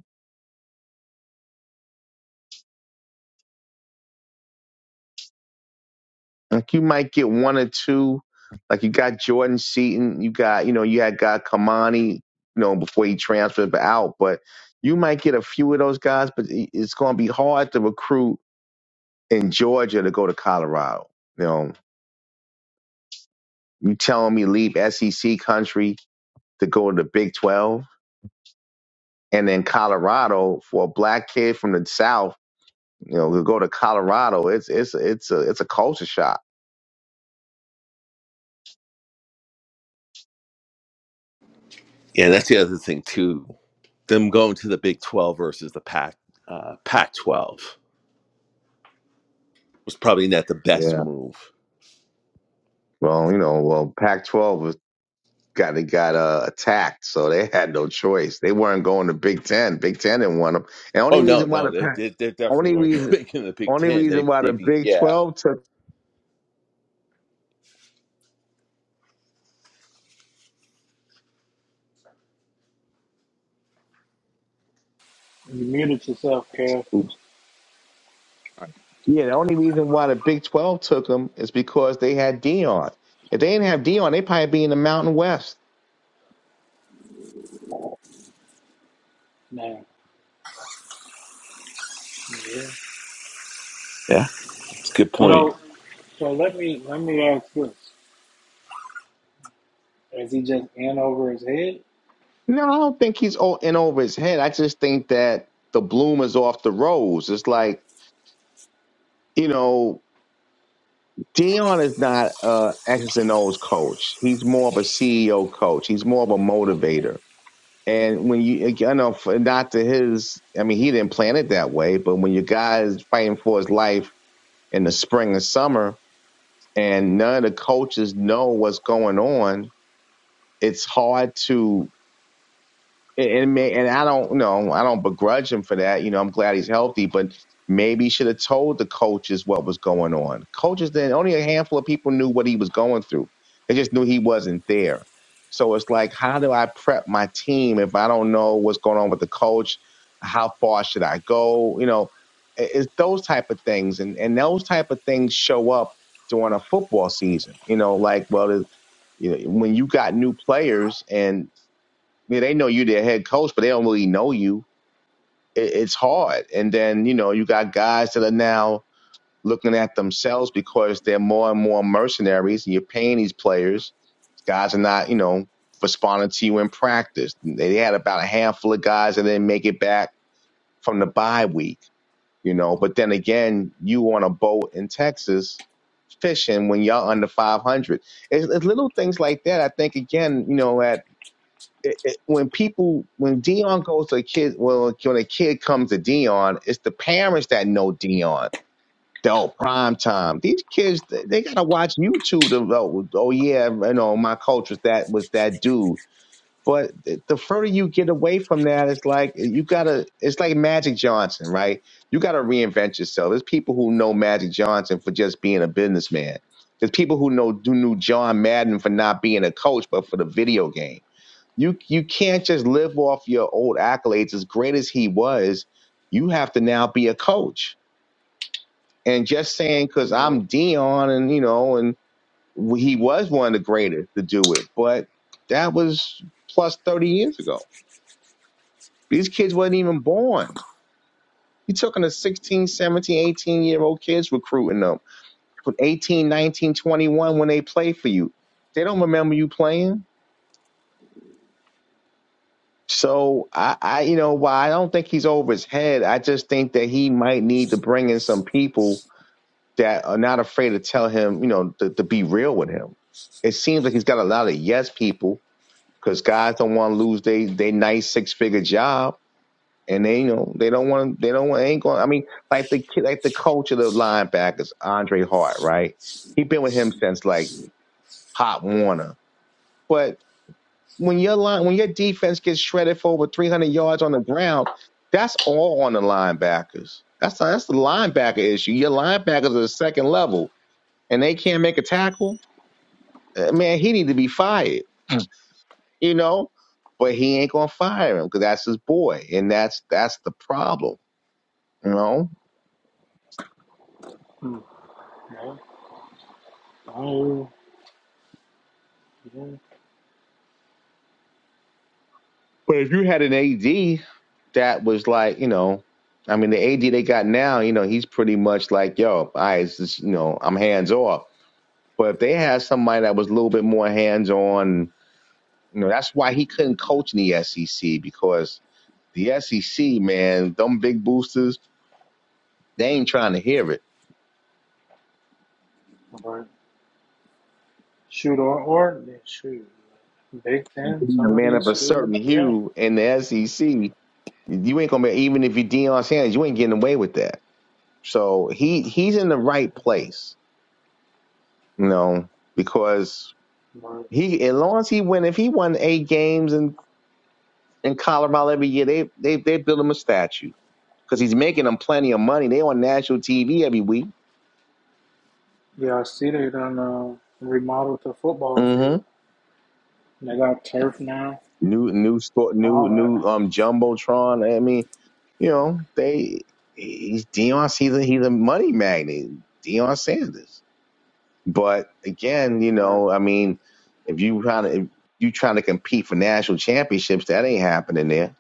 Like you might get one or two. Like you got Jordan Seaton, you got you know you had got Kamani, you know before he transferred out, but you might get a few of those guys. But it- it's going to be hard to recruit in Georgia to go to Colorado. You know, you telling me leave SEC country to go to the Big Twelve, and then Colorado for a black kid from the South, you know, to go to Colorado, it's it's it's a it's a culture shock. Yeah, that's the other thing too. Them going to the Big Twelve versus the Pac uh, Pac twelve was probably not the best Yeah. move. Well, you know, well Pac-12 was got they got uh, attacked, so they had no choice. They weren't going to Big Ten. Big Ten didn't want them. And only Oh no, reason why no, the they Pac- they, they definitely only weren't reason making the Big only Ten. reason They why the they be Big yeah Twelve took you muted yourself, Kev. oops, yeah the only reason why the Big Twelve took them is because they had Dion. If they didn't have Dion, they would probably be in the Mountain West. Nah. Yeah. yeah. It's a good point. Mm. So, so let me let me ask this: Is he just in over his head, No, I don't think he's o- in over his head. I just think that the bloom is off the rose. It's like you know Dion is not a X's and O's coach. He's more of a CEO coach. He's more of a motivator. And when you, like, I know, for- not to his, I mean, he didn't plan it that way. But when your guy is fighting for his life in the spring and summer, and none of the coaches know what's going on, it's hard to and and may, and I don't know, I don't begrudge him for that. You know, I'm glad he's healthy, but maybe he should have told the coaches what was going on. Coaches then only a handful of people knew what he was going through. They just knew he wasn't there. So it's like, how do I prep my team if I don't know what's going on with the coach? How far should I go? You know, i- it's those type of things, and and those type of things show up during a football season. You know, like well, you know, when you got new players and. I mean, they know you their head coach, but they don't really know you. It, it's hard. And then, you know, you got guys that are now looking at themselves because they're more and more mercenaries and you're paying these players. Guys are not, you know, responding to you in practice. They had about a handful of guys that didn't make it back from the bye week, you know. But then again, you on a boat in Texas fishing when y'all under 500. It's, it's little things like that. I think, again, you know, at it, it, when people when Dion goes to a kid well, when a kid comes to Dion, it's the parents that know Dion. Oh, prime time. These kids they, they gotta watch YouTube to oh, oh yeah, you know my coach was that was that dude. But the the further you get away from that, it's like you gotta. It's like Magic Johnson, right? You gotta reinvent yourself. There's people who know Magic Johnson for just being a businessman. There's people who know who knew John Madden for not being a coach, but for the video game you you can't just live off your old accolades. As great as he was, you have to now be a coach. And just saying because or I'm Dion, and you know, and he was one of the greatest to do it, but that was plus 30 years ago. These kids wasn't even born. He took in a 16, 17, 18 year old kids recruiting them. From 18, nineteen, twenty-one, when they play for you. They don't remember you playing So I, I, you know, while I don't think he's over his head, I just think that he might need to bring in some people that are not afraid to tell him, you know, to, to be real with him. It seems like he's got a lot of yes people because guys don't want to lose they they nice six figure job, and they you know they don't want they don't want ain't going. I mean, like the kid, like the coach of the linebackers, Andre Hart, right? He been with him since like Pop Warner, but when your line when your defense gets shredded for over 300 yards on the ground, that's all on the linebackers. That's that's the linebacker issue. Your linebackers are the second level, and they can't make a tackle. Uh, Man, he need to be fired, you know. But he ain't gonna fire him because that's his boy, and that's that's the problem, you know. mm, no? Oh, yeah. But if you had an AD that was like, you know, I mean, the AD they got now, you know, he's pretty much like, yo, I, just, you know, I'm hands off But if they had somebody that was a little bit more hands on, you know, that's why he couldn't coach in the SEC because the SEC, man, them big boosters, they ain't trying to hear it. Or shoot, or or yeah, shoot, Big Ten, Being a some of man of these a certain schools, yeah. hue in the SEC, you ain't gonna be even if you're Deion Sanders, you ain't getting away with that. So he he's in the right place, you know, because he as long as he win, if he won eight games in, in Colorado every year, they they they build him a statue. because he's making them plenty of money. They on national TV every week. Yeah, I see they done uh, remodeled the football Mm hmm field. They got turf now, New new store, new all that. new um jumbotron. I mean, you know, they he's Dion. He's a, he's a money magnet, Dion Sanders. But again, you Or know, I mean, if you trying to if you trying to compete for national championships, that ain't happening there.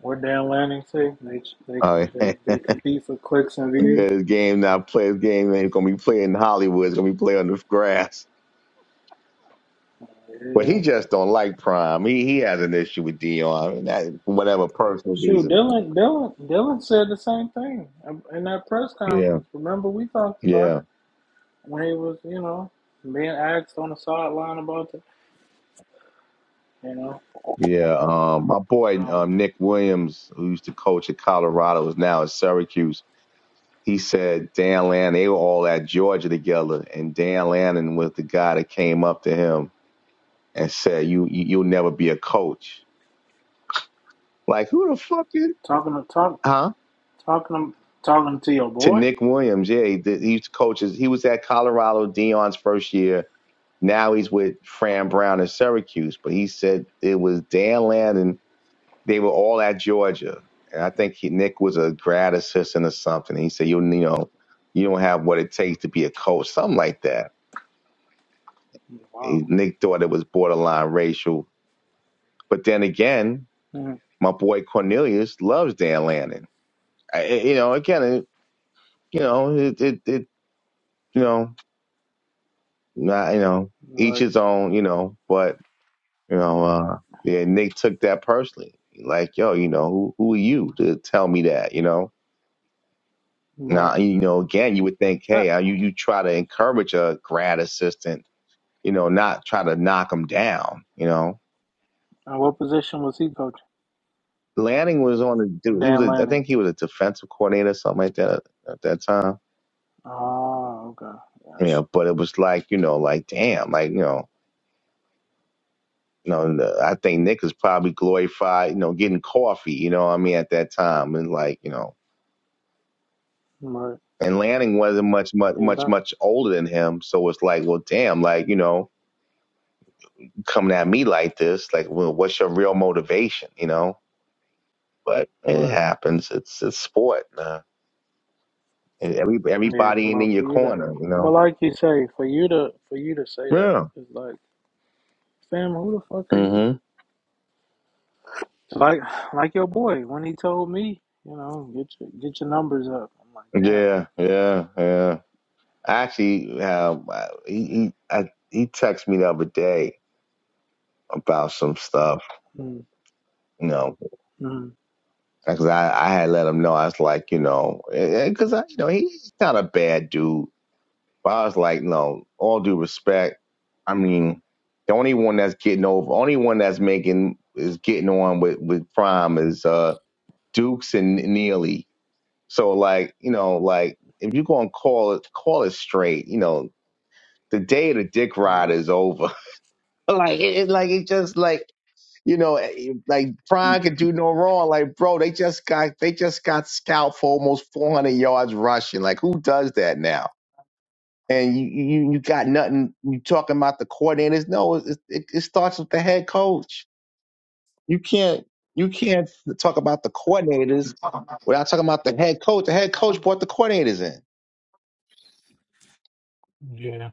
what Dan Lanning say? They they Uh, they they compete for clicks and views. this game not played. This game ain't gonna be played in Hollywood. It's gonna be played on the grass. Well, Yeah. he just don't like Prime. He he has an issue with Dion, and that, for whatever personal Shoot, reason. Dylan Dylan Dylan said the same thing in that press Yeah, conference. Remember we talked about it yeah, when he was you know being asked on the sideline about it. You know, yeah. Um, my boy so um, Nick Williams, who used to coach at Colorado, is now at Syracuse. He said Dan Lannon, they were all at Georgia together, and Dan Lannon was the guy that came up to him and said, "You, you you'll never be a coach." Like who the fuck is? talking to talk Huh? talking to, talking to your To boy. Nick Williams, yeah, he, did, he used to coach. his- He was at Colorado, Dion's first year Now he's with Fran Brown in Syracuse, but he said it was Dan Land they were all at Georgia. And I think he, Nick was a grad assistant or something. He said, you, you know, you don't have what it takes to be a coach, something like that. Wow. He, Nick thought it was borderline racial. But then again, Mhm. my boy Cornelius loves Dan Lanning. I- you know, again, it, you know, it, it, it, you know, not, you know, each Right. his own, you know, but You know, uh, yeah, Nick took that personally. Like, yo, you know, who, who are you to tell me that? You know, Right. now, you know, again, you would think, I, hey, uh, you, you try to encourage a grad assistant, you know, not try to knock him down. You know, And what position was he coaching? Lanning was on the, he was, Dan a, I Lanning. think he was a defensive coordinator or something like that at that time. Oh, okay. Gotcha. Yeah, but it was like, you know, like, damn, like, you know, you know, the- I think Nick is probably glorified, you know, getting coffee, you know what I mean, at that time. And like, you know, Right. and Lanning wasn't much, much, Yeah, much, that much older than him. So it's like, well, damn, like you know, coming at me like this, like, well, what's your real motivation, you know? But it right. happens. It's it's sport, man. And every Yeah, everybody but in your for you to corner, you but know. like you say, for you to for you to say that, Yeah. it's like, fam, who the fuck are you? Mm-hmm. Like like your boy, when he told me, you know, get your get your numbers up. I'm like, Yeah, damn, yeah, yeah. Actually, um, he he I, he texted me the other day about some stuff, okay. you know, Mm-hmm. because I I had let him know I was like, you know, because you know he's not a bad dude But I was like, no, all due respect. I mean, the only one that's getting over, only one that's making is getting on with with Prime is uh Dukes and Neely. So like, you know, like if you're gonna call it call it straight, you know, the day of the dick ride Right. is over. like it, it- like it just like you know, eh, eh, like Prime could do no wrong. Like, bro, they just got they just got scalped for almost 400 yards rushing. Like, who does that now? and you you, you got nothing. You talking about the coordinators? No, it, it, it starts with the head coach. You can't you can't talk about the coordinators without talking about the head coach. The head coach brought the coordinators in. Yeah,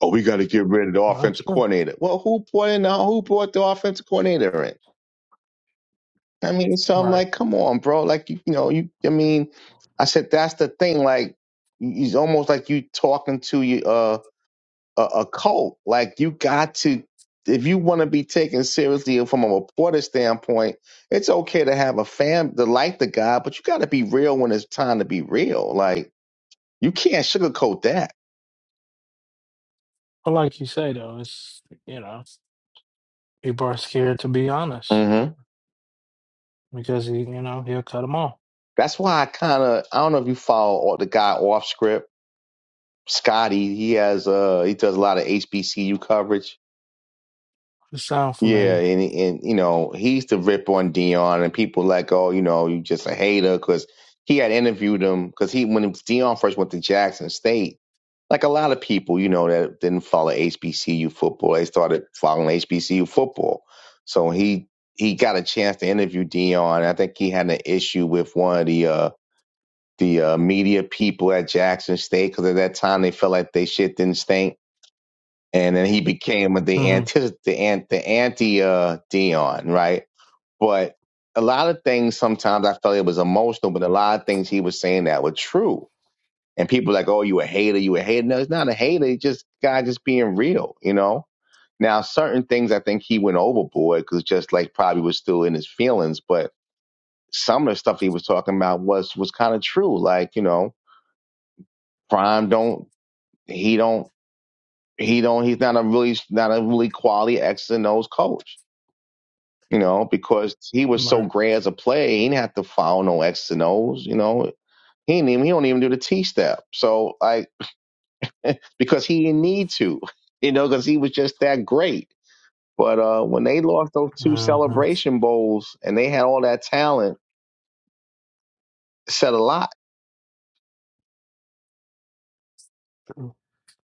Oh, we got to get rid of the not offensive sure. coordinator. Well, who brought in? The, who brought the offensive coordinator in? I mean, so I'm Right. like, come on, bro. Like you, you know, you. I mean, I said that's the thing. Like, he's almost like you talking to you. a, a cult. Like you got to, if you want to be taken seriously from a reporter standpoint, it's okay to have a fan to like the guy, but you got to be real when it's time to be real. Like you can't sugarcoat that. But like you say, though, it's, you know, people are scared to be honest hmm because, he, you know, he'll cut them off. That's why I kind of I don't know if you follow all the guy off script, Scotty. He has uh he does a lot of HBCU coverage It sounds Yeah, familiar. and and you know he used to rip on Dion, and people like, oh, you know, you just a hater because he had interviewed him because he when Dion first went to Jackson State, like a lot of people, you know, that didn't follow HBCU football, they started following HBCU football. So he he got a chance to interview Dion. I think he had an issue with one of the uh, the uh, media people at Jackson State because at that time they felt like they shit didn't stink and then he became the Mm-hmm. anti the, an- the anti uh, Dion, right? But a lot of things sometimes I felt it was emotional, but a lot of things he was saying that were true. And people like, oh, you a hater, you a hater. No, it's not a hater. It's just guy just being real, you know. Now, certain things I think he went overboard because just like probably was still in his feelings, but some of the stuff he was talking about was was kind of true. Like you know, Prime don't he don't he don't he's not a really not a really quality X and O's coach you know, because he was so Right. great as a player, he didn't have to follow no X's and O's, you know. He didn't even, he don't even do the T step. So like because he didn't need to, you know, because he was just that great. But uh when they lost those two Mm-hmm. celebration bowls and they had all that talent, it said a lot. True,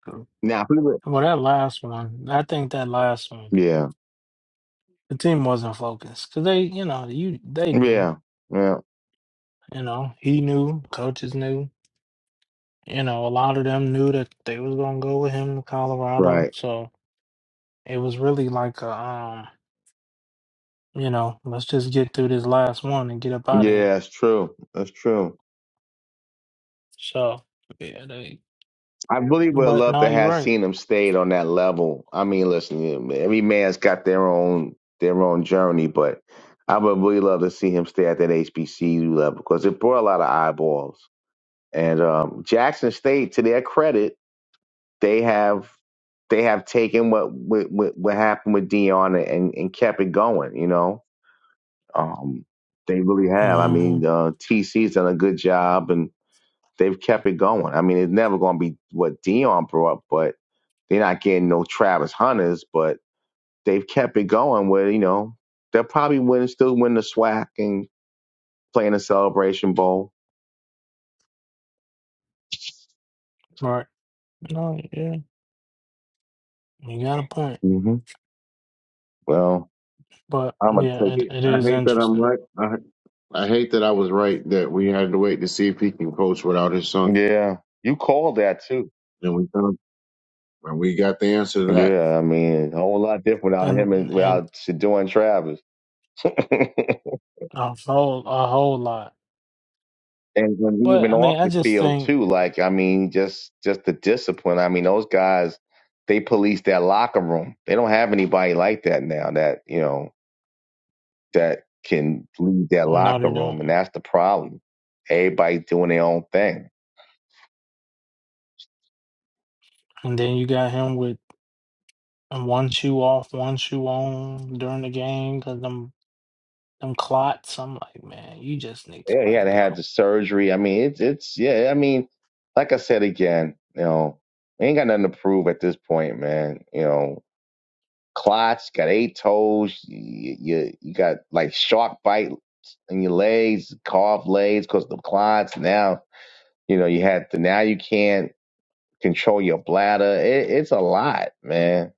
true. Now if we were- Well, that last one, I think that last one, Yeah. the team wasn't focused because they, you know, you they knew, Yeah. Yeah. you know, he knew, coaches knew, you know, a lot of them knew that they was gonna go with him to Colorado, Right. so it was really like a, um, you know, let's just get through this last one and get up out of here. Yeah, that's true. That's true. So yeah, they. I really would But love no, to you're have right. seen them stayed on that level. I mean, listen, you know, every man's got their own their own journey, but I would really love to see him stay at that HBCU level because it brought a lot of eyeballs. And um, Jackson State, to their credit, they have they have taken what what, what what happened with Dion and and kept it going. You know, um, they really have. I mean, Mm-hmm. uh, TC's done a good job and they've kept it going. I mean, it's never going to be what Dion brought, but they're not getting no Travis Hunters, but they've kept it going with, you know, they'll probably win, still win the SWAC and play in the Celebration Bowl. Right. No, yeah, you got a point. hmm Well, But I'm going yeah, to it, it I is hate that I'm interesting. right. I I hate that I was right that we had to wait to see if he can coach without his take, son. yeah, you called that too. And we done. And we got the answer to that. Yeah, I mean, a whole lot different without him and and and without Shador and Travis. and a whole a whole lot. when But even I off mean, I the just field think too. Like I mean, just just the discipline. I mean, those guys they police that locker room. They don't have anybody like that now. That you know that can leave their no, locker they room, and don't. that's the problem. Everybody doing their own thing. And then you got him with one shoe off, one shoe on during the game because them them clots. I'm like, man, you just need to Yeah, he let had it to go. have the surgery. I mean, it's it's yeah. I mean, like I said again, you know, we ain't got nothing to prove at this point, man. You know, clots, got eight toes. You you, you got like shark bite in your legs, carved legs, cause of the clots. Now you know you had to. Now you can't control your bladder. It, it's a lot, man.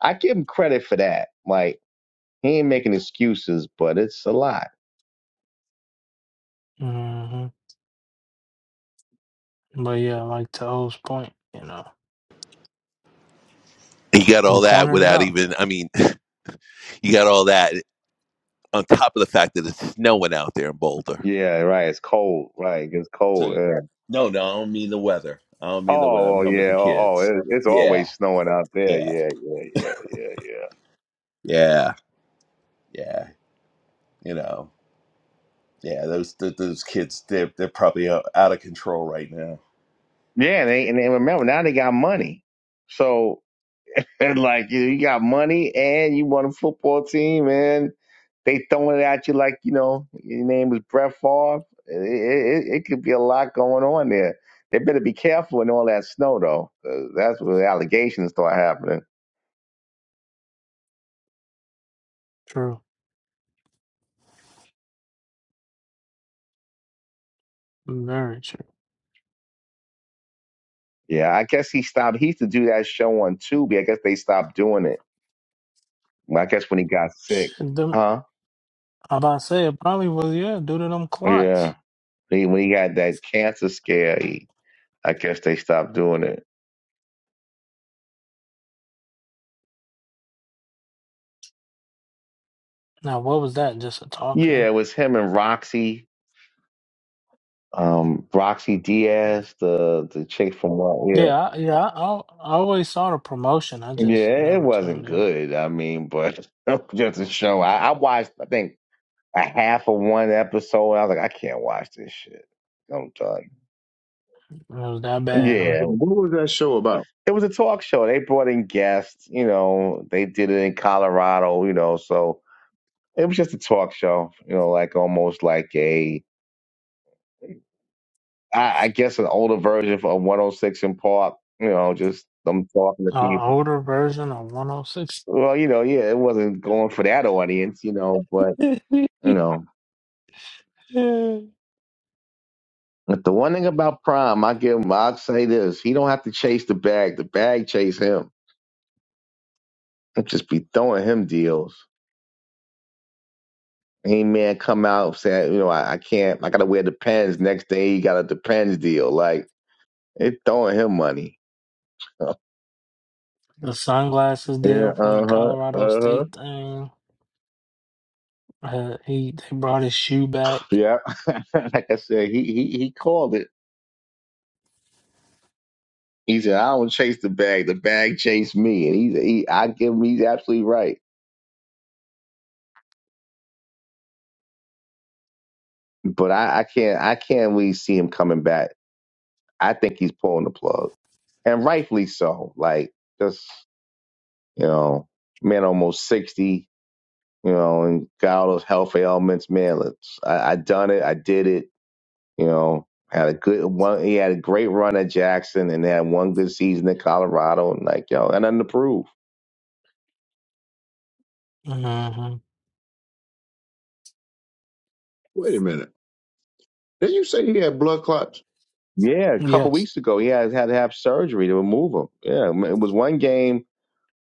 I give him credit for that. Like He ain't making excuses, but it's a lot. hmm But yeah, like to O's point, you know, You got he all that pointed it without out. even, I mean, you got all that on top of the fact that it's snowing out there in Boulder. Yeah, right. It's cold. Right. It gets So, cold. Yeah. no, no, I don't mean the weather. I don't mean the weather. Oh, I'm well, talking about yeah. the Oh, oh kids. it, it's Yeah, always snowing out there. yeah, Yeah, yeah, yeah, yeah, yeah, yeah. You know, yeah. Those th- those kids, they're they're probably uh, out of control right now. yeah. Yeah, and they, and they remember now they got money. So, and like you, you got money and you want a football team and they throwing it at you like, you know, your name is Brett Favre. It, it, it it could be a lot going on there. They better be careful in all that snow, though, 'cause that's where the allegations start happening. True. Very true. Yeah, I guess he stopped. He used to do that show on Tubi. I guess they stopped doing it. I guess when he got sick, And Them, huh? i about to say it probably was, yeah, due to them clots. Yeah, he, when he had that cancer scare, he, I guess they stopped doing it. Now, what was that? Just a talk show? Yeah, it was him and Roxy, um, Roxy Diaz, the the chick from what? Yeah, Yeah, I- yeah. I, al- I always saw the promotion. I just yeah, it never wasn't tuned in. good. I mean, but just a show. I, I watched, I think, a half of one episode. I was like, I can't watch this shit. I'm done. It was that bad, huh? Yeah, What was that show about? It was a talk show. They brought in guests. You know, they did it in Colorado. You know, so it was just a talk show. You know, like almost like a, I, I guess, an older version of 106 in Park. You know, just them talking to An people. older version of 106. Well, you know, yeah, it wasn't going for that audience. You know, but you know. But the one thing about Prime, I give him, I'll say this: he don't have to chase the bag. The bag chase him. It Just be throwing him deals. He man come out saying, you know, I, I can't, I gotta wear the pens. Next day he got a depends deal. Like it throwing him money. the sunglasses Yeah, deal from the uh huh, Colorado uh huh. State thing. Uh, he they brought his shoe back. Yeah, like I said, he he he called it. He said, "I don't chase the bag; the bag chased me." And he, he I give him, he's absolutely right. But I, I can't, I can't really see him coming back. I think he's pulling the plug, and rightfully so. Like just you know, man, almost sixty. you know, and got all those health ailments. Man, let's, I, I done it. I did it. You know, had a good one. He had a great run at Jackson, and they had one good season at Colorado, and like yo, and nothing to prove. hmm Wait a minute. Did you say he had blood clots? Yeah, a couple Yes. weeks ago, he had had to have surgery to remove him. Yeah, it was one game.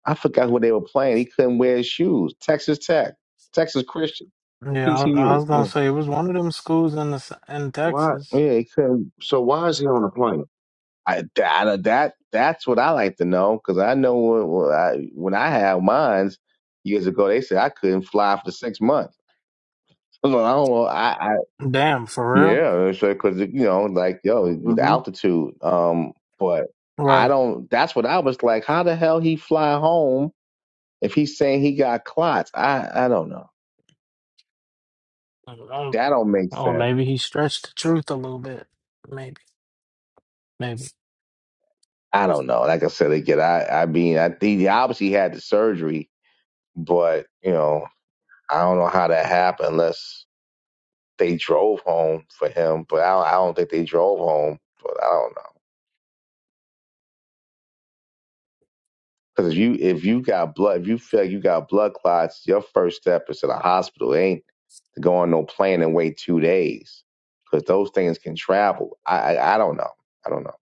I forgot who they were playing. He couldn't wear his shoes. Texas Tech, Texas Christian, Yeah, I, I TCU. was gonna Yeah, say it was one of them schools in the s- in Why? Texas. yeah, he couldn't. So why is he on a plane? I that that that's what I like to know because I know when, when I when I had mines years ago, they said I couldn't fly for six months. I like, I don't know. I, I Damn, for real, yeah, because you know, like yo, the Mm-hmm. altitude. Um, but I right? don't. That's what I was like. How the hell he fly home if he's saying he got clots? I I don't know. Um, That don't make or sense. maybe he stretched the truth a little bit. Maybe, maybe. I don't know. Like I said again, I I mean, I think he obviously had the surgery, but you know, I don't know how that happened. Unless they drove home for him, but I don't, I don't think they drove home. But I don't know because if you if you got blood, if you feel like you got blood clots, your first step is to the hospital. It ain't to go on no plane and wait two days because those things can travel. I, I I don't know. I don't know.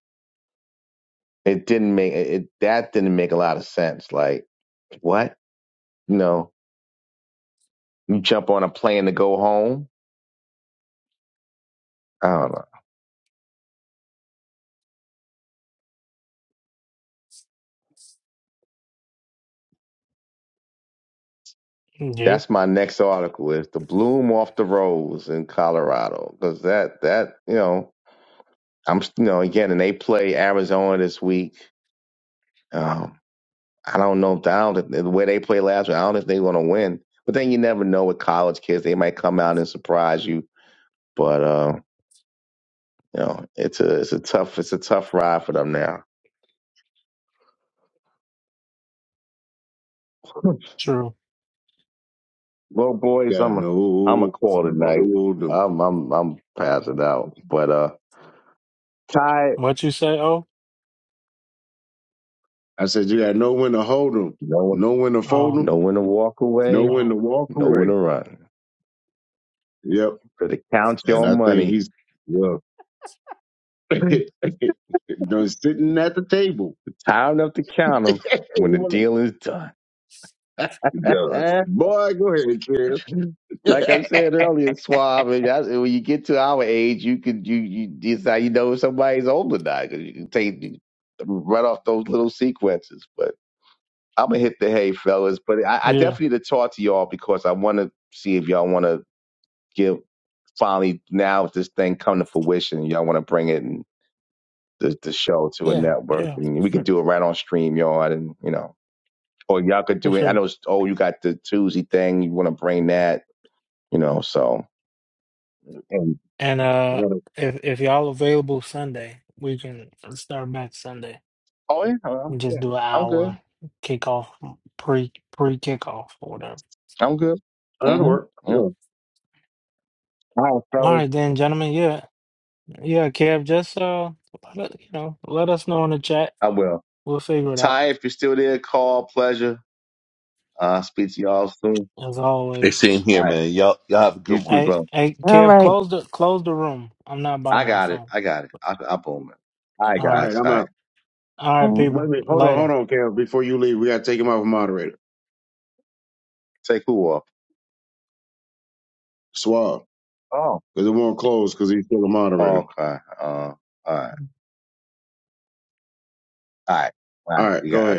It didn't make it that didn't make a lot of sense. Like what? You know, you jump on a plane to go home. I don't know. Yeah, That's my next article is the bloom off the rose in Colorado because that that you know I'm you know again, and they play Arizona this week. Um, I don't know if the, I don't, if, the way they played last week. I don't know if they're going to win. But then you never know with college kids; they might come out and surprise you. But uh, you know, it's a it's a tough it's a tough ride for them now. true. Well, You boys, gotta I'm a I'm a know call when tonight. to hold him. I'm I'm I'm passing out. But uh, tired. What you say? Oh, I said you gotta know when to hold him, No one, know when to fold oh, him, no one to walk know away. when to oh, walk No one away. to run. Yep. Better count And your I think money. he's well done sitting at the table. It's time enough to count He 'em when the wanna- deal is done. he does. like Boy, go ahead, Kev. I said earlier, Swab, and that's- when you get to our age, you can you you decide you know if somebody's old or not 'cause you can take you run off those little sequences. But I'm gonna hit the hay, fellas. But I, I yeah, definitely need to talk to y'all because I want to see if y'all want to give finally now if this thing come to fruition, y'all want to bring it and the, the show to a yeah, network, yeah, and we can for, do it right on StreamYard, and you know, or y'all could for do it. I sure. know, it's, oh, you got the Tuesday thing, you want to bring that, you know, so. And And uh, That'll if if y'all available Sunday, we can start back Sunday oh yeah, I'm, and just yeah, do an I'm hour good. kickoff pre pre kickoff or whatever. I'm good. that'll Mm-hmm. work. Yeah. Yep. All All right, All fellas. right, then, gentlemen. Yeah, yeah, Kev. Just uh, let, you know, let us know in the chat. I will. We'll figure it out Ty, if you're still there, call. Pleasure. Uh, speak to y'all soon. as They're always. sitting All here, right, man. Y'all, y'all have a you good too, one. Hey, bro. hey, All Kev, right. close the close the room. I'm not by I my got it. phone. I got it. I, I boom it. All right, All right, right, guys. I'm All right, out. all right, Mm. Wait a people. minute. Hold on, Later. hold on, Kev. Before you leave, we gotta take him off a moderator. take who off? Swab. Oh, Because it won't close because he's still a moderator. okay. Uh, all right, all right, all All right. right, We go got okay. ahead.